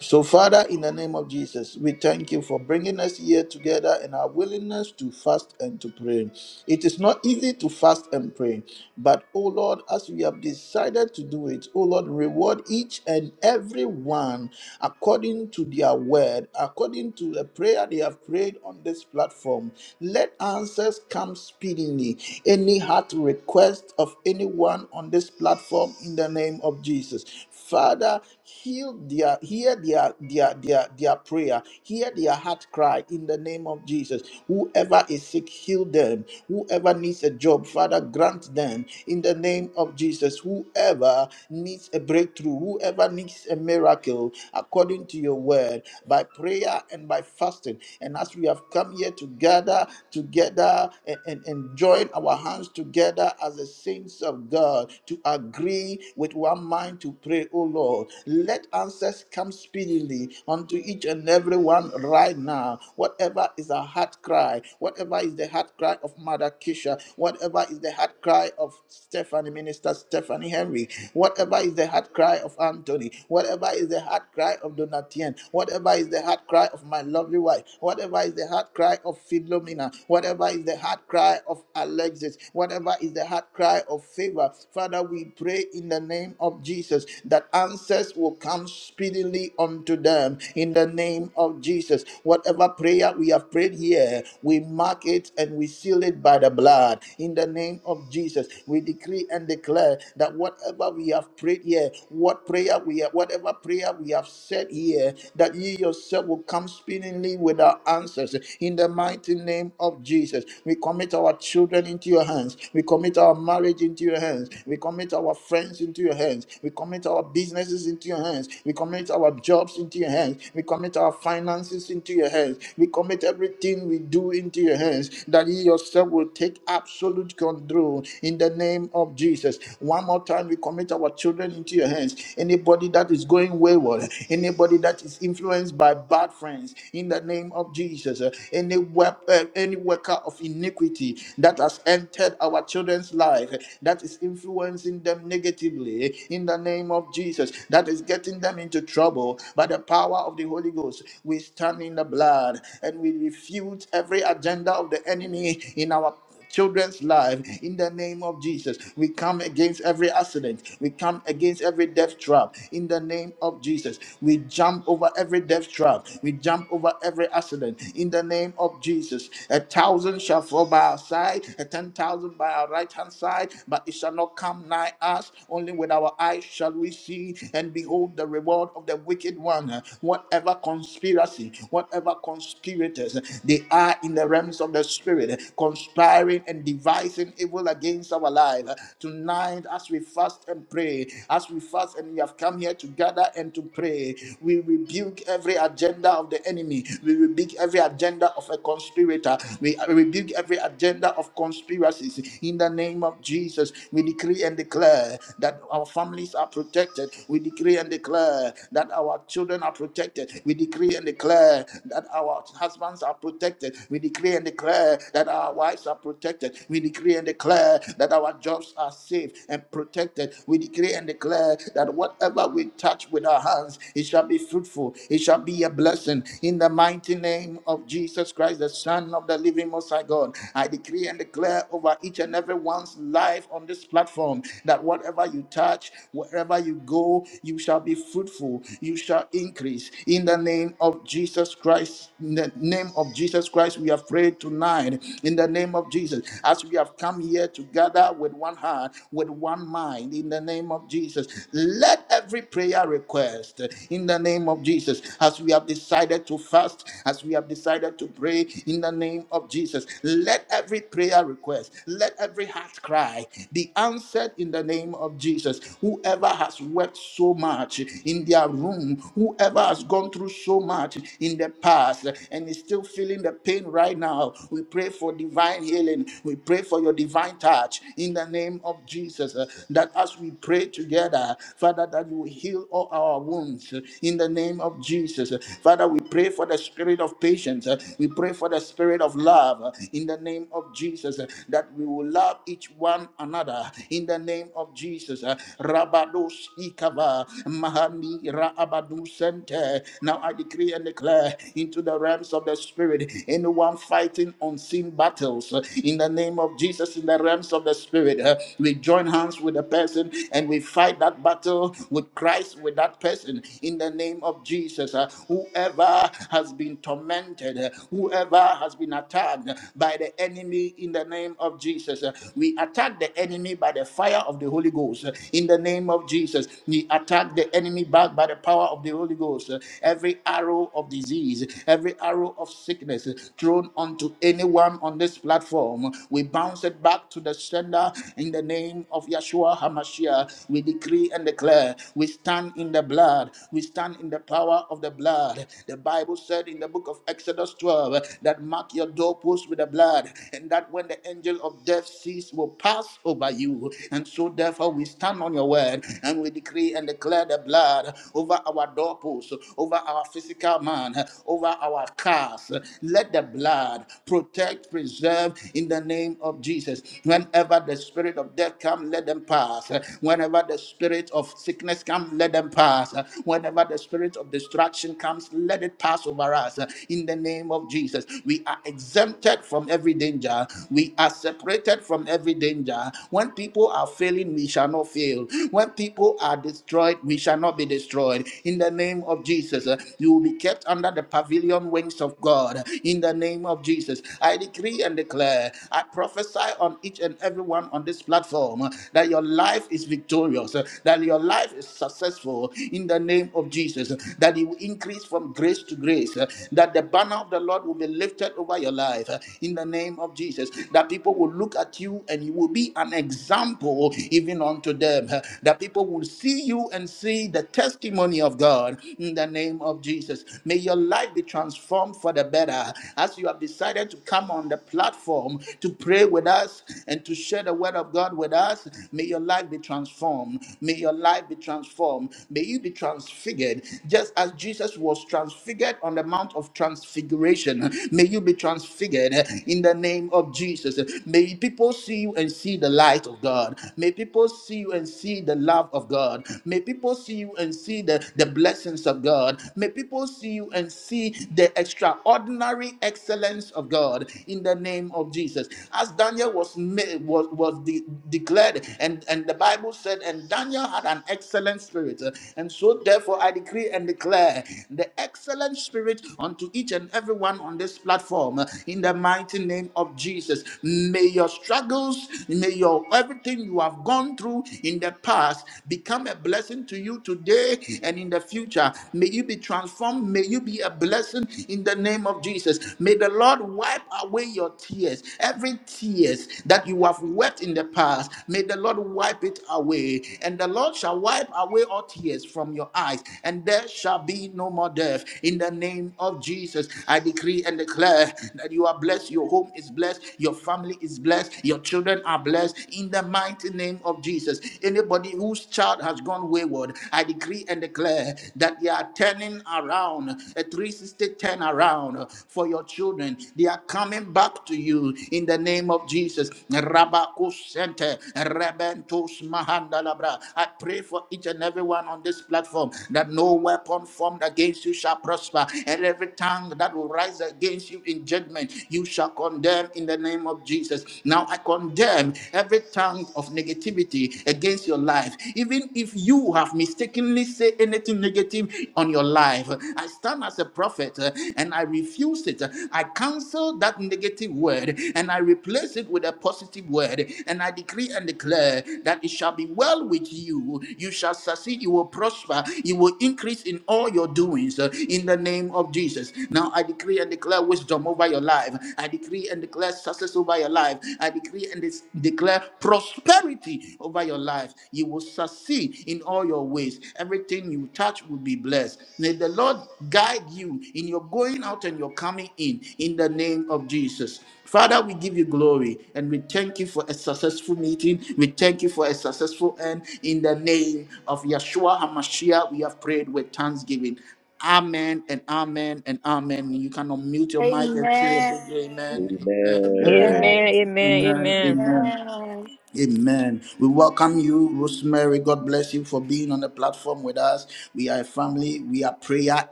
A: So, Father, in the name of Jesus, we thank you for bringing us here together and our willingness to fast and to pray. It is not easy to fast and pray, but, oh Lord, as we have decided to do it, oh Lord, reward each and every one according to their word, according to the prayer they have prayed on this platform. Let answers come speedily. Any heart request of anyone on this platform in the name of Jesus. Father, heal their hear their their their their prayer, hear their heart cry in the name of Jesus. Whoever is sick, heal them. Whoever needs a job, Father, grant them in the name of Jesus. Whoever needs a breakthrough, whoever needs a miracle, according to your word, by prayer and by fasting. And as we have come here to gather together and, and, and join our hands together as the saints of God to agree with one mind to to pray, O Lord. Let answers come speedily unto each and every one right now. Whatever is a heart cry, whatever is the heart cry of Mother Kisha, whatever is the heart cry of Stephanie, Minister Stephanie Henry, whatever is the heart cry of Anthony, whatever is the heart cry of Donatien, whatever is the heart cry of my lovely wife, whatever is the heart cry of Philomena, whatever is the heart cry of Alexis, whatever is the heart cry of favor. Father, we pray in the name of Jesus. Jesus, that answers will come speedily unto them in the name of Jesus. Whatever prayer we have prayed here, we mark it and we seal it by the blood in the name of Jesus. We decree and declare that whatever we have prayed here, what prayer we have, whatever prayer we have said here, that you yourself will come speedily with our answers in the mighty name of Jesus. We commit our children into your hands. We commit our marriage into your hands. We commit our friends into your hands hands. We commit our businesses into your hands. We commit our jobs into your hands. We commit our finances into your hands. We commit everything we do into your hands. That you yourself will take absolute control in the name of Jesus. One more time, we commit our children into your hands. Anybody that is going wayward, anybody that is influenced by bad friends, in the name of Jesus. Uh, Any wep- uh, any worker of iniquity that has entered our children's life, uh, that is influencing them negatively, today in the name of Jesus that is getting them into trouble by the power of the Holy Ghost. We stand in the blood and we refute every agenda of the enemy in our children's life in the name of Jesus. We come against every accident. We come against every death trap in the name of Jesus. We jump over every death trap. We jump over every accident in the name of Jesus. A thousand shall fall by our side, a ten thousand by our right hand side, but it shall not come nigh us only with our eyes shall we see and behold the reward of the wicked one. Whatever conspiracy, whatever conspirators, they are in the realms of the spirit, conspiring and devising evil against our life. Tonight, as we fast and pray, as we fast and we have come here to gather and to pray, we rebuke every agenda of the enemy. We rebuke every agenda of a conspirator. We rebuke every agenda of conspiracies. In the name of Jesus, we decree and declare declare that our families are protected. We decree and declare that our children are protected. We decree and declare that our husbands are protected. We decree and declare that our wives are protected. We decree and declare that our jobs are safe and protected. We decree and declare that whatever we touch with our hands, it shall be fruitful. It shall be a blessing. In the mighty name of Jesus Christ, the Son of the living Most High God, I decree and declare over each and every one's life on this platform that that whatever you touch, wherever you go, you shall be fruitful, you shall increase. In the name of Jesus Christ, in the name of Jesus Christ, we have prayed tonight. In the name of Jesus, as we have come here together with one heart, with one mind, in the name of Jesus, let every prayer request, in the name of Jesus, as we have decided to fast, as we have decided to pray, in the name of Jesus, let every prayer request, let every heart cry be answered in in the name of Jesus. Whoever has wept so much in their room, whoever has gone through so much in the past and is still feeling the pain right now, we pray for divine healing. We pray for your divine touch in the name of Jesus. uh, That as we pray together, Father, that you will heal all our wounds uh, in the name of Jesus. Uh, Father, we pray for the spirit of patience. uh, We pray for the spirit of love uh, in the name of Jesus. uh, That we will love each one another in in the name of Jesus. Uh, Rabados Ikava Mahani Raabadu Sente. Now I decree and declare into the realms of the spirit, anyone fighting unseen battles uh, in the name of Jesus, in the realms of the spirit, uh, we join hands with the person and we fight that battle with Christ, with that person in the name of Jesus. Uh, Whoever has been tormented, uh, whoever has been attacked by the enemy in the name of Jesus, uh, we attack the enemy by by the fire of the Holy Ghost. uh, In the name of Jesus, we attack the enemy back by the power of the Holy Ghost. uh, Every arrow of disease, every arrow of sickness uh, thrown onto anyone on this platform, we bounce it back to the sender in the name of Yeshua HaMashiach. We decree and declare, we stand in the blood, we stand in the power of the blood. The Bible said in the book of Exodus 12 that mark your doorpost with the blood, and that when the angel of death sees will pass over over you. And so, therefore, we stand on your word and we decree and declare the blood over our doorposts, over our physical man, over our cars. Let the blood protect, preserve in the name of Jesus. Whenever the spirit of death comes, let them pass. Whenever the spirit of sickness comes, let them pass. Whenever the spirit of destruction comes, let it pass over us. In the name of Jesus, we are exempted from every danger. We are separated from every danger higher. When people are failing, we shall not fail. When people are destroyed, we shall not be destroyed. In the name of Jesus, uh, you will be kept under the pavilion wings of God. In the name of Jesus, I decree and declare, I prophesy on each and everyone on this platform uh, that your life is victorious, uh, that your life is successful. In the name of Jesus, uh, that you will increase from grace to grace, uh, that the banner of the Lord will be lifted over your life. uh, In the name of Jesus, that people will look at you and you will will be an example even unto them. huh, That people will see you and see the testimony of God in the name of Jesus. May your life be transformed for the better as you have decided to come on the platform to pray with us and to share the word of God with us. May your life be transformed. May your life be transformed. May you be transfigured just as Jesus was transfigured on the Mount of Transfiguration. May you be transfigured in the name of Jesus. May people see you and see the light of God. May people see you and see the love of God. May people see you and see the, the blessings of God. May people see you and see the extraordinary excellence of God in the name of Jesus. As Daniel was made, was, was de- declared, and, and the Bible said, and Daniel had an excellent spirit. And so therefore I decree and declare the excellent spirit unto each and everyone on this platform in the mighty name of Jesus. May your struggle struggles, may your everything you have gone through in the past become a blessing to you today and in the future. May you be transformed. May you be a blessing in the name of Jesus. May the Lord wipe away your tears. Every tears that you have wept in the past, may the Lord wipe it away. And the Lord shall wipe away all tears from your eyes, and there shall be no more death. In the name of Jesus, I decree and declare that you are blessed. Your home is blessed. Your family is blessed blessed. Your children are blessed in the mighty name of Jesus. Anybody whose child has gone wayward, I decree and declare that they are turning around, a 360 turn around for your children. They are coming back to you in the name of Jesus. Rabakusente, Rebentus Mahandalabra. I pray for each and everyone on this platform that no weapon formed against you shall prosper, and every tongue that will rise against you in judgment, you shall condemn in the name of Jesus. Jesus. Now I condemn every tongue of negativity against your life. Even if you have mistakenly said anything negative on your life, I stand as a prophet uh, and I refuse it. I cancel that negative word and I replace it with a positive word. And I decree and declare that it shall be well with you. You shall succeed. You will prosper. You will increase in all your doings uh, in the name of Jesus. Now I decree and declare wisdom over your life. I decree and declare success over your life your life. I decree and dis- declare prosperity over your life. You will succeed in all your ways. Everything you touch will be blessed. May the Lord guide you in your going out and your coming in, in the name of Jesus. Father, we give you glory and we thank you for a successful meeting. We thank you for a successful end. In the name of Yeshua HaMashiach, we have prayed with thanksgiving. Amen and amen and amen. You can unmute your mic and say a
C: Amen.
A: big amen. Amen. amen.
C: Amen.
F: Amen.
G: Amen.
F: Amen.
A: Amen.
F: Amen.
A: Amen.
C: Amen.
A: Amen. We welcome you, Rosemary. God bless you for being on the platform with us. We are a family. We are prayer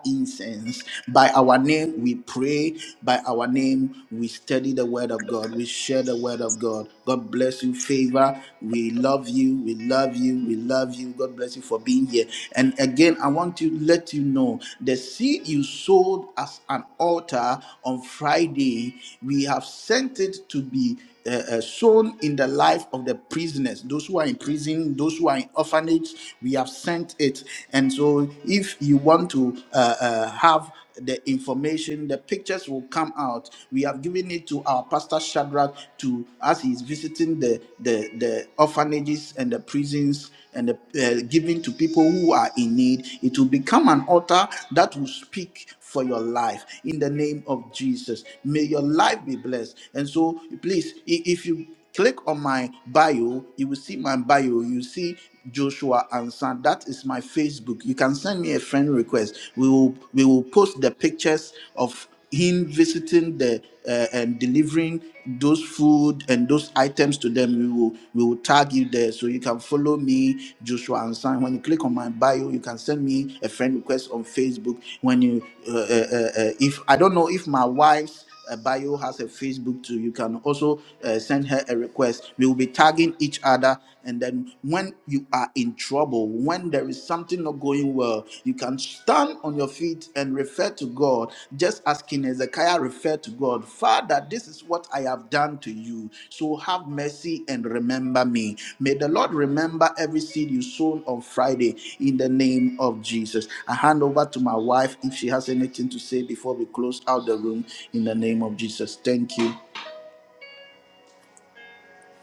A: incense. By our name, we pray. By our name, we study the word of God. We share the word of God. God bless you, favor. We love you. We love you. We love you. God bless you for being here. And again, I want to let you know the seed you sowed as an altar on Friday, we have sent it to be uh, uh, sown in the life of the prisoners, those who are in prison, those who are in orphanage. We have sent it. And so, if you want to uh, uh, have the information, the pictures will come out. We have given it to our pastor Shadrach to as he's visiting the the, the orphanages and the prisons and the, uh, giving to people who are in need. It will become an altar that will speak for your life in the name of Jesus. May your life be blessed. And so Please, i- if you click on my bio, you will see my bio. You see Joshua Ansan. That is my Facebook. You can send me a friend request. We will we will post the pictures of him visiting the uh, and delivering those food and those items to them we will we will tag you there so you can follow me joshua ansan when you click on my bio you can send me a friend request on facebook when you uh, uh, uh, uh, if i don't know if my wife's uh, bio has a Facebook too. You can also uh, send her a request. We will be tagging each other. And then when you are in trouble, when there is something not going well, you can stand on your feet and refer to God, just as King Hezekiah referred to God that this is what I have done to you. So have mercy and remember me. May the Lord remember every seed you sown on Friday in the name of Jesus. I hand over to my wife if she has anything to say before we close out the room in the name of Jesus. Thank you.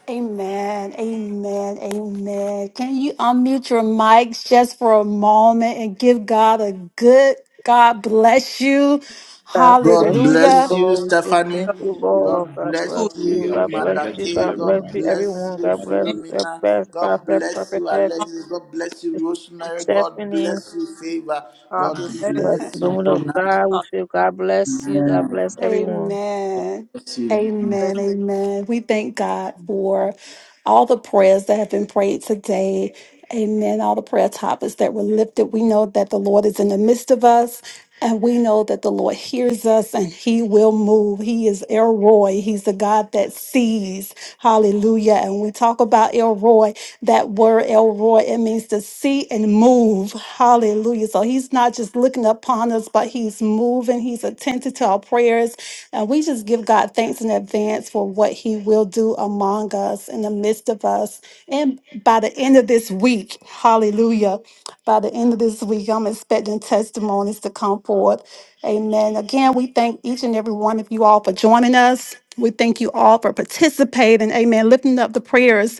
C: Amen. Amen. Amen. Can you unmute your mics just for a moment and give God a good God bless you?
F: God
A: God
F: bless
C: Hallelujah.
F: you,
A: bless you,
F: Lord. We say
A: Stephanie.
F: Thank
D: God
F: you,
G: Thank you.
F: Lord.
A: God
F: God
A: bless
F: bless
G: Hallelujah.
F: you.
A: you,
G: God
F: God bless
G: bless
A: Mother
F: you.
A: K.
G: you,
F: God bless
A: God
F: you,
G: everyone.
A: bless
F: everyone.
A: you,
F: God bless. God
A: Philomena.
F: bless.
A: God
F: Prophet,
A: bless you,
F: prophetess.
A: Alexis. God bless you, Rosemary.
D: bless. you.
A: God
F: Stephanie
A: bless you, Favor.
D: God
A: God
D: bless. you.
F: with
A: bless
F: the
A: you,
F: woman of
A: Donna.
F: God. We
D: God
F: feel God bless you. God bless everyone.
C: Amen.
A: Amen.
D: bless you.
C: Amen. Amen. We thank God for all the prayers that have been prayed today. Amen. All the prayer topics that were lifted. We know that the Lord is in the midst of us. And we know that the Lord hears us and he will move. He is El Roy. He's the God that sees. Hallelujah. And we talk about El Roy. That word Elroy, it means to see and move. Hallelujah. So he's not just looking upon us, but he's moving. He's attentive to our prayers. And we just give God thanks in advance for what he will do among us, in the midst of us. And by the end of this week, hallelujah. By the end of this week, I'm expecting testimonies to come forth. Amen. Again, we thank each and every one of you all for joining us. We thank you all for participating. Amen. Lifting up the prayers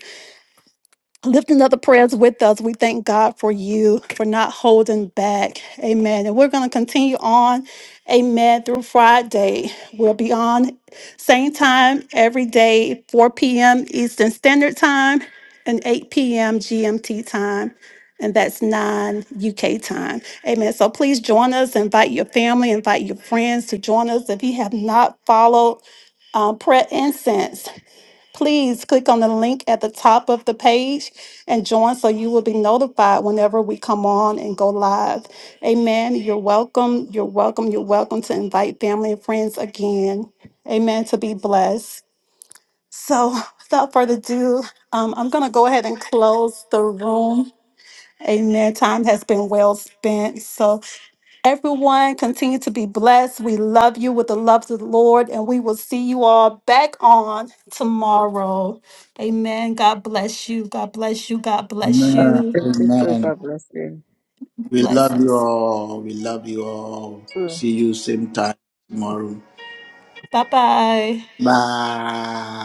C: lifting up the prayers with us. We thank God for you for not holding back. Amen. And we're going to continue on. Amen. Through Friday. We'll be on same time every day, 4 p.m. Eastern Standard Time and 8 p.m. GMT time. And that's 9 UK time. Amen. So please join us. Invite your family, invite your friends to join us. If you have not followed um, prayer incense. Please click on the link at the top of the page and join so you will be notified whenever we come on and go live. Amen. You're welcome. You're welcome. You're welcome to invite family and friends again. Amen. To be blessed. So, without further ado, um, I'm going to go ahead and close the room. Amen. Time has been well spent. So, Everyone, continue to be blessed. We love you with the love of the Lord, and we will see you all back on tomorrow. Amen. God bless you. God bless you. God bless
F: God
C: you.
F: bless you too.
A: Amen.
F: God bless you.
A: We love you
C: Blessings.
A: all. We love you all. See you same time tomorrow.
C: Bye bye.
A: Bye.